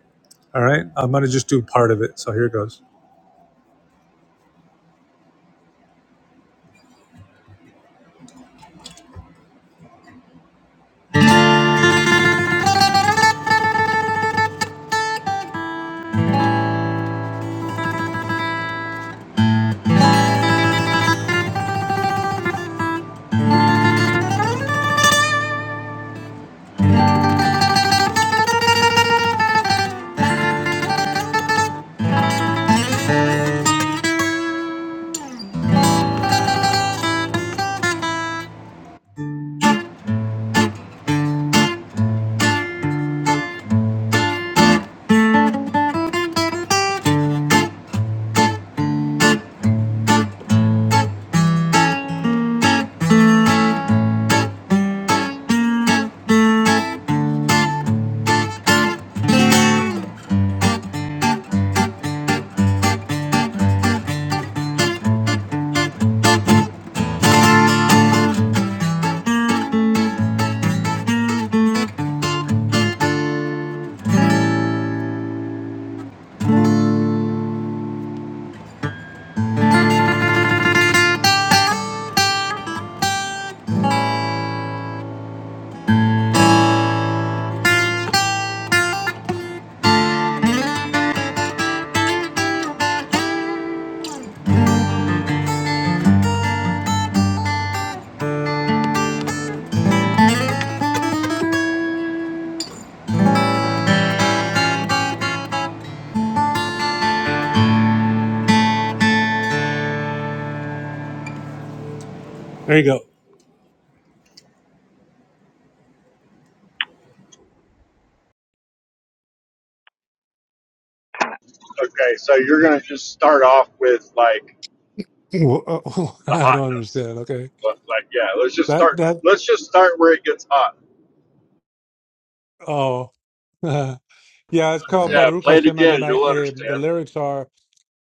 Speaker 7: All right. I'm gonna just do part of it. So here it goes. There you
Speaker 18: Okay, so you're going to just start off with like
Speaker 7: go. Wh-
Speaker 18: the
Speaker 7: I don't
Speaker 18: hotness,
Speaker 7: understand. Okay.
Speaker 18: but like yeah, let's just
Speaker 7: That
Speaker 18: start.
Speaker 7: that
Speaker 18: Let's just start where it gets hot.
Speaker 7: oh yeah, it's called
Speaker 18: Yeah,
Speaker 7: Baruch
Speaker 18: play it
Speaker 7: Hashem
Speaker 18: again.
Speaker 7: Adonai.
Speaker 18: You'll
Speaker 7: Eh, The
Speaker 18: understand.
Speaker 7: lyrics are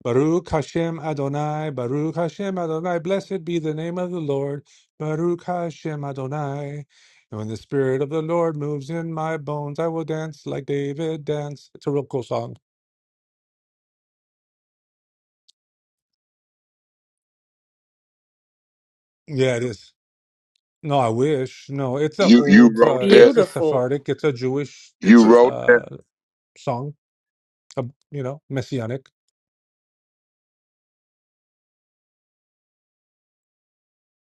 Speaker 7: Baruch Hashem Adonai, Baruch Hashem Adonai, blessed be the name of the Lord, Baruch Hashem Adonai. And when the Spirit of the Lord moves in my bones, I will dance like David danced. It's a real cool song. Yeah, it is. No, I wish. No, it's a
Speaker 16: You, you
Speaker 7: old, uh,
Speaker 16: wrote that.
Speaker 7: it's a
Speaker 3: beautiful.
Speaker 7: Sephardic, it's a Jewish
Speaker 16: You wrote that.
Speaker 7: uh, song, uh, you know, messianic.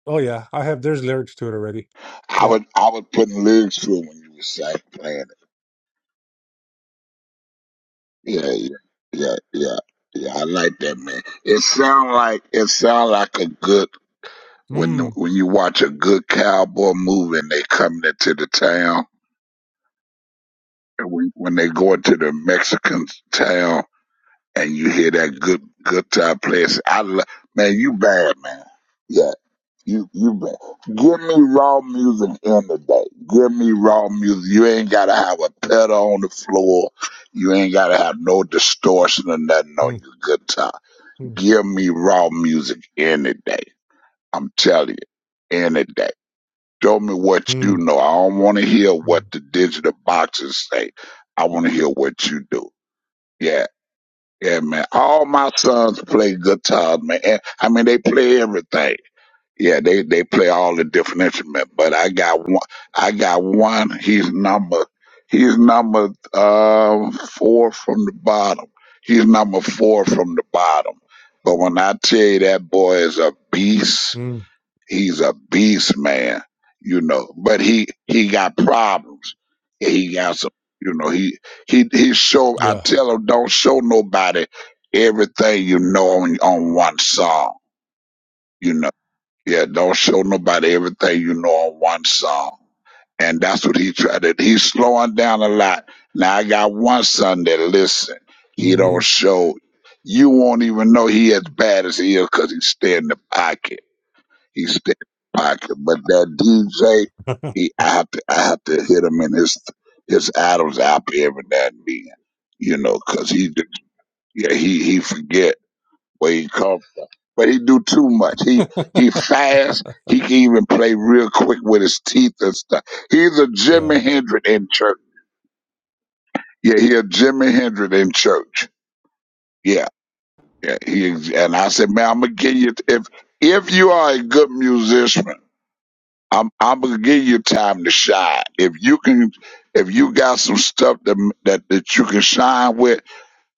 Speaker 7: Oh, yeah, I have, there's lyrics to it already.
Speaker 16: I
Speaker 7: Yeah.
Speaker 16: would I would put lyrics to it when you were recite playing it. Yeah, yeah, yeah, yeah, yeah. I like that man. It sound like it sound like a good when
Speaker 7: Mm,
Speaker 16: when you watch a good cowboy movie and they coming into the town and when when they go into the Mexican town and you hear that good guitar playing. I lo- man, you bad man. Yeah, You you be- give me raw music in the day. Give me raw music. You ain't gotta have a pedal on the floor. You ain't gotta have no distortion or nothing on
Speaker 7: mm,
Speaker 16: your guitar.
Speaker 7: mm,
Speaker 16: Give me raw music any day. I'm telling you, any day. Show me what you
Speaker 7: mm,
Speaker 16: know. I don't want to hear
Speaker 7: mm,
Speaker 16: what the digital boxes say. I want to hear what you do. Yeah, yeah, man. All my sons play guitar, man. And, I mean, they play everything. Yeah, they they play all the different instruments, but I got one. I got one. He's number. He's number uh, four from the bottom. He's number four from the bottom. But when I tell you that boy is a beast,
Speaker 7: mm.
Speaker 16: he's a beast, man. You know, but he he got problems. Yeah, He got some. You know, he he he show. I
Speaker 7: Yeah.
Speaker 16: tell him don't show nobody everything you know on on one song. You know. Yeah, don't show nobody everything you know on one song. And that's what he tried to he's slowing down a lot. Now I got one son that listen. He don't
Speaker 7: hmm
Speaker 16: show you won't even know he as bad as he is because he stay in the pocket. He stay in the pocket. But that DJ, he I have to I have to hit him in his his Adam's apple every now and then. You know, cause he just- yeah, he he forget where he come but he do too much. He he fast. He can even play real quick with his teeth and stuff. He's a
Speaker 7: Yeah.
Speaker 16: Jimi Hendrix in church. Yeah, he a Jimi Hendrix in church. Yeah, yeah. He is- and I said, man, I'm gonna give you if if you are a good musician, I'm I'm gonna give you time to shine. If you can, if you got some stuff that that, that you can shine with,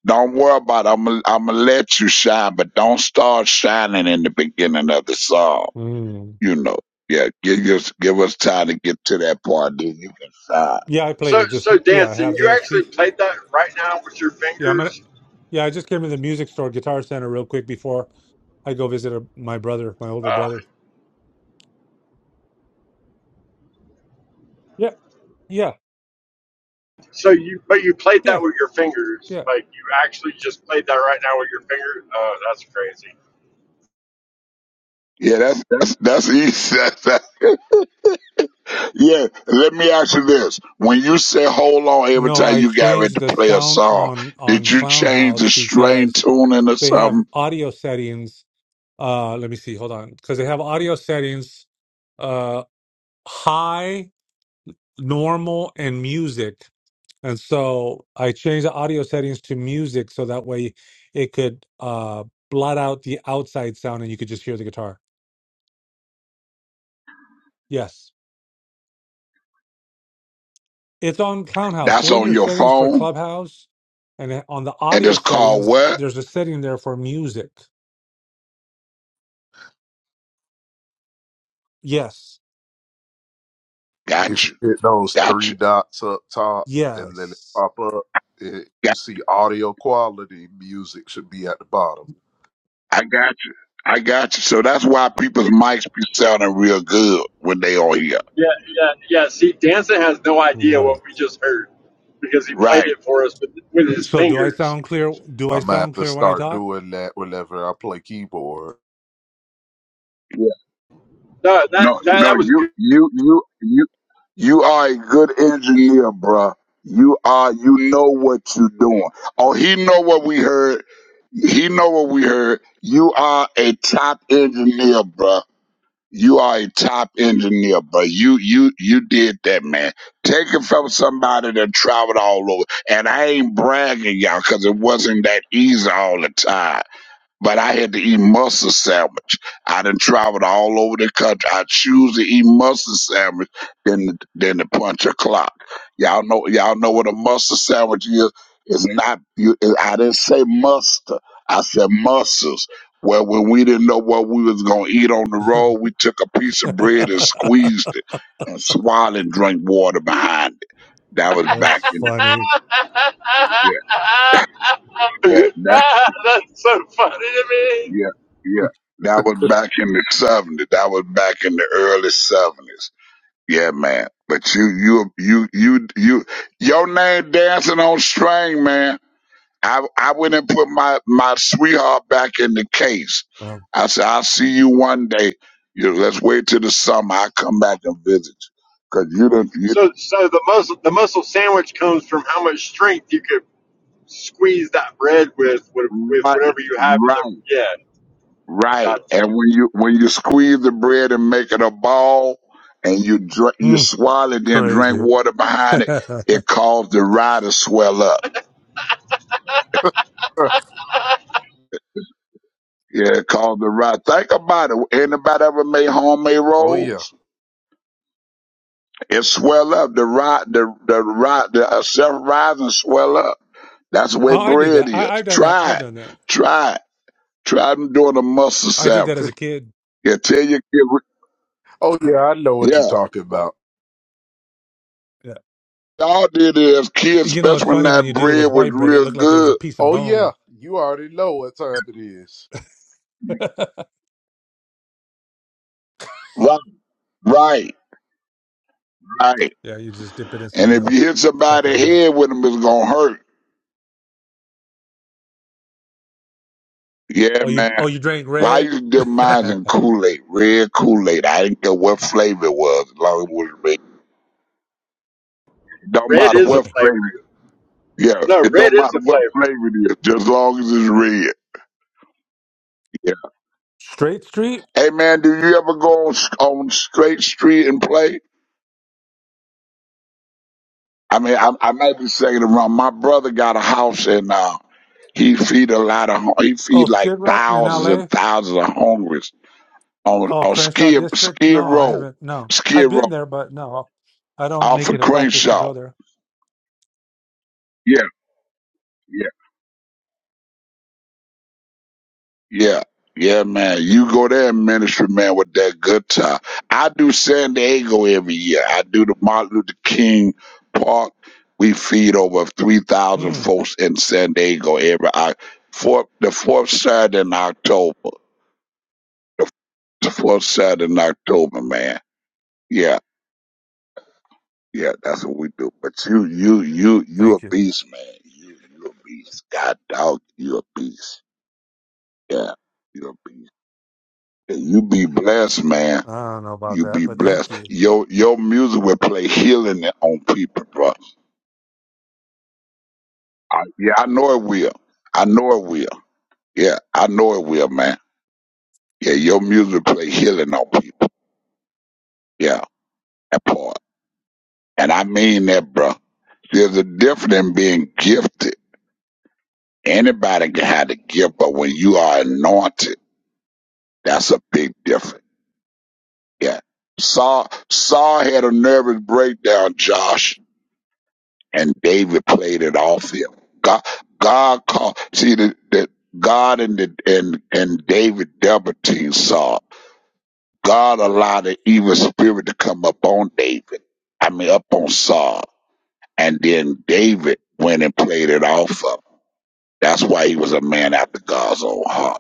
Speaker 16: don't worry about. It. I'm gonna- I'm gonna let you shine, but don't start shining in the beginning of the song
Speaker 7: Mm.
Speaker 16: you know, yeah, give us give us time to get to that part, then you can sign.
Speaker 7: Yeah, I played
Speaker 18: So,
Speaker 7: it just
Speaker 18: so
Speaker 7: n- yeah, I
Speaker 18: dancing.
Speaker 7: have
Speaker 18: You
Speaker 7: the
Speaker 18: actually
Speaker 7: see
Speaker 18: played that right now with your
Speaker 7: yeah, I'm gonna
Speaker 18: fingers.
Speaker 7: yeah, I just came to the music store, Guitar Center real quick before I go visit a, my brother, my older
Speaker 18: Uh,
Speaker 7: brother. Yeah, yeah,
Speaker 18: so you, but you played that
Speaker 7: yeah,
Speaker 18: with your fingers.
Speaker 7: yeah.
Speaker 18: Like you actually just played that right now with your fingers. Oh, that's crazy.
Speaker 16: Yeah, that's that's that's easy. That's, that, yeah, let me ask you this: When you say "hold on" every
Speaker 7: No,
Speaker 16: time
Speaker 7: I
Speaker 16: you got ready
Speaker 7: changed
Speaker 16: to
Speaker 7: the
Speaker 16: play a
Speaker 7: sound
Speaker 16: song,
Speaker 7: on
Speaker 16: did
Speaker 7: on
Speaker 16: you
Speaker 7: Clown
Speaker 16: change
Speaker 7: House
Speaker 16: the string
Speaker 7: because
Speaker 16: tuning or
Speaker 7: they have
Speaker 16: something?
Speaker 7: audio settings. Uh let me see, hold on. Because they have audio settings uh high, normal, and music. And so I changed the audio settings to music so that way it could uh, blot out the outside sound and you could just hear the guitar. Yes. It's on Clownhouse.
Speaker 16: That's
Speaker 7: Go in
Speaker 16: on
Speaker 7: your
Speaker 16: your
Speaker 7: settings for
Speaker 16: phone,
Speaker 7: Clubhouse. And then on the
Speaker 16: and
Speaker 7: audio
Speaker 16: it's called
Speaker 7: settings,
Speaker 16: what?
Speaker 7: there's a setting there for music. Yes.
Speaker 16: Got you, got you,
Speaker 7: Yes.
Speaker 16: got, I got you, I got you. So that's why people's mics be sounding real good when they on here,
Speaker 18: Yeah, yeah, yeah. See, dancing has no idea
Speaker 7: Right.
Speaker 18: what we just heard because he played
Speaker 16: right?
Speaker 18: it for us with with his
Speaker 7: So do I
Speaker 18: fingers.
Speaker 7: sound clear? Do I sound clear when I talk?
Speaker 18: No, that that
Speaker 16: No, no,
Speaker 18: that was
Speaker 16: you,
Speaker 18: good.
Speaker 16: you, you, you, you are a good engineer, bruh. You are, you know what you're doing. Oh, he know what we heard. He know what we heard. You are a top engineer, bruh. You are a top engineer, bruh. You, you, you did that, man. Take it from somebody that traveled all over. And I ain't bragging y'all because it wasn't that easy all the time but I had to eat mustard sandwich. I done traveled all over the country. I choose to eat mustard sandwich than than to punch a clock. Y'all know y'all know what a mustard sandwich is. It's not. You, I didn't say mustard. I said mustards. Well, when we didn't know what we was gonna eat on the road, we took a piece of bread and squeezed it and swallowed, and drank water behind it. That was back
Speaker 7: That's
Speaker 16: in
Speaker 7: funny.
Speaker 16: yeah.
Speaker 18: that's
Speaker 16: yeah
Speaker 18: so funny to me.
Speaker 16: Yeah, yeah. That was back in the seventies. That was back in the early seventies. Yeah, man. But you, you, you, you, you, your name dancing on string, man. I, I went and put my, my sweetheart back in the case.
Speaker 7: Um,
Speaker 16: I said, I'll see you one day. You let's wait till the summer. I'll come back and visit you. Cause you done, you,
Speaker 18: So, so the muscle the muscle sandwich comes from how much strength you could squeeze that bread with with, with
Speaker 16: right,
Speaker 18: whatever you have in
Speaker 16: right.
Speaker 18: the yeah.
Speaker 16: Right.
Speaker 18: Gotcha.
Speaker 16: And when you when you squeeze the bread and make it a ball, and you dr- you
Speaker 7: hmm,
Speaker 16: swallow it, then drink
Speaker 7: crazy.
Speaker 16: water behind it,
Speaker 7: oh,
Speaker 16: it caused the rye to swell up. Yeah, it caused the rye. Think about it. Anybody ever made homemade rolls? It swell up. The rye, the the rye, the uh, self rising swell up. That's the way
Speaker 7: I did
Speaker 16: bread
Speaker 7: that.
Speaker 16: is.
Speaker 7: I, I've done that.
Speaker 16: Try
Speaker 7: I've
Speaker 16: it.
Speaker 7: done that.
Speaker 16: Try it. Try them doing a mustard
Speaker 7: I did
Speaker 16: sandwich.
Speaker 7: that as a kid.
Speaker 16: Yeah, tell your kid. Yeah,
Speaker 7: Yeah.
Speaker 16: all did is kids,
Speaker 7: You know,
Speaker 16: especially
Speaker 7: it's
Speaker 16: when
Speaker 7: funny when
Speaker 16: that
Speaker 7: you did it
Speaker 16: bread
Speaker 7: with
Speaker 16: was
Speaker 7: white bread, it
Speaker 16: real
Speaker 7: looked like it was
Speaker 16: good.
Speaker 7: a piece of bone. yeah,
Speaker 16: Right, right, right.
Speaker 7: you just dip it in
Speaker 16: And
Speaker 7: some
Speaker 16: if you
Speaker 7: milk,
Speaker 16: hit
Speaker 7: chocolate
Speaker 16: somebody
Speaker 7: milk.
Speaker 16: head with them, it's gonna hurt. Yeah,
Speaker 7: Oh, you
Speaker 16: man.
Speaker 7: oh you drank
Speaker 16: Well, I
Speaker 7: red?
Speaker 16: used to dip mine in Kool-Aid, red Kool-Aid. I didn't care what flavor it was, as long as it was red. It don't
Speaker 18: Red
Speaker 16: matter
Speaker 18: is a
Speaker 16: what flavor.
Speaker 18: flavor.
Speaker 16: Yeah,
Speaker 18: No,
Speaker 16: it
Speaker 18: red
Speaker 16: don't matter
Speaker 18: is a
Speaker 16: what
Speaker 18: flavor.
Speaker 16: flavor it is, just as long as it's red. Yeah.
Speaker 7: Straight Street?
Speaker 16: Hey, man, do you ever go on, on straight street and play? I mean, I, I might be saying it wrong. My brother got a house in uh, he feed a lot of, hu- he
Speaker 7: Oh,
Speaker 16: feed like
Speaker 7: Skid Row in
Speaker 16: thousands and
Speaker 7: LA?
Speaker 16: thousands of hungry on
Speaker 7: Oh,
Speaker 16: on
Speaker 7: Crenshaw
Speaker 16: Skid
Speaker 7: District?
Speaker 16: Skid
Speaker 7: No, I
Speaker 16: Row,
Speaker 7: haven't. No. I've
Speaker 16: Skid Row,
Speaker 7: been there, but no. I don't
Speaker 16: off
Speaker 7: make
Speaker 16: of
Speaker 7: it a practice to
Speaker 16: Crenshaw.
Speaker 7: go there.
Speaker 16: Yeah, yeah, yeah, yeah, man. You go there, in ministry man, with that good time. I do San Diego every year. I do the Martin Luther King Park. We feed over three thousand
Speaker 7: Mm,
Speaker 16: folks in San Diego every Oc- fourth the fourth Saturday in October. The, the fourth Saturday in October, man. Yeah. Yeah, that's what we do. But you, you, you, you a
Speaker 7: thank you.
Speaker 16: beast, man. You, you a beast. God dog, you a beast. Yeah, you a beast. Yeah, you be blessed, man.
Speaker 7: I don't know about
Speaker 16: You
Speaker 7: that,
Speaker 16: be
Speaker 7: but thank
Speaker 16: blessed.
Speaker 7: you.
Speaker 16: Your your music will play healing on people, bro. I, yeah, I know it will. I know it will. Yeah, I know it will, man. Yeah, your music play healing on people. Yeah, that part. And I mean that, bro. There's a difference in being gifted. Anybody can have the gift, but when you are anointed. That's a big difference. Yeah. Saul Saul had a nervous breakdown, Josh, and David played it off him. God God called see the, the God and the and and David double teamed Saul. God allowed the evil spirit to come up on David. I mean up on Saul. And then David went and played it off of him. That's why he was a man after God's own heart.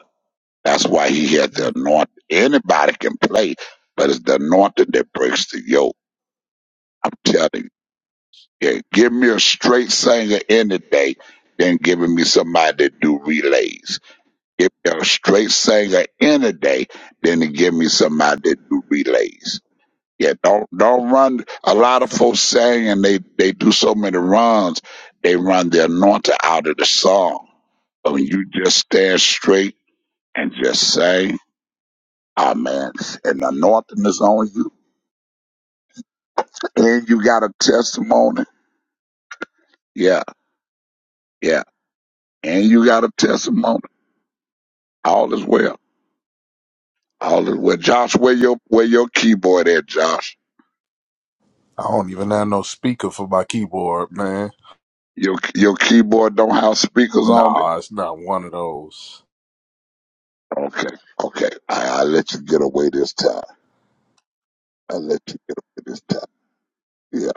Speaker 16: That's why he had the
Speaker 7: Mm.
Speaker 16: anointing. Anybody can play, but it's the anointing that breaks the yoke. I'm telling you. Yeah, give me a straight singer any day than giving me somebody that do relays. Give me a straight singer any day than to give me somebody that do relays. Yeah, don't don't run. A lot of folks sing and they they do so many runs. They run the anointing out of the song. But when you just stand straight and just sing Oh man, and the anointing is on you, and you got a testimony. Yeah, yeah, and you got a testimony. All is well. All is well. Josh, where your where your keyboard at, Josh? Your your keyboard don't have speakers on it. Okay, okay. I I let you get away this time. I let you get away this time. Yeah,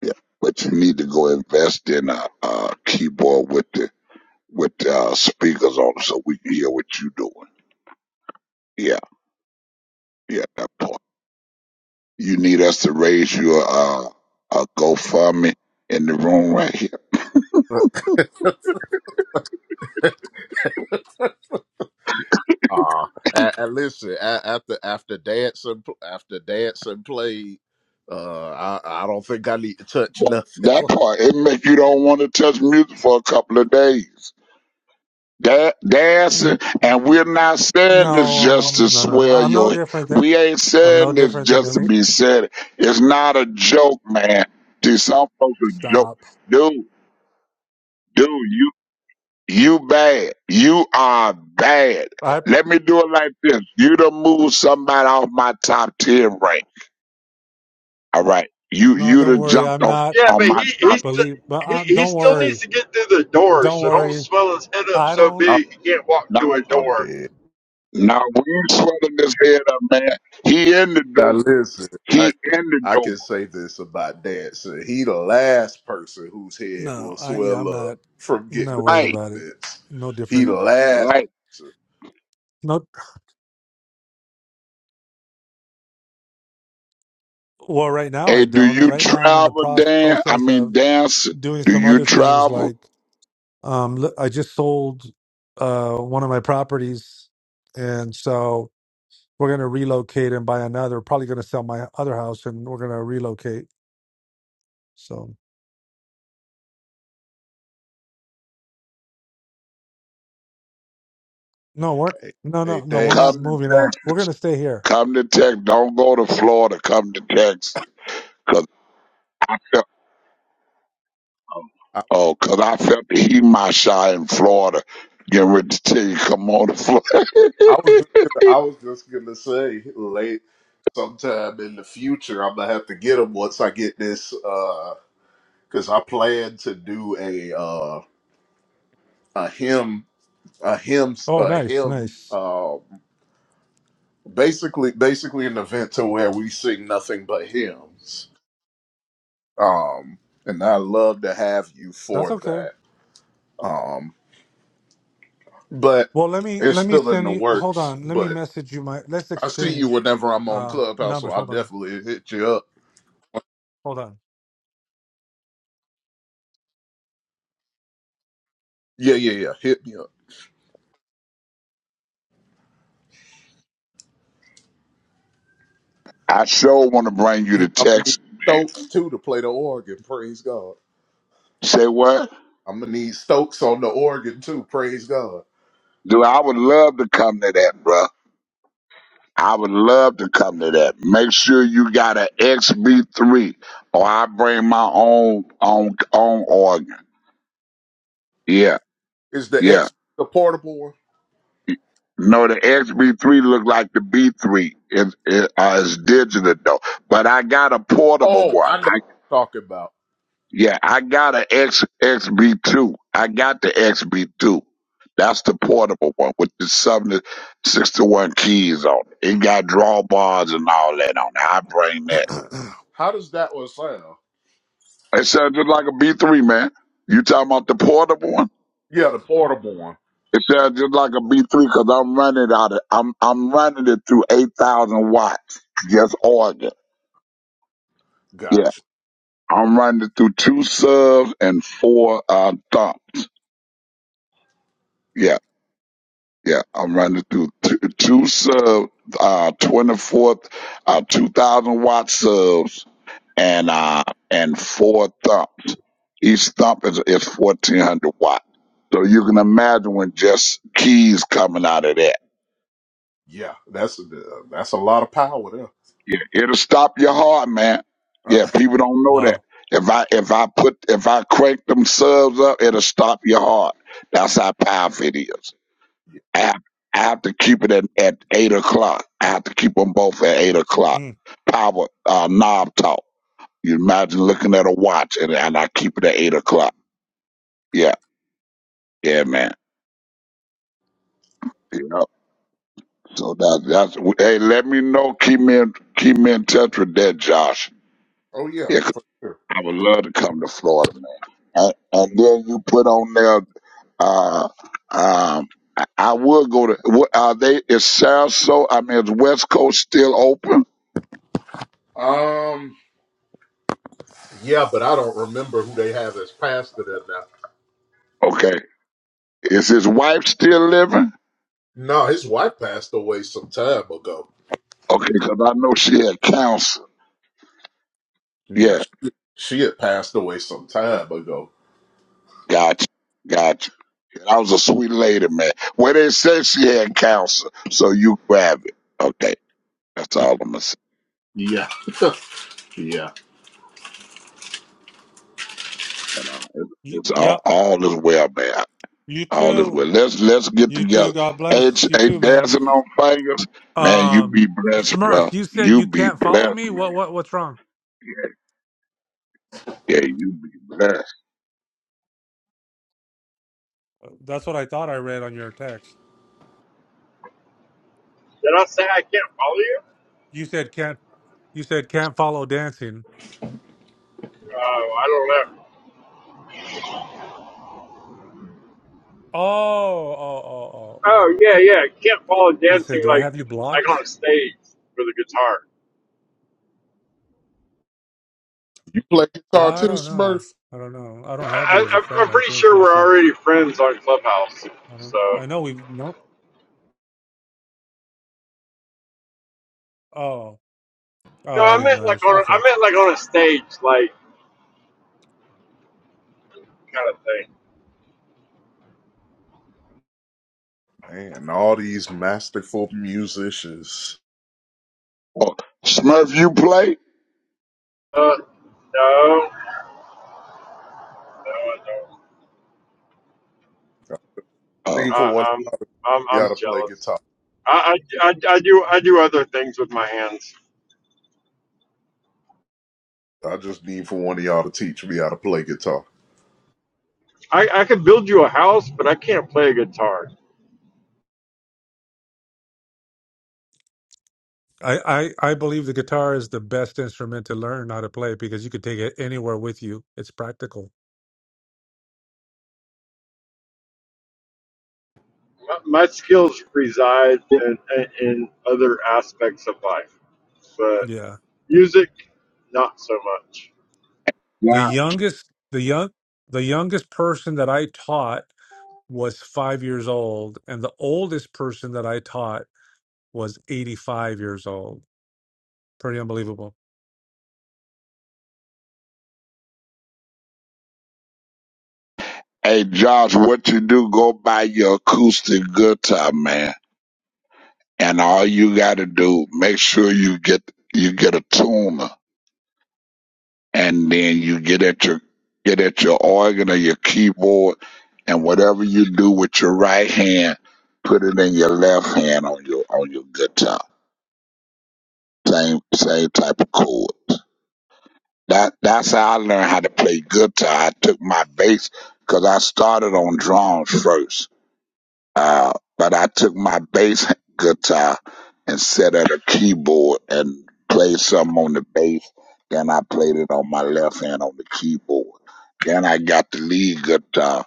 Speaker 16: yeah. But you need to go invest in a, a keyboard with the with uh, speakers on it so we can hear what you doing. Yeah, yeah. That part. you need us to raise your uh, a GoFundMe in the room right here. That
Speaker 7: Well,
Speaker 16: part it make you don't want to touch music for a couple of days. Da- dancing,
Speaker 7: n- n-
Speaker 16: and we're not saying this
Speaker 7: No,
Speaker 16: just to
Speaker 7: no, no, no.
Speaker 16: swear
Speaker 7: I'm no
Speaker 16: your.
Speaker 7: different than
Speaker 16: We ain't
Speaker 7: I'm no
Speaker 16: saying this
Speaker 7: different than
Speaker 16: just to
Speaker 7: any.
Speaker 16: be said. it. It's not a joke, man. See, some folks are joke.
Speaker 7: Stop.
Speaker 16: Dude, dude, you you bad. You are bad.
Speaker 7: I
Speaker 16: Let me do it like this. You done move somebody off my top ten rank. All right. You
Speaker 7: no,
Speaker 16: you'd
Speaker 7: don't
Speaker 16: have
Speaker 7: worry. I'm
Speaker 16: jumped on,
Speaker 7: not
Speaker 18: Yeah,
Speaker 16: on
Speaker 18: but he
Speaker 16: my
Speaker 18: he
Speaker 16: top.
Speaker 18: st-
Speaker 7: believe, but
Speaker 18: he,
Speaker 7: i
Speaker 18: he
Speaker 7: don't
Speaker 18: still needs
Speaker 7: worry,
Speaker 18: to get through the door.
Speaker 7: don't
Speaker 18: So don't
Speaker 7: worry.
Speaker 18: swell his head up
Speaker 7: I
Speaker 18: so
Speaker 7: don't.
Speaker 18: big he can't walk through
Speaker 16: Now
Speaker 18: a door.
Speaker 16: now we ain't sweating this head up, man. He in the door. He in the door.
Speaker 7: No, I yeah, I'm not. I'm not worried
Speaker 16: Right,
Speaker 7: about it. No different.
Speaker 16: right.
Speaker 7: No. Well, right now I
Speaker 16: Hey, do
Speaker 7: don't. uh,
Speaker 16: you
Speaker 7: Right now I'm in the
Speaker 16: travel,
Speaker 7: pros-
Speaker 16: Dan? I
Speaker 7: process
Speaker 16: mean
Speaker 7: of
Speaker 16: dance.
Speaker 7: doing
Speaker 16: Do
Speaker 7: some
Speaker 16: you
Speaker 7: other things.
Speaker 16: travel?
Speaker 7: Like um, l- I just sold uh one of my properties, and so we're gonna relocate and buy another. Probably gonna sell my other house, and we're gonna relocate. So no, we're no, no, no. We're not
Speaker 16: Come
Speaker 7: moving out. We're gonna stay here.
Speaker 16: come to Texas. Don't go to Florida. Come to Texas. Cause oh, cause I felt the heat in my shot in Florida. Getting ready to tell you, come on to Florida.
Speaker 7: Oh, nice, nice. That's okay. Well, let me let me send you. Hold on. Let me message you my. Let's exchange um numbers. Hold on. Hold on.
Speaker 16: I sure want to bring you to Texas, man. Say what? Dude, I would love to come to that, bruh. I would love to come to that. Make sure you got an XB3, or I bring my own own own organ. Yeah, yeah. No, the XB3 look like the B3. It, it, uh, it's digital though, but I got a portable one. Yeah, I got an X XB2. I got the XB2. That's the portable one with the 761 keys on it. It got drawbars and all that on it. I bring that. It sounds just like a B3, man. You talking about the portable one? It sounds just like a B3 because I'm running it out of, I'm, I'm running it through 8,000 watts. Just organ. Yeah. I'm running it through two subs and four, uh, thumb. Yeah. Yeah, I'm running through two, two sub, uh, 24th, uh, 2000 watt subs and, uh, and four thumps. Each thump is, is 1400 watt. So you can imagine when just keys coming out of that. Yeah, it'll stop your heart, man. Yeah, people don't know that.
Speaker 7: wow.
Speaker 16: If I, if I put, if I crank them subs up, it'll stop your heart. That's how powerful it is. I have, I have to keep it at, at eight o'clock. I have to keep them both at eight o'clock.
Speaker 7: Mm.
Speaker 16: Power uh, knob talk. You imagine looking at a watch and, and I keep it at eight o'clock. Yeah, yeah, man. Yep. So that that's hey, let me know. Keep me in, keep me in touch with that, Josh. Yeah, 'cause I would love to come to Florida, man. And, and then you put on there. Uh, um, I, I would go to. what- Are they? Is Sarasota? I mean, is West Coast still open? Okay. Is his wife still living? Okay, because I know she had cancer. Yeah, gotcha, gotcha. Yeah, That was a sweet lady, man. Well, they said she had cancer, so you grab it. Okay, that's all I'm gonna say. And, uh, it-
Speaker 7: Y-
Speaker 16: It's all,
Speaker 7: yep.
Speaker 16: all is well, man.
Speaker 7: You
Speaker 16: All is well.
Speaker 7: too.
Speaker 16: Let's let's get
Speaker 7: You
Speaker 16: together.
Speaker 7: too. God
Speaker 16: H
Speaker 7: bless you
Speaker 16: a
Speaker 7: too, man.
Speaker 16: dancing on fingers, man. You be
Speaker 7: Um,
Speaker 16: blessed,
Speaker 7: Smurf,
Speaker 16: bro.
Speaker 7: you said
Speaker 16: You
Speaker 7: you
Speaker 16: be
Speaker 7: can't follow
Speaker 16: blessed,
Speaker 7: me.
Speaker 16: man.
Speaker 7: What? What? What's wrong?
Speaker 16: Yeah, you be blessed.
Speaker 7: That's what I thought I read on your text.
Speaker 18: Did I say I can't follow you?
Speaker 7: You said can't. You said can't follow dancing.
Speaker 18: Oh, I don't know.
Speaker 7: Oh. Oh. Oh. Oh. oh.
Speaker 18: Oh yeah, yeah. Can't follow
Speaker 7: I said,
Speaker 18: dancing
Speaker 7: do I
Speaker 18: like
Speaker 7: have you blocked?
Speaker 18: like on a stage with a guitar.
Speaker 7: I don't know. I don't know. I don't have
Speaker 18: I,
Speaker 7: you as a
Speaker 18: I'm-
Speaker 7: friend, I
Speaker 18: pretty
Speaker 7: think.
Speaker 18: sure
Speaker 7: Let me
Speaker 18: we're
Speaker 7: see.
Speaker 18: already friends on Clubhouse.
Speaker 7: I don't know.
Speaker 18: So
Speaker 7: I know we've no oh.
Speaker 18: no,
Speaker 7: Oh, I
Speaker 18: I
Speaker 7: didn't
Speaker 18: meant like
Speaker 7: notice.
Speaker 18: on a,
Speaker 7: Okay.
Speaker 18: I meant like on a stage, like kind of thing.
Speaker 16: Oh, Smurf, you play?
Speaker 18: Uh, no,
Speaker 16: Oh.
Speaker 18: I, I'm I'm I'm jealous. I, I, I, I do I do other things with my hands. I, I could build you a house, but I can't play a guitar.
Speaker 7: I, I, I believe the guitar is the best instrument to learn how to play because you could take it anywhere with you. It's practical.
Speaker 18: My, my skills reside in, in, in other aspects of life, but
Speaker 7: Yeah.
Speaker 18: music, not so much.
Speaker 7: The
Speaker 16: yeah.
Speaker 7: youngest the young the youngest person that I taught was five years old, and the oldest person that I taught was eighty five years old. Pretty unbelievable.
Speaker 16: Hey Josh, what you do? Go buy your acoustic guitar, man, and all you gotta do make sure you get you get a tuner, and then you get at your get at your organ or your keyboard, and whatever you do with your right hand, put it in your left hand on your on your guitar. Same same type of chords. That that's how I learned how to play guitar. I took my bass because I started on drums first Uh, but I took my bass guitar and set at a keyboard and played something on the bass. Then I played it on my left hand on the keyboard. Then I got the lead guitar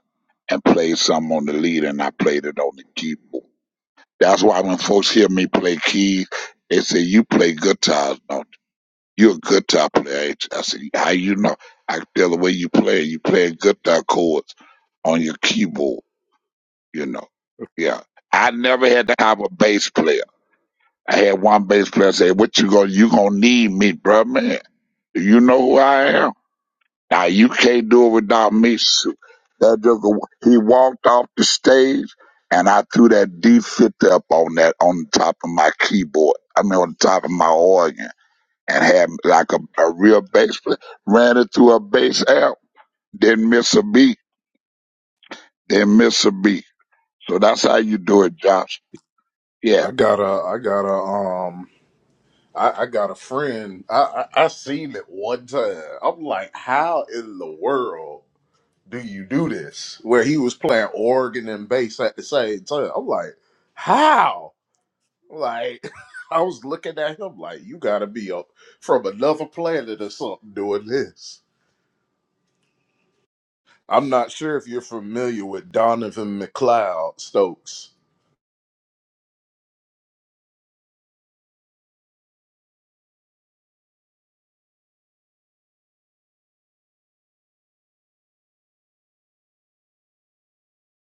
Speaker 16: and played something on the lead and I played it on the keyboard. That's why when folks hear me play keys, they say, you play guitars, don't you? You're a guitar player. ain't you?" I said, how you know? I can tell the way you play. You play guitar chords on your keyboard you know. Yeah. I never had to have a bass player. I had one bass player say, What you gonna you gonna need me, bruh man. Do you know who I am? Now you can't do it without me. So That just, he walked off the stage and I threw that D fifty up on that on the top of my keyboard. I mean on the top of my organ and had like a, a real bass player. Ran it through a bass amp, didn't miss a beat, didn't miss a beat. So that's how you do it, Josh. Yeah.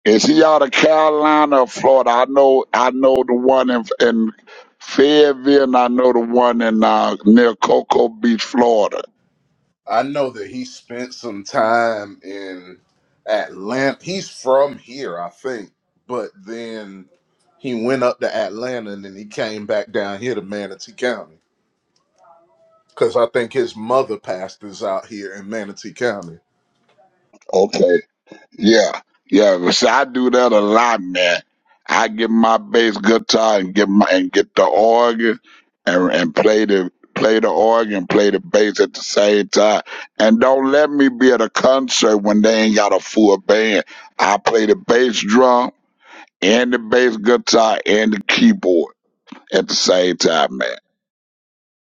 Speaker 16: Is he out of Carolina or Florida? I know I know the one in in Fayetteville and I know the one in uh, near Cocoa Beach, Florida. Okay. Yeah. Yeah. But See, I do that a lot, man. I get my bass guitar and get my and get the organ and and play the play the organ, play the bass at the same time. And don't let me be at a concert when they ain't got a full band. I play the bass drum and the bass guitar and the keyboard at the same time, man.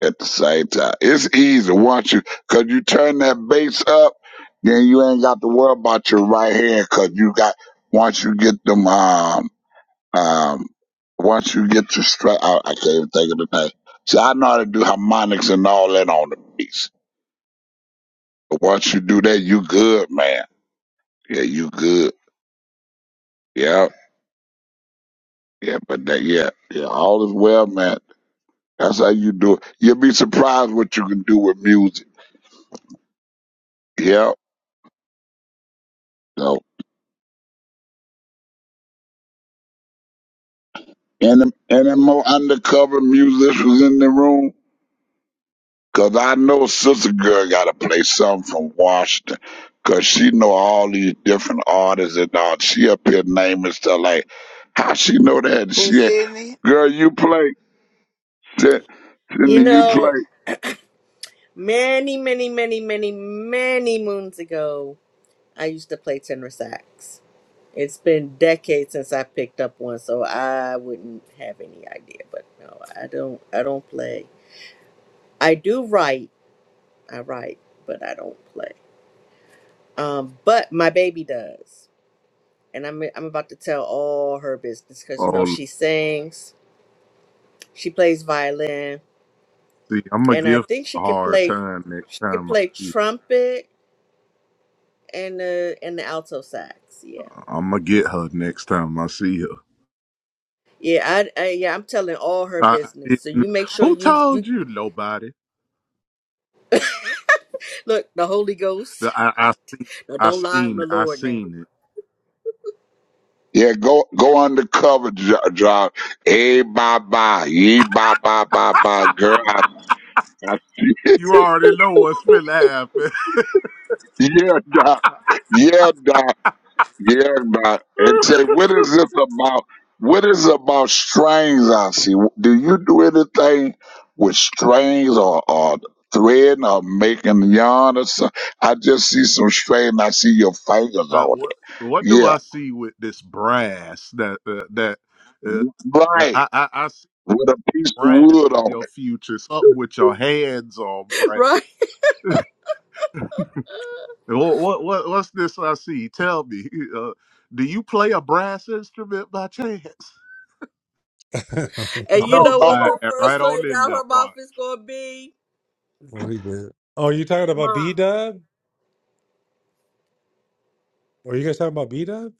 Speaker 16: At the same time, it's easy once you, cause you turn that bass up, then you ain't got to worry about your right hand, cause you got once you get them, um, um, once you get your straight, I, I can't even think of the name. See, I know how to do harmonics and all that on the bass, but once you do that, you good, man. Yeah, you good. Yeah, yeah, but that, yeah, yeah, all is well, man. That's how you do it. You'll be surprised what you can do with music. Yeah. So, any, any more undercover musicians in the room? Cause I know Sister Girl got to play something from Washington. Cause she know all these different artists and all. She up here naming stuff like, how she know that?
Speaker 5: Who,
Speaker 16: She,
Speaker 5: Sydney?
Speaker 16: girl, you play. Sin-
Speaker 3: You
Speaker 16: Cindy, you
Speaker 3: know.
Speaker 16: play.
Speaker 3: Many, many, many, many, many moons ago, I used to play tenor sax. It's been decades since I picked up one, so I wouldn't have any idea. But no, I don't. I don't play. I do write. I write, but I don't play. Um, but my baby does, and I'm I'm about to tell all her business because you know she sings, she plays violin, and I think she could play. She could play trumpet and the and the alto sax. Yeah. Yeah, I, I yeah, I'm telling all her business. So you make sure you you look the Holy Ghost. No, don't lie on the Lord now,
Speaker 16: Yeah, go go undercover, drive. Hey, bye bye, yee bye bye bye bye, girl. I see. Yeah, doc. Yeah, doc. Yeah, doc. And say, what is this about? What is it about strings? I see. Do you do anything with strings or, or threading or making yarn or something? I just see some string. I see your fingers on it. Yeah, right. With a piece of wood on it.
Speaker 3: right?
Speaker 7: what
Speaker 3: And you
Speaker 16: No,
Speaker 3: know
Speaker 16: no,
Speaker 3: what
Speaker 16: no.
Speaker 3: the first thing out her mouth is gonna be,
Speaker 7: he did. Oh, you talking about B
Speaker 3: Mom,
Speaker 7: Dub? Are you guys talking about B Dub?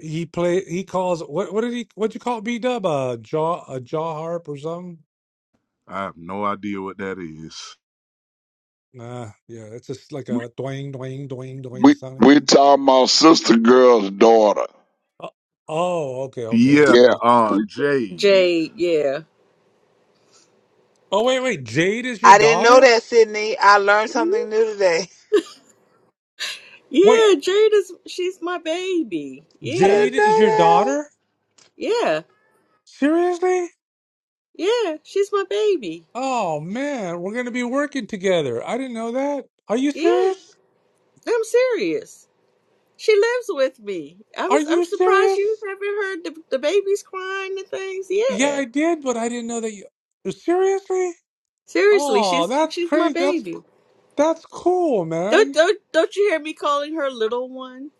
Speaker 7: He play. He calls. What? What did he? What'd you call B Dub? A jaw? A jaw harp or something? Nah. Yeah. It's just like
Speaker 16: We
Speaker 7: a doing, doing, doing, doing
Speaker 16: we,
Speaker 7: sound
Speaker 16: we
Speaker 7: thing.
Speaker 16: talking about sister girl's daughter.
Speaker 7: Oh. oh, Okay. Okay.
Speaker 16: Yeah.
Speaker 7: Okay.
Speaker 16: We
Speaker 3: Jade. Yeah,
Speaker 7: Oh wait, wait. Jade is your
Speaker 5: I didn't know
Speaker 7: daughter?
Speaker 5: that, Sydney. I learned
Speaker 3: Mhm.
Speaker 5: something new today.
Speaker 7: Wait.
Speaker 3: yeah, Jade is she's my baby.
Speaker 5: I
Speaker 3: Yeah,
Speaker 7: Jade
Speaker 5: didn't
Speaker 7: is
Speaker 5: know
Speaker 7: your
Speaker 5: that.
Speaker 7: daughter?
Speaker 3: yeah,
Speaker 7: Seriously?
Speaker 3: yeah, she's my baby.
Speaker 7: Oh man, we're gonna be working together. I didn't know that. Are you
Speaker 3: Yeah,
Speaker 7: serious?
Speaker 3: I'm serious. She lives with me. I'm
Speaker 7: Are
Speaker 3: I'm
Speaker 7: you
Speaker 3: surprised you
Speaker 7: serious?
Speaker 3: haven't heard the, the babies crying and things.
Speaker 7: Yeah,
Speaker 3: Yeah.
Speaker 7: I did, but I didn't know that you. Seriously?
Speaker 3: Seriously,
Speaker 7: Oh,
Speaker 3: she's
Speaker 7: that's
Speaker 3: she's my
Speaker 7: crazy. That's
Speaker 3: baby.
Speaker 7: That's cool,
Speaker 3: Don't
Speaker 7: man.
Speaker 3: don't don't you hear me calling her little one?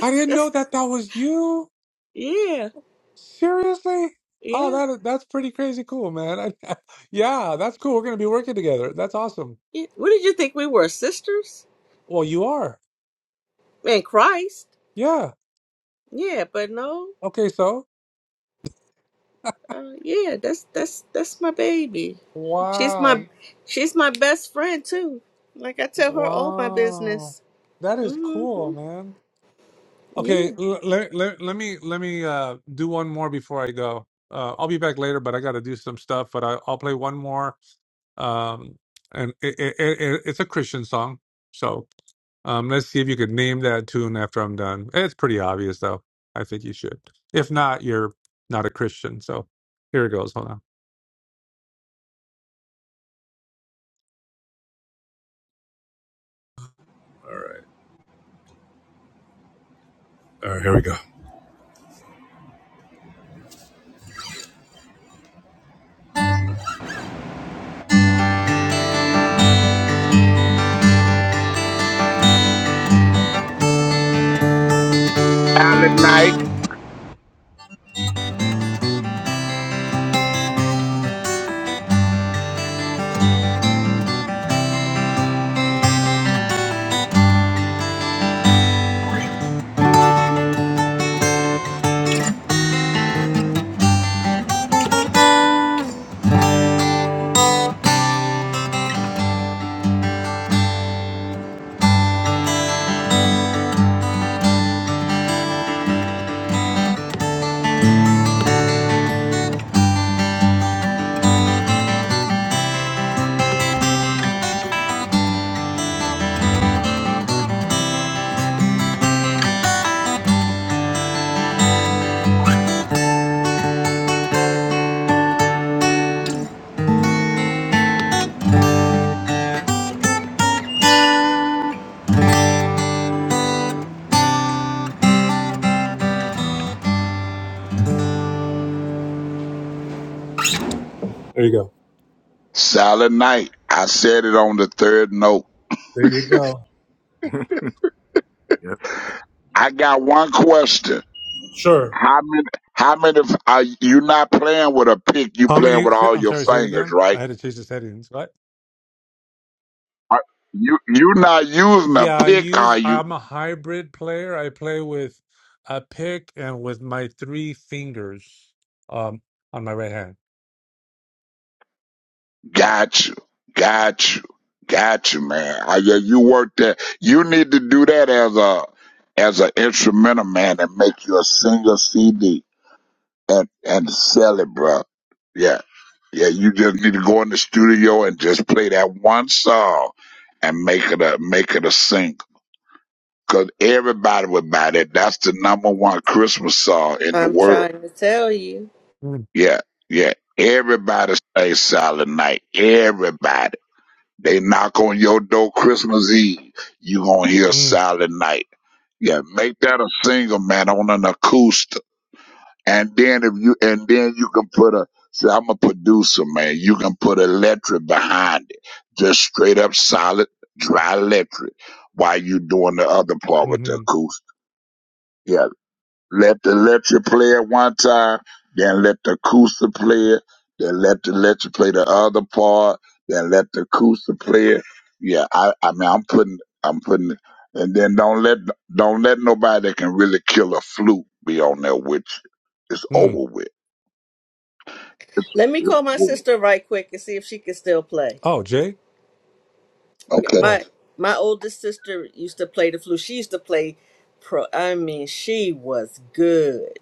Speaker 7: I didn't know
Speaker 3: That's
Speaker 7: that that was you.
Speaker 3: yeah,
Speaker 7: Seriously? Oh,
Speaker 3: yeah,
Speaker 7: that that's pretty crazy cool, man. I, yeah, that's cool. We're gonna be working together. That's awesome.
Speaker 3: yeah. What did you think we were sisters?
Speaker 7: Well, you are.
Speaker 3: In Christ.
Speaker 7: Yeah.
Speaker 3: Yeah, but no.
Speaker 7: Okay, so.
Speaker 3: Uh, yeah, that's that's that's my baby. She's my
Speaker 7: Wow.
Speaker 3: she's my best friend too. Like I tell her all my
Speaker 7: Wow.
Speaker 3: business.
Speaker 7: That is cool,
Speaker 3: Mm-hmm.
Speaker 7: man.
Speaker 3: Yeah.
Speaker 7: Okay, l let, let, let me let me uh do one more before I go. Uh, I'll be back later, but I got to do some stuff. But I, I'll play one more. Um, and it, it, it, it's a Christian song, so. Um, let's see if you could name that tune after I'm done. It's pretty obvious, though. I think you should. If not, you're not a Christian. So here it goes. Hold on. All right, here we go.
Speaker 16: Alec Knight.
Speaker 7: There you go.
Speaker 16: Silent night. I said it on the third note.
Speaker 7: There you go.
Speaker 16: I got one question.
Speaker 7: Sure.
Speaker 16: How many? How many? f- Are you not playing with a pick? You
Speaker 7: How
Speaker 16: playing
Speaker 7: many?
Speaker 16: with
Speaker 7: say-
Speaker 16: all
Speaker 7: I'm
Speaker 16: your
Speaker 7: sorry, say it
Speaker 16: fingers,
Speaker 7: again.
Speaker 16: right?
Speaker 7: I had to change the settings. What?
Speaker 16: Are, you you not using a
Speaker 7: Yeah, I
Speaker 16: pick,
Speaker 7: use.
Speaker 16: are you?
Speaker 7: I'm a hybrid player. I play with a pick and with my three fingers um, on my right hand.
Speaker 16: Got you, got you, got you, man. I, yeah, you work that. You need to do that as a as an instrumental man and make you a single CD and and sell it, bro. Yeah. Yeah, you just need to go in the studio and just play that one song and make it a make it a single. Cause everybody would buy that. That's the number one Christmas song in the
Speaker 3: I'm
Speaker 16: world.
Speaker 3: trying to tell you.
Speaker 7: Mm,
Speaker 16: Yeah, yeah. Everybody say Silent Night. Everybody. They knock on your door Christmas Eve. You gonna hear
Speaker 7: mm,
Speaker 16: Silent Night. Yeah, make that a single, man, on an acoustic. And then if you and then you can put a see, I'm a producer, man. You can put electric behind it. Just straight up solid, dry electric while you doing the other part with the
Speaker 7: hmm
Speaker 16: acoustic. Yeah. Let the electric play at one time, then let the acoustic play it, then let the electric play the other part, then let the acoustic play it. Yeah, I, I mean I'm putting I'm putting and then don't let don't let nobody that can really kill a flute be on there with you. It's
Speaker 7: mm.
Speaker 16: over with. It's
Speaker 3: Let me
Speaker 16: it's
Speaker 3: call my
Speaker 16: cool.
Speaker 3: sister right quick and see if she can still play.
Speaker 7: Oh, Jay.
Speaker 16: Okay.
Speaker 7: Oh.
Speaker 3: My my oldest sister used to play the flute. She used to play pro. I mean, she was good.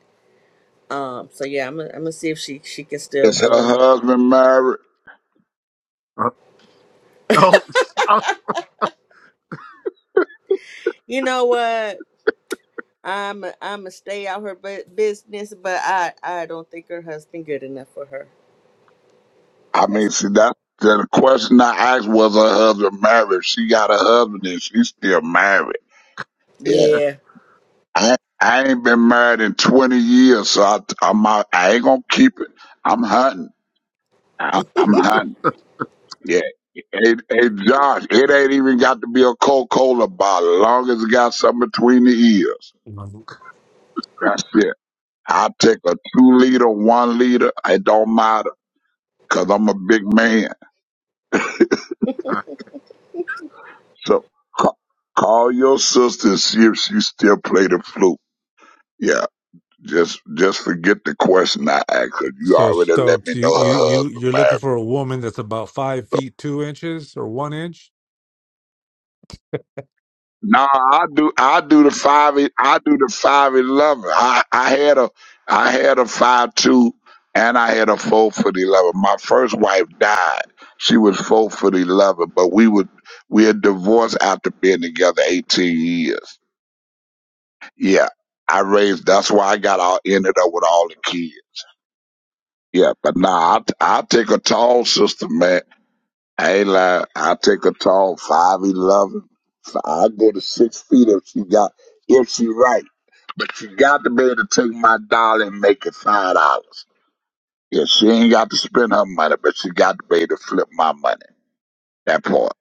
Speaker 3: Um. So yeah, I'm gonna I'm gonna see if she she can still
Speaker 16: Is her
Speaker 3: blow.
Speaker 16: husband married?
Speaker 3: You know what? I'm i am i gonna stay out her bu- business, but I I don't think her husband good enough for her.
Speaker 16: I mean,
Speaker 3: That's
Speaker 16: see that the question I asked was her husband married. If She got a husband and she's still married. Yeah.
Speaker 3: yeah.
Speaker 16: I I ain't been married in twenty years, so I I'm out, I ain't gonna keep it. I'm hunting. I, I'm hunting. Yeah. Hey, hey, Josh, it ain't even got to be a Coca-Cola bottle, as long as it got something between the ears. That's it. I take a two liter, one liter. It don't matter, cause I'm a big man. So ca- call your sister and see if she still play the flute. Yeah, just just forget the question I asked her. You
Speaker 7: So
Speaker 16: already let me
Speaker 7: Stokes, you
Speaker 16: know
Speaker 7: you
Speaker 16: her
Speaker 7: you
Speaker 16: husband
Speaker 7: you're looking
Speaker 16: married me.
Speaker 7: for a woman that's about five feet two inches or one inch.
Speaker 16: Nah, I do. I do the five. e- I do the five eleven. I I had a I had a five two and I had a four foot eleven. My first wife died. She was four foot eleven, but we would we had divorced after being together eighteen years. Yeah, I raised. That's why I got all ended up with all the kids. Yeah, but nah, I I take a tall sister, man. I ain't lying. I take a tall five eleven. I go to six feet if she got if she right. But she got to be able to take my dollar and make it five dollars. Yeah, she ain't got to spend her money, but she got to be able to flip my money. That part.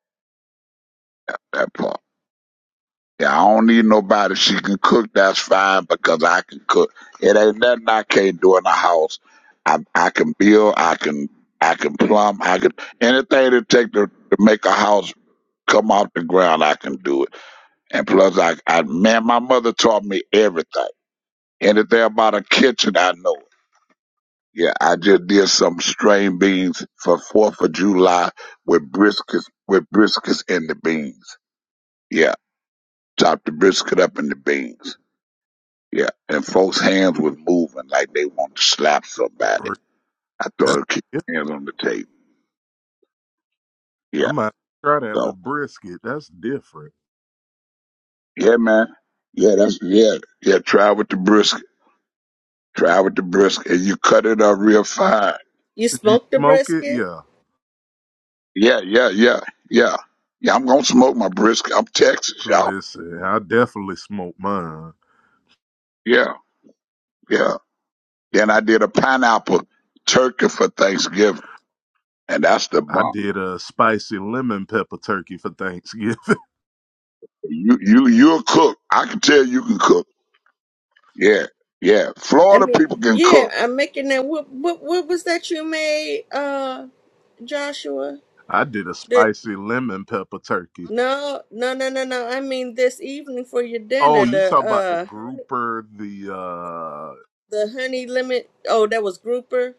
Speaker 16: That part. Yeah, I don't need nobody. She can cook, that's fine because I can cook. It ain't nothing I can't do in the house. I I can build, I can I can plumb, I can anything it take to, to make a house come off the ground, I can do it. And plus I I man, my mother taught me everything. Anything about a kitchen, I know it. Yeah, I just did some strained beans for Fourth of July with briskets with briskets in the beans. Yeah. Chop the brisket up in the beans. Yeah, and folks' hands was moving like they wanted to slap somebody. I thought I keep your hands on the table. Yeah, so yeah, man. Yeah, that's yeah, yeah. Try with the brisket. Try with the brisket, and you cut it up real fine.
Speaker 3: You smoked the brisket.
Speaker 16: Yeah, yeah, yeah, yeah, yeah. I'm gonna smoke my brisket. I'm Texas, y'all. Yeah, yeah. Then I did a pineapple turkey for Thanksgiving, and that's the bomb. You, you, you're a cook. I can tell you can cook. Yeah, yeah.
Speaker 3: I
Speaker 16: Florida
Speaker 3: mean,
Speaker 16: people can cook.
Speaker 3: yeah. I'm making that. What what what was that you made, uh, Joshua? No, no, no, no, no. I mean this evening for your dinner, the uh honey, the honey lemon. Oh, that was grouper.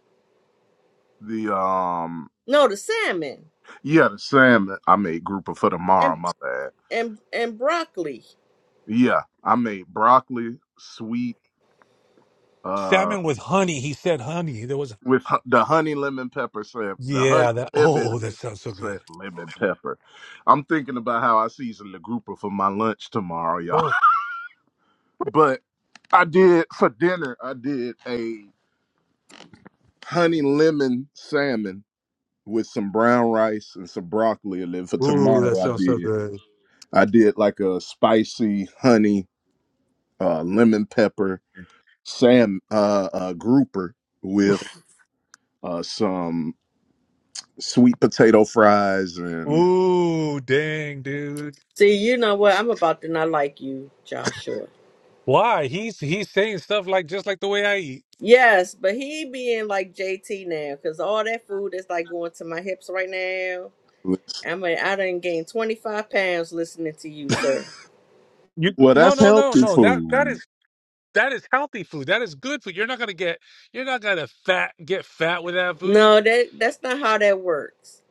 Speaker 3: No, the salmon and and and broccoli.
Speaker 7: Salmon with honey. He said honey. There was Yeah, that. Oh, that sounds so good. oh Ooh, that sounds so good. ooh dang dude.
Speaker 3: See, you know what? I'm about to not like you, Joshua.
Speaker 7: Why he's he's saying stuff like just like the way I eat.
Speaker 3: Yes, but he being like JT now, cause all that food is like going to my hips right now. I mean, I done gained 25 pounds listening to you, sir.
Speaker 7: You no no no no that that is that is healthy food. That is good food. You're not gonna get you're not gonna fat get fat with that food.
Speaker 3: No, that that's not how that works.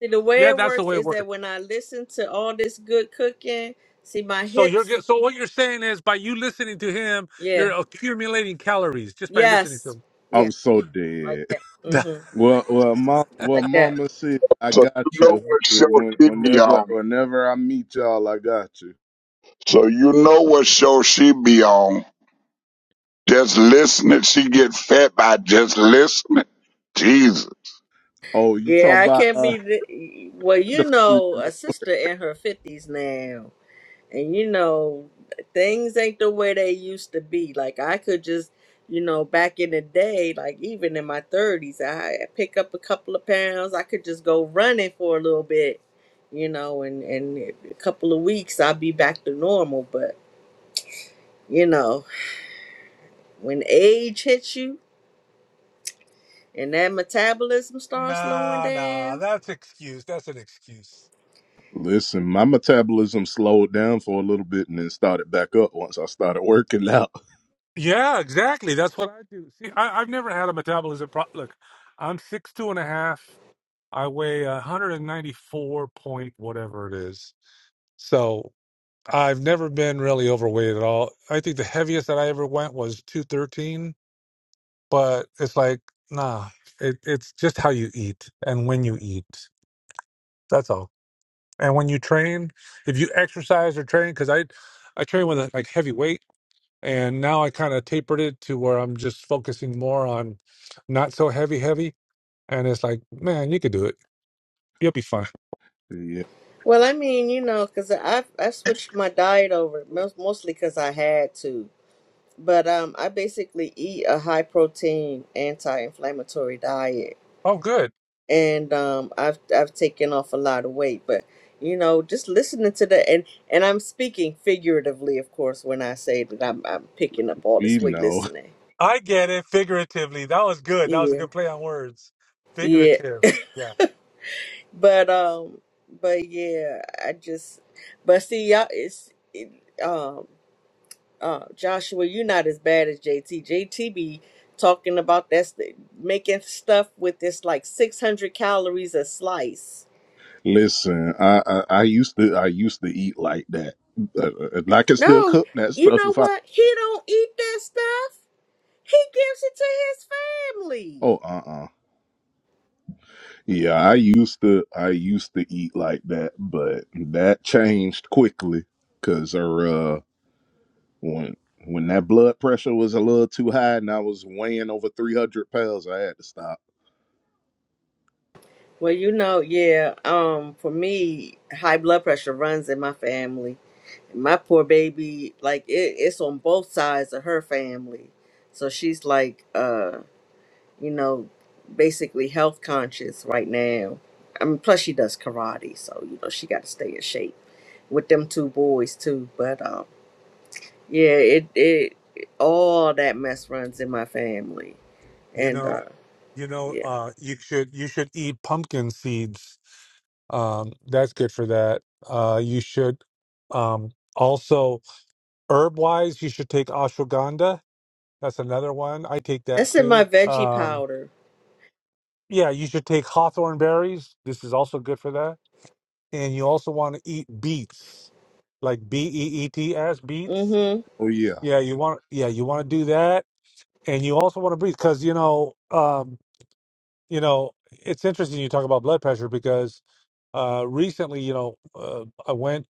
Speaker 3: See, the way
Speaker 7: Yeah,
Speaker 3: it
Speaker 7: that's the
Speaker 3: works
Speaker 7: way it
Speaker 3: is
Speaker 7: works.
Speaker 3: that when I listen to all this good cooking, see my
Speaker 7: So you're
Speaker 3: hips.
Speaker 7: get- so what you're saying is by you listening to him,
Speaker 3: Yeah.
Speaker 7: you're accumulating calories just by listening to
Speaker 3: Yes.
Speaker 7: him.
Speaker 3: Yeah. yeah. Like that. Mhm. Like that.
Speaker 16: So you know what show she be on. So you know what show she be on. Just listening, she get fed by just listening. Jesus,
Speaker 3: Yeah, I can't be. The, well, you know, a sister in her fifties now. and you know things ain't the way they used to be like i could just you know back in the day like even in my 30s i pick up a couple of pounds i could just go running for a little bit you know and and a couple of weeks i'll be back to normal but you know when age hits you and that metabolism starts slowing
Speaker 7: Nah, nah,
Speaker 3: down
Speaker 7: that's excuse. That's an excuse. yeah, exactly. That's what I do. See, I, I've never had a metabolism problem. Look, I'm six two and a half. I weigh 194 point whatever it is. So I've never been really overweight at all. I think the heaviest that I ever went was 213. But it's like, nah, it, it's just how you eat and when you eat. That's all. And when you train, if you exercise or train, because I, I train with a, like heavy weight, and now I kind of tapered it to where I'm just focusing more on not so heavy, heavy. And it's like, man, you could do it. You'll be fine.
Speaker 3: well i mean you know because i i switched my diet over most- mostly because i had to but um, I basically eat a high protein anti-inflammatory diet,
Speaker 7: Oh, good.
Speaker 3: and um, I've I've taken off a lot of weight. But you know, just listening to the and and I'm speaking figuratively, of course, when I say that I'm I'm picking up all this weight listening.
Speaker 7: I get it figuratively. That was good. That was a
Speaker 3: Yeah,
Speaker 7: good play on words.
Speaker 3: yeah,
Speaker 7: Figurative. Yeah.
Speaker 3: but um, but yeah, I just but see y'all it's. It, um uh, Joshua, you're not as bad as JT. JT be talking about that's the, making stuff with this like 600 calories a slice. No, you know what? He don't eat that stuff. He gives it to his family. Well, you know, yeah. Um, for me, high blood pressure runs in my family. My poor baby, like it, it's on both sides of her family. So she's like, uh. you know, basically health conscious right now. I mean, plus she does karate, so you know she got to stay in shape with them two boys too. But um, yeah, it it all that mess runs in my family,
Speaker 7: You
Speaker 3: and
Speaker 7: know,
Speaker 3: uh,
Speaker 7: you know,
Speaker 3: yeah,
Speaker 7: uh, you should you should eat pumpkin seeds. Um, that's good for that. Uh, you should um also herb wise you should take ashwagandha that's another one i take that
Speaker 3: that's in my
Speaker 7: too
Speaker 3: veggie
Speaker 7: um
Speaker 3: powder.
Speaker 7: yeah you should take hawthorn berries this is also good for that and you also want to eat beets like b-e-e-t as beets
Speaker 3: Mm-hmm.
Speaker 7: yeah you want yeah you want to do that and you also want to breathe because you know um you know it's interesting you talk about blood pressure because uh recently you know uh, i went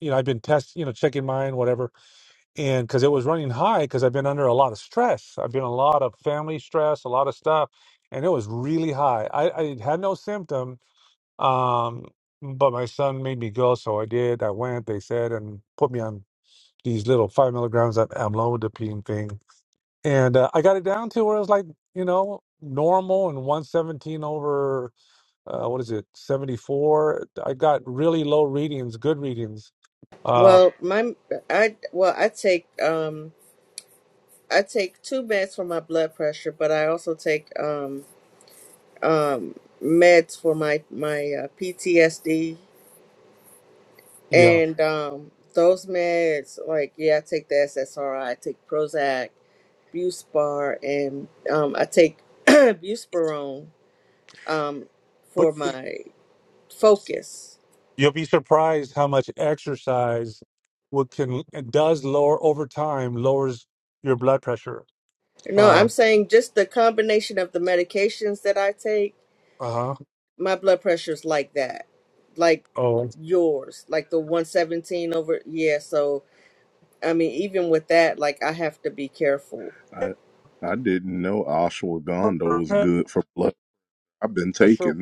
Speaker 7: you know i've been test you know checking mine whatever and because it was running high because i've been under a lot of stress i've been a lot of family stress a lot of stuff and it was really high i, I had no symptom um but my son made me go so i did i went they said and put me on these little five milligrams of amlodipine thing and uh, i got it down to where it was like you know normal and 117 over uh, what is it 74 i got really low readings good readings uh
Speaker 3: Well, my I well I take um I take two meds for my blood pressure, but I also take um um meds for my my uh, PTSD
Speaker 7: yeah
Speaker 3: And um, those meds, like, yeah, I take the SSRI, I I take Prozac, Buspar, and um, I take Buspirone um,
Speaker 7: but
Speaker 3: for my focus.
Speaker 7: You'll be surprised how much exercise what can it does lower over time lowers your blood pressure.
Speaker 3: No,
Speaker 7: Uh
Speaker 3: I'm saying just the combination of the medications that I take,
Speaker 7: huh.
Speaker 3: my blood pressure's like that, like
Speaker 7: Oh,
Speaker 3: yours, like the 117 over. Yeah, so I mean, even with that, like, I have to be careful.
Speaker 7: blood pressure.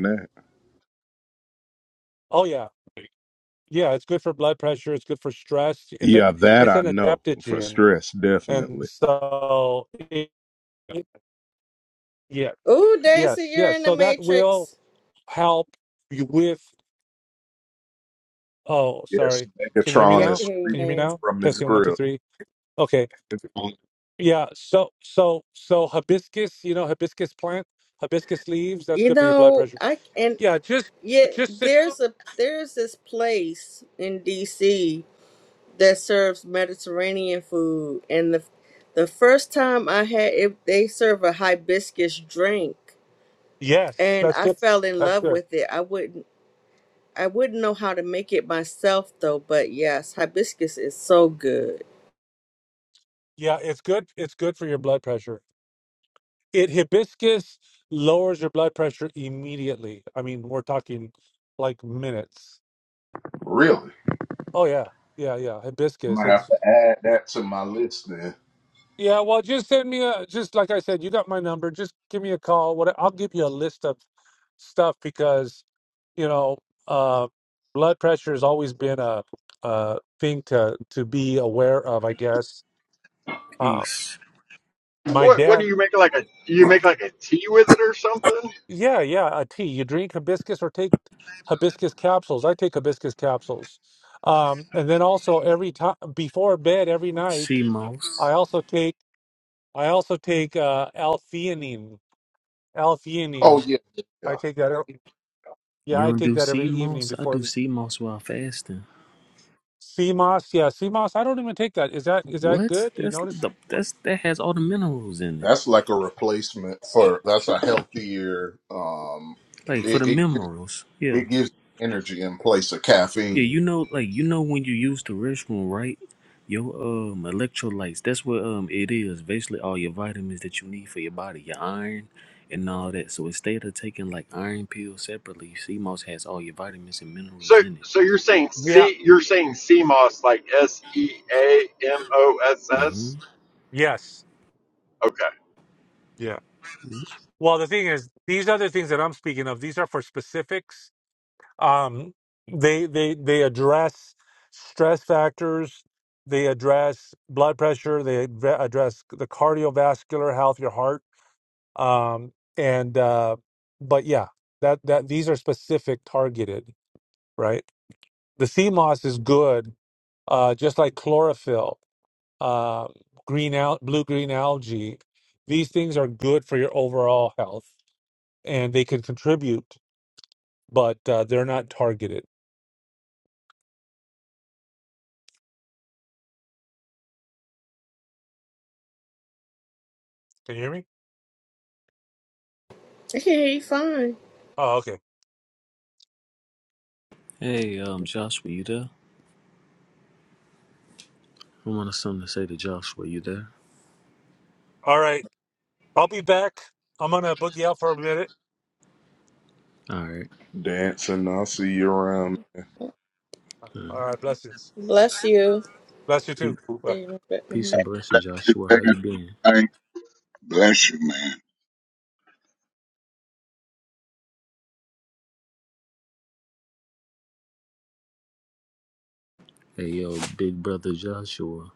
Speaker 7: Oh yeah, yeah. It's good for blood pressure. It's good for stress. It's a it's an adaptogen, and so it, it- yeah,
Speaker 3: Ooh, Dancy,
Speaker 7: yes,
Speaker 3: you're
Speaker 7: yes.
Speaker 3: in the
Speaker 7: So that will
Speaker 3: matrix.
Speaker 7: help you with. Oh, sorry. Can you hear me
Speaker 3: Yeah, I
Speaker 7: now?
Speaker 3: can hear you
Speaker 7: Can you hear me
Speaker 3: now.
Speaker 7: now? Testing one, two, three. Okay. Yeah. So so so hibiscus, you know, hibiscus plant, hibiscus leaves, that's
Speaker 3: You
Speaker 7: good for your blood
Speaker 3: know,
Speaker 7: pressure.
Speaker 3: I and
Speaker 7: Yeah, just
Speaker 3: yet
Speaker 7: just sit.
Speaker 3: there's a there's this place in DC that serves Mediterranean food, and the the first time I had it, they serve a hibiscus drink,
Speaker 7: Yes,
Speaker 3: and
Speaker 7: that's
Speaker 3: I
Speaker 7: good.
Speaker 3: fell in
Speaker 7: That's
Speaker 3: love
Speaker 7: good.
Speaker 3: with it. I wouldn't I wouldn't know how to make it myself though, but yes, hibiscus is so good.
Speaker 7: Yeah, it's good. It's good for your blood pressure. It hibiscus lowers your blood pressure immediately. I mean, we're talking like minutes. Oh yeah. Yeah, yeah. Hibiscus. It's Yeah, well, just send me a just like I said, you got my number. Just give me a call. What I'll give you a list of stuff because you know uh, blood pressure has always been a, a thing to to be aware of. I guess uh,
Speaker 21: Peace.
Speaker 7: my
Speaker 18: What what do
Speaker 7: dad.
Speaker 18: you make like a? Do you make like a tea with it or something?
Speaker 7: Yeah, yeah, a tea. You drink hibiscus or take hibiscus capsules. I take hibiscus capsules, um, and then also every time before bed every night,
Speaker 21: CMOS.
Speaker 7: I also take I also take uh, L-theanine. L-theanine. I take that. ev-
Speaker 21: You
Speaker 7: Yeah, I
Speaker 21: don't
Speaker 7: take
Speaker 21: do
Speaker 7: that every evening
Speaker 21: CMOS? I do
Speaker 7: before the
Speaker 21: CMOS while fasting.
Speaker 7: CMOS. Yeah, CMOS. I don't even take that. Is that is that
Speaker 21: What?
Speaker 7: good? you
Speaker 21: That's
Speaker 7: notice?
Speaker 21: the that's that has all the minerals in it. Like for the minerals. Yeah. Yeah, you know like you know when you use the restroom, right? Your um electrolytes, that's what um it is. Basically all your vitamins that you need for your body, your iron and all that. So instead of taking like iron pills separately, CMOS has all your vitamins and minerals
Speaker 18: So,
Speaker 21: in it.
Speaker 18: so you're saying
Speaker 7: Yeah.
Speaker 18: C? You're saying CMOS like S E A M O S
Speaker 21: Mm-hmm.
Speaker 18: S?
Speaker 7: Yes.
Speaker 18: Okay.
Speaker 7: Yeah. Well, the thing is, these other things that I'm speaking of, these are for specifics. Um, they they they address stress factors. They address blood pressure. They adre- address the cardiovascular health, your heart. Um, and uh, but yeah, that that these are specific, targeted, right? The CMOS is good uh, just like chlorophyll, uh, green al- blue green algae. These things are good for your overall health, and they can contribute, but uh, they're not targeted. Can you hear me?
Speaker 3: Okay, fine.
Speaker 7: Oh, okay.
Speaker 21: Hey, um Joshua, you there? I wanted something to say to Joshua, you there?
Speaker 7: All right. I'll be back. I'm gonna boogie out for a minute.
Speaker 21: All right. All right.
Speaker 7: All right. Blessings.
Speaker 3: Bless you.
Speaker 7: Bless you
Speaker 21: Pe-
Speaker 7: too.
Speaker 3: See
Speaker 7: Bye.
Speaker 3: you in a bit. Mm-hmm.
Speaker 21: Peace and blessing,
Speaker 16: bless you,
Speaker 21: Joshua.
Speaker 16: man.
Speaker 21: How you been?
Speaker 16: Thank- bless you, man.
Speaker 21: Hey, yo, big brother Joshua.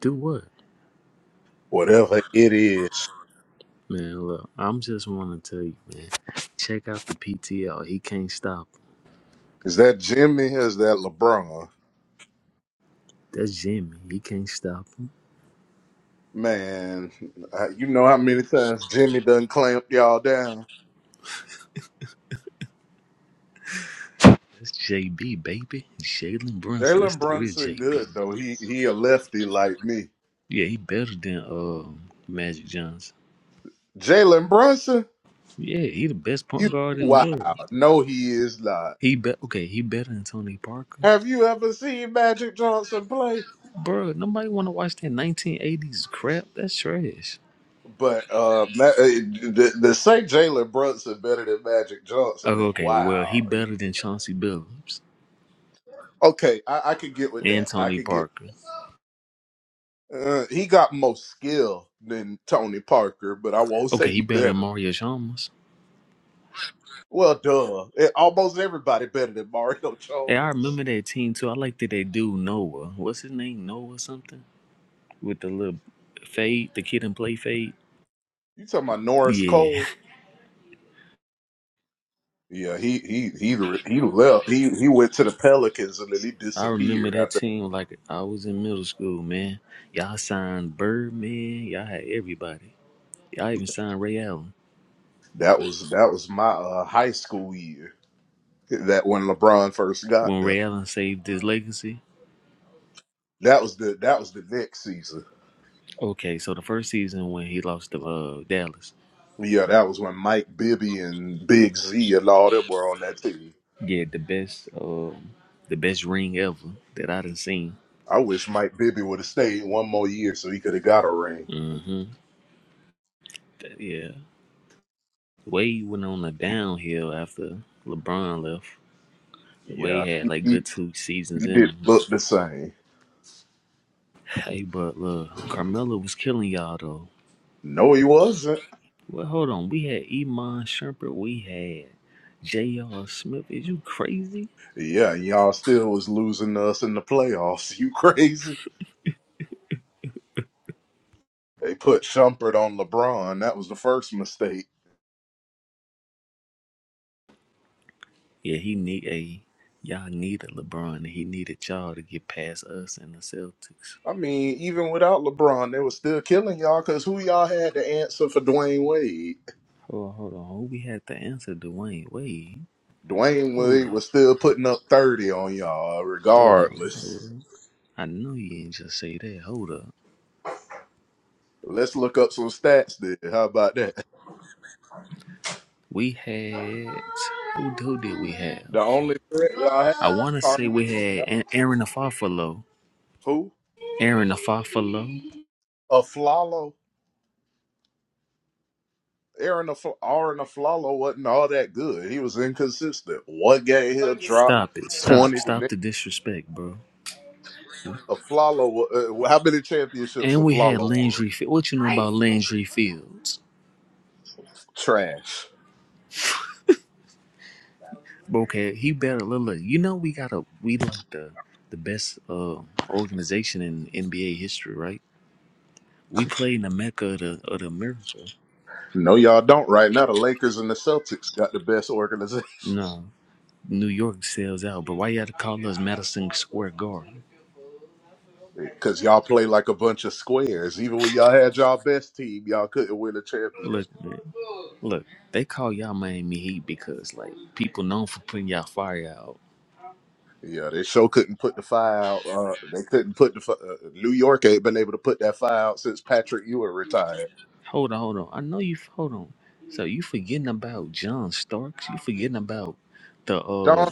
Speaker 21: Do what? Man, look, I'm just want to tell you, man. Check out the PTL. He can't stop. him. That's Jimmy. He can't stop him. That's JB, baby. Jalen Brunson. That's the real JB. Yeah, he better than um Magic Johnson. Yeah, he the best point guard in the world. He bet okay. He better than Tony Parker, bro. Nobody want to watch that 1980s crap. That's trash. Oh, okay, well, he better than Chauncey Billups and Tony Parker. Okay, he better than Mario Chalmers. Hey, I remember that team too. I like that they do Noah. What's his name? Noah something? With the little fade, the kid and play fade. Yeah, I remember that team like I was in middle school, man. Y'all signed Birdman. Y'all had everybody. Y'all even signed Ray Allen. When Ray Allen saved his legacy. Okay, so the first season when he lost to uh, Dallas. Yeah, the best, uh, the best ring ever that I done seen. hmm Yeah, Wade went on a downhill after LeBron left. Wade had like good two seasons in him. Hey, but look, Carmelo was killing y'all though. Well, hold on, we had Iman Shumpert, we had J.R. Smith. Is you crazy? Yeah, he need a y'all needed LeBron and he needed y'all to get past us and the Celtics. Hold on, hold on. Who we had to answer Dwayne Wade? Hold up. Hold on. Hold on. I know you ain't just say that. Hold up. We had who, who did we have? I want to say we had An- Aaron Afafalo. Aaron Afafalo. Stop it. Stop. Stop the disrespect, bro. And we had Landry. Fields. What you know about Landry Fields? Bro, Okay, he better look. look you know we got a we like the the best uh, organization in NBA history, right? We played in the mecca of the, of the America. No. New York sells out, but why y'all call us Madison Square Garden? Look, man, look, they call y'all Miami Heat because like people known for putting y'all fire out. Hold on, hold on. I know you. Hold on. So you forgetting about John Starks? You forgetting about the uh?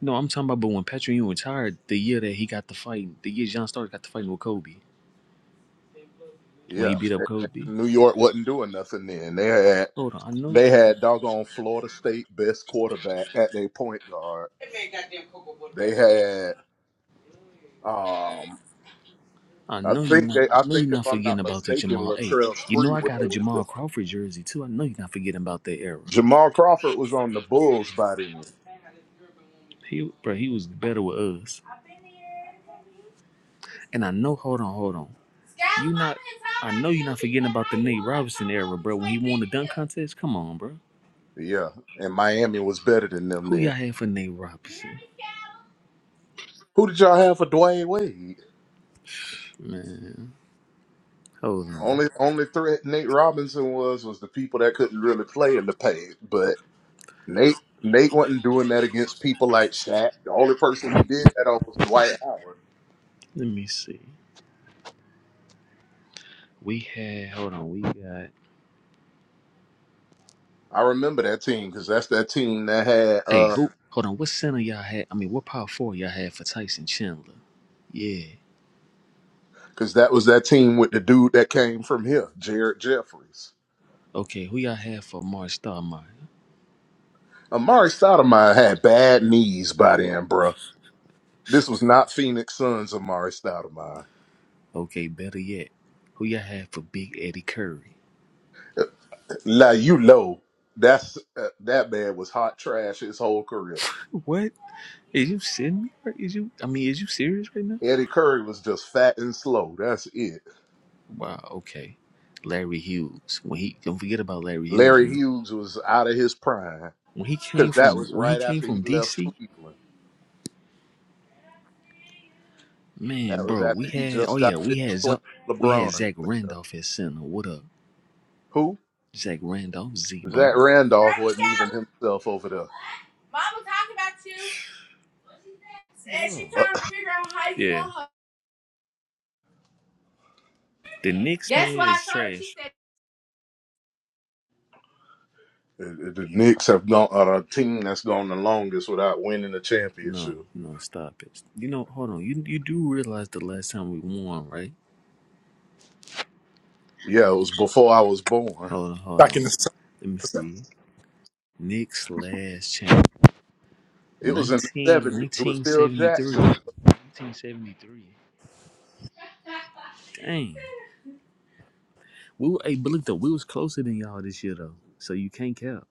Speaker 21: No, I'm talking about. But when Patrick Ewing retired, the year that he got the fight, the year John Starks got the fighting with Kobe when he beat up Kobe. Hold on, I know. I know you not. I know you're not forgetting about the Jamal. Hey, you know I got a Jamal Crawford jersey too. I know you're not forgetting about that era. He, bro, he was better with us. And I know. Hold on, hold on. You not. I know you're not forgetting about the Nate Robinson era, bro. When he won the dunk contest, come on, bro. Who y'all had for Nate Robinson? Man, hold on. Let me see. We had. Hold on. We got. Hey, who? Hold on. What center y'all had? I mean, what power four y'all had for Tyson Chandler? Yeah. Okay, who y'all have for Mark Starmine? Okay, better yet, who y'all have for Big Eddie Curry? What? Is you sitting me? Right? Is you? I mean, is you serious right now? Wow. Okay, Larry Hughes. When he don't forget about Larry Hughes, man. When he came from when he came from DC, man, bro, we had oh yeah, we had Z- we had Zach Randolph at center. What up, Zach Randolph, Zebo? And she trying to figure out how you yeah. want her. The Knicks Guess man why I is told her? She trash. No, no, stop it. You know, hold on. You you do realize the last time we won, right? Hold on, hold
Speaker 1: Back
Speaker 21: on.
Speaker 1: in the sun.
Speaker 21: Let me
Speaker 1: was it?
Speaker 21: see. Nick's last champ, Nineteen, nineteen seventy 1973. 1973. Dang. We were, hey, but look though, we was closer than y'all this year though. So you can't count.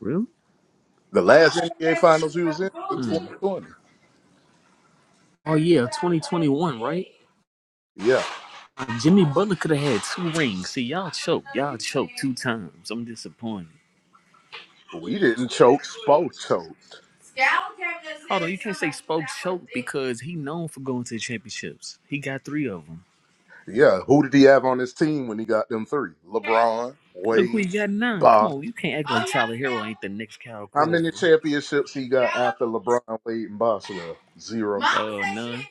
Speaker 21: Really? Hmm. Oh yeah, 2021, right? Jimmy Butler could have had two rings. See, y'all choked. Y'all choked two times. I'm disappointed. Hold on, you can't say spoke choke because he known for going to the championships. He got three of them. Look who he got nine. Come on, you can't act like Tyler Hero ain't the next Kyle Corver. Oh uh, none,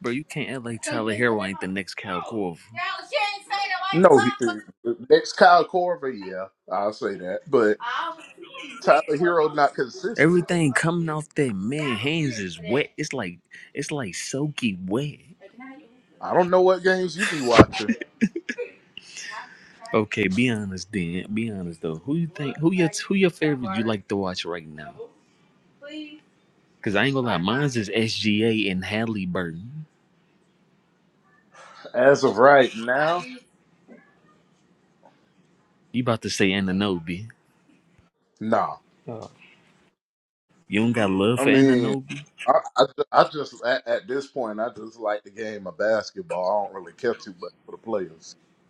Speaker 21: bro, you can't act like Tyler Hero ain't the next Kyle Corver. Everything coming off that man hands is wet. It's like it's like soaky wet. Okay, be honest then. Be honest though. Who you think? Who your who your favorite you like to watch right now? Cause I ain't gonna lie, mine's is SGA and Hadley Burton. You about to say Ananobi. Yeah. You don't got love for Ananobi?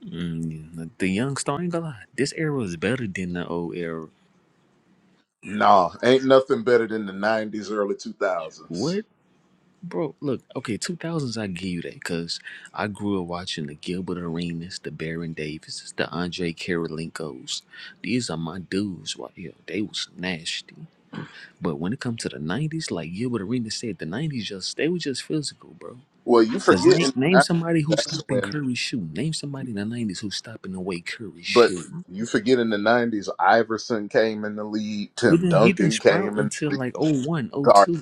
Speaker 21: Mm, the the young star ain't gonna lie. This era is better than the old era. What? Bro, look, okay, 2000s, I give you that because I grew up watching the Gilbert Arenas, the Baron Davises, the Andre Karolinkos. These are my dudes right here. They was nasty. But when it comes to the 90s, like Gilbert Arenas said, the 90s just, they were just physical, bro. Because name, name somebody who's stopping Curry shooting. Name somebody in the 90s who's stopping the way Curry shooting. We didn't he didn't sprout until like o one o two.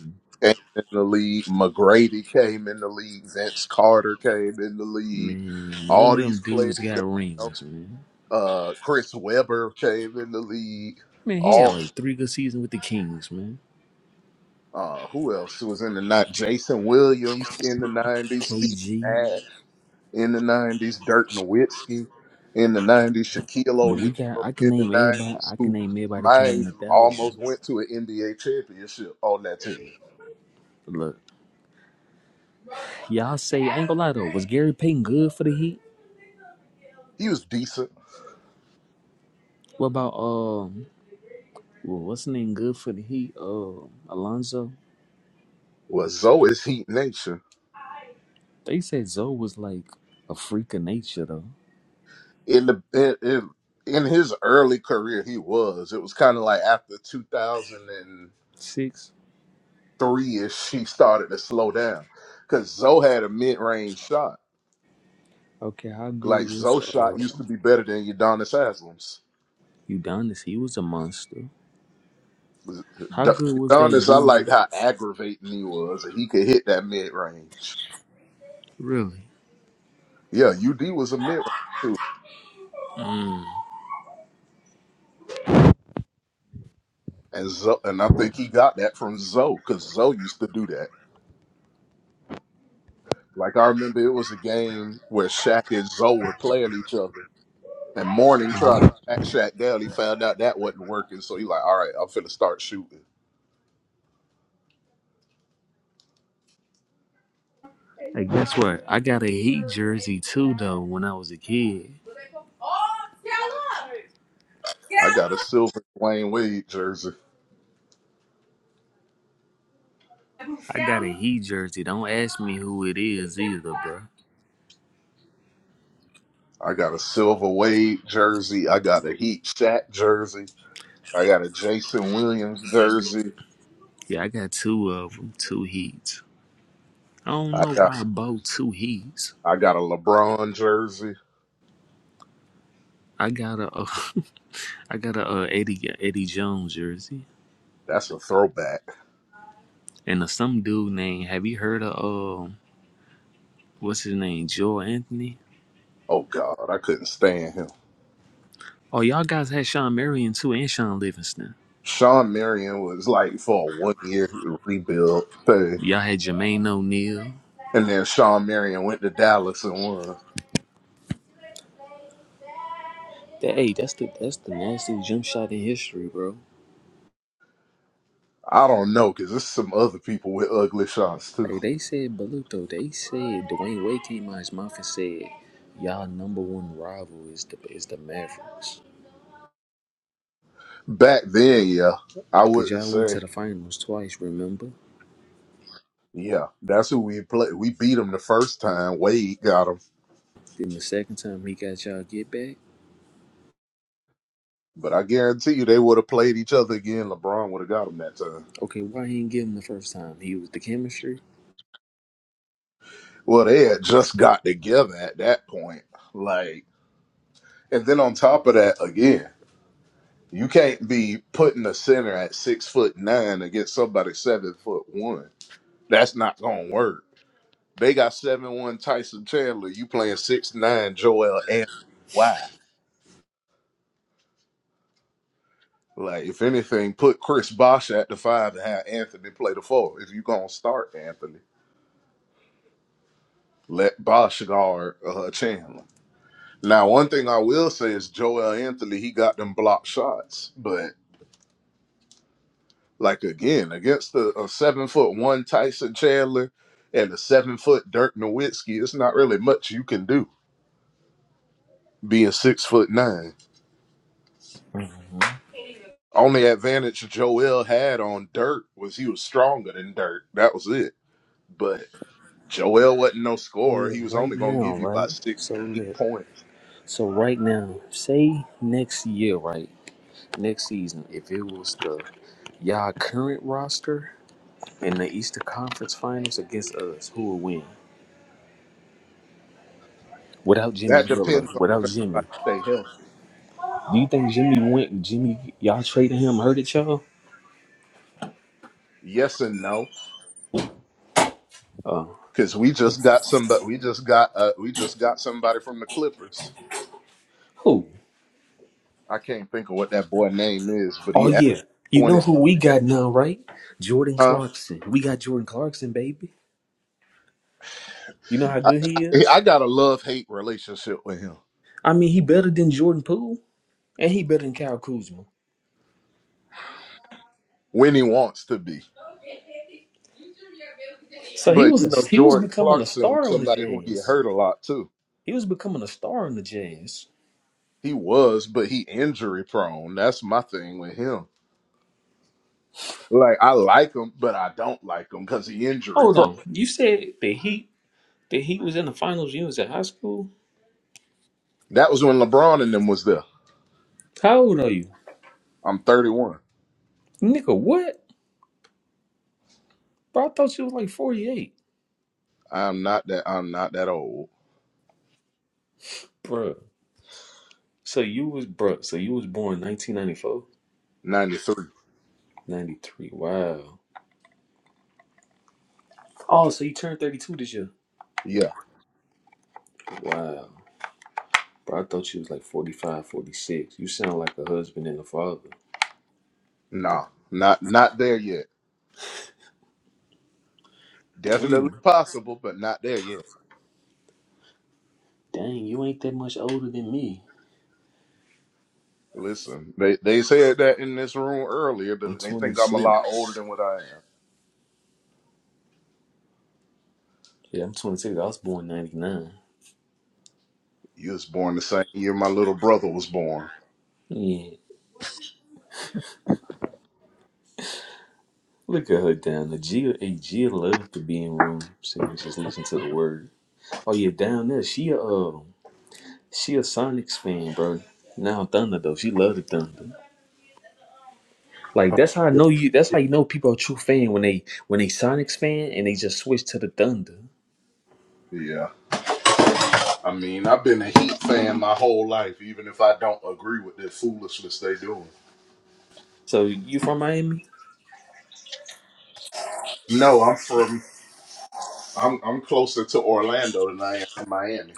Speaker 21: Man, none of them dudes got rings, man. Man, he had like three good seasons with the Kings, man. KG. But we got I can name everybody I can name everybody that came in the thousands. Look. Y'all say I ain't gonna lie though, was Gary Payton good for the Heat? What about um well what's the name good for the Heat? Uh Alonzo? They said Zoe was like a freak of nature though. Six. Okay, how good was uh Udonis? He was a monster. How good was that dude? Really? Mm. Hey, guess what? I got a Heat jersey too, though. When I was a kid, I got a Heat jersey. Don't ask me who it is either, bro. Yeah, I got two of them, two Heats. I don't know why I bought two Heats. I got a, I got a uh, Eddie Eddie Jones jersey and a, some dude named. Have you heard of um? What's his name? Joe Anthony. Oh, y'all guys had Sean Marion too and Sean Livingston. Y'all had Jermaine O'Neal. That hey, that's the that's the nastiest jump shot in history, bro. Hey, they said Baluto. They said Dwayne Wade came out his mouth and said, "Y'all number one rival is the is the Mavericks, cause y'all went to the finals twice. Remember? Then the second time he got y'all get back. Okay, why he didn't give him the first time? He was the chemistry. Oh, look, right now, right? So look. So right now, say next year, right? Next season, if it was the y'all current roster in the Eastern Conference Finals against us, who would win? Without Jimmy Butler, without Jimmy, do you think Jimmy went? Jimmy, y'all traded him, hurted y'all? Uh, who? Oh yeah, you know who we got now, right? Jordan Clarkson. We got Jordan Clarkson, baby. You know how good he is. I mean, he better than Jordan Poole, and he better than Kyle Kuzma. So he was a, he was becoming a star on the Jazz. He was becoming a star on the Jazz. Hold on, you said the Heat the Heat was in the finals. You was in high school. How old are you, nigga? What, bro? I thought you was like forty eight, bro. So you was bro. So you was born 1994, 93. Wow. Oh, so you turned thirty two this year. Wow, bro. I thought you was like 45, 46. You sound like a husband and a father. Damn. Dang, you ain't that much older than me. I'm 26. Yeah, I'm 26. I was born 99. Yeah. Look at her down there. Gia, hey, Gia love to be in room. She can just listen to the word. Oh, yeah, down there. She a, uh, she a Sonics fan, bro. Now Thunder, though. She love the Thunder. Like, that's how I know you. That's how you know people are true fan when they when they Sonics fan and they just switch to the Thunder. So, you from Miami?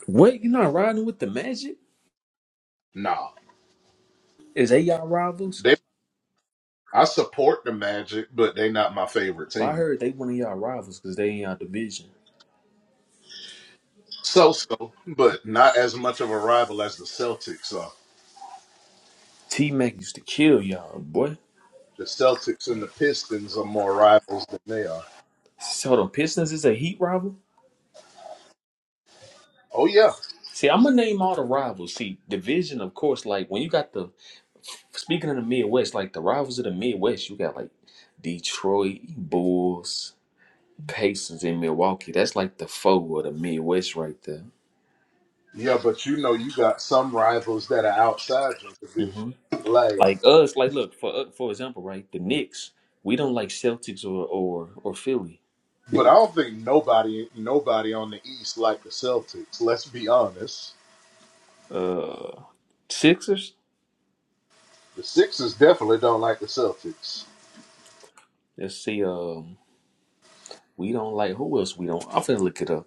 Speaker 21: What? you not riding with the Magic? Is they y'all rivals? But I heard they one of y'all rivals because they in y'all division. T Mac used to kill y'all, boy. So the Pistons is a Heat rival. See, I'm gonna name all the rivals. See, division, of course. Like when you got the speaking of the Midwest, like the rivals of the Midwest, you got like Detroit Bulls, Pacers, and Milwaukee. That's like the foe of the Midwest, right there. hmm Like us, like look for uh, for example, right? The Knicks, we don't like Celtics or or or Philly. Uh, Sixers. Let's see. Um, We don't like who else we don't. I'm finna look it up.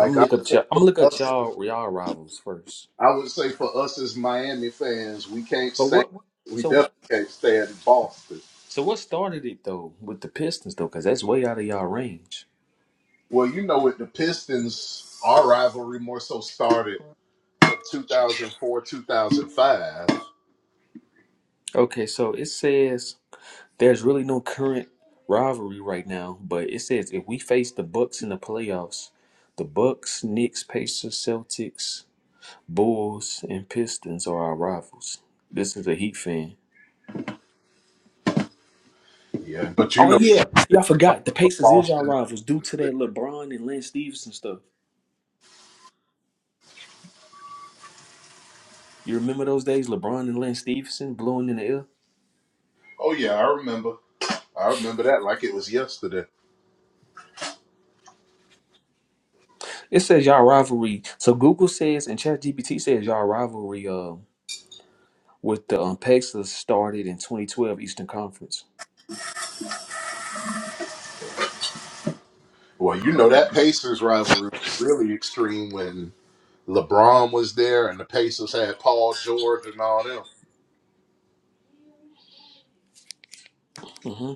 Speaker 21: I'm gonna look up y'all. I'm gonna look at y'all y'all rivals first. But what? So what? So what started it though with the Pistons though? Because that's way out of y'all range. Okay, so it says there's really no current rivalry right now, but it says if we face the Bucks in the playoffs, the Bucks, Knicks, Pacers, Celtics, Bulls, and Pistons are our rivals. This is a Heat fan. Oh yeah, y'all forgot the Pacers is y'all rivals due to that LeBron and Lance Stevenson stuff. You remember those days, LeBron and Lance Stevenson blowing in the air? It says y'all rivalry. So Google says and ChatGPT says y'all rivalry uh, with the um, Pacers started in 2012 Eastern Conference. Mm-hmm.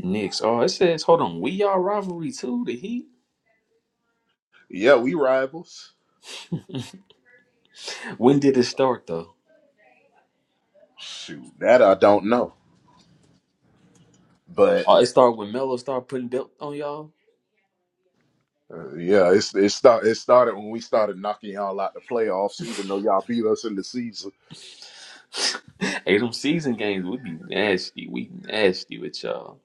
Speaker 21: Knicks. Oh, it says hold on, we y'all rivalry too. The Heat. When did it start though? Oh, it started when Melo started putting belt on y'all. hey, them season games, we be nasty. We nasty with y'all.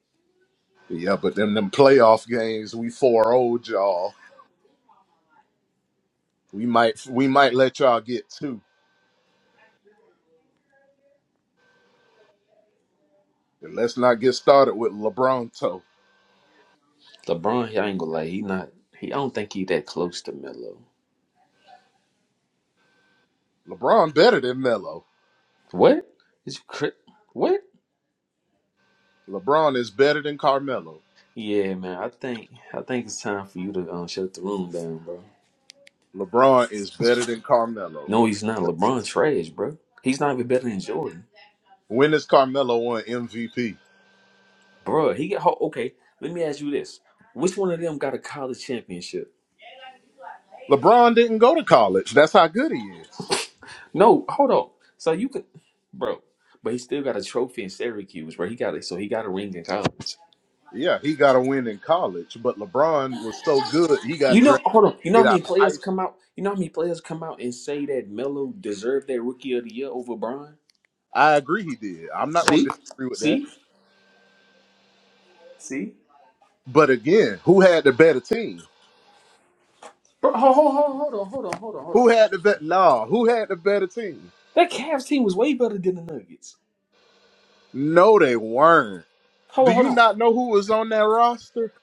Speaker 21: LeBron, he I ain't gonna lie, he not. He I don't think he that close to Melo. What? Is you cri- what? Yeah, man. I think I think it's time for you to um, shut the room down, bro. No, he's not. LeBron trash, bro. He's not even better than Jordan, bro. He got ho- okay. Let me ask you this: Which one of them got a college championship? No, hold on. So you could, bro. But he still got a trophy in Syracuse, bro. He got it. So he got a ring in college. You know, hold on. You know how many players come out? You know how many players come out and say that Melo deserved that Rookie of the Year over Bron? See, see, see. Bro, hold, hold, hold, hold on, hold on, hold on, hold on. That Cavs team was way better than the Nuggets. Hold on, hold on,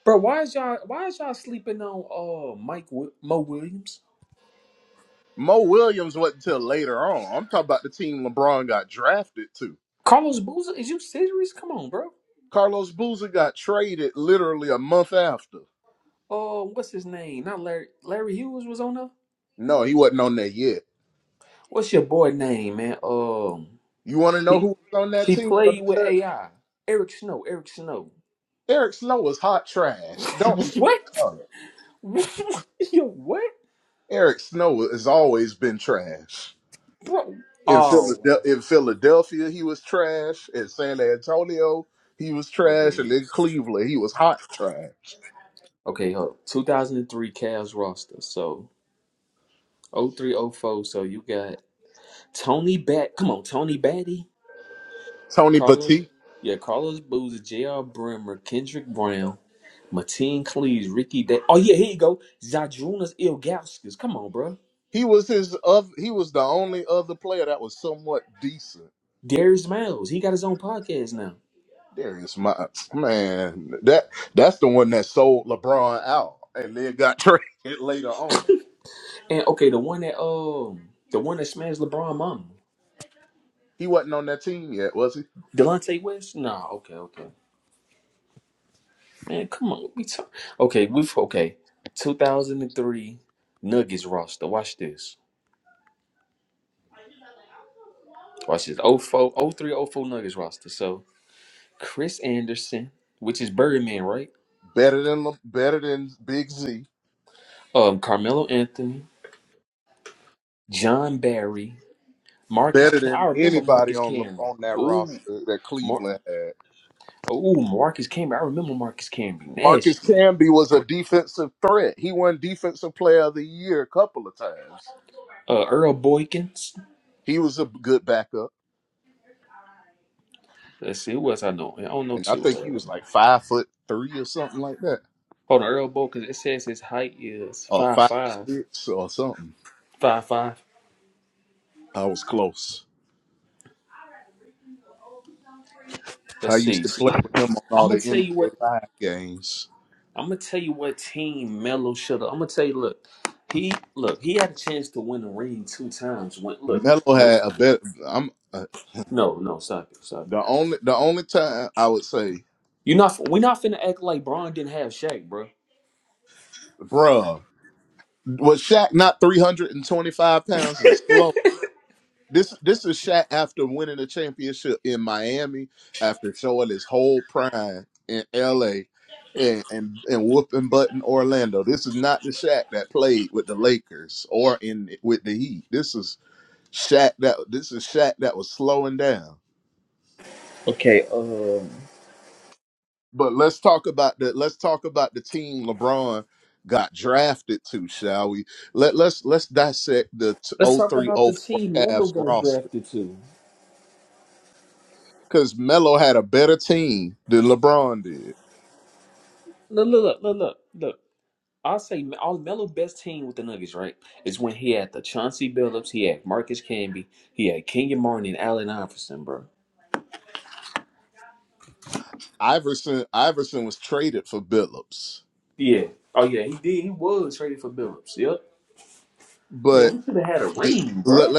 Speaker 21: bro. Why is y'all? Why is y'all sleeping on uh Mike Wi- Mo Williams? Carlos Boozer? Is you serious? Come on, bro. Uh, what's his name? Not Larry. Larry Hughes was on there. What's your boy name, man? Um, he, he played with AI. Eric Snow. Eric Snow. What? Yo, what, bro? Oh, okay, okay. Hold. 2003 Cavs roster. So oh three oh four. So you got Tony Bat. Come on, Tony Batty. Carlos. Yeah, Carlos Boozer, J.R. Bremer, Kendrick Brown, Mateen Cleaves, Ricky. Da- oh yeah, here you go. Zadrunas Ilgauskas. Come on, bro. Darius Miles. He got his own podcast now. And okay, the one that um, the one that smashed LeBron Mama. Delonte West. Nah. Okay. Okay. Man, come on. We talk. Okay, we've okay. 2003 Nuggets roster. Watch this. Watch this. Oh four, oh three, oh four Nuggets roster. So Chris Anderson, which is Birdman, right? Um, Carmelo Anthony, John Barry, Marcus. Cam- I remember Marcus Camby. Ooh, Mar- Ooh, Marcus Camby. I remember Marcus Camby. Nasty. Uh, Earl Boykins. Let's see who else I know. I don't know too. Uh, hold on, Earl Boykins. It says his height is five five. Five five. Let's see. I'm gonna tell you what. I'm gonna tell you what team Melo should. have I'm gonna tell you. Look, he look. He had a chance to win the ring two times. When look, when, no, no, stop it, stop it. You not. We're not finna act like Braun didn't have Shaq, bro. Okay, um, Let's talk about the team Melo got drafted to. Look, look, look, look, look. look. I'll say all Melo's best team with the Nuggets, right, is when he had the Chauncey Billups, he had Marcus Camby, he had Kenyon Martin and Allen Iverson, bro. Yeah. Oh yeah, he did. He was traded for Billups. Yep. Man, we should have had a ring, bro.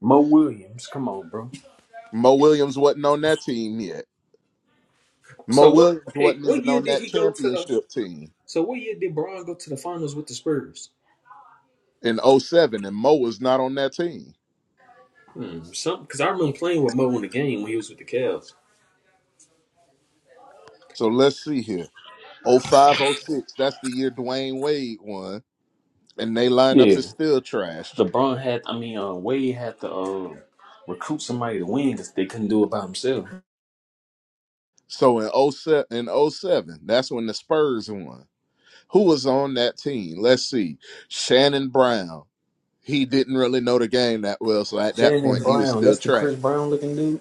Speaker 21: Mo Williams, come on, bro. So what? Okay, what year did he go to the? So what year did Braun go to the finals with the Spurs? Hmm, some because I remember playing with Mo in the game when he was with the Cavs. Yeah, LeBron had. I mean, uh, Wade had to uh, recruit somebody to win because they couldn't do it by himself. Shannon Brown, that's the Chris Brown looking dude.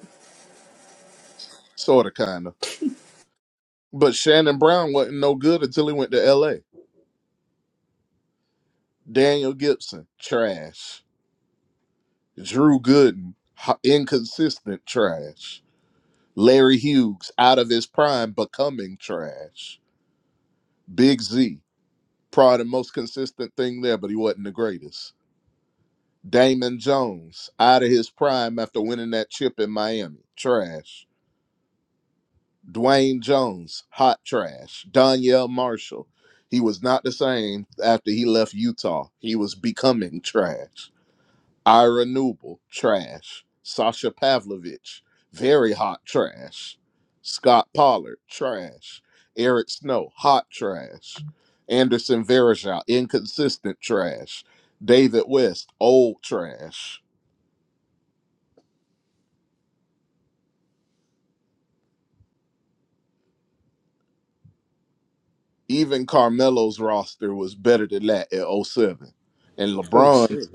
Speaker 21: Oh shit!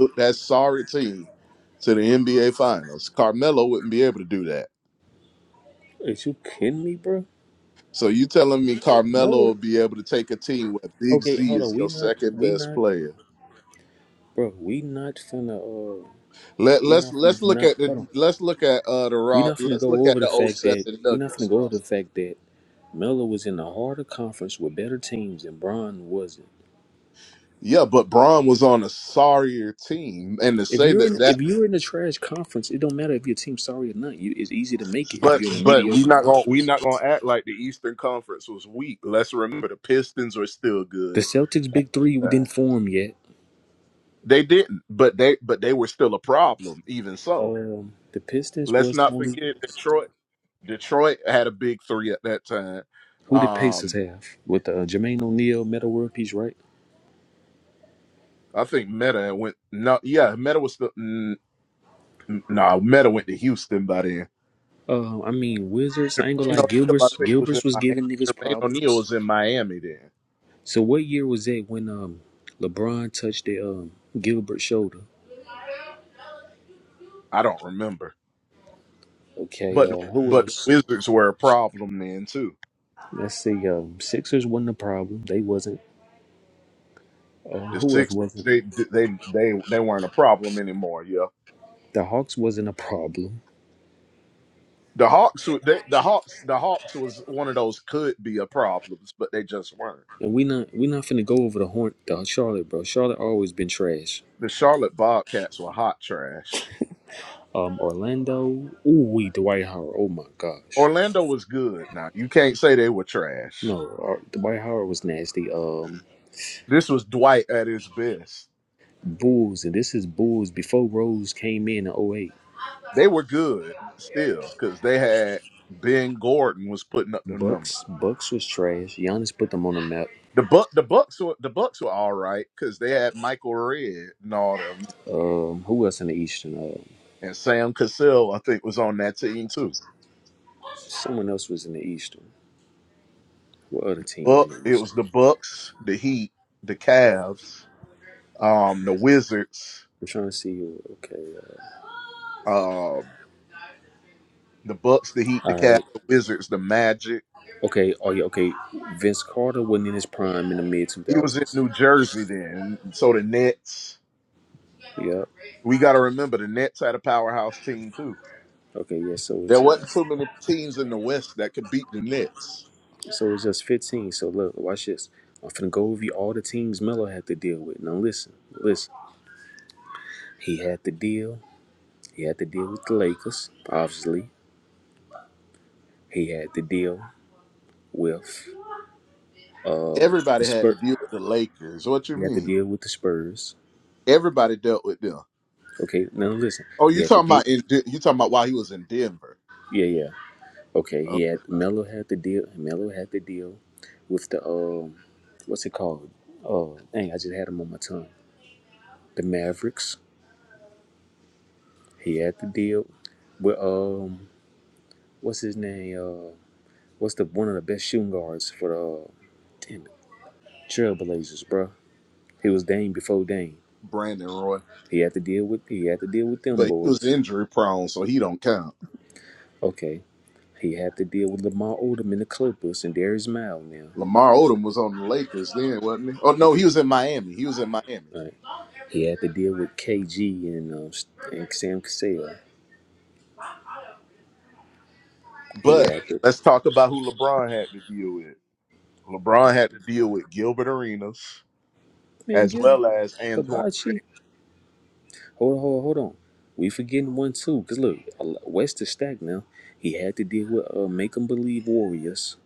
Speaker 21: Is you kidding me, bro? No. Okay, hold on. We not. We not. Bro, we not finna uh we not finna not hold on. We not finna go over the fact that we not finna go over the fact that Melo was in a harder conference with better teams and Bron wasn't. If you're in if you're in a trash conference, it don't matter if your team's sorry or not. You, it's easy to make it if you're in a mediocre conference. The Celtics big three didn't form yet. Um the Pistons was the only who did Pacers have? With uh, Jermaine O'Neal, Metal World Peace, right? Uh, I mean Wizards. I ain't gonna lie. Gilbert's Gilbert's was giving niggas problems. So what year was it when um LeBron touched the um Gilbert shoulder? Okay, uh who else? Let's see, um Sixers wasn't a problem. They wasn't. Uh, who else wasn't? The Hawks wasn't a problem. And we not we not finna go over the horn the Charlotte, bro. Charlotte always been trash. Um Orlando, ooh we Dwight Howard. Oh my gosh. No, uh, Dwight Howard was nasty. Um Bulls, and this is Bulls before Rose came in in '08. Bucks, Bucks was trash. Giannis put them on the map. Um, who else in the Eastern? Uh, someone else was in the Eastern. What other team in the Eastern? I'm trying to see. who- Okay, uh, all right. Okay, oh yeah, okay. Vince Carter wasn't in his prime in the mid two thousands. Yep. Okay, yeah. So it's just, so it's just fifteen. So look, watch this. I'm finna go over you all the teams Melo had to deal with. Now listen, listen. He had to deal. He had to deal with the Lakers, obviously. He had to deal with um, the Spurs. He had to deal with the Spurs. Okay, now listen. He had the deal. Yeah, yeah. Okay, he had Melo had the deal. Melo had the deal with the um, what's it called? Oh, dang! I just had him on my tongue. The Mavericks. He had the deal with um, what's his name? Uh, what's the one of the best shooting guards for the uh, damn it, Trailblazers, bro? He was Dame before Dame. He had to deal with. He had to deal with them boys. Okay, he had to deal with Lamar Odom and the Clippers and Darius Mile now. Right. He had to deal with KG and, um, and Sam Cassell. He had to man get Hibachi. Hold on, hold on, hold on. We forgetting one too, cause look, West is stacked now. He had to deal with uh, Make 'Em Believe Warriors.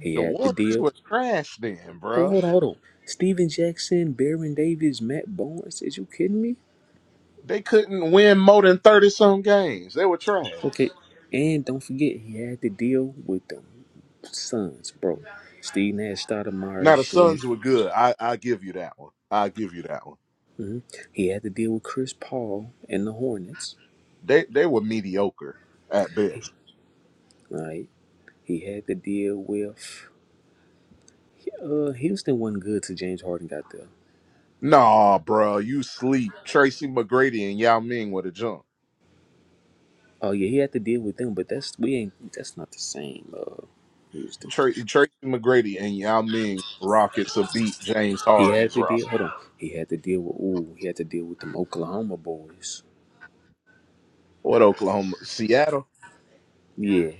Speaker 21: He had to deal. oh, Hold on, hold on. Steven Jackson, Baron Davis, Matt Barnes. Is you kidding me? Okay, and don't forget he had to deal with the Suns, bro. Steve Nash, Stoudemire, Shannon. Mhm. He had to deal with Chris Paul and the Hornets. He, right. He had to deal with uh, Houston wasn't good till James Harden got there. Oh yeah, he had to deal with them, but that's we ain't that's not the same. Uh, Houston. He had to deal. Hold on. He had to deal with. Ooh, he had to deal with them Oklahoma boys. Yeah,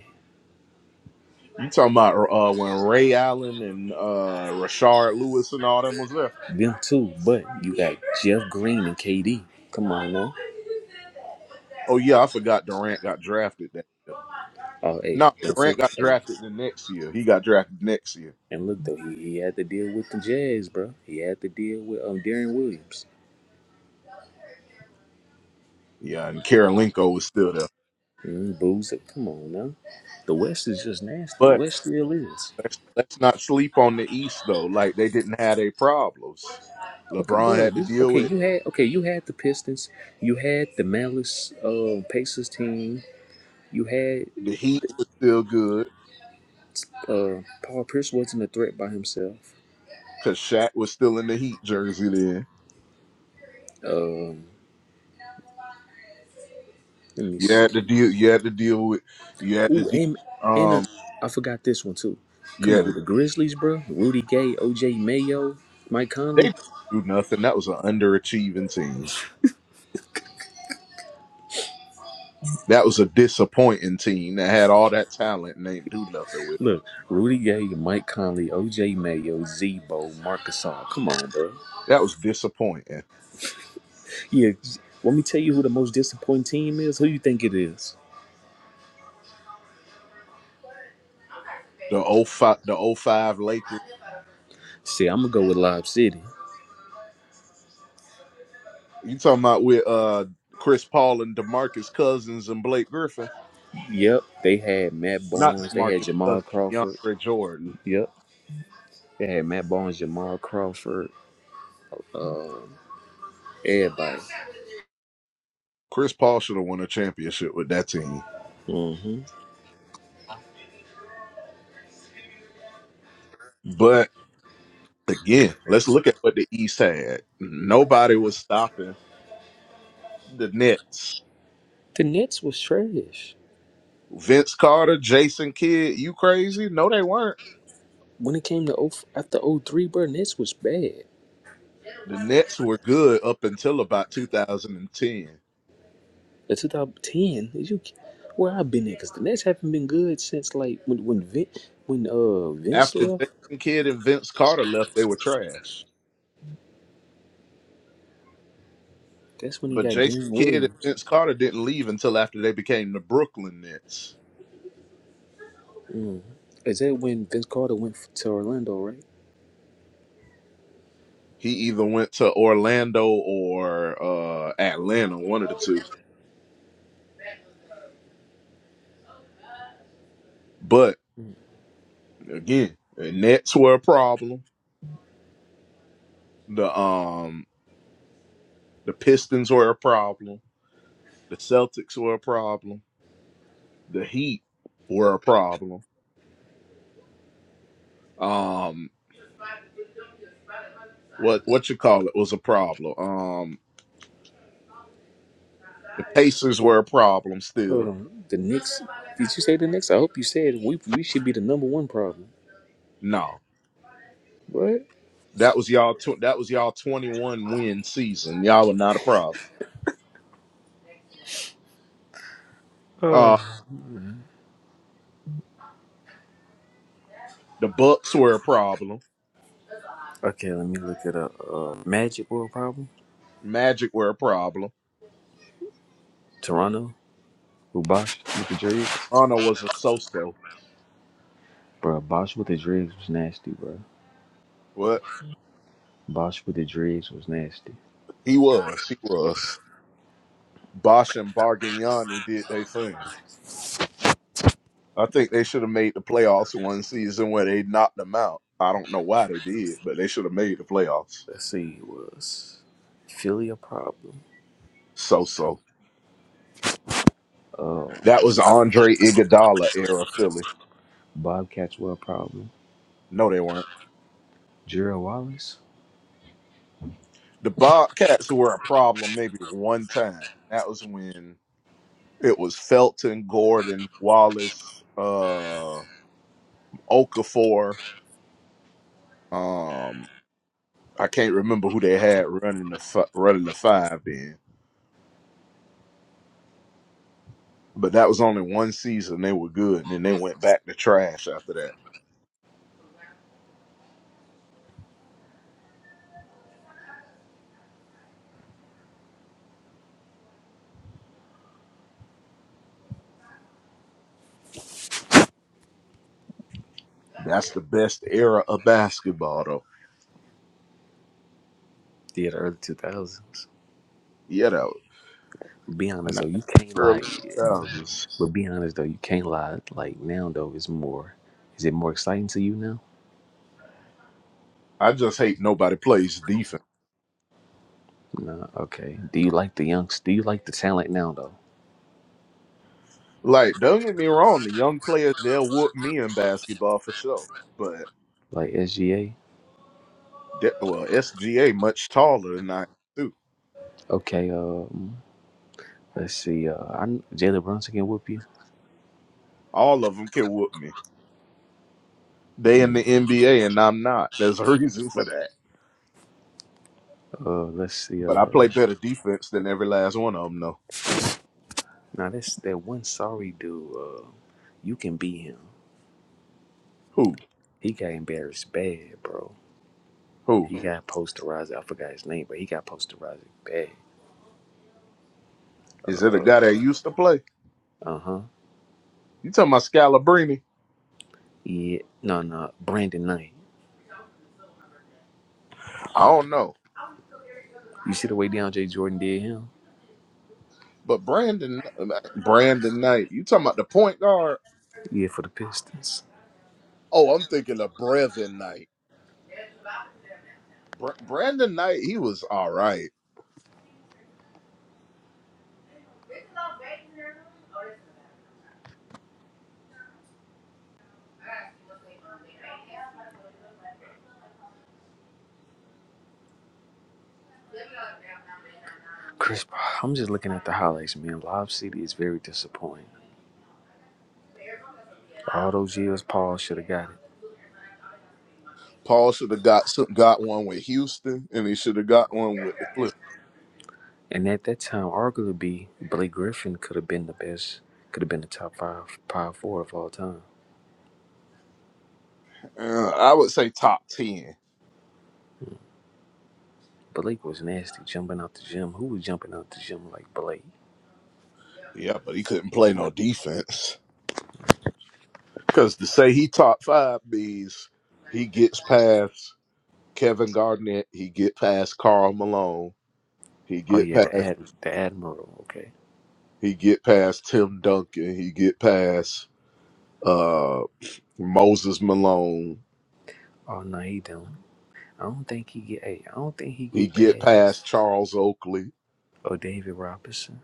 Speaker 21: them too. But you got Jeff Green and KD. Come on now. Oh hey, don't forget. Hey, And look though, he, he had to deal with the Jazz, bro. He had to deal with um Darren Williams. Mm, Boozer, come on now. The West is just nasty. The West still is. Okay, bro. You okay? You had okay. You had the Pistons. You had the Malice uh, Pacers team. You had uh, Paul Pierce wasn't a threat by himself. Um, let me see. Ooh, and and uh, I forgot this one too. Come on, the Grizzlies, bro. Rudy Gay, OJ Mayo, Mike Conley. Look, Rudy Gay, Mike Conley, OJ Mayo, Zebo, Marcus All. Come on, bro. Yeah, let me tell you who the most disappointing team is. Who you think it is? See, I'm gonna go with Lob City. Yep, they had Matt Barnes, they had Jamal Crawford. Yep, they had Matt Barnes, Jamal Crawford, everybody. hmm The Nets was trash. When it came to 0, after O three. bro, Nets was bad. The 2010 is you? Where I've been at? Because the Nets haven't been good since like when when Vin, when uh Vince left. That's when he got Darren Williams. Is that when Vince Carter went f- to Orlando, right? Mm. Hold on. The Knicks. Did you say the Knicks? I hope you said we we should be the number one problem. What? Oh. Okay, let me look at a uh, Magic World problem. Toronto. Who Bosch with the dreads? Bro, Bosch with the dreads was nasty, bro. Bosch with the dreads was nasty. Let's see, it was Philly a problem? Um, Bob Catchwell a problem? Gerald Wallace? Yeah, the early 2000s. Be honest though, you can't like, but be honest though, you can't lie. Like now though, it's more. Is it more exciting to you now? No, okay. Do you like the youngs? Do you like the talent now though? Like SGA? Okay. Um, let's see. Uh, I Jalen Brunson can whoop you. Mm. Uh, let's see. Uh, now this that one sorry dude. Uh, you can beat him. He got embarrassed bad, bro. He got posterized. I forgot his name, but he got posterized bad. Uh huh. Yeah. No, no. Brandon Knight. You see the way DeAndre Jordan did him? Yeah, for the Pistons. Chris, Paul- I'm just looking at the highlights, man. Live City is very disappointing. All those years, Paul should have got it. And at that time, arguably, Blake Griffin could have been the best, could have been the top five, power four of all time. Blake was nasty, jumping out the gym. Who was jumping out the gym like Blake? Oh yeah, the ad the admiral. Okay. Oh no, he don't. I don't think he get. Hey, I don't think he get past. Oh, David Robinson.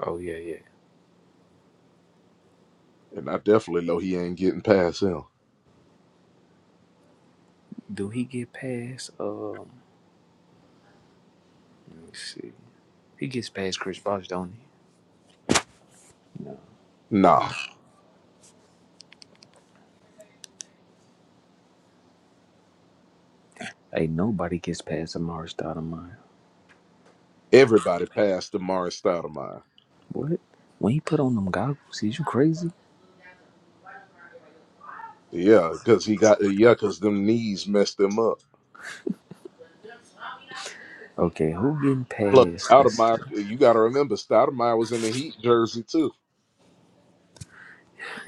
Speaker 21: Oh yeah, yeah. Do he get past? Um, let me see. He gets past Chris Bosh, don't he? No. Hey, nobody gets past Amari Stoudemire. What? When he put on them goggles, is you crazy? Okay, who getting past? Let's see.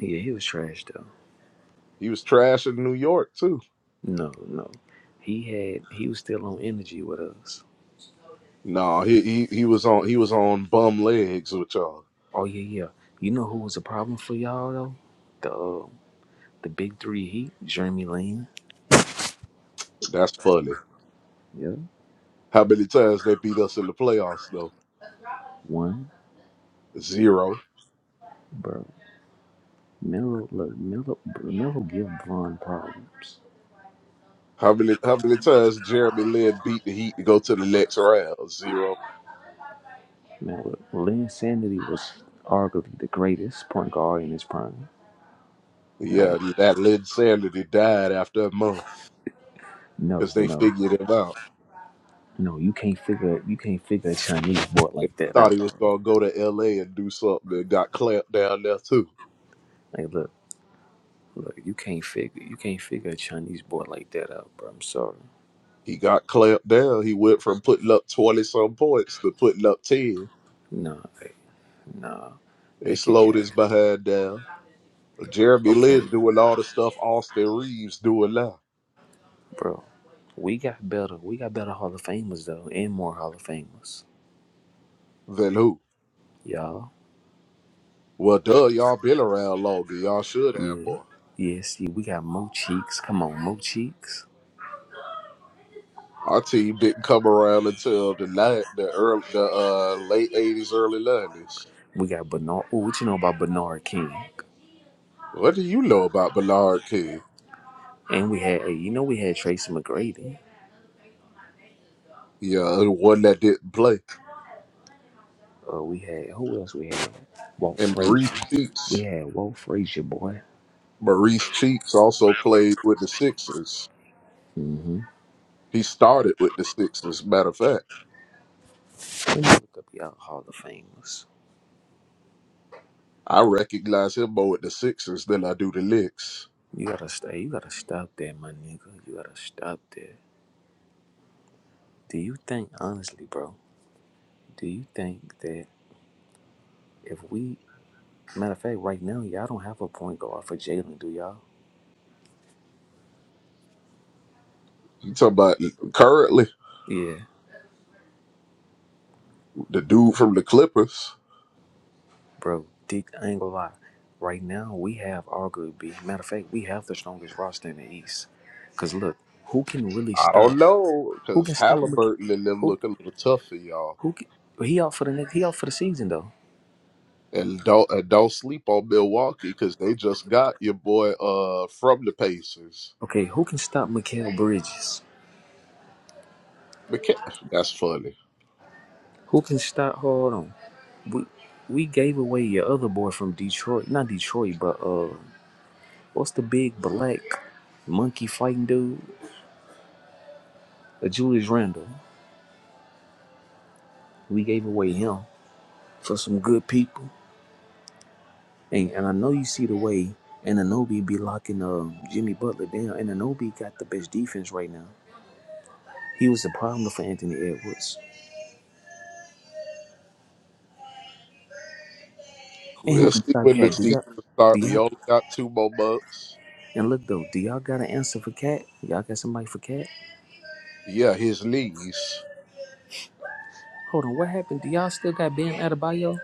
Speaker 21: Yeah, he was trash though. No, no. He had he was still on energy with us. Oh yeah, yeah. You know who was a problem for y'all though? The uh, the big three Heat, Jeremy Lin. Yeah, one, bro. Melo, look, Melo, bro, Melo give Von problems. Melo, Lin Sanity was arguably the greatest point guard in his prime. Like, no, no, no. You can't figure, you can't figure a Chinese boy like that out. Bro. Like, look, look. You can't figure, you can't figure a Chinese boy like that out, bro. I'm sorry. Nah, like, nah. They can't have. it. Okay, bro. We got better. We got better Hall of Famers though, and more Hall of Famers, y'all. Yeah, yeah. See, we got Mo Cheeks. Come on, Mo Cheeks. We got Bernard. Oh, what you know about Bernard King? And we had, hey, you know, we had Tracy McGrady. Uh, we had who else? We had Walt Frazier. We had Walt Frazier, boy. Mm-hmm. Let me look up y'all Hall of Famers. You gotta stay. You gotta stop that, my nigga. You gotta stop that. Do you think honestly, bro? Do you think that if we, matter of fact, right now, y'all don't have a point guard for Jalen, do y'all? Yeah, bro. Dick, I ain't gonna lie. Right now, we have arguably, matter of fact, we have the strongest roster in the East. Cause look, who can really stop? Who can stop? Mik- Who who? Can, he out for the next? He out for the season though. Okay, who can stop Mikael Bridges? Who can stop? Hold on. We we gave away your other boy from Detroit, not Detroit, but uh What's the big black monkey fighting dude? Uh, Julius Randle. We gave away him for some good people. And and I know you see the way Ananobi be locking uh, Jimmy Butler down. and Ananobi got the best defense right now. He was a problem for Anthony Edwards. And who can stop Cat? Do y'all, do y'all, and look though, do y'all got an answer for Cat? Y'all got somebody for Cat? Hold on, what happened? Do y'all still got Bam Adebayo?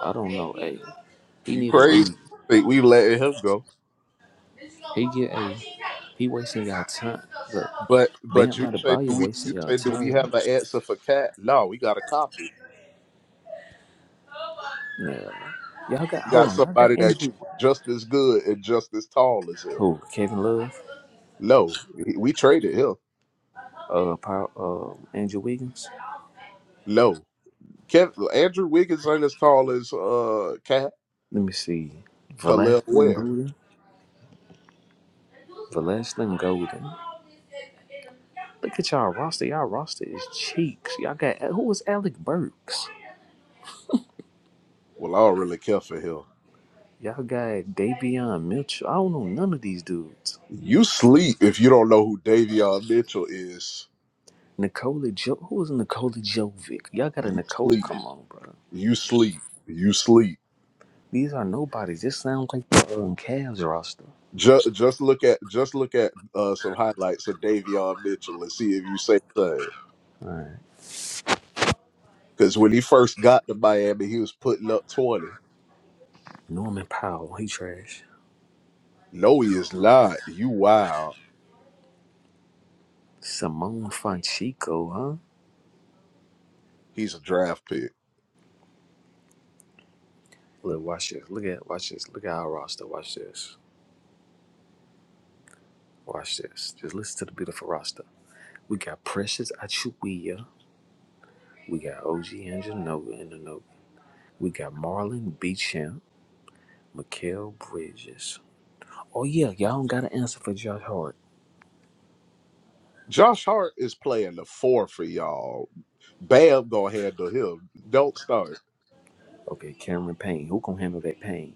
Speaker 21: I don't know, a he need to leave. He get a he wasting y'all time. Look, Bam out of Adebayo wasting y'all time. Yeah. Y'all got hold on, y'all got Andrew who? Kevin Love? Uh Power um Andrew Wiggins? Let me see. Valeslin Golden. Valeslin Golden. Look at y'all roster. Y'all roster is cheeks. Y'all got who was Alec Burks? Y'all got Davion Mitchell. I don't know none of these dudes. Nikola jo- who is Nikola Jovic? Y'all got a Nicole? Come on, bro. These are nobodies. This sounds like the um, Cavs roster. All right. Norman Powell, he trash. Simone Fonchico, huh? Look, watch this. Look at watch this. Look at our roster. Watch this. Watch this. Just listen to the beautiful roster. We got Precious Achuia. We got OG Anjanova in the note. We got Marlon Beecham, Mikael Bridges. Oh yeah, y'all don't got an answer for Josh Hart. Okay, Cameron Payne. Who gonna handle that Payne?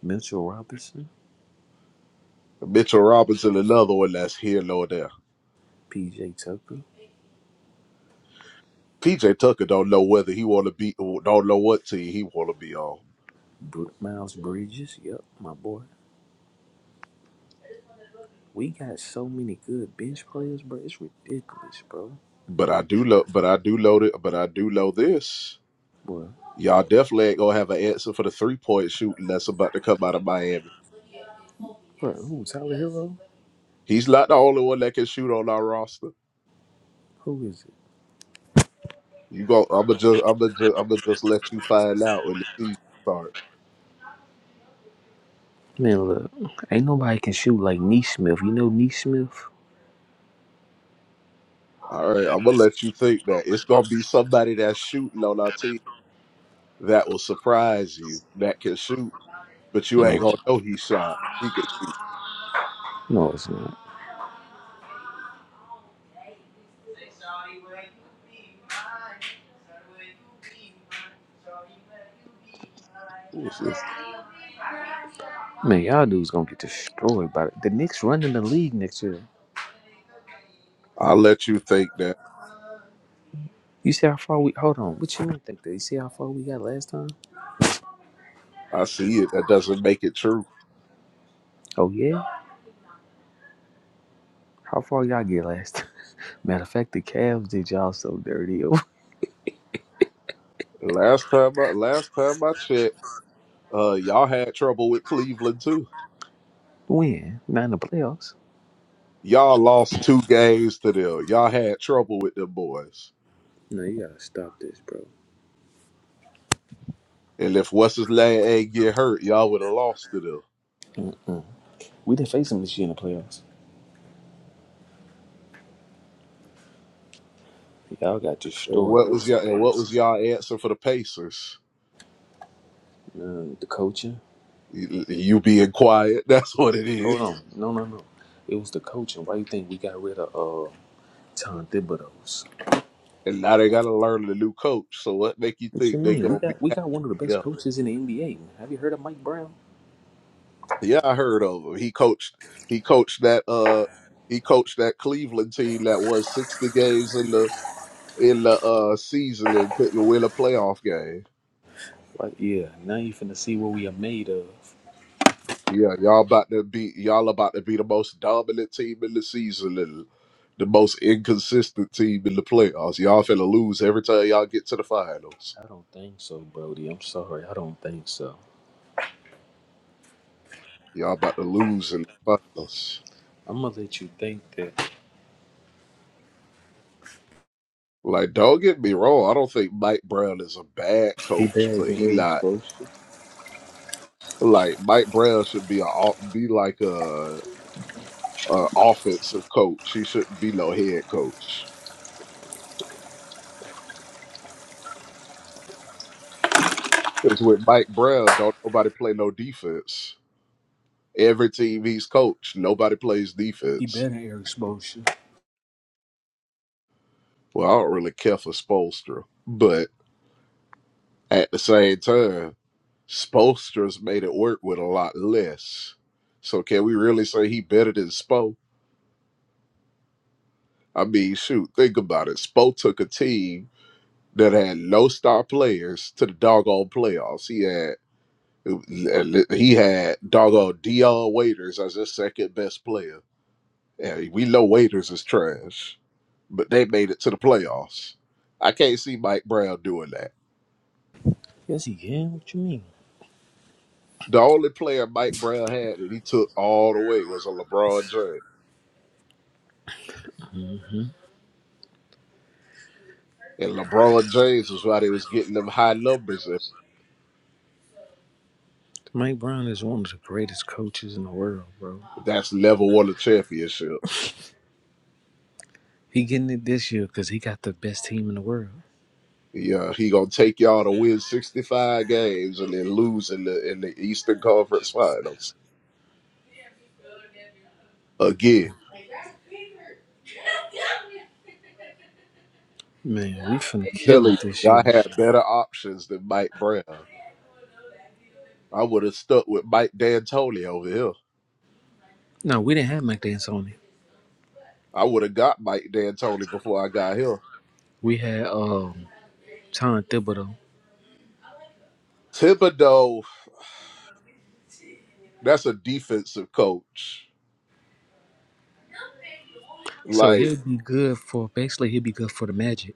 Speaker 21: Mitchell Robinson, PJ Tucker, Br- Miles Bridges. Yep, my boy. We got so many good bench players, bro. It's ridiculous, bro. Boy, bro, who? Tyler Hero? Who is it? Man, look, ain't nobody can shoot like Neesmith. You know Neesmith? No, no, it's not. Man, y'all dudes gonna get destroyed by the, the Knicks running the league next year. You see how far we? Hold on, what you mean think that? You see how far we got last time? Oh yeah, how far y'all get last time? Matter of fact, the Cavs did y'all so dirty. Oh, When? Not in the playoffs. No, you gotta stop this, bro. We didn't face them this year in the playoffs. Y'all got destroyed. That was embarrassing. Uh, the coaching. Hold on. No, no, no. It was the coaching. Why you think we got rid of uh, Tom Thibodeau's? What you mean? We got we got one of the best coaches in the NBA. Have you heard of Mike Brown? Like, yeah. Now you finna see what we are made of. I don't think so, Brody. I'm sorry. I don't think so. I'm gonna let you think that. He better than Eric Spoelstra. He better than Eric Spoelstra. Yes, he can. What you mean? Mike Brown is one of the greatest coaches in the world, bro. He getting it this year because he got the best team in the world. Man, we finna kill it this year. No, we didn't have Mike D'Antoni. We had um Tom Thibodeau. So he'll be good for basically he'll be good for the Magic.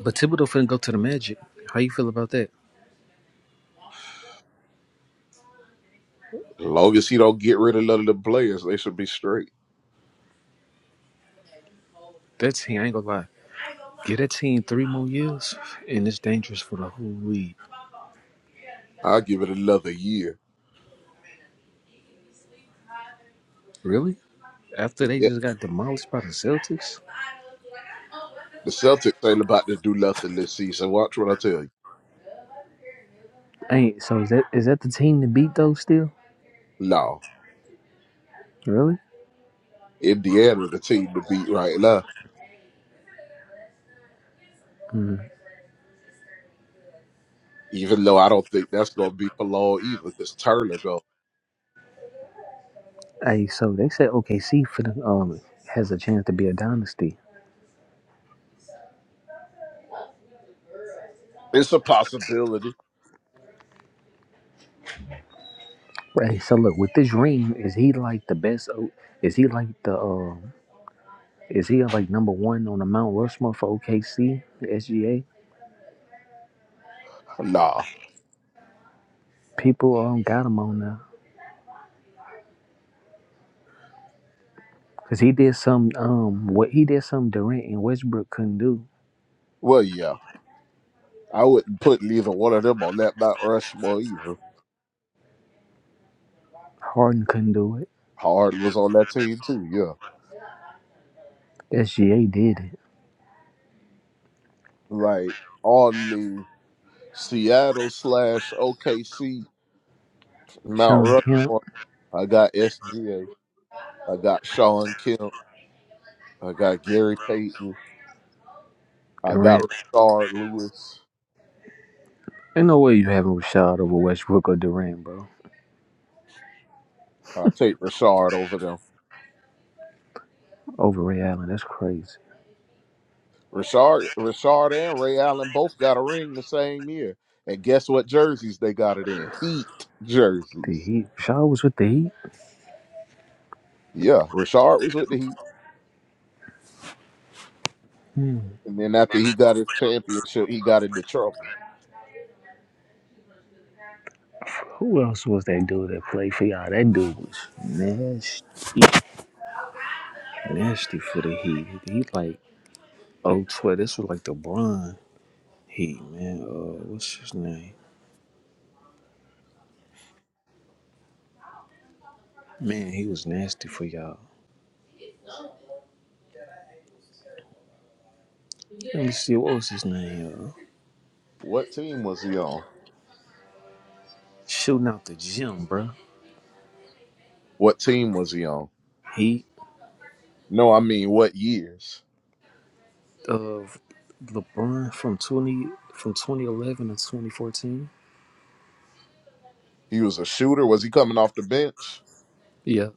Speaker 21: But Thibodeau finna go to the Magic. How you feel about that? That team, I ain't gonna lie. Get that team three more years, and it's dangerous for the whole league. Really? After they just got demolished by the Celtics? Hey, so is that is that the team to beat though still? Really? Mm. Hey, so they said OKC for the um has a chance to be a dynasty. Hey, so look with this ring, is he like the best? O- Is he like the um? Is he like number one on the Mount Rushmore for OKC, the SGA? People um got him on now. Cause he did some um what he did some Durant and Westbrook couldn't do. Harden couldn't do it. SGA did it. Sean Kemp, Durant. Ain't no way you having Rashad over Westbrook or Durant, bro. Over Ray Allen, that's crazy. The Heat. Rashad was with the Heat. Hmm. Who else was that dude that played for y'all? That dude was nasty, nasty for the Heat. He like oh twelve. This was like the Bron Heat, man. Uh, what's his name? Man, he was nasty for y'all. Let me see. What was his name? uh? shooting out the gym, bro. He of LeBron from twenty from twenty eleven to twenty fourteen. Yeah,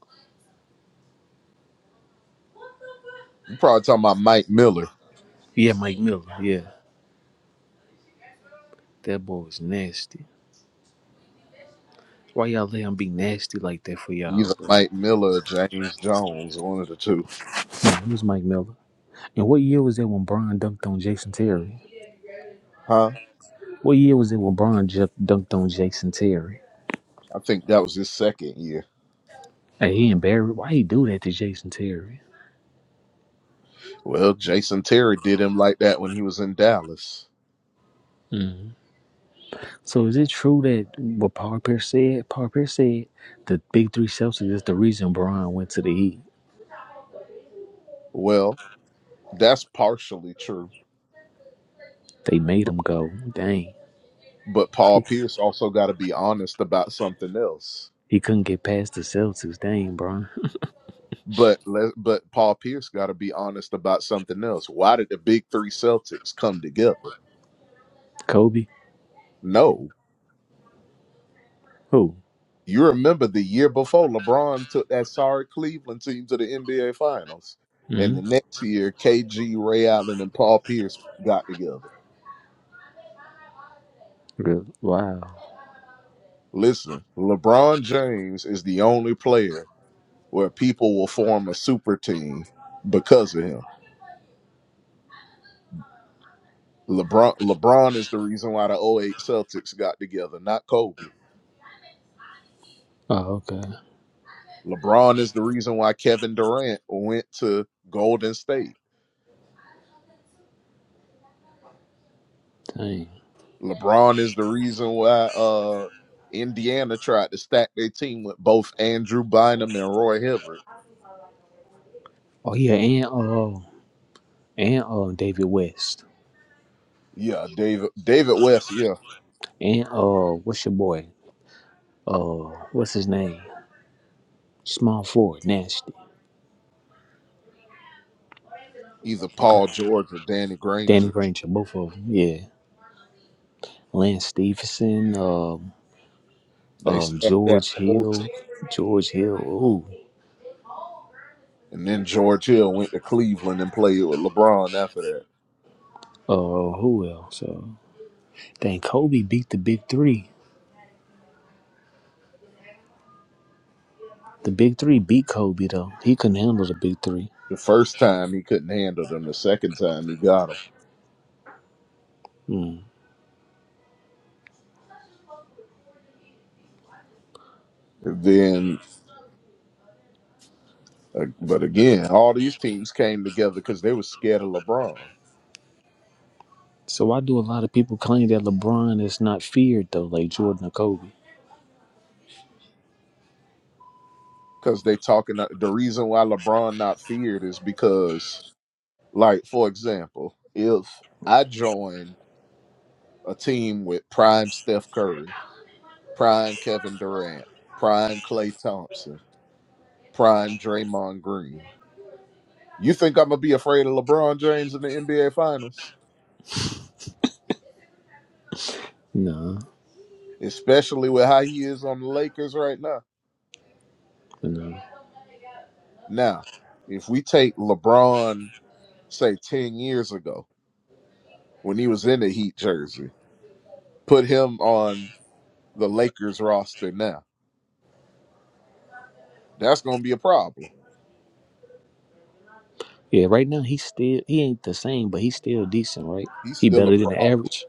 Speaker 21: yeah, Mike Miller. Yeah, that boy was nasty. Why y'all let him be nasty like that for y'all, bro? Nah, it was Mike Miller. And what year was that when Brian dunked on Jason Terry? What year was it when Brian ju- dunked on Jason Terry? Hey, he embarrassed. Why he do that to Jason Terry? Mhm. So is it true that what Paul Pierce said? Paul Pierce said the big three substance is the reason Braun went to the Heat. They made him go. Dang, he couldn't get past the Celtics. Dang, Bron, Kobe. Who? Mm? Real- Wow. Oh, okay. Dang. Oh yeah, and uh, and uh, David West, and uh, what's your boy? Uh, what's his name? Small forward, nasty. Danny Granger, both of them. Yeah. Lance Stephenson. Um. um, George Hill, George Hill. Ooh, uh, who else? Uh, dang, Kobe beat the big three. The big three beat Kobe though. He couldn't handle the big three. Hmm. So why do a lot of people claim that LeBron is not feared though, like Jordan or Kobe? No, no. Yeah, right now he's still he ain't the same, but he's still decent, right? He better than the average.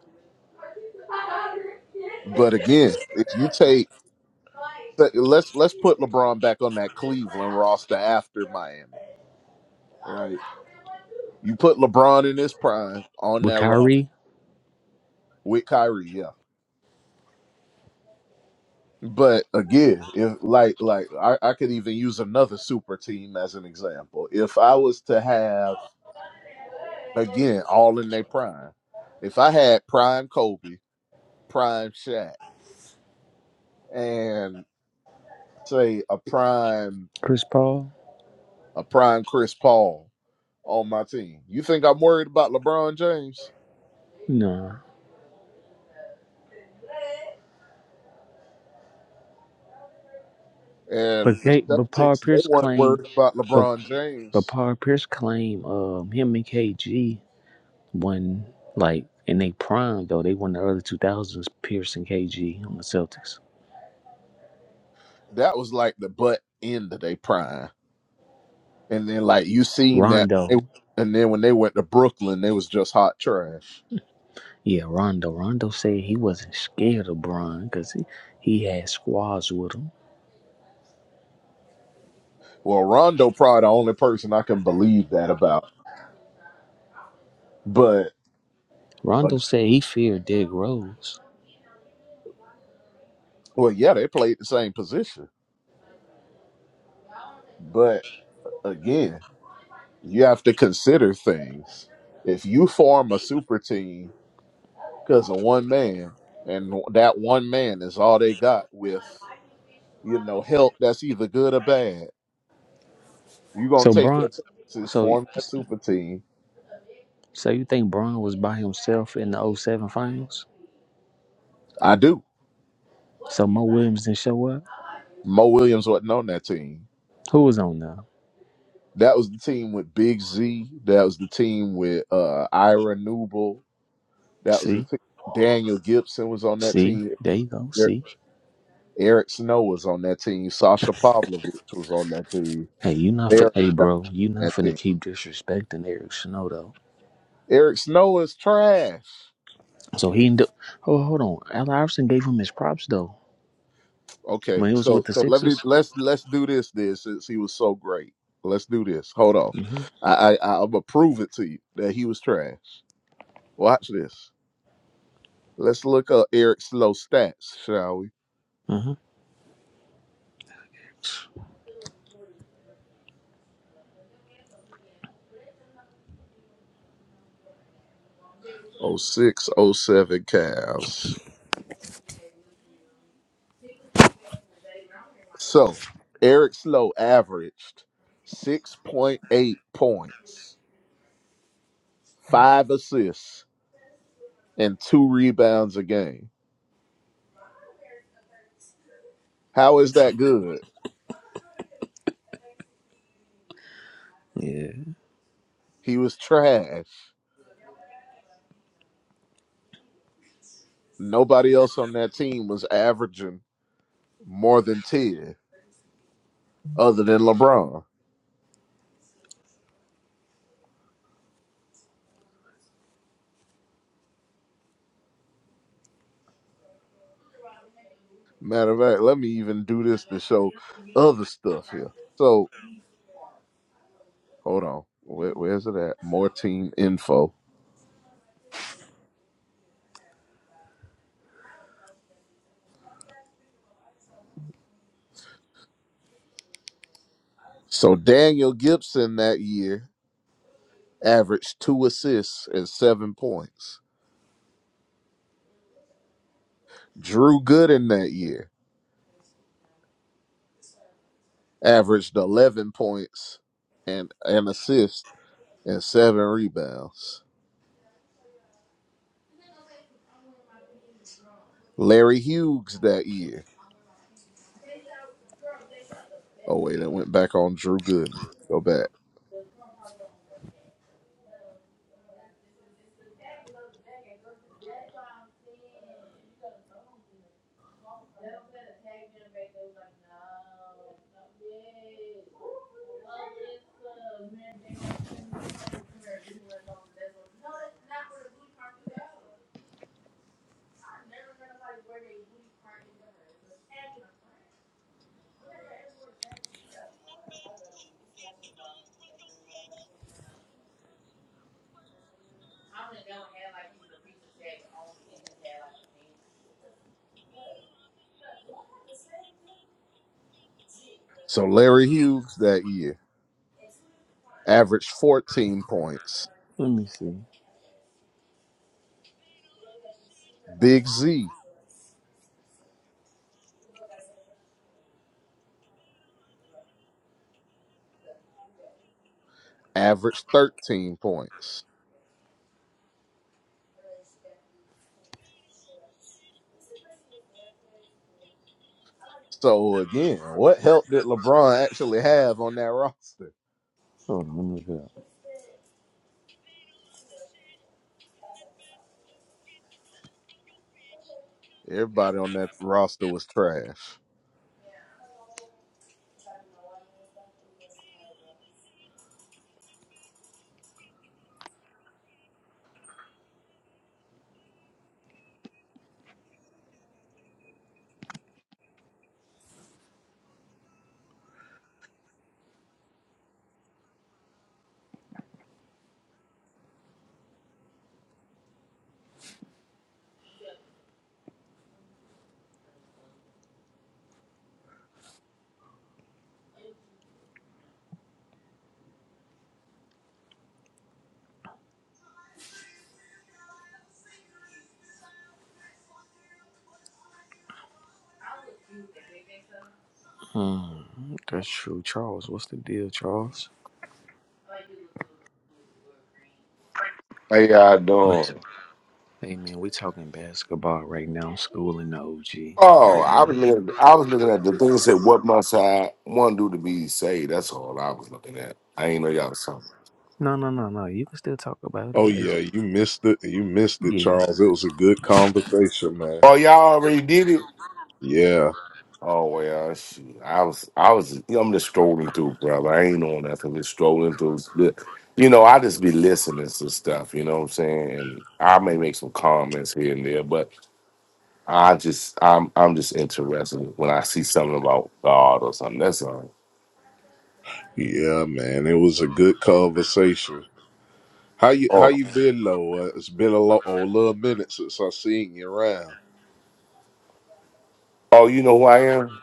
Speaker 21: With Kyrie, Chris Paul, no. But they, but Paul Pierce claimed. but. But Paul Pierce claimed um, him and KG won like in they prime though they won the early two thousands. Pierce and KG on the Celtics. Rondo, yeah, Rondo. Rondo said he wasn't scared of Bron because he, he had squads with him. Rondo said he feared Derrick Rose. So Bron, so so you think Bron was by himself in the O seven finals? So Mo Williams didn't show up. Who was on there? See, see, there you go. See. Hey, you not fin hey bro, you not finna keep disrespecting Eric Snow though. So he end up oh hold on. Al Iverson gave him his props though. When he was with the Sixers. hmm hmm Yeah. Let me see. Hold on, let me look it up. Hmm. That's true. Charles, what's the deal, Charles?
Speaker 22: How y'all
Speaker 21: What's-
Speaker 22: doing?
Speaker 21: Hey man, we talking basketball right now, school and the OG
Speaker 22: Oh,
Speaker 21: right
Speaker 22: I
Speaker 21: now.
Speaker 22: was looking. I was looking at the thing that said, "What must I one do to be saved?" That's all I was looking at. I ain't know y'all was something.
Speaker 21: No, no, no, no. You can still talk about it. It's- yeah.
Speaker 22: Oh, y'all already did it. Oh well, shoot. I was. I was. I'm just strolling through, brother. I ain't on nothing. Just strolling through. Look, You know, I just be listening to stuff. You know what I'm saying? And I may make some comments here and there, but I just, I'm, I'm just interested when I see something about God or something. That's all. Oh, oh, you know who I am?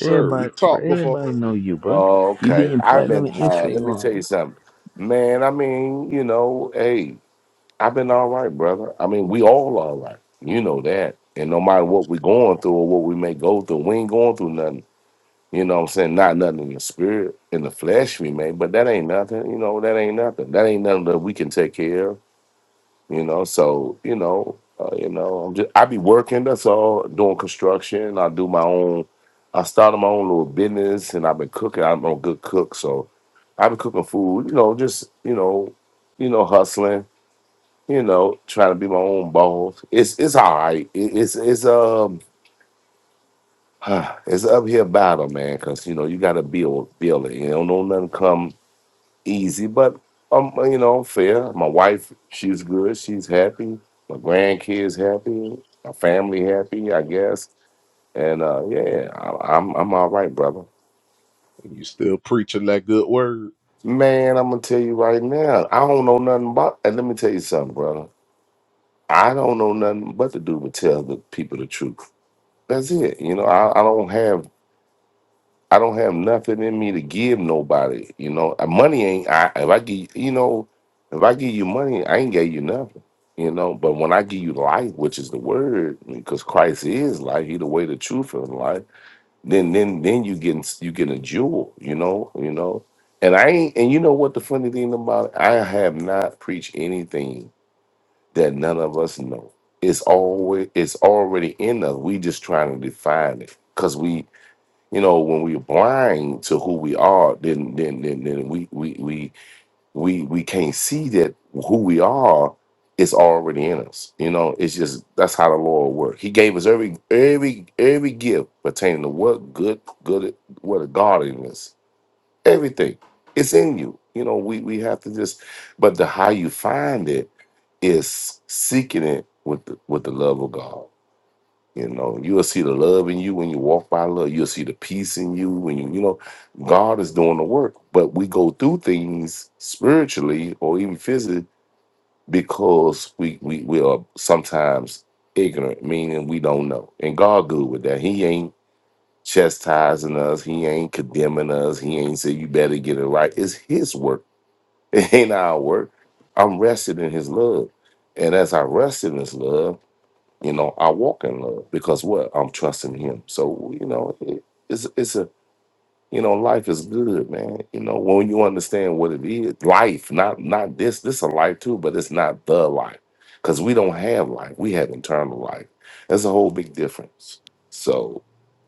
Speaker 21: Everybody, bro, everybody know you, bro.
Speaker 22: Oh,
Speaker 21: You
Speaker 22: okay.
Speaker 21: being
Speaker 22: I've
Speaker 21: platinum
Speaker 22: been
Speaker 21: and
Speaker 22: uh let me
Speaker 21: Instagram.
Speaker 22: tell you something. Man, I mean, you know, hey, I've been all right, brother. I mean, we all all right. You know that. And no matter what we're going through or what we may go through, we ain't going through nothing. You know what I'm saying? Not nothing in the spirit, in the flesh we may, but that ain't nothing, you know, that ain't nothing. That ain't nothing that we can take care of. You know, so you know, uh, you know, I'm just I be working. That's all. Doing construction. I do my own. I started my own little business, and I've been cooking. I'm a good cook, so I've been cooking food. You know, just you know, you know, hustling. You know, trying to be my own boss. It's it's all right. It, it's it's um. It's an uphill battle, man, because you know you got to build, build it. You don't know nothing come easy, but um, uh, you know, I'm fair. My wife, she's good. She's happy. My grandkids happy. My family happy, I guess. And uh, yeah, I, I'm I'm all right, brother. Man, I'm gonna tell you right now, I don't know nothing about. And let me tell you something, brother. I don't know nothing but to do but tell the people the truth. That's it. You know, I, I don't have I don't have nothing in me to give nobody. You know, Uh, money ain't. I if I give you know, if I give you money, I ain't gave you nothing. You know, but when I give you life, which is the word, because Christ is life, He the way, the truth, and the life. Then, then, then you getting you getting a jewel. You know, you know. And I ain't. And you know what the funny thing about it? I have not preached anything that none of us know. It's always it's already in us. We just trying to define it because we you know when we're blind to who we are then then then, then we, we we we we can't see that who we are is already in us you know it's just that's how the lord works he gave us every every every gift pertaining to what good good what a godliness everything it's in you you know we we have to just but the how you find it is seeking it with the, with the love of god you know, you'll see the love in you when you walk by love. You'll see the peace in you when you, you know, God is doing the work. But we go through things spiritually or even physically because we we, we are sometimes ignorant, meaning we don't know. And God good with that. He ain't chastising us. He ain't condemning us. He ain't say you better get it right. It's His work. It ain't our work. I'm rested in His love, and as I rested in His love. You know, I walk in love because what I'm trusting Him. So you know, it, it's it's a you know, life is good, man. You know, when you understand what it is, life, not not this. This a life too, but it's not the life because we don't have life. We have internal life. That's a whole big difference. So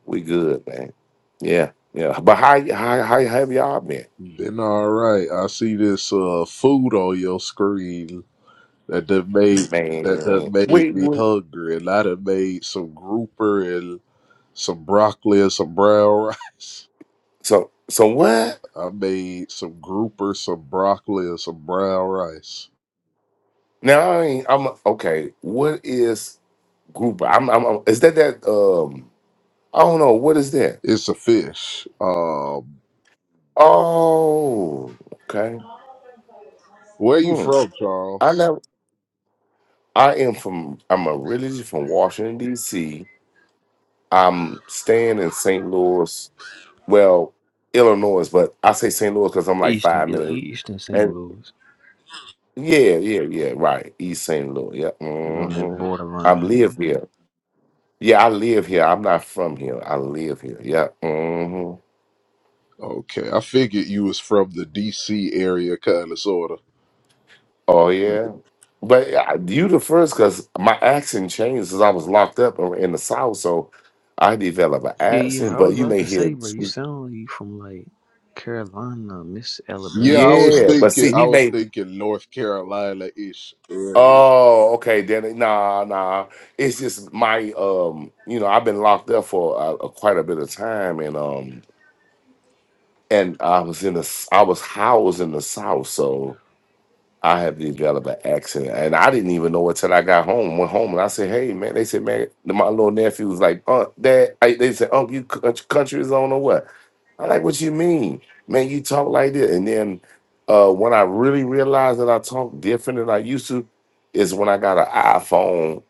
Speaker 22: we good, man. Yeah, yeah. But how y- how how have y'all been, man? Wait, wait. so so what? Now I ain't, I'm okay. What is? group. I'm, I'm, I'm- is that that? Um, I don't know. What is that? Oh, okay. Hmm. I never. I am from. I'm originally from Washington D.C. I'm staying in St. Louis. Well, Illinois, but I say St. Louis because I'm like
Speaker 21: Eastern,
Speaker 22: five
Speaker 21: yeah,
Speaker 22: minutes.
Speaker 21: Eastern St.
Speaker 22: And
Speaker 21: Louis
Speaker 22: yeah, yeah, yeah. Right, East St. Louis. Yeah.
Speaker 21: is on the
Speaker 22: hmm I live
Speaker 21: borderline.
Speaker 22: here. Yeah, I live here. I'm not from here. I live here. Yeah. Oh yeah, but uh, you the first because my accent changed since I was locked up in in the South, so I developed an
Speaker 21: Yeah, yeah, yeah.
Speaker 22: accent.
Speaker 21: I
Speaker 22: But
Speaker 21: was
Speaker 22: you
Speaker 21: about
Speaker 22: may
Speaker 21: to
Speaker 22: hear,
Speaker 21: say, bro, you sound like you from like Carolina, Miss Alabama, or
Speaker 22: yeah.
Speaker 21: something.
Speaker 22: But see, he may. Oh, okay. Then it- nah, nah. It's just my um. You know, I've been locked up for uh, uh, quite a bit of time, and um, and I was in the s- I was housed in the South, so. I have developed an accent, and I didn't even know it till I got home. Went home and I said, "Hey, man!" They said, "Man," my little nephew was like, "Unc, Dad," I, they said, "Unc, you cou- country is on or what?" I like, "What you mean, man? You talk like this?" And then uh, when I really realized that I talk different than I used to, is when I got an iPhone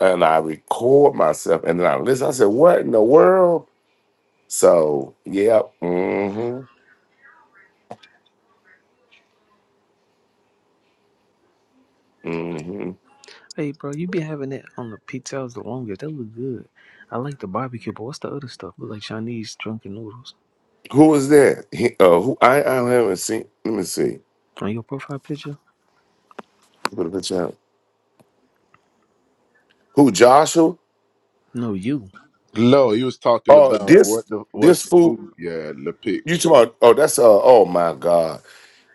Speaker 22: and I record myself and then I listen. I said, "What in the world?" So, yeah, Mm-hmm. Mm-hmm.
Speaker 21: Hey, bro, you be having that on the pizza? pizzas the longest. That look good. I like the barbecue, but what's the other stuff? Look like Chinese drunken noodles
Speaker 22: Who was that? He, uh, who I, I haven't seen. Let me see.
Speaker 21: on your profile picture.
Speaker 22: Put a picture out. Who Joshua?
Speaker 21: No, you.
Speaker 22: Oh, this this fool. You talking about? Oh, that's uh. Oh my God,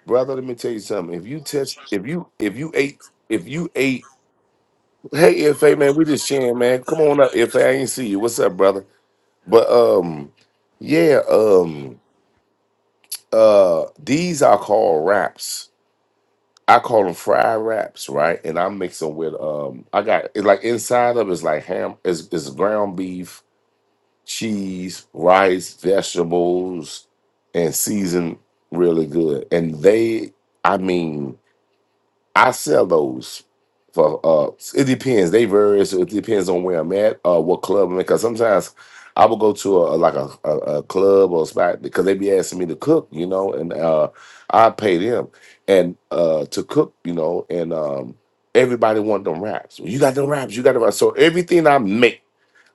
Speaker 22: brother. Let me tell you something. If you test, if you if you ate, if you ate. Hey, FA man, we just sharing, man. Come on up, FA. I ain't see you. What's up, brother? But um, yeah, um, uh, these I call wraps. I call them fried wraps, right? And I mix them with um, I got it's like inside of it's like ham, is is ground beef cheese, rice, vegetables, and seasoned really good. And they, I mean, I sell those for uh it depends. They vary, so it depends on where I'm at, uh what club I'm in. Cause sometimes I will go to a like a, a, a club or a spot because they be asking me to cook, you know, and uh I pay them and uh to cook, you know, and um everybody want them wraps. Well, You got them wraps, you got them wraps. So everything I make,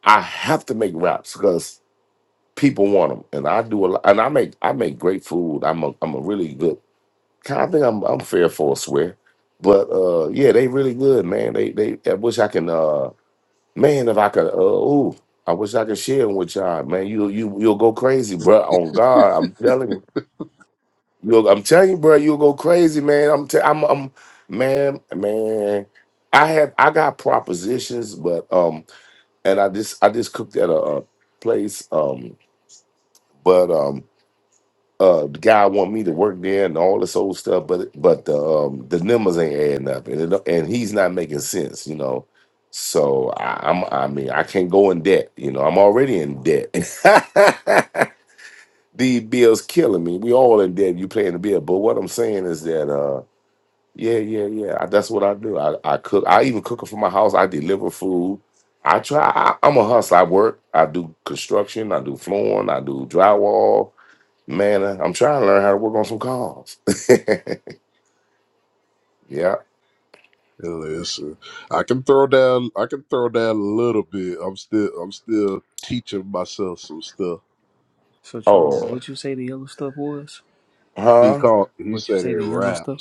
Speaker 22: I have to make wraps because people want them, and I do a lot. And I make I make great food. I'm a I'm a really good. I think I'm I'm fair for a swear, but uh, yeah, they really good, man. They they. I wish I can. Uh, man, if I could. Uh, ooh, I wish I could share 'em with y'all, man. You you you'll go crazy, bro. On God, I'm telling you. You'll, I'm telling you, bro. You'll go crazy, man. I'm t- I'm I'm man man. I have I got propositions, but um, and I just I just cooked at a, a place um, but um. uh the guy want me to work there and all this old stuff, but but the um the numbers ain't adding up and it, and he's not making sense, you know. So I, I'm I mean I can't go in debt, you know. I'm already in debt. These bills killing me. We all in debt. You paying the bill, but what I'm saying is that uh yeah yeah yeah I, that's what I do. I, I cook. I even cook it from my house. I deliver food. I try. I, I'm a hustler. I work. I do construction. I do flooring. I do drywall. Man, uh, I'm trying to learn how to work on some calls. yeah.
Speaker 21: So Charles,
Speaker 22: Oh,
Speaker 21: what you say the yellow stuff was?
Speaker 22: huh?
Speaker 21: What you say the yellow stuff?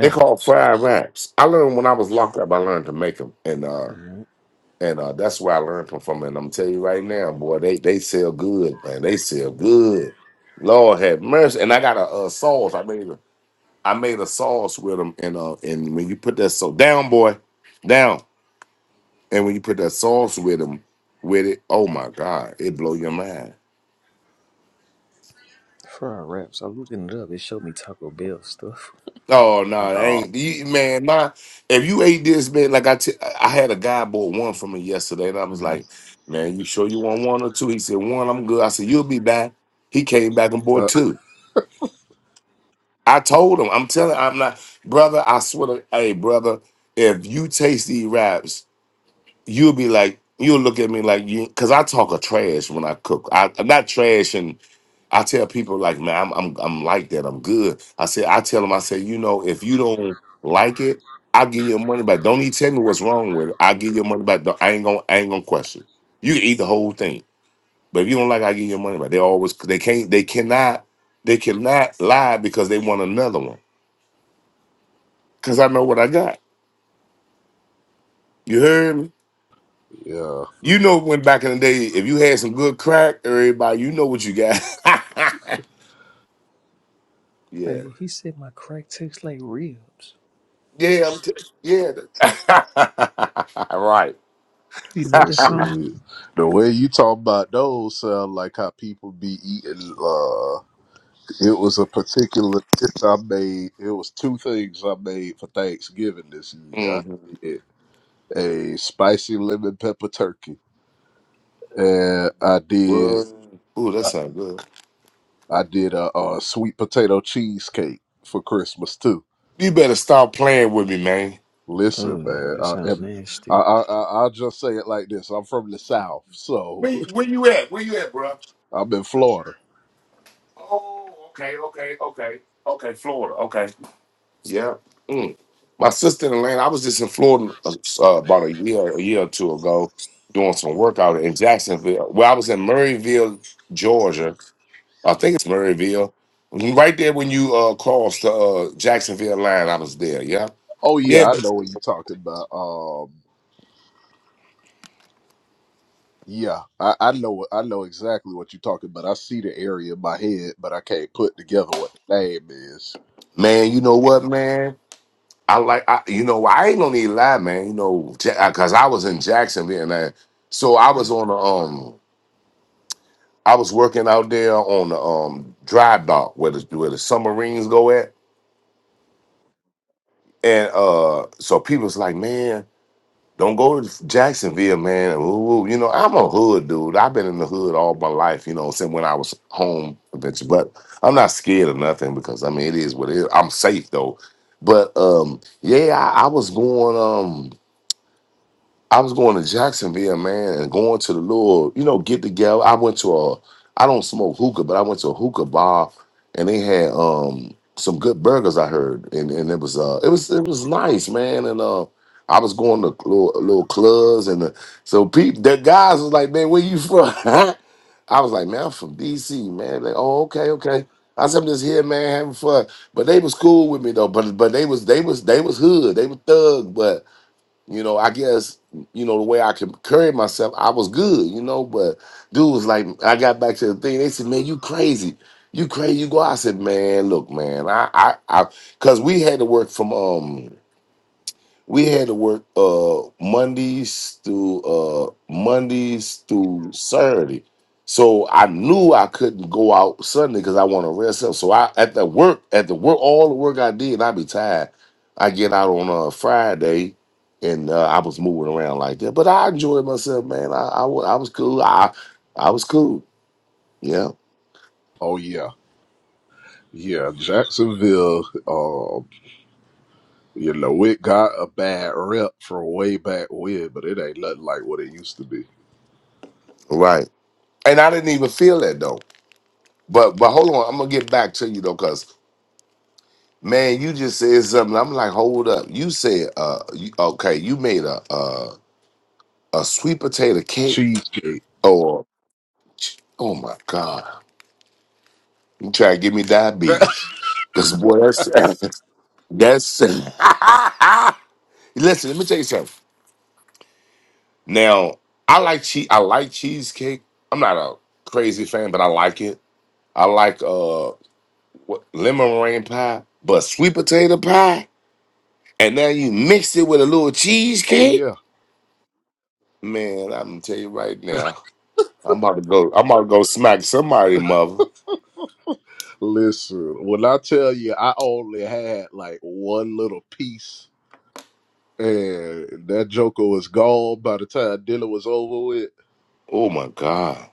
Speaker 22: They call fried raps. I learned when I was locked up. I learned to make them, and uh, and uh, that's where I learned them from. And I'm telling you right now, boy, they they sell good, man. They sell good. Lord have mercy. And I got a, uh sauce. I made a I made a sauce with them, and uh, and when you put that so down, boy, down, and when you put that sauce with them, with it, oh my God, it blow your mind.
Speaker 21: Fried wraps. I was looking it up. It showed me Taco Bell stuff.
Speaker 22: Oh no, it ain't you, man. My if you ate this, man, like I, t- I had a guy bought one from me yesterday, and I was
Speaker 21: Mhm.
Speaker 22: like, man, you sure you want one or two? He said one. I'm good. I said you'll be back. He came back and bought two. I told him, I'm telling, I'm not, brother. I swear to, hey, brother, if you taste these wraps, you'll be like, you'll look at me like you, because I talk a trash when I cook. I not trash I tell people like, man, I'm I'm I'm like that. I'm good. I said, I tell them, I say, you know, if you don't like it, I'll give you your money back. Don't even tell me what's wrong with it. I'll give you your money back. Don't- I ain't gonna I ain't gonna question. You can eat the whole thing. But if you don't like it, i give you your money back. They always they can't they cannot they cannot lie because they want another one. Cause I know what I got. You heard me? You know when back in the day, if you had some good crack, everybody, you know what you got. yeah.
Speaker 21: Hey, he said my crack tastes like ribs.
Speaker 22: Yeah, I'm t- yeah. right.
Speaker 21: You know that song?
Speaker 22: hmm Word. Ooh, that sounds good. You better stop playing with me, man.
Speaker 21: Oh, that sound nasty.
Speaker 22: Where, where you at? Where you at, bro? Oh, okay, okay, okay, okay. Florida, okay. Yeah. Mm. My sister in Atlanta. I was just in Florida uh, uh, about a year, a year or two ago, doing some work out in Jacksonville. Well, I was in Murrayville, Georgia. I think it's Murrayville. Right there when you uh, cross the uh, Jacksonville line, I was there. Yeah. Yeah, but man, you know what, man? I like, I, you know, I ain't gonna need to lie, man. You know, because I was in Jacksonville, and I, so I was on the um, I was working out there on the um dry dock where the where the submarines go at, and uh, so people was like, man, don't go to Jacksonville, man. Ooh, ooh." you know, I'm a hood dude. I've been in the hood all my life, you know, since when I was home, bitch. But I'm not scared of nothing because I mean, it is what it is. I'm safe though. But um, yeah, I, I was going um. I was going to Jacksonville, man, and going to the little, you know, get together. I went to a, I don't smoke hookah, but I went to a hookah bar, and they had um some good burgers. I heard, and and it was uh, it was it was nice, man. And uh, I was going to little, little clubs, and the, so people, the guys was like, man, where you from? I was like, man, I'm from DC, man. Like, oh, okay, okay. I said, I'm just here, man, having fun. But they was cool with me though. But but they was they was they was hood. They were thug, but. You know, I guess, you know, the way I could carry myself, I was good, you know, but dude was like, I got back to the thing. They said, man, you crazy. You crazy. You go. I said, man, look, man, I, I, I, cause we had to work from, um, we had to work uh Mondays through uh Mondays through Saturday. So I knew I couldn't go out Sunday because I want to rest up. So I at the work, at the work, all the work I did, i be tired. I get out on a Friday and uh, I was moving around like that. But I enjoyed myself, man. I, I, wa- I was cool. I I was cool. Yeah. Right. And I didn't even feel that though. But but hold on, I'm gonna get back to you though, cuz Man, you just said something. I'm like, hold up. You said, uh, you, okay, you made a, a a sweet potato cake, or oh my god, you try to give me diabetes? Cause boy, that's that's. Listen, let me tell you something. Now, I like cheese. I like cheesecake. I'm not a crazy fan, but I like it. I like uh what, lemon meringue pie, but sweet potato pie, and now you mix it with a little cheesecake. Man, I'm gonna tell you right now. I'm about to go. I'm about to go smack somebody, mother. Oh my god!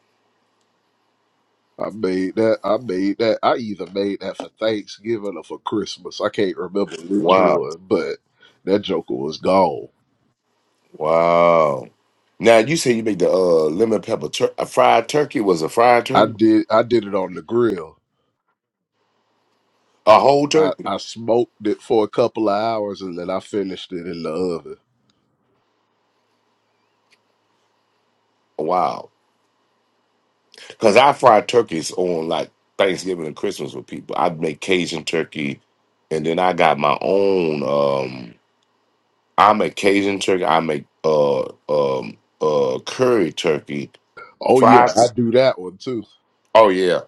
Speaker 22: Wow, wow. Now you say you make the uh, lemon pepper tur- a fried turkey was a fried turkey, a whole turkey. Wow, because I fry turkeys on like Thanksgiving and Christmas with people. I make Cajun turkey, and then I got my own. Um, I make Cajun turkey. I make uh um uh curry turkey, fried. Oh yeah,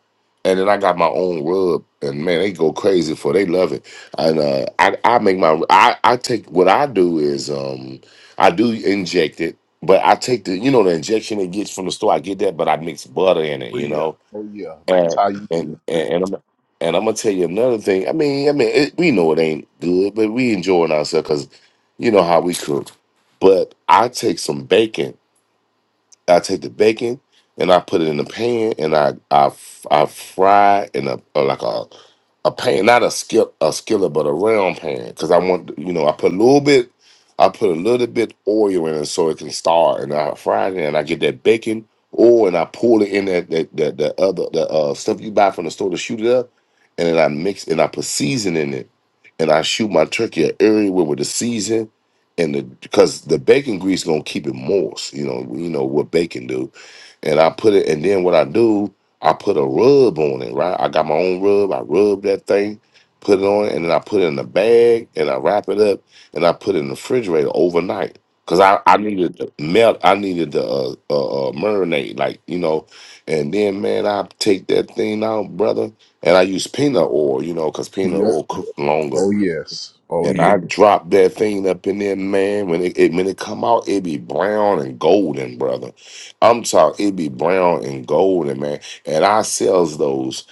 Speaker 22: and then I got my own rub, and man, they go crazy for. It. They love it, and uh, I I make my I I take what I do is um I do inject it, but I take the you know the injection it gets from the store. I get that, but I mix butter in it, you know, and and and, and I'm. And I'm gonna tell you another thing. I mean, I mean, it, we know it ain't good, but we enjoying ourselves because you know how we cook. But I take some bacon I take the bacon and I put it in the pan and I I, f- I fry in a uh, like a a pan, not a skill a skillet, but a round pan. Because I want you know, I put a little bit, I put a little bit oil in it so it can start, and I fry it, and I get that bacon oil, and I pour it in that that that, that other the uh, stuff you buy from the store to shoot it up, and then I mix and I put season in it, and I shoot my turkey everywhere with the season. And the because the bacon grease gonna keep it moist, you know. You know what bacon do, and I put it, and then what I do, I put a rub on it, right? I got my own rub. I rub that thing, put it on, and then I put it in a bag, and I wrap it up, and I put it in the refrigerator overnight. Cause I, I needed to melt, I needed to uh, uh, uh, marinate, like you know, and then man, I take that thing out, brother, and I use peanut oil, you know, cause peanut oil cooks longer and I drop that thing up in there, man. When it, it when it come out, it be brown and golden, brother. I'm talking, it be brown and golden, man. And I sells those.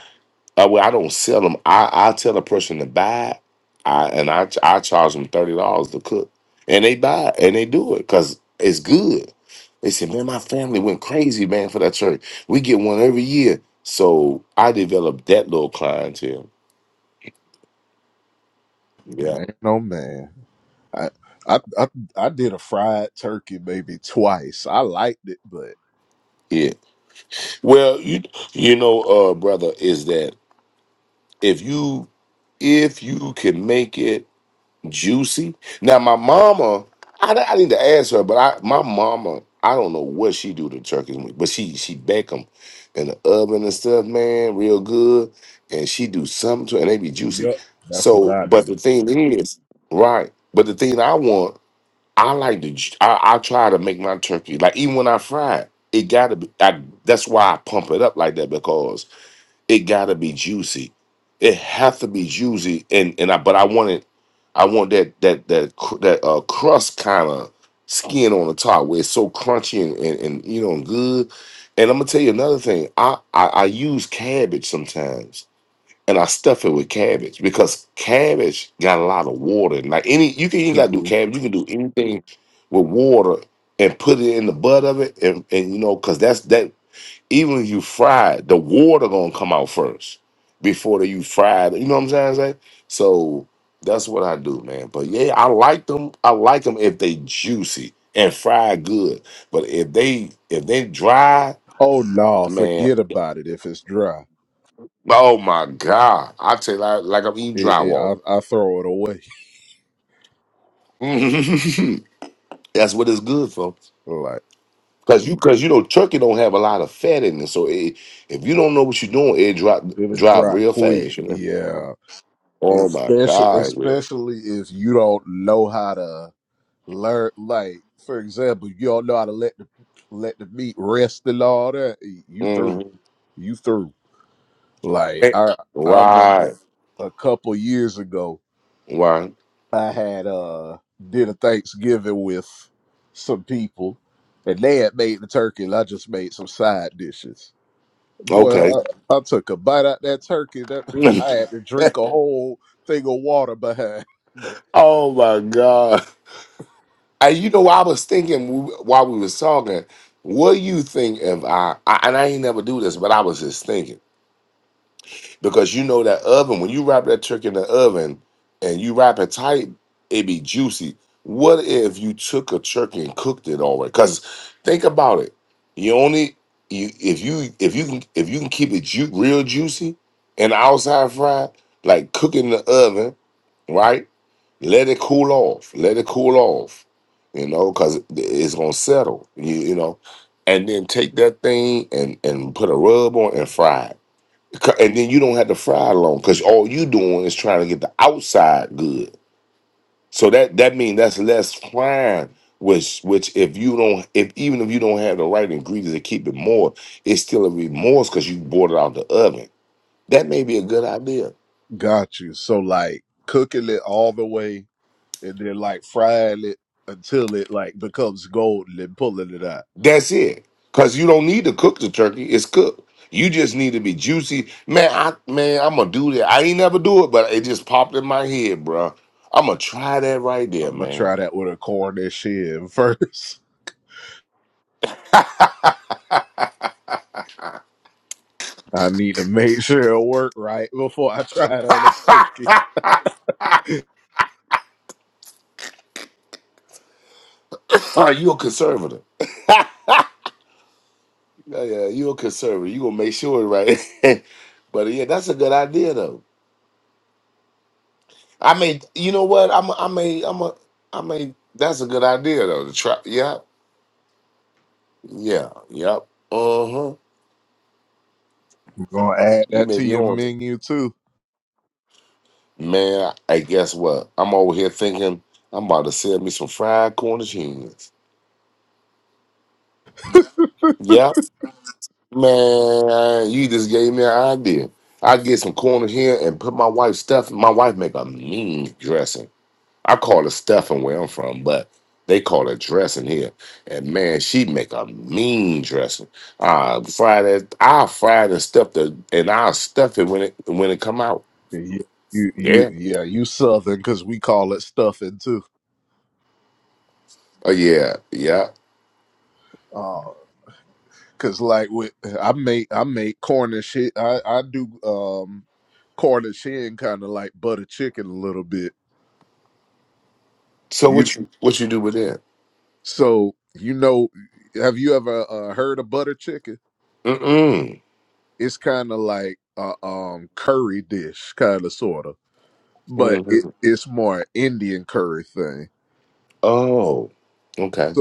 Speaker 22: Uh, well, I don't sell them. I, I tell a person to buy, it, I and I ch- I charge them thirty dollars to cook, and they buy it, and they do it because it's good. They said, man, my family went crazy, man, for that church. We get one every year, so I developed that little clientele. Yeah, Yeah. Well, you you know, uh, brother, is that if you if you can make it juicy. Now, my mama, I, I need to ask her, but I my mama, I don't know what she do to turkeys, but she she bake them in the oven and stuff, man, real good, and she do something to, and they be juicy. So, but the thing is, right? But the thing I want, I like to, ju- I, I try to make my turkey like even when I fry it, it gotta be. I, that's why I pump it up like that because it gotta be juicy. It have to be juicy, and and I but I want it. I want that that that cr- that uh, crust kind of skin on the top where it's so crunchy and, and and you know and good. And I'm gonna tell you another thing. I, I I use cabbage sometimes, and I stuff it with cabbage because cabbage got a lot of water. And like any, you can you ain't gotta do cabbage. You can do anything with water and put it in the butt of it, and and you know because that's that. Even if you fry it, the water gonna come out first before the, you fry it. You know what I'm saying? Zay? So that's what I do, man. But yeah, I like them. I like them if they juicy and fried good. But if they if they dry, man, oh my god, I tell you like, like I'm eating drywall. Mhm. that's what it's good for. Cause you, cause you know, turkey don't have a lot of fat in it, so it, if you don't know what you're doing, it drop drop real fast. You know. Oh my God, Mm. Eh, Right. Right. Okay. oh my God. And you know, I was thinking while we was talking, what do you think if I, I and I ain't never do this, but I was just thinking. because you know that oven when you wrap that turkey in the oven and you wrap it tight it be juicy what if you took a turkey and cooked it already because think about it you only you if you if you can if you can keep it ju- real juicy and outside fried like cook it in the oven right let it cool off let it cool off you know because it's gonna settle you, you know and then take that thing and and put a rub on and fry it C- and then you don't have to fry it long because all you doing is trying to get the outside good. So that that means that's less frying, which which if you don't if even if you don't have the right ingredients to keep it more, it's still a remorse because you bought it out the oven. That may be a good idea. That's it. Cause you don't need to cook the turkey; it's cooked. You just need to be juicy, man. I man, I'm gonna do that. I ain't never do it, but it just popped in my head, bruh. I'm gonna try that right there, man. All right, you a conservative. Yeah, yeah, you a conservative. You gonna make sure, it right? but yeah, that's a good idea though. I mean, you know what? I'm, a, I may, I'm a, I may. That's a good idea though. To try. Yeah, yeah, yep. Uh huh. You may be on it, man. I guess what? I'm over here thinking I'm about to sell me some fried corn and cheese. Yep, man. You just gave me an idea. I get some corn here and put my wife's stuff. My wife make a mean dressing. I call it stuffing where I'm from, but they call it dressing here. And man, she make a mean dressing. Uh fry that I'll fry it and stuff the and I'll stuff it when it when it come out. Yeah. Oh yeah, yeah. So what you what you do with it? Mm-mm. hmm Oh, okay.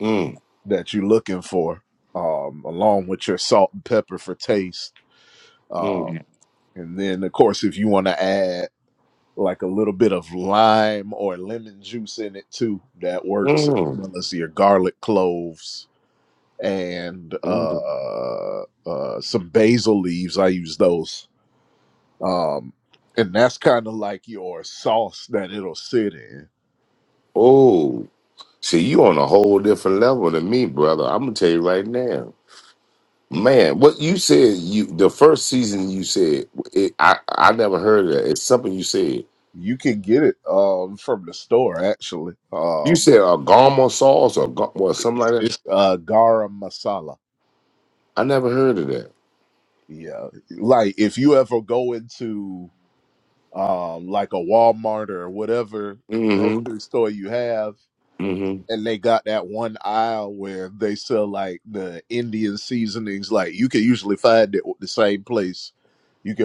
Speaker 22: Mm, mm, mm, mm. Oh. See, you on a whole different level than me, brother. I'm gonna tell you right now. Man, what you said you the first season you said it, I I never heard of that. It's something you said. You said a gama sauce or ga- or something like that. I never heard of that. Mm-hmm. Mm-hmm.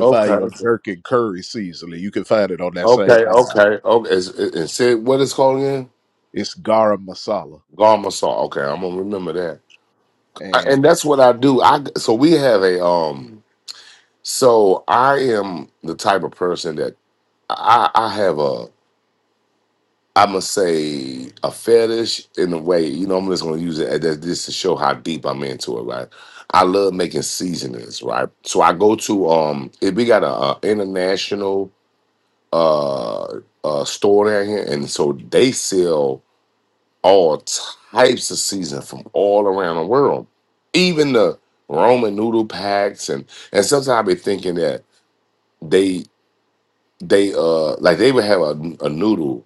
Speaker 22: Okay. Okay. Okay. Okay. It's- it, it said what it's called again? Gama sauce. Okay, I'm gonna remember that. I, and that's what I do. I so we have a um. So I am the type of person that I I have a. I'm gonna say a fetish in a way. You know, I'm just gonna use it as that just to show how deep I'm into it. Right, I love making seasonings. Right, so I go to um, if we got a, uh international uh, uh store down here, and so they sell all types of seasoning from all around the world, even the Roman noodle packs, and and sometimes I be thinking that they they uh like they would have a, a noodle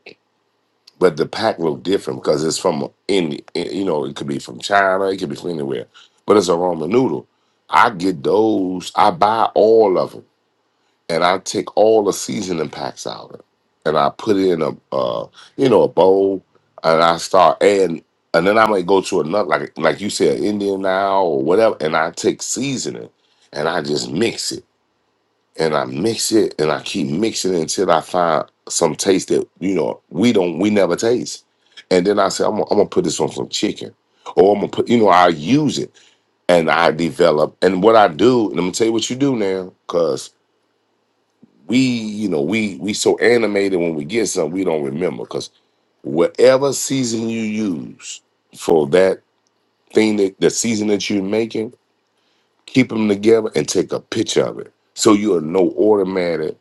Speaker 22: but the pack look different because it's from any eh, you know it could be from China, it could be from anywhere, but it's a ramen noodle. I get those. I buy all of them, and I take all the seasoning packs out of it, and I put it in a uh, you know a bowl, and I start adding. And then I might go to another, like like you said, Indian now or whatever, and I take seasoning, and I just mix it and I mix it and I keep mixing it until I find some taste that you know we don't we never taste. And then I say I'm, gonna- I'm gonna put this on some chicken, or I'm gonna put you know I use it and I develop. And what I do, and I'm gonna tell you what you do now, cause we you know we we so animated when we get something we don't remember, cause whatever season you use for that thing that the season that you're making, keep them together and take a picture of it so you'll know automatic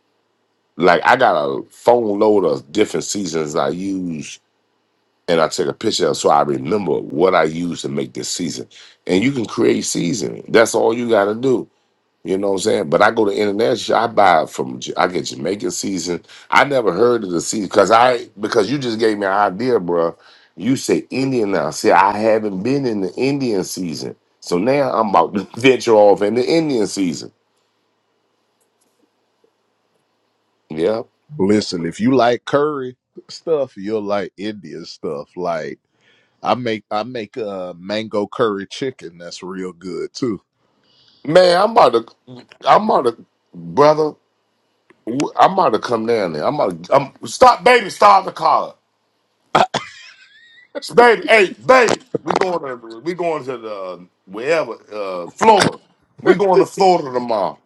Speaker 22: Like I got a phone load of different seasons I use, and I take a picture of so I remember what I used to make this season. And you can create seasoning. That's all you got to do. You know what I'm saying? But I go to international. I buy from. J- I get Jamaican season. I never heard of the season because I because you just gave me an idea, bro. You say Indian now. See, I haven't been in the Indian season, so now I'm about to venture off in the Indian season. Yeah, man, I'm about to. I'm about to, brother. w- I might have come down there. I'm I'm, stop, baby. Stop the car, baby. Hey, baby. We going to we going to the wherever uh, Florida. We going to Florida tomorrow.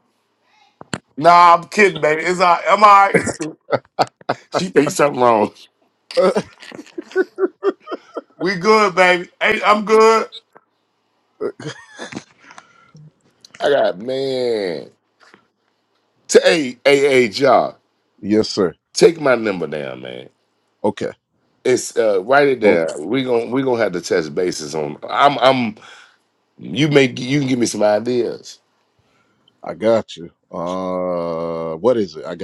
Speaker 22: Nah, I'm kidding, baby. It's all, I'm all right. she thinks something wrong. We good, baby. Hey, I'm good. I got man. T- hey, hey, hey, y'all. Take my number down, man. It's uh, write it down. We gon' we gonna have to test bases on. I'm I'm. You may you can give me some ideas.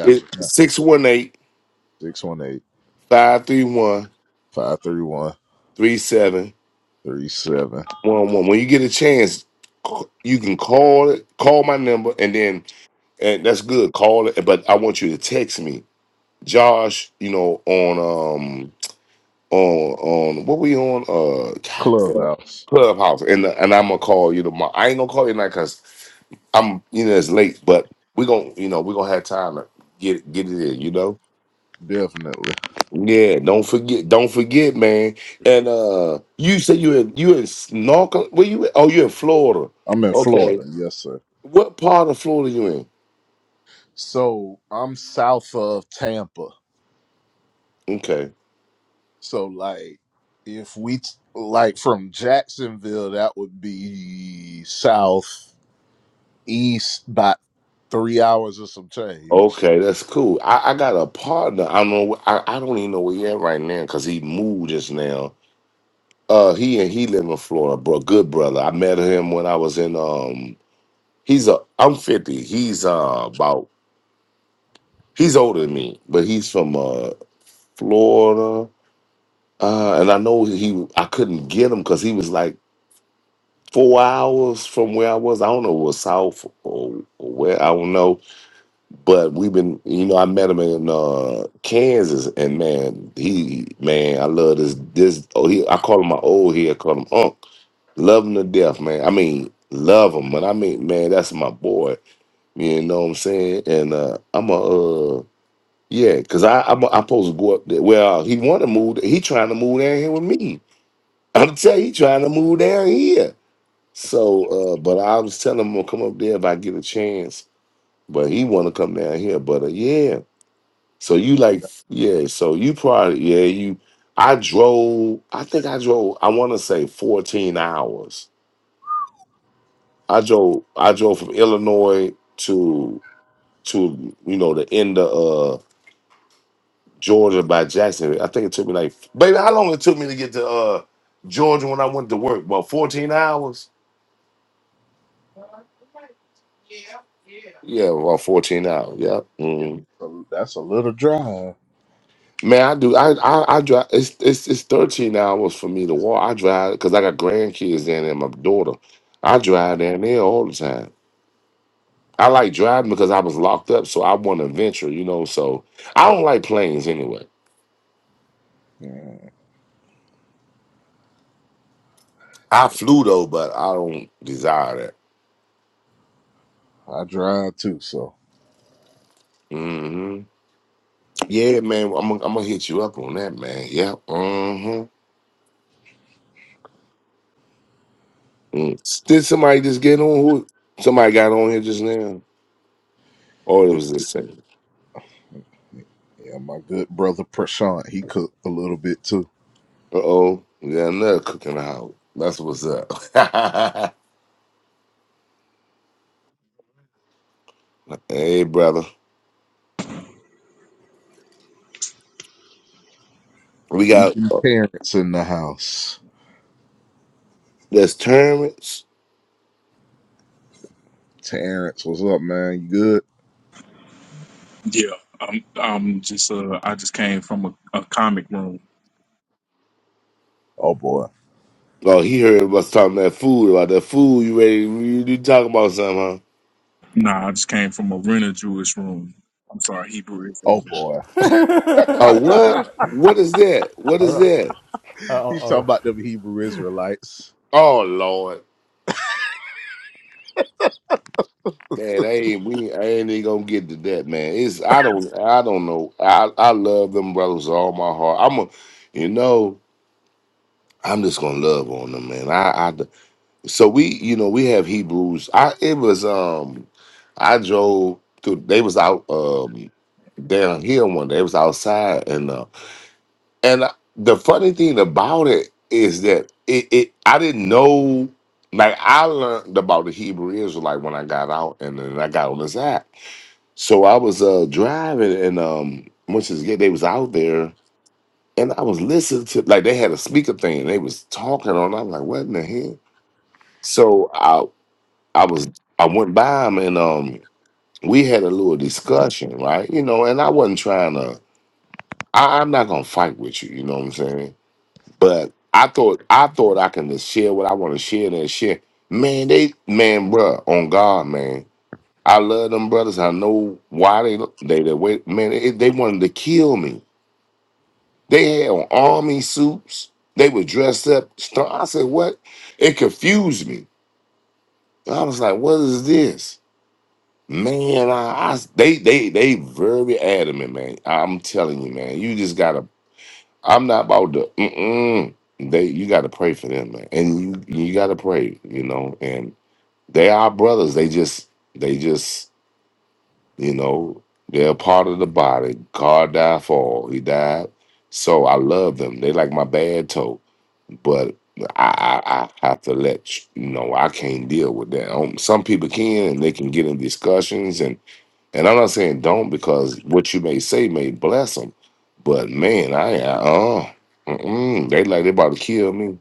Speaker 22: 618 531 When you get a chance, c- you can call it, call my number, and then and that's good. Call it, but I want you to text me, Josh, you know, on um on on what we on uh God, uh, Clubhouse. And and I'm gonna call you tomorrow. I ain't gonna call you tonight because I'm you know it's late, but we gonna you know, we gonna have time to get get it in, you know. Yeah, don't forget, don't forget, man. And uh you say you in you in Snorkel? Where you? At? Oh, you in Florida? Okay. What part of Florida you in? Okay. Okay, that's cool. I, I got a partner. I don't know. I, I don't even know where he at right now because he moved just now. Uh, he and he live in Florida, bro. Good brother. I met him when I was in um. He's a. I'm fifty. He's uh about. He's older than me, but he's from uh Florida. Uh, and I know he, I couldn't get him because he was like four hours from where I was. I don't know, it was south or, or where I don't know. But we've been, you know, I met him in uh, Kansas, and man, he, man, I love this. This, oh, he, I call him my old head, call him Unc. Love him to death, man. I mean, love him, but I mean, man, that's my boy. You know what I'm saying? And uh, I'm a, uh, yeah, cause I, I'm, I'm supposed to go up there. Well, he want to move. He trying to move down here with me. I'm tell you, he trying to move down here. So, uh, but I was telling him i am gonna come up there if I get a chance. But he want to come down here. But uh, yeah, so you like yeah, so you probably yeah you. I drove. I think I drove. I want to say 14 hours. I drove. I drove from Illinois to to you know the end of uh, Georgia by Jacksonville. I think it took me like baby, how long it took me to get to uh, Georgia when I went to work? About 14 hours. Yeah, well, fourteen hours. Yeah, mm. man, I do. I, I I drive. It's it's it's thirteen hours for me to walk. I drive because I got grandkids in and my daughter. I drive down there all the time. I like driving because I was locked up, so I want to venture. You know, so I don't like planes anyway. I flew though, but I don't desire that. hmm Yeah, man, I'm gonna- I'm gonna hit you up on that, man. Yeah. Mm-hmm. Mm. Did somebody just get on? Who? Somebody got on here just now, or it was the same. Uh oh, we got another cook in the house. That's what's up. hey, brother. We got that's Terrence.
Speaker 23: Yeah, I'm. I'm just. Uh, I just came from a, a comic room.
Speaker 22: Oh, he heard us talking that food about that food. You ready? You, you talking about something, huh?
Speaker 23: Nah, I just came from a rented Jewish room. I'm sorry, Hebrew Israelite.
Speaker 22: Oh, what? What is that? What
Speaker 8: Or,
Speaker 22: is
Speaker 8: uh,
Speaker 22: that?
Speaker 8: or,
Speaker 22: Oh Lord, man, I ain't we I ain't even gonna get to that, man. It's I don't I don't know. I I love them brothers with all my heart. I'm a, you know, I'm just gonna love on them, man. I. so we you know we have hebrews i it was um i drove through they was out um down here one day it was outside and uh and I- the funny thing about it is that it, it i didn't know like i learned about the hebrew israelite when i got out and then i got on this app so i was uh driving and um once again they was out there and i was listening to like they had a speaker thing and they was talking on i'm like what in the hell so I. I was I went by him and um we had a little discussion, right? You know, and I wasn't trying to I, I'm not gonna fight with you, you know what I'm saying? But I thought I thought I can just share what I want to share and shit. Man, they man, bruh, on God, man. I love them brothers. I know why they they the way man, they, they wanted to kill me. They had on army suits, they were dressed up. st- I said, What? It confused me. I was like, What is this? Man, I, I they they they very adamant, man. I'm telling you, man. You just gotta. I'm not about to. Mm-mm. They you gotta pray for them, man. And you you gotta pray, you know. And they are brothers. They just they just you know they're a part of the body. God died for all. He died, so I love them. They like my bad toe, but. I, I I have to let you know I can't deal with that. Um, some people can and they can get in discussions and I'm not saying don't because what you may say may bless them, but man, I I uh, mm-mm, they like they about to kill me.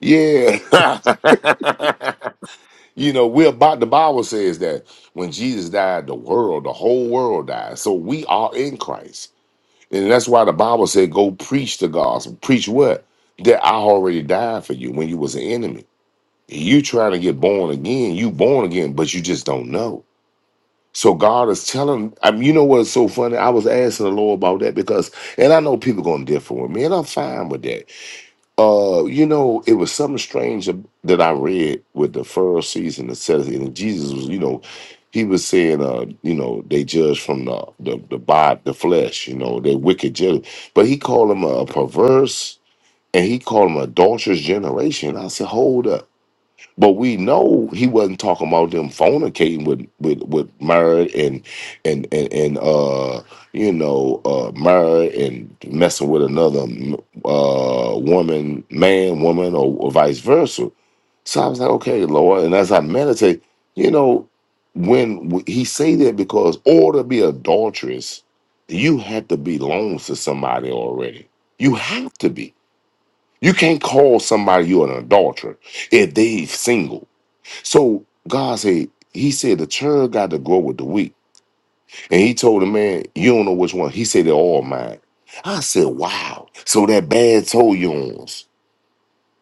Speaker 22: Yeah, you know we're about the Bible says that when Jesus died, the world, the whole world died. So we are in Christ, and that's why the Bible said, "Go preach the gospel." Preach what? That I already died for you when you was an enemy. You trying to get born again? You born again, but you just don't know. So God is telling, I mean, you know what's so funny? I was asking the Lord about that because, and I know people gonna differ with me, and I'm fine with that. Uh, you know, it was something strange ab- that I read with the first season The says, and Jesus was, you know, he was saying, uh, you know, they judge from the the the body, the flesh, you know, they wicked judge, but he called them a perverse, and he called them adulterous generation. I said, hold up but we know he wasn't talking about them fornicating with with with Murray and and and and uh you know uh Murray and messing with another uh woman, man, woman, or, or vice versa. So I was like, okay, Lord, and as I meditate, you know, when w- he say that because or to be adulterous, you have to belong to somebody already. You have to be. You can't call somebody you an adulterer if they single. So God said, He said the church got to grow with the weak. And he told the man, You don't know which one. He said they're all mine. I said, Wow. So that bad toe yours.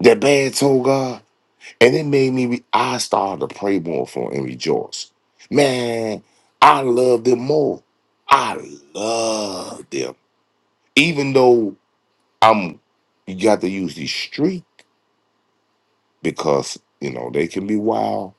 Speaker 22: That bad toe God. And it made me re- I started to pray more for him and rejoice. Man, I love them more. I love them. Even though I'm you got to use the street because you know they can be wild.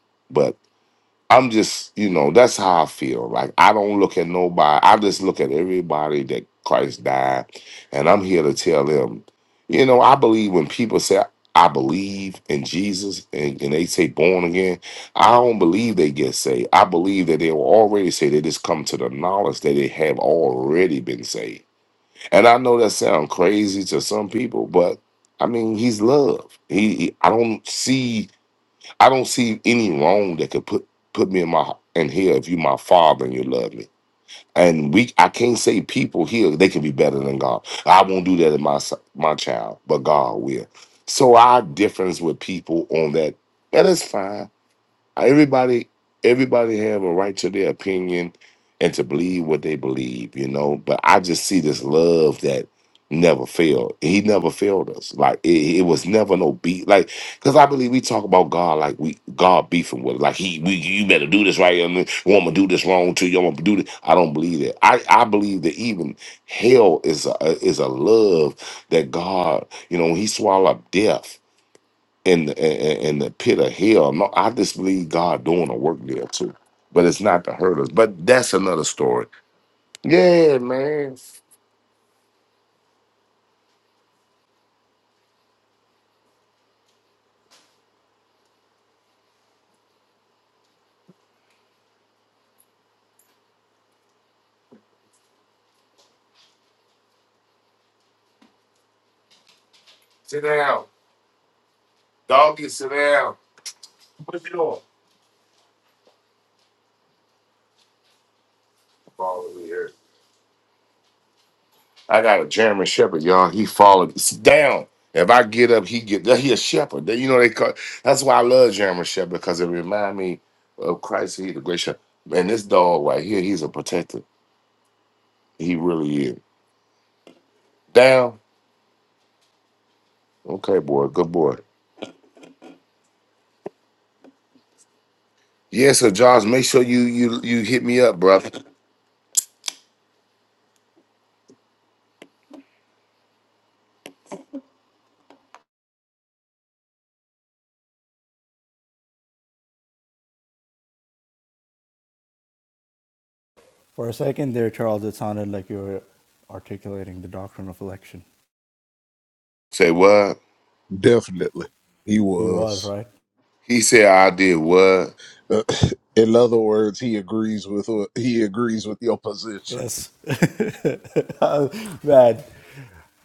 Speaker 22: I'm just, you know, that's how I feel. Like I don't look at nobody. I just look at everybody that Christ died, and I'm here to tell them, you know, I believe when people say I believe in Jesus and, and they say born again, I don't believe they get saved. I believe that they were already saved. They just come to the knowledge that they have already been saved. And I know that sounds crazy to some people, but I mean, he's love. He, he I don't see I don't see any wrong that could put put me in my in here if you my father and you love me. And we I can't say people here they can be better than God. I won't do that to my son- my child, but God will. So our difference with people on that that is fine everybody everybody have a right to their opinion and to believe what they believe you know but i just see this love that never failed he never failed us like it, it was never no beat like because i believe we talk about god like we god beefing with us. like he we, you better do this right and you want to do this wrong too you want to do this i don't believe that i i believe that even hell is a is a love that god you know when he swallowed up death in the in, in the pit of hell. No, I just believe God doing a work there too. But it's not to hurt us. But that's another story. Yeah, man. Sit down. Doggy, sit down. What you doing? Follow over here. I got a German Shepherd, y'all. He followed s- down. If I get up, he get he a shepherd. They- You know they call that's why I love German Shepherd, because it remind me of Christ, he the great shepherd. Man, this dog right here, he's a protector. He really is. Down. Okay, boy. Good boy. Yeah, so Josh, make sure you you you hit me up, brother.
Speaker 8: for a second there, Charles, it sounded like you were articulating the doctrine of election.
Speaker 22: Say what?
Speaker 8: He was right.
Speaker 22: He said I did what?
Speaker 8: Yes, uh, man,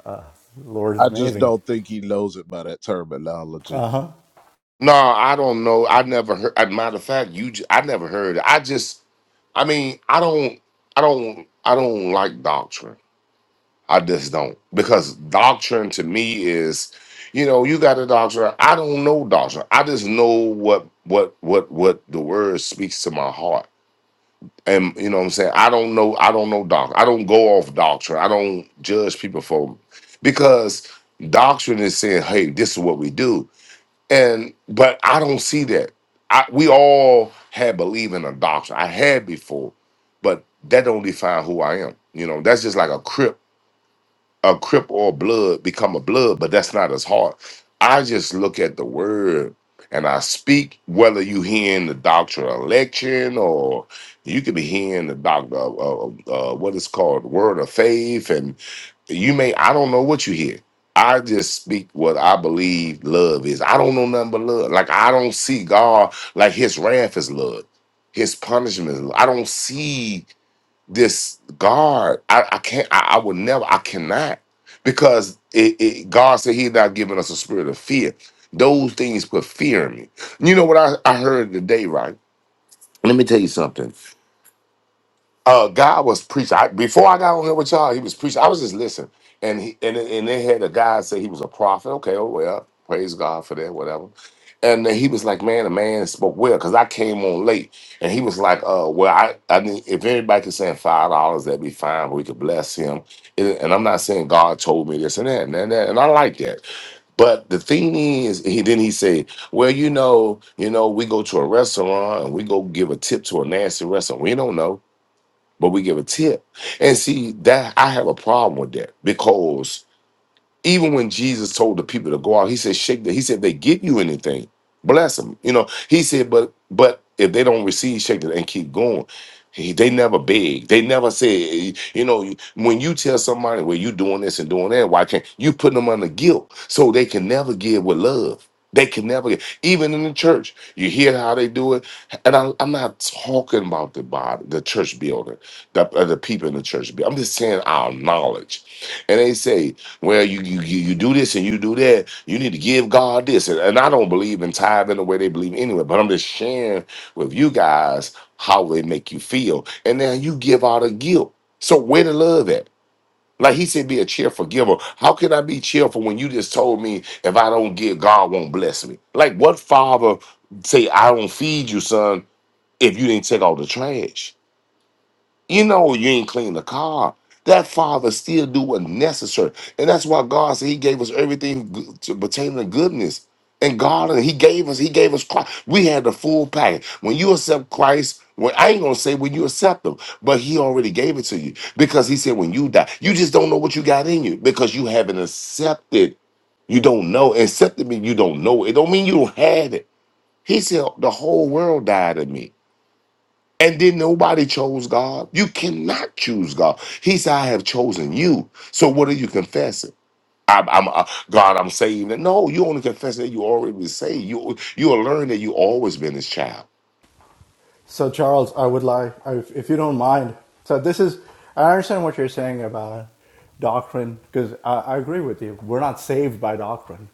Speaker 8: uh, Lord is amazing. Uh huh.
Speaker 22: No, I don't know. I never heard. As a matter of fact, you j- I never heard. it. I just, I mean, I don't, I don't, I don't like doctrine. I just don't because doctrine to me is, you know, you got a doctrine. I don't know doctrine. I just know what what what what the word speaks to my heart. and you know what I'm saying I don't know I don't know doctrine. I don't go off doctrine I don't judge people for because doctrine is saying hey this is what we do and but I don't see that I we all had believe in a doctrine I had before but that don't define who I am you know that's just like a crip a crip or a blood become a blood, but that's not as hard. I just look at the word and I speak, whether you hearing the doctrine of election or you could be hearing the doctor of uh, uh, uh, what is called word of faith, and you may I don't know what you hear. I just speak what I believe love is. I don't know nothing but love. Like I don't see God like His wrath is love, His punishment. Is love. I don't see this God. I, I can't. I, I would never. I cannot because it, it, God said He's not giving us a spirit of fear. Those things put fear in me. You know what I, I heard today, right? Let me tell you something uh, God was preaching. I, before I got on here with y'all, he was preaching. I was just listening, and he and and they had a guy say he was a prophet. Okay, oh well, praise God for that, whatever. And then he was like, "Man, the man spoke well," because I came on late, and he was like, "Uh, well, I, I mean, if anybody could send five dollars, that'd be fine, but we could bless him." And and I'm not saying God told me this and that and that, and that, and I like that. But the thing is, he then he said, "Well, you know, you know, we go to a restaurant and we go give a tip to a nasty restaurant. We don't know." but we give a tip. And see that I have a problem with that because even when Jesus told the people to go out, he said, shake the, he said, if they give you anything, bless them. You know, he said, but but if they don't receive, shake it and keep going. He, they never beg. They never say, you know, when you tell somebody, well, you doing this and doing that, why can't you put them under guilt? So they can never give with love. They can never get, even in the church, you hear how they do it. And I, I'm not talking about the body, the church building, the, uh, the people in the church. building. I'm just saying our knowledge. And they say, well, you you you you do this and you do that. You need to give God this, and, and I don't believe in tithing the way they believe anyway. But I'm just sharing with you guys how they make you feel, and then you give out a guilt. So where the love at? Like he said, be a cheerful giver. How can I be cheerful when you just told me if I don't give, God won't bless me? Like what father say I don't feed you, son, if you didn't take all the trash? You know you ain't clean the car. That father still do what necessary. And that's why God said he gave us everything g- to pertain to goodness. And God, and he gave us, he gave us Christ. We had the full package. When you accept Christ, well, I ain't gonna say when you accept him, but he already gave it to you because he said when you die, you just don't know what you got in you because you haven't accepted. You don't know. Accepted means you don't know. It don't mean you don't have it. He said the whole world died in me. And then nobody chose God. You cannot choose God. He said, I have chosen you. So what are you confessing? I'm, I'm uh, God, I'm saved. No, you only confess that you already been saved. You you will learn that you always been his child.
Speaker 8: So, Charles, I would like, if, you don't mind. So, this is, I understand what you're saying about doctrine, because I, I agree with you. We're not saved by doctrine.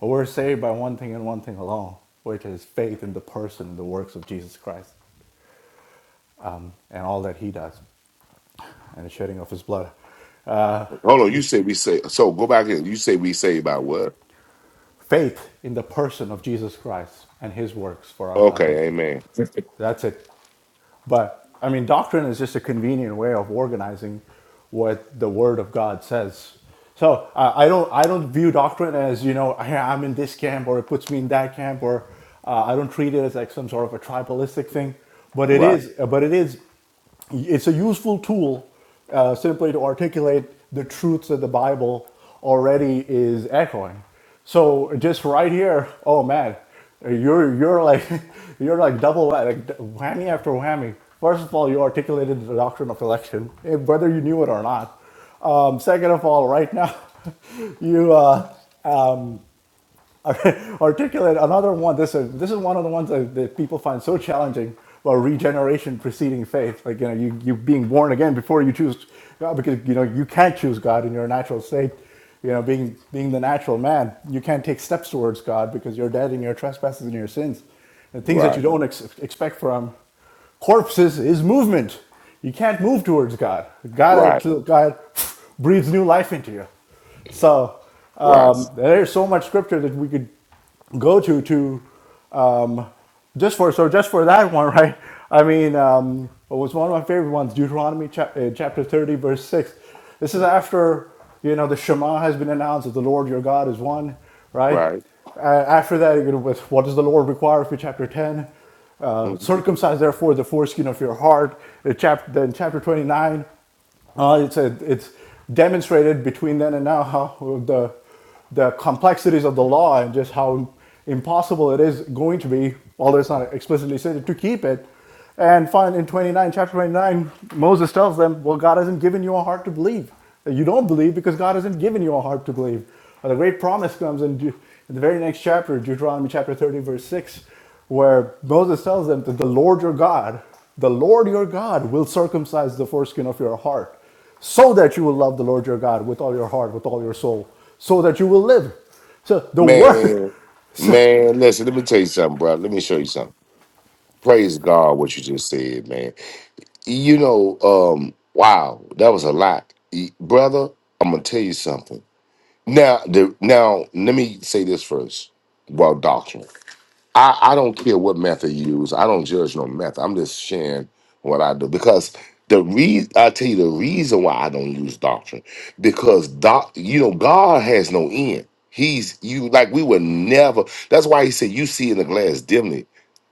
Speaker 8: We're saved by one thing and one thing alone, which is faith in the person and the works of Jesus Christ um, and all that he does and the shedding of his blood.
Speaker 22: Hold on, you say we say so go back here. You say we saved by what?
Speaker 8: Faith in the person of Jesus Christ and his works for our
Speaker 22: Okay,
Speaker 8: salvation.
Speaker 22: amen.
Speaker 8: That's it. But I mean, doctrine is just a convenient way of organizing what the Word of God says. So I I don't I don't view doctrine as you know I, I'm in this camp or it puts me in that camp or uh, I don't treat it as like some sort of a tribalistic thing. But it
Speaker 22: Right,
Speaker 8: is but it is it's a useful tool uh, simply to articulate the truths that the Bible already is echoing. So just right here, oh man, you're you're like you're like double wha- like d- whammy after whammy. First of all, you articulated the doctrine of election, eh, whether you knew it or not. Um, second of all, right now, you uh, articulate another one. This is this is one of the ones that, that people find so challenging about regeneration preceding faith. Like you know, you you being born again before you choose God, because you know you can't choose God in your natural state. You know, being being the natural man, you can't take steps towards God because you're dead in your trespasses and your sins. The things that you
Speaker 22: right,
Speaker 8: don't ex- expect from corpses is movement. You can't move towards God. God,
Speaker 22: right,
Speaker 8: God breathes new life into you. So
Speaker 22: right,
Speaker 8: um, there's so much scripture that we could go to to um, just for so just for that one, right? I mean, um, what was one of my favorite ones? Deuteronomy chap- uh, chapter 30, verse 6. This is after you know the Shema has been announced that the Lord your God is one, right?
Speaker 22: right.
Speaker 8: Uh, after that, you know, with what does the Lord require of you? Chapter 10. Uh,
Speaker 22: Mhm.
Speaker 8: circumcise therefore the foreskin of your heart. Uh, chap- then chapter 29 uh, it's a, it's demonstrated between then and now how the the complexities of the law and just how impossible it is going to be, although it's not explicitly stated, to keep it. And finally, in 29, chapter 29, Moses tells them, Well, God hasn't given you a heart to believe. Uh, You don't believe because God hasn't given you a heart to believe. And the great promise comes in, Deut- in the very next chapter, Deuteronomy chapter 30, verse 6, where Moses tells them that the Lord your God the Lord your God will circumcise the foreskin of your heart so that you will love the Lord your God with all your heart, with all your soul, so that you will live. So the word.
Speaker 22: Man,
Speaker 8: So,
Speaker 22: man, listen, let me tell you something, bro. Let me show you something. Praise God what you just said, man. you know, um, wow, that was a lot, E- brother. I'm gonna tell you something. Now, the now, let me say this first about doctrine. I, I don't care what method you use. I don't judge no method. I'm just sharing what I do because the re I tell you the reason why I don't use doctrine because doc you know God has no end. He's you like we would never. That's why he said you see in the glass dimly,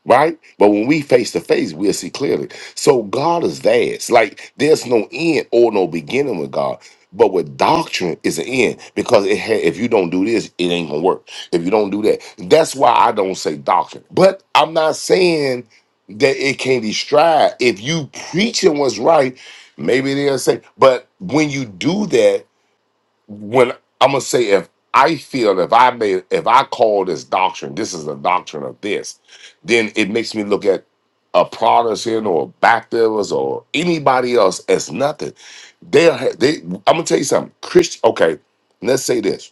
Speaker 22: right? But when we face to face, we'll see clearly. So God is vast. Like there's no end or no beginning with God. But with doctrine is an end because it ha- if you don't do this, it ain't gonna work. If you don't do that, that's why I don't say doctrine. But I'm not saying that it can't be strived. If you preaching what's right, maybe they'll say. But when you do that, when I'm gonna say if I feel if I made if I call this doctrine, this is a doctrine of this, then it makes me look at a Protestant or a Baptist or anybody else as nothing. They'll ha- they. I'm gonna tell you something. Christian. Okay, let's say this.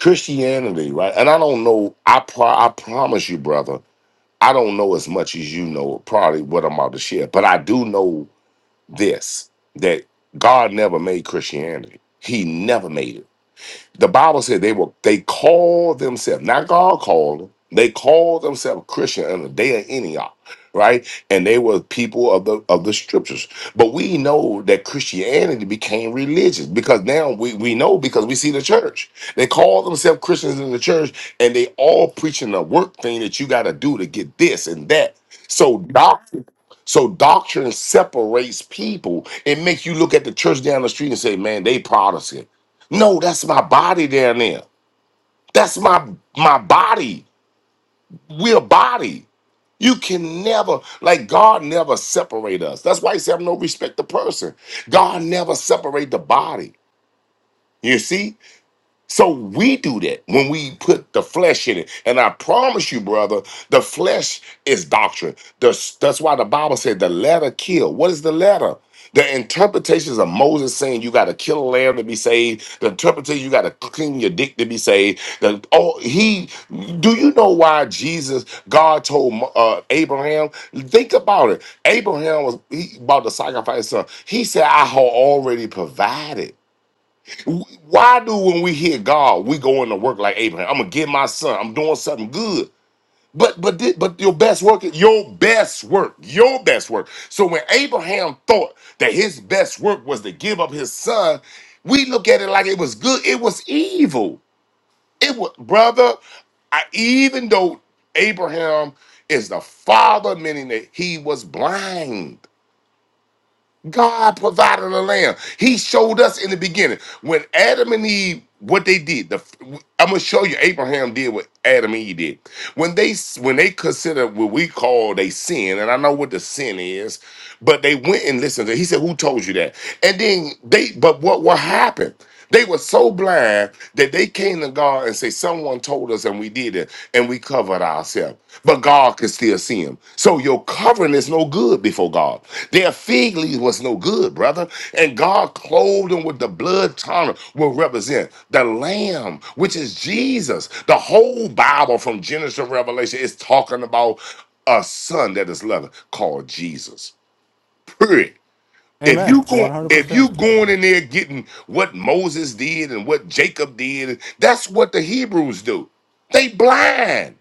Speaker 22: Christianity, right? And I don't know. I pro- I promise you, brother, I don't know as much as you know. Probably what I'm about to share, but I do know this: that God never made Christianity. He never made it. The Bible said they were they called themselves, not God called them, they called themselves Christian in the day of Antioch, right? And they were people of the of the scriptures. But we know that Christianity became religious because now we, we know because we see the church. They call themselves Christians in the church, and they all preaching the work thing that you gotta do to get this and that. So doctrine, so doctrine separates people. It makes you look at the church down the street and say, man, they Protestant no, that's my body down there. That's my my body. We're a body. You can never, like God never separate us. That's why he said, have no respect to person. God never separate the body. You see? So we do that when we put the flesh in it. And I promise you, brother, the flesh is doctrine. The- that's why the Bible said the letter kill. What is the letter? The interpretations of Moses saying you got to kill a lamb to be saved. The interpretation you got to clean your dick to be saved. The, oh, he. Do you know why Jesus, God told uh, Abraham? Think about it. Abraham was he about to sacrifice his son. He said, "I have already provided." Why do when we hear God, we go into work like Abraham? I'm gonna get my son. I'm doing something good. But but thi- but your best work, your best work, your best work. So when Abraham thought that his best work was to give up his son, we look at it like it was good. It was evil. It was brother. I, even though Abraham is the father, meaning that he was blind God provided a lamb. He showed us in the beginning when Adam and Eve what they did. The I'm gonna show you Abraham did what Adam and Eve did when they when they considered what we call a sin, and I know what the sin is, but they went and listened to. He said, "Who told you that?" And then they, but what what happened? They were so blind that they came to God and say, "Someone told us, and we did it, and we covered ourselves." But God could still see them. So your covering is no good before God. Their fig leaf was no good, brother. And God clothed them with the blood tunnel will represent the Lamb, which is Jesus. The whole Bible from Genesis to Revelation is talking about a son that is loving called Jesus. Period. If
Speaker 8: Amen.
Speaker 22: you go, if
Speaker 8: 100%.
Speaker 22: you going in there getting what Moses did and what Jacob did, that's what the Hebrews do. They blind.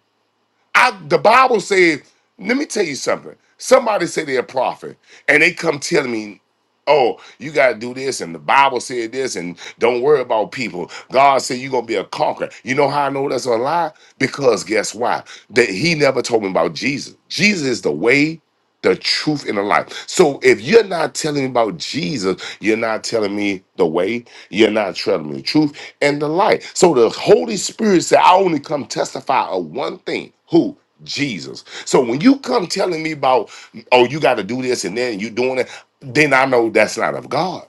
Speaker 22: I, the Bible says, let me tell you something. Somebody say they're a prophet, and they come telling me, "Oh, you got to do this," and the Bible said this, and don't worry about people. God said you're gonna be a conqueror. You know how I know that's a lie? Because guess why? That He never told me about Jesus. Jesus is the way the truth and the life. So if you're not telling me about Jesus, you're not telling me the way, you're not telling me the truth and the light. So the Holy Spirit said, I only come testify of one thing. Who? Jesus. So when you come telling me about, oh, you got to do this and then you doing it, then I know that's not of God.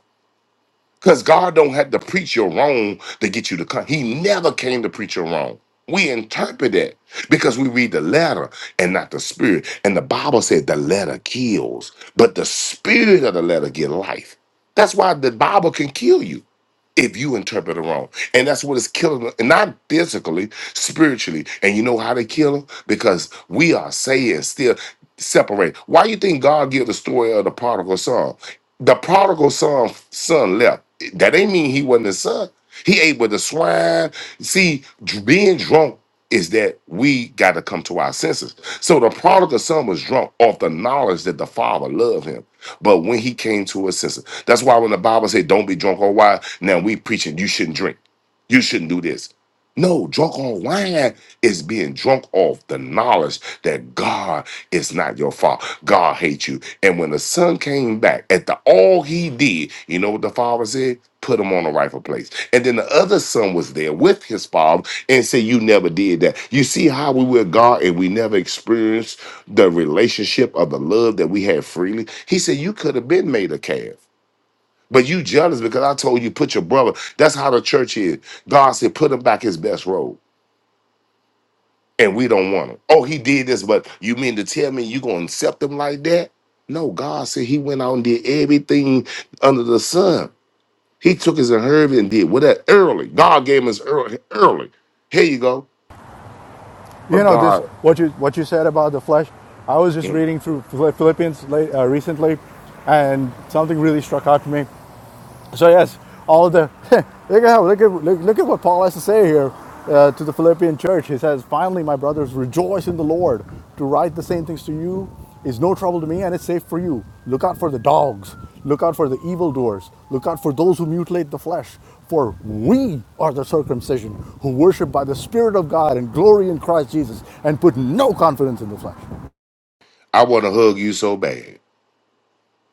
Speaker 22: Because God don't have to preach your wrong to get you to come. He never came to preach your wrong. We interpret that because we read the letter and not the spirit. And the Bible said the letter kills, but the spirit of the letter give life. That's why the Bible can kill you if you interpret it wrong. And that's what is killing them, and not physically, spiritually. And you know how they kill them? Because we are saying still separate. Why you think God give the story of the prodigal son? The prodigal son son left. That ain't mean he wasn't his son. He ate with the swine. See, dr- being drunk is that we got to come to our senses. So the prodigal son was drunk off the knowledge that the father loved him. But when he came to his senses, that's why when the Bible said, "Don't be drunk on wine," now we preaching you shouldn't drink, you shouldn't do this. No, drunk on wine is being drunk off the knowledge that God is not your father. God hates you. And when the son came back, at the all he did, you know what the father said? Put him on the rightful place. And then the other son was there with his father and said, You never did that. You see how we were God and we never experienced the relationship of the love that we had freely. He said, You could have been made a calf, but you jealous because I told you, put your brother. That's how the church is. God said, Put him back his best robe, and we don't want him. Oh, he did this, but you mean to tell me you going to accept him like that? No, God said he went out and did everything under the sun. He took his inheritance and did with that early. God gave him his early. early. Here you go.
Speaker 8: You
Speaker 22: But
Speaker 8: know, this,
Speaker 22: God,
Speaker 8: what you, what you said about the flesh, I was just reading through Philippians late, uh, recently, and something really struck out to me. So yes, all the look at how look at look, look at what Paul has to say here uh, to the Philippian church. He says, "Finally, my brothers, rejoice in the Lord. To write the same things to you is no trouble to me, and it's safe for you. Look out for the dogs. Look out for the evildoers. Look out for those who mutilate the flesh. For we are the circumcision who worship by the Spirit of God and glory in Christ Jesus, and put no confidence in the flesh."
Speaker 22: I want to hug you so bad.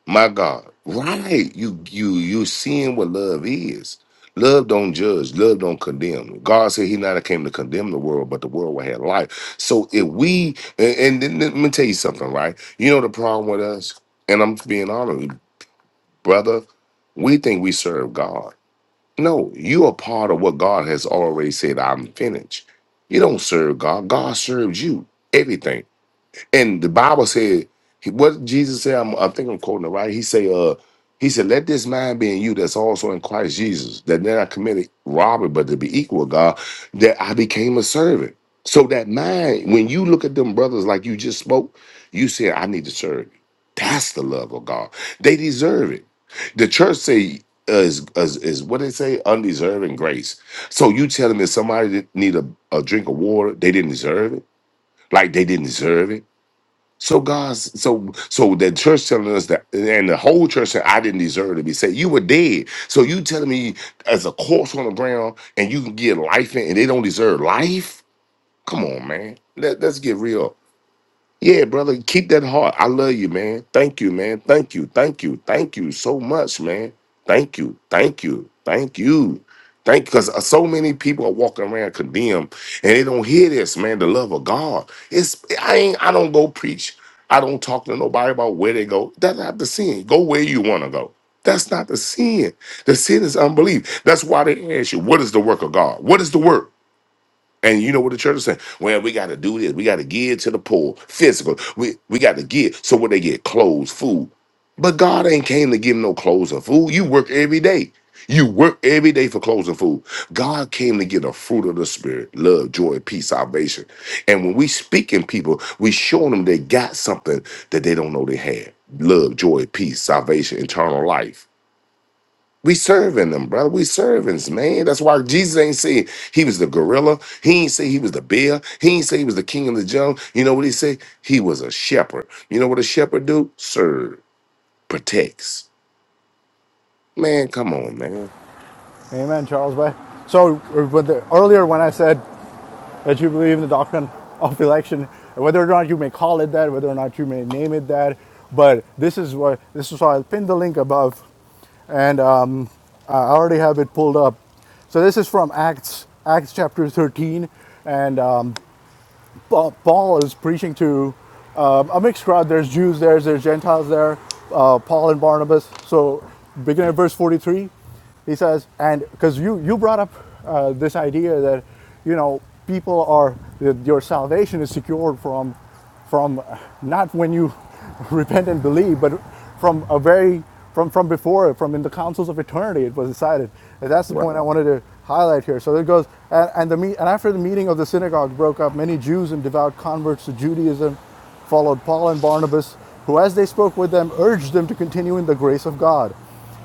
Speaker 22: My God. Right. You you you seeing what love is. Love don't judge. Love don't condemn. God said he not came to condemn the world, but the world will have life. So if we and, and then let me tell you something, right? You know the problem with us, and I'm being honest, brother, we think we serve God. No, you are part of what God has already said, I'm finished. You don't serve God. God serves you. Everything. And the Bible said, he- what Jesus said, I'm, I think I'm quoting it right. He say, uh, he said, let this mind be in you that's also in Christ Jesus, that then I committed robbery, but to be equal with God, that I became a servant. So that mind, when you look at them brothers like you just spoke, you said, I need to serve you. That's the love of God. They deserve it. The church say uh, is, is is what they say undeserving grace. So you telling me somebody that need a, a drink of water, they didn't deserve it, like they didn't deserve it. So God's so so the church telling us that, and the whole church said, "I didn't deserve to be saved. You were dead. So you telling me as a corpse on the ground, and you can get life in, and they don't deserve life? Come on, man. Let, let's get real. Yeah, brother, keep that heart. I love you, man. Thank you, man. Thank you. Thank you. Thank you so much, man. Thank you. Thank you. Thank you. Thank because so many people are walking around condemned and they don't hear this, man. The love of God. It's I ain't I don't go preach. I don't talk to nobody about where they go. That's not the sin. Go where you want to go. That's not the sin. The sin is unbelief. That's why they ask you, what is the work of God? What is the work? And you know what the church is saying? Well, we got to do this. We got to give to the poor, physical. We we got to give. So what they get? Clothes, food. But God ain't came to give no clothes or food. You work every day. You work every day for clothes and food. God came to get a fruit of the spirit: love, joy, peace, salvation. And when we speaking people, we showing them they got something that they don't know they had: love, joy, peace, salvation, eternal life. We serving them, brother. We servants, man. That's why Jesus ain't say he was the gorilla. He ain't say he was the bear. He ain't say he was the king of the jungle. You know what he say? He was a shepherd. You know what a shepherd do? Serve, protects. Man, come on, man.
Speaker 8: Amen, Charles Bay. So uh, when the, earlier when I said that you believe in the doctrine of election, whether or not you may call it that, whether or not you may name it that. But this is what this is why I'll pin the link above, and um, I already have it pulled up. So this is from Acts, Acts chapter 13, and um, Paul, is preaching to um, a mixed crowd. There's Jews there, there's Gentiles there, uh, Paul and Barnabas. So, beginning at verse 43, he says, and because you, you brought up uh, this idea that, you know, people are, that your salvation is secured from from not when you repent and believe, but from a very from from before, from in the councils of eternity, it was decided. And that's the
Speaker 22: Right.
Speaker 8: point I wanted to highlight here. So it goes, and, and the meet, and after the meeting of the synagogue broke up, many Jews and devout converts to Judaism followed Paul and Barnabas, who, as they spoke with them, urged them to continue in the grace of God.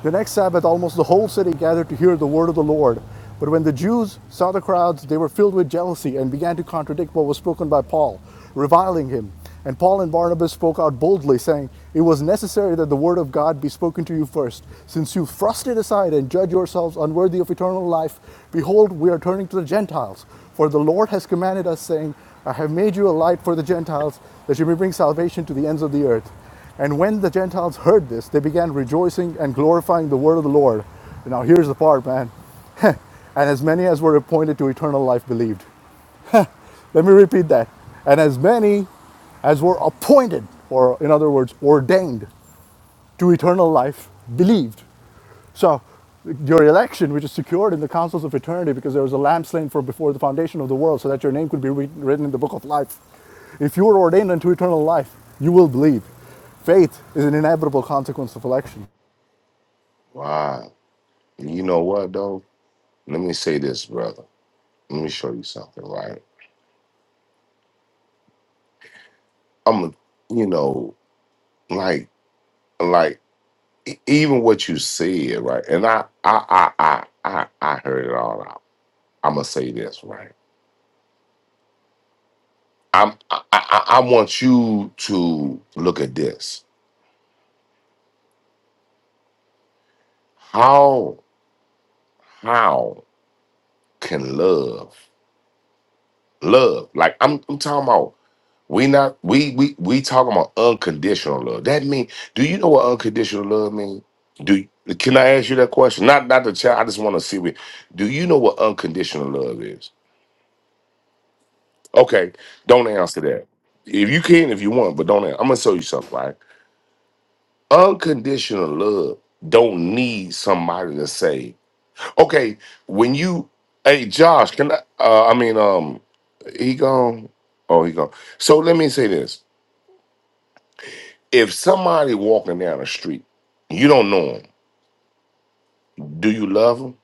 Speaker 8: The next Sabbath, almost the whole city gathered to hear the word of the Lord. But when the Jews saw the crowds, they were filled with jealousy and began to contradict what was spoken by Paul, reviling him. And Paul and Barnabas spoke out boldly, saying, It was necessary that the word of God be spoken to you first. Since you thrust it aside and judge yourselves unworthy of eternal life, behold, we are turning to the Gentiles. For the Lord has commanded us, saying, I have made you a light for the Gentiles, that you may bring salvation to the ends of the earth. And when the Gentiles heard this, they began rejoicing and glorifying the word of the Lord. And Now, here's the part, man. And as many as were appointed to eternal life believed. Let me repeat that. And as many as were appointed, or in other words, ordained to eternal life believed. So your election, which is secured in the councils of eternity, because there was a lamb slain for before the foundation of the world, so that your name could be written in the book of life. If you are ordained unto eternal life, you will believe. Faith is an inevitable consequence of election.
Speaker 22: Wow. You know what though? Let me say this, brother. Let me show you something, right? I'm, a, you know, like, like e- even what you said, right? And I, I, I, I, I, I heard it all out. I'm gonna say this, right? I'm I, I, I want you to look at this. How how can love love like I'm I'm talking about we not we we we talking about unconditional love. That mean do you know what unconditional love mean? Do can I ask you that question? Not not the child. I just want to see what do you know what unconditional love is? Okay, don't answer that. If you can, if you want, but don't. an- I'm gonna show you something. Right? Unconditional love don't need somebody to say. Okay, when you, hey Josh, can I? Uh, I mean, um, he gone. Oh, he gone. So let me say this: If somebody walking down the street, you don't know him. Do you love him?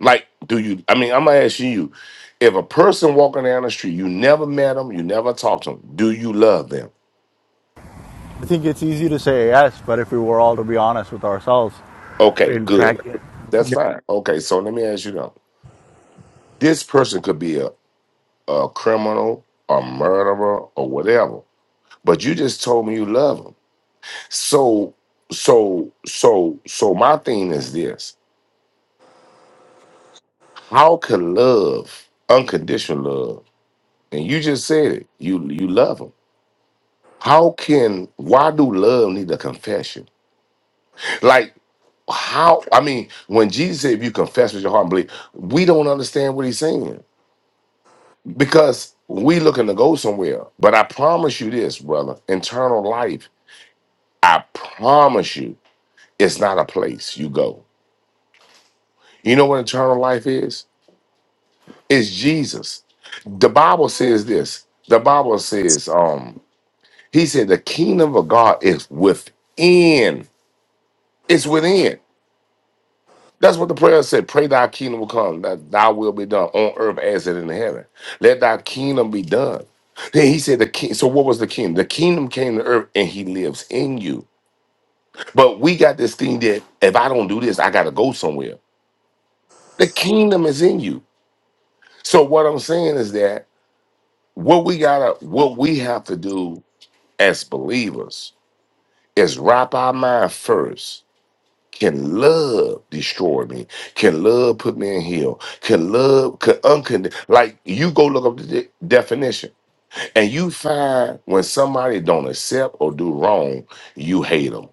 Speaker 22: Like, do you? I mean, I'm gonna ask you: If a person walking down the street, you never met them, you never talked to them, do you love them?
Speaker 8: I think it's easy to say yes, but if we were all to be honest with ourselves,
Speaker 22: Okay,
Speaker 8: in
Speaker 22: good.
Speaker 8: practice,
Speaker 22: That's fine. Okay, so let me ask you though: This person could be a, a criminal, a murderer, or whatever, but you just told me you love him. So, so, so, so my thing is this: How can love, unconditional love, and you just said it, you you love them. How can why do love need a confession? Like how I mean, when Jesus said, "If you confess with your heart and believe," we don't understand what he's saying because we looking to go somewhere. But I promise you this, brother: Eternal life. I promise you, it's not a place you go. You know what eternal life is? It's Jesus. The Bible says this. The Bible says, um, he said the kingdom of God is within. It's within. That's what the prayer said. Pray thy kingdom will come, that thy will be done on earth as it in heaven. Let thy kingdom be done. Then he said the king. So what was the kingdom? The kingdom came to earth and he lives in you. But we got this thing that if I don't do this, I gotta go somewhere. The kingdom is in you. So what I'm saying is that what we gotta, what we have to do as believers is wrap our mind first. Can love destroy me? Can love put me in hell? Can love can uncond like you go look up the de- definition and you find when somebody don't accept or do wrong, you hate them.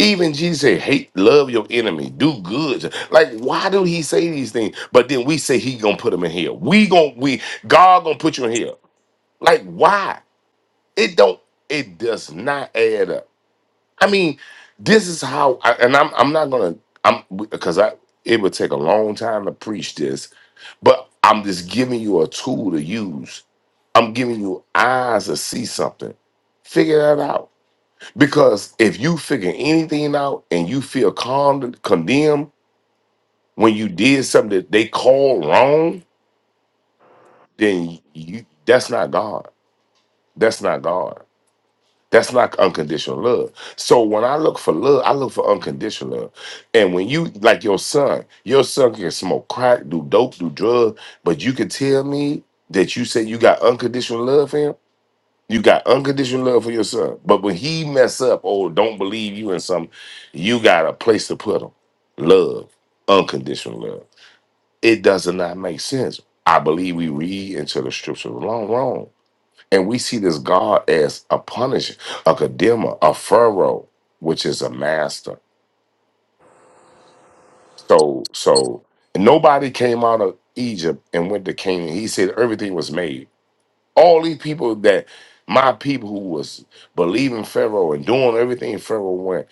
Speaker 22: Even Jesus said, hate, love your enemy, do good. Like, why do he say these things? But then we say he gonna put them in hell. We gonna we God gonna put you in hell. Like, why? It don't. It does not add up. I mean, this is how, I, and I'm I'm not gonna I'm because I it would take a long time to preach this, but I'm just giving you a tool to use. I'm giving you eyes to see something. Figure that out because if you figure anything out and you feel con- condemned when you did something that they call wrong, then you that's not God. That's not God. That's like unconditional love. So when I look for love, I look for unconditional love. And when you like your son, your son can smoke crack, do dope, do drugs, but you can tell me that you say you got unconditional love for him. You got unconditional love for your son. But when he mess up or don't believe you in something, you got a place to put him. Love, unconditional love. It does not make sense. I believe we read into the scripture wrong, wrong. And we see this God as a punisher, a condemner, a pharaoh, which is a master. So, so nobody came out of Egypt and went to Canaan. He said everything was made. All these people that my people who was believing Pharaoh and doing everything Pharaoh went,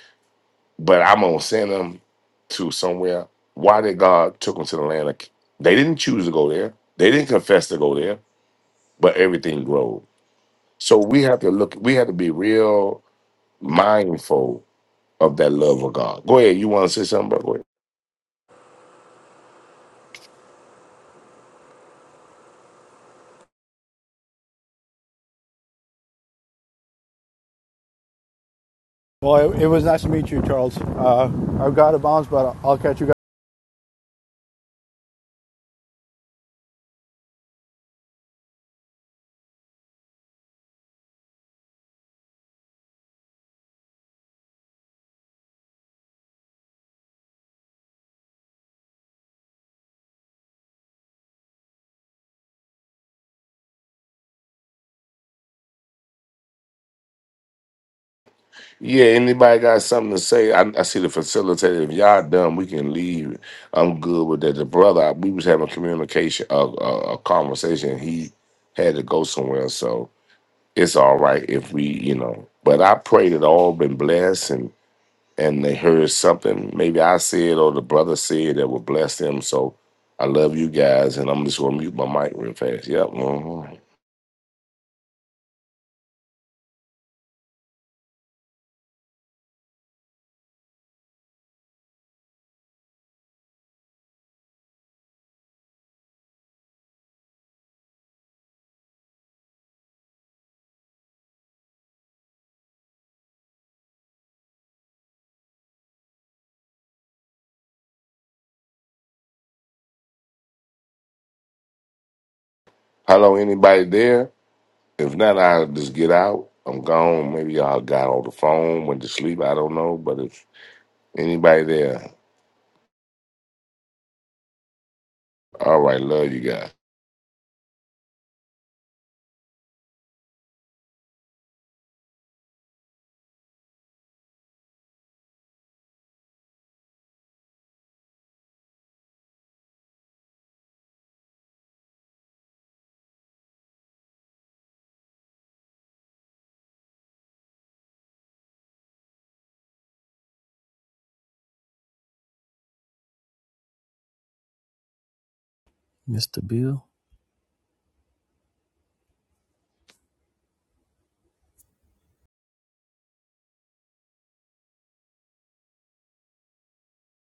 Speaker 22: but I'm gonna send them to somewhere. Why did God took them to the land? Of, they didn't choose to go there. They didn't confess to go there, but everything grew. So we have to look. We have to be real mindful of that love of God. Go ahead. You want to say something, bro? Go ahead.
Speaker 8: Well, it, it was nice to meet you, Charles. Uh, I've got to bounce, but I'll catch you guys.
Speaker 22: Yeah, anybody got something to say? I, I see the facilitator. If y'all done, we can leave. I'm good with that. The brother, we was having communication, a, a, a conversation. He had to go somewhere, so it's all right if we, you know. But I pray that all been blessed and and they heard something. Maybe I said or the brother said that would bless them. So I love you guys, and I'm just gonna mute my mic real fast. Yep. mhm. Hello, anybody there? If not, I'll just get out. I'm gone. Maybe I got on the phone, went to sleep. I don't know. But if anybody there, all right, love you guys.
Speaker 21: Mr. Bill.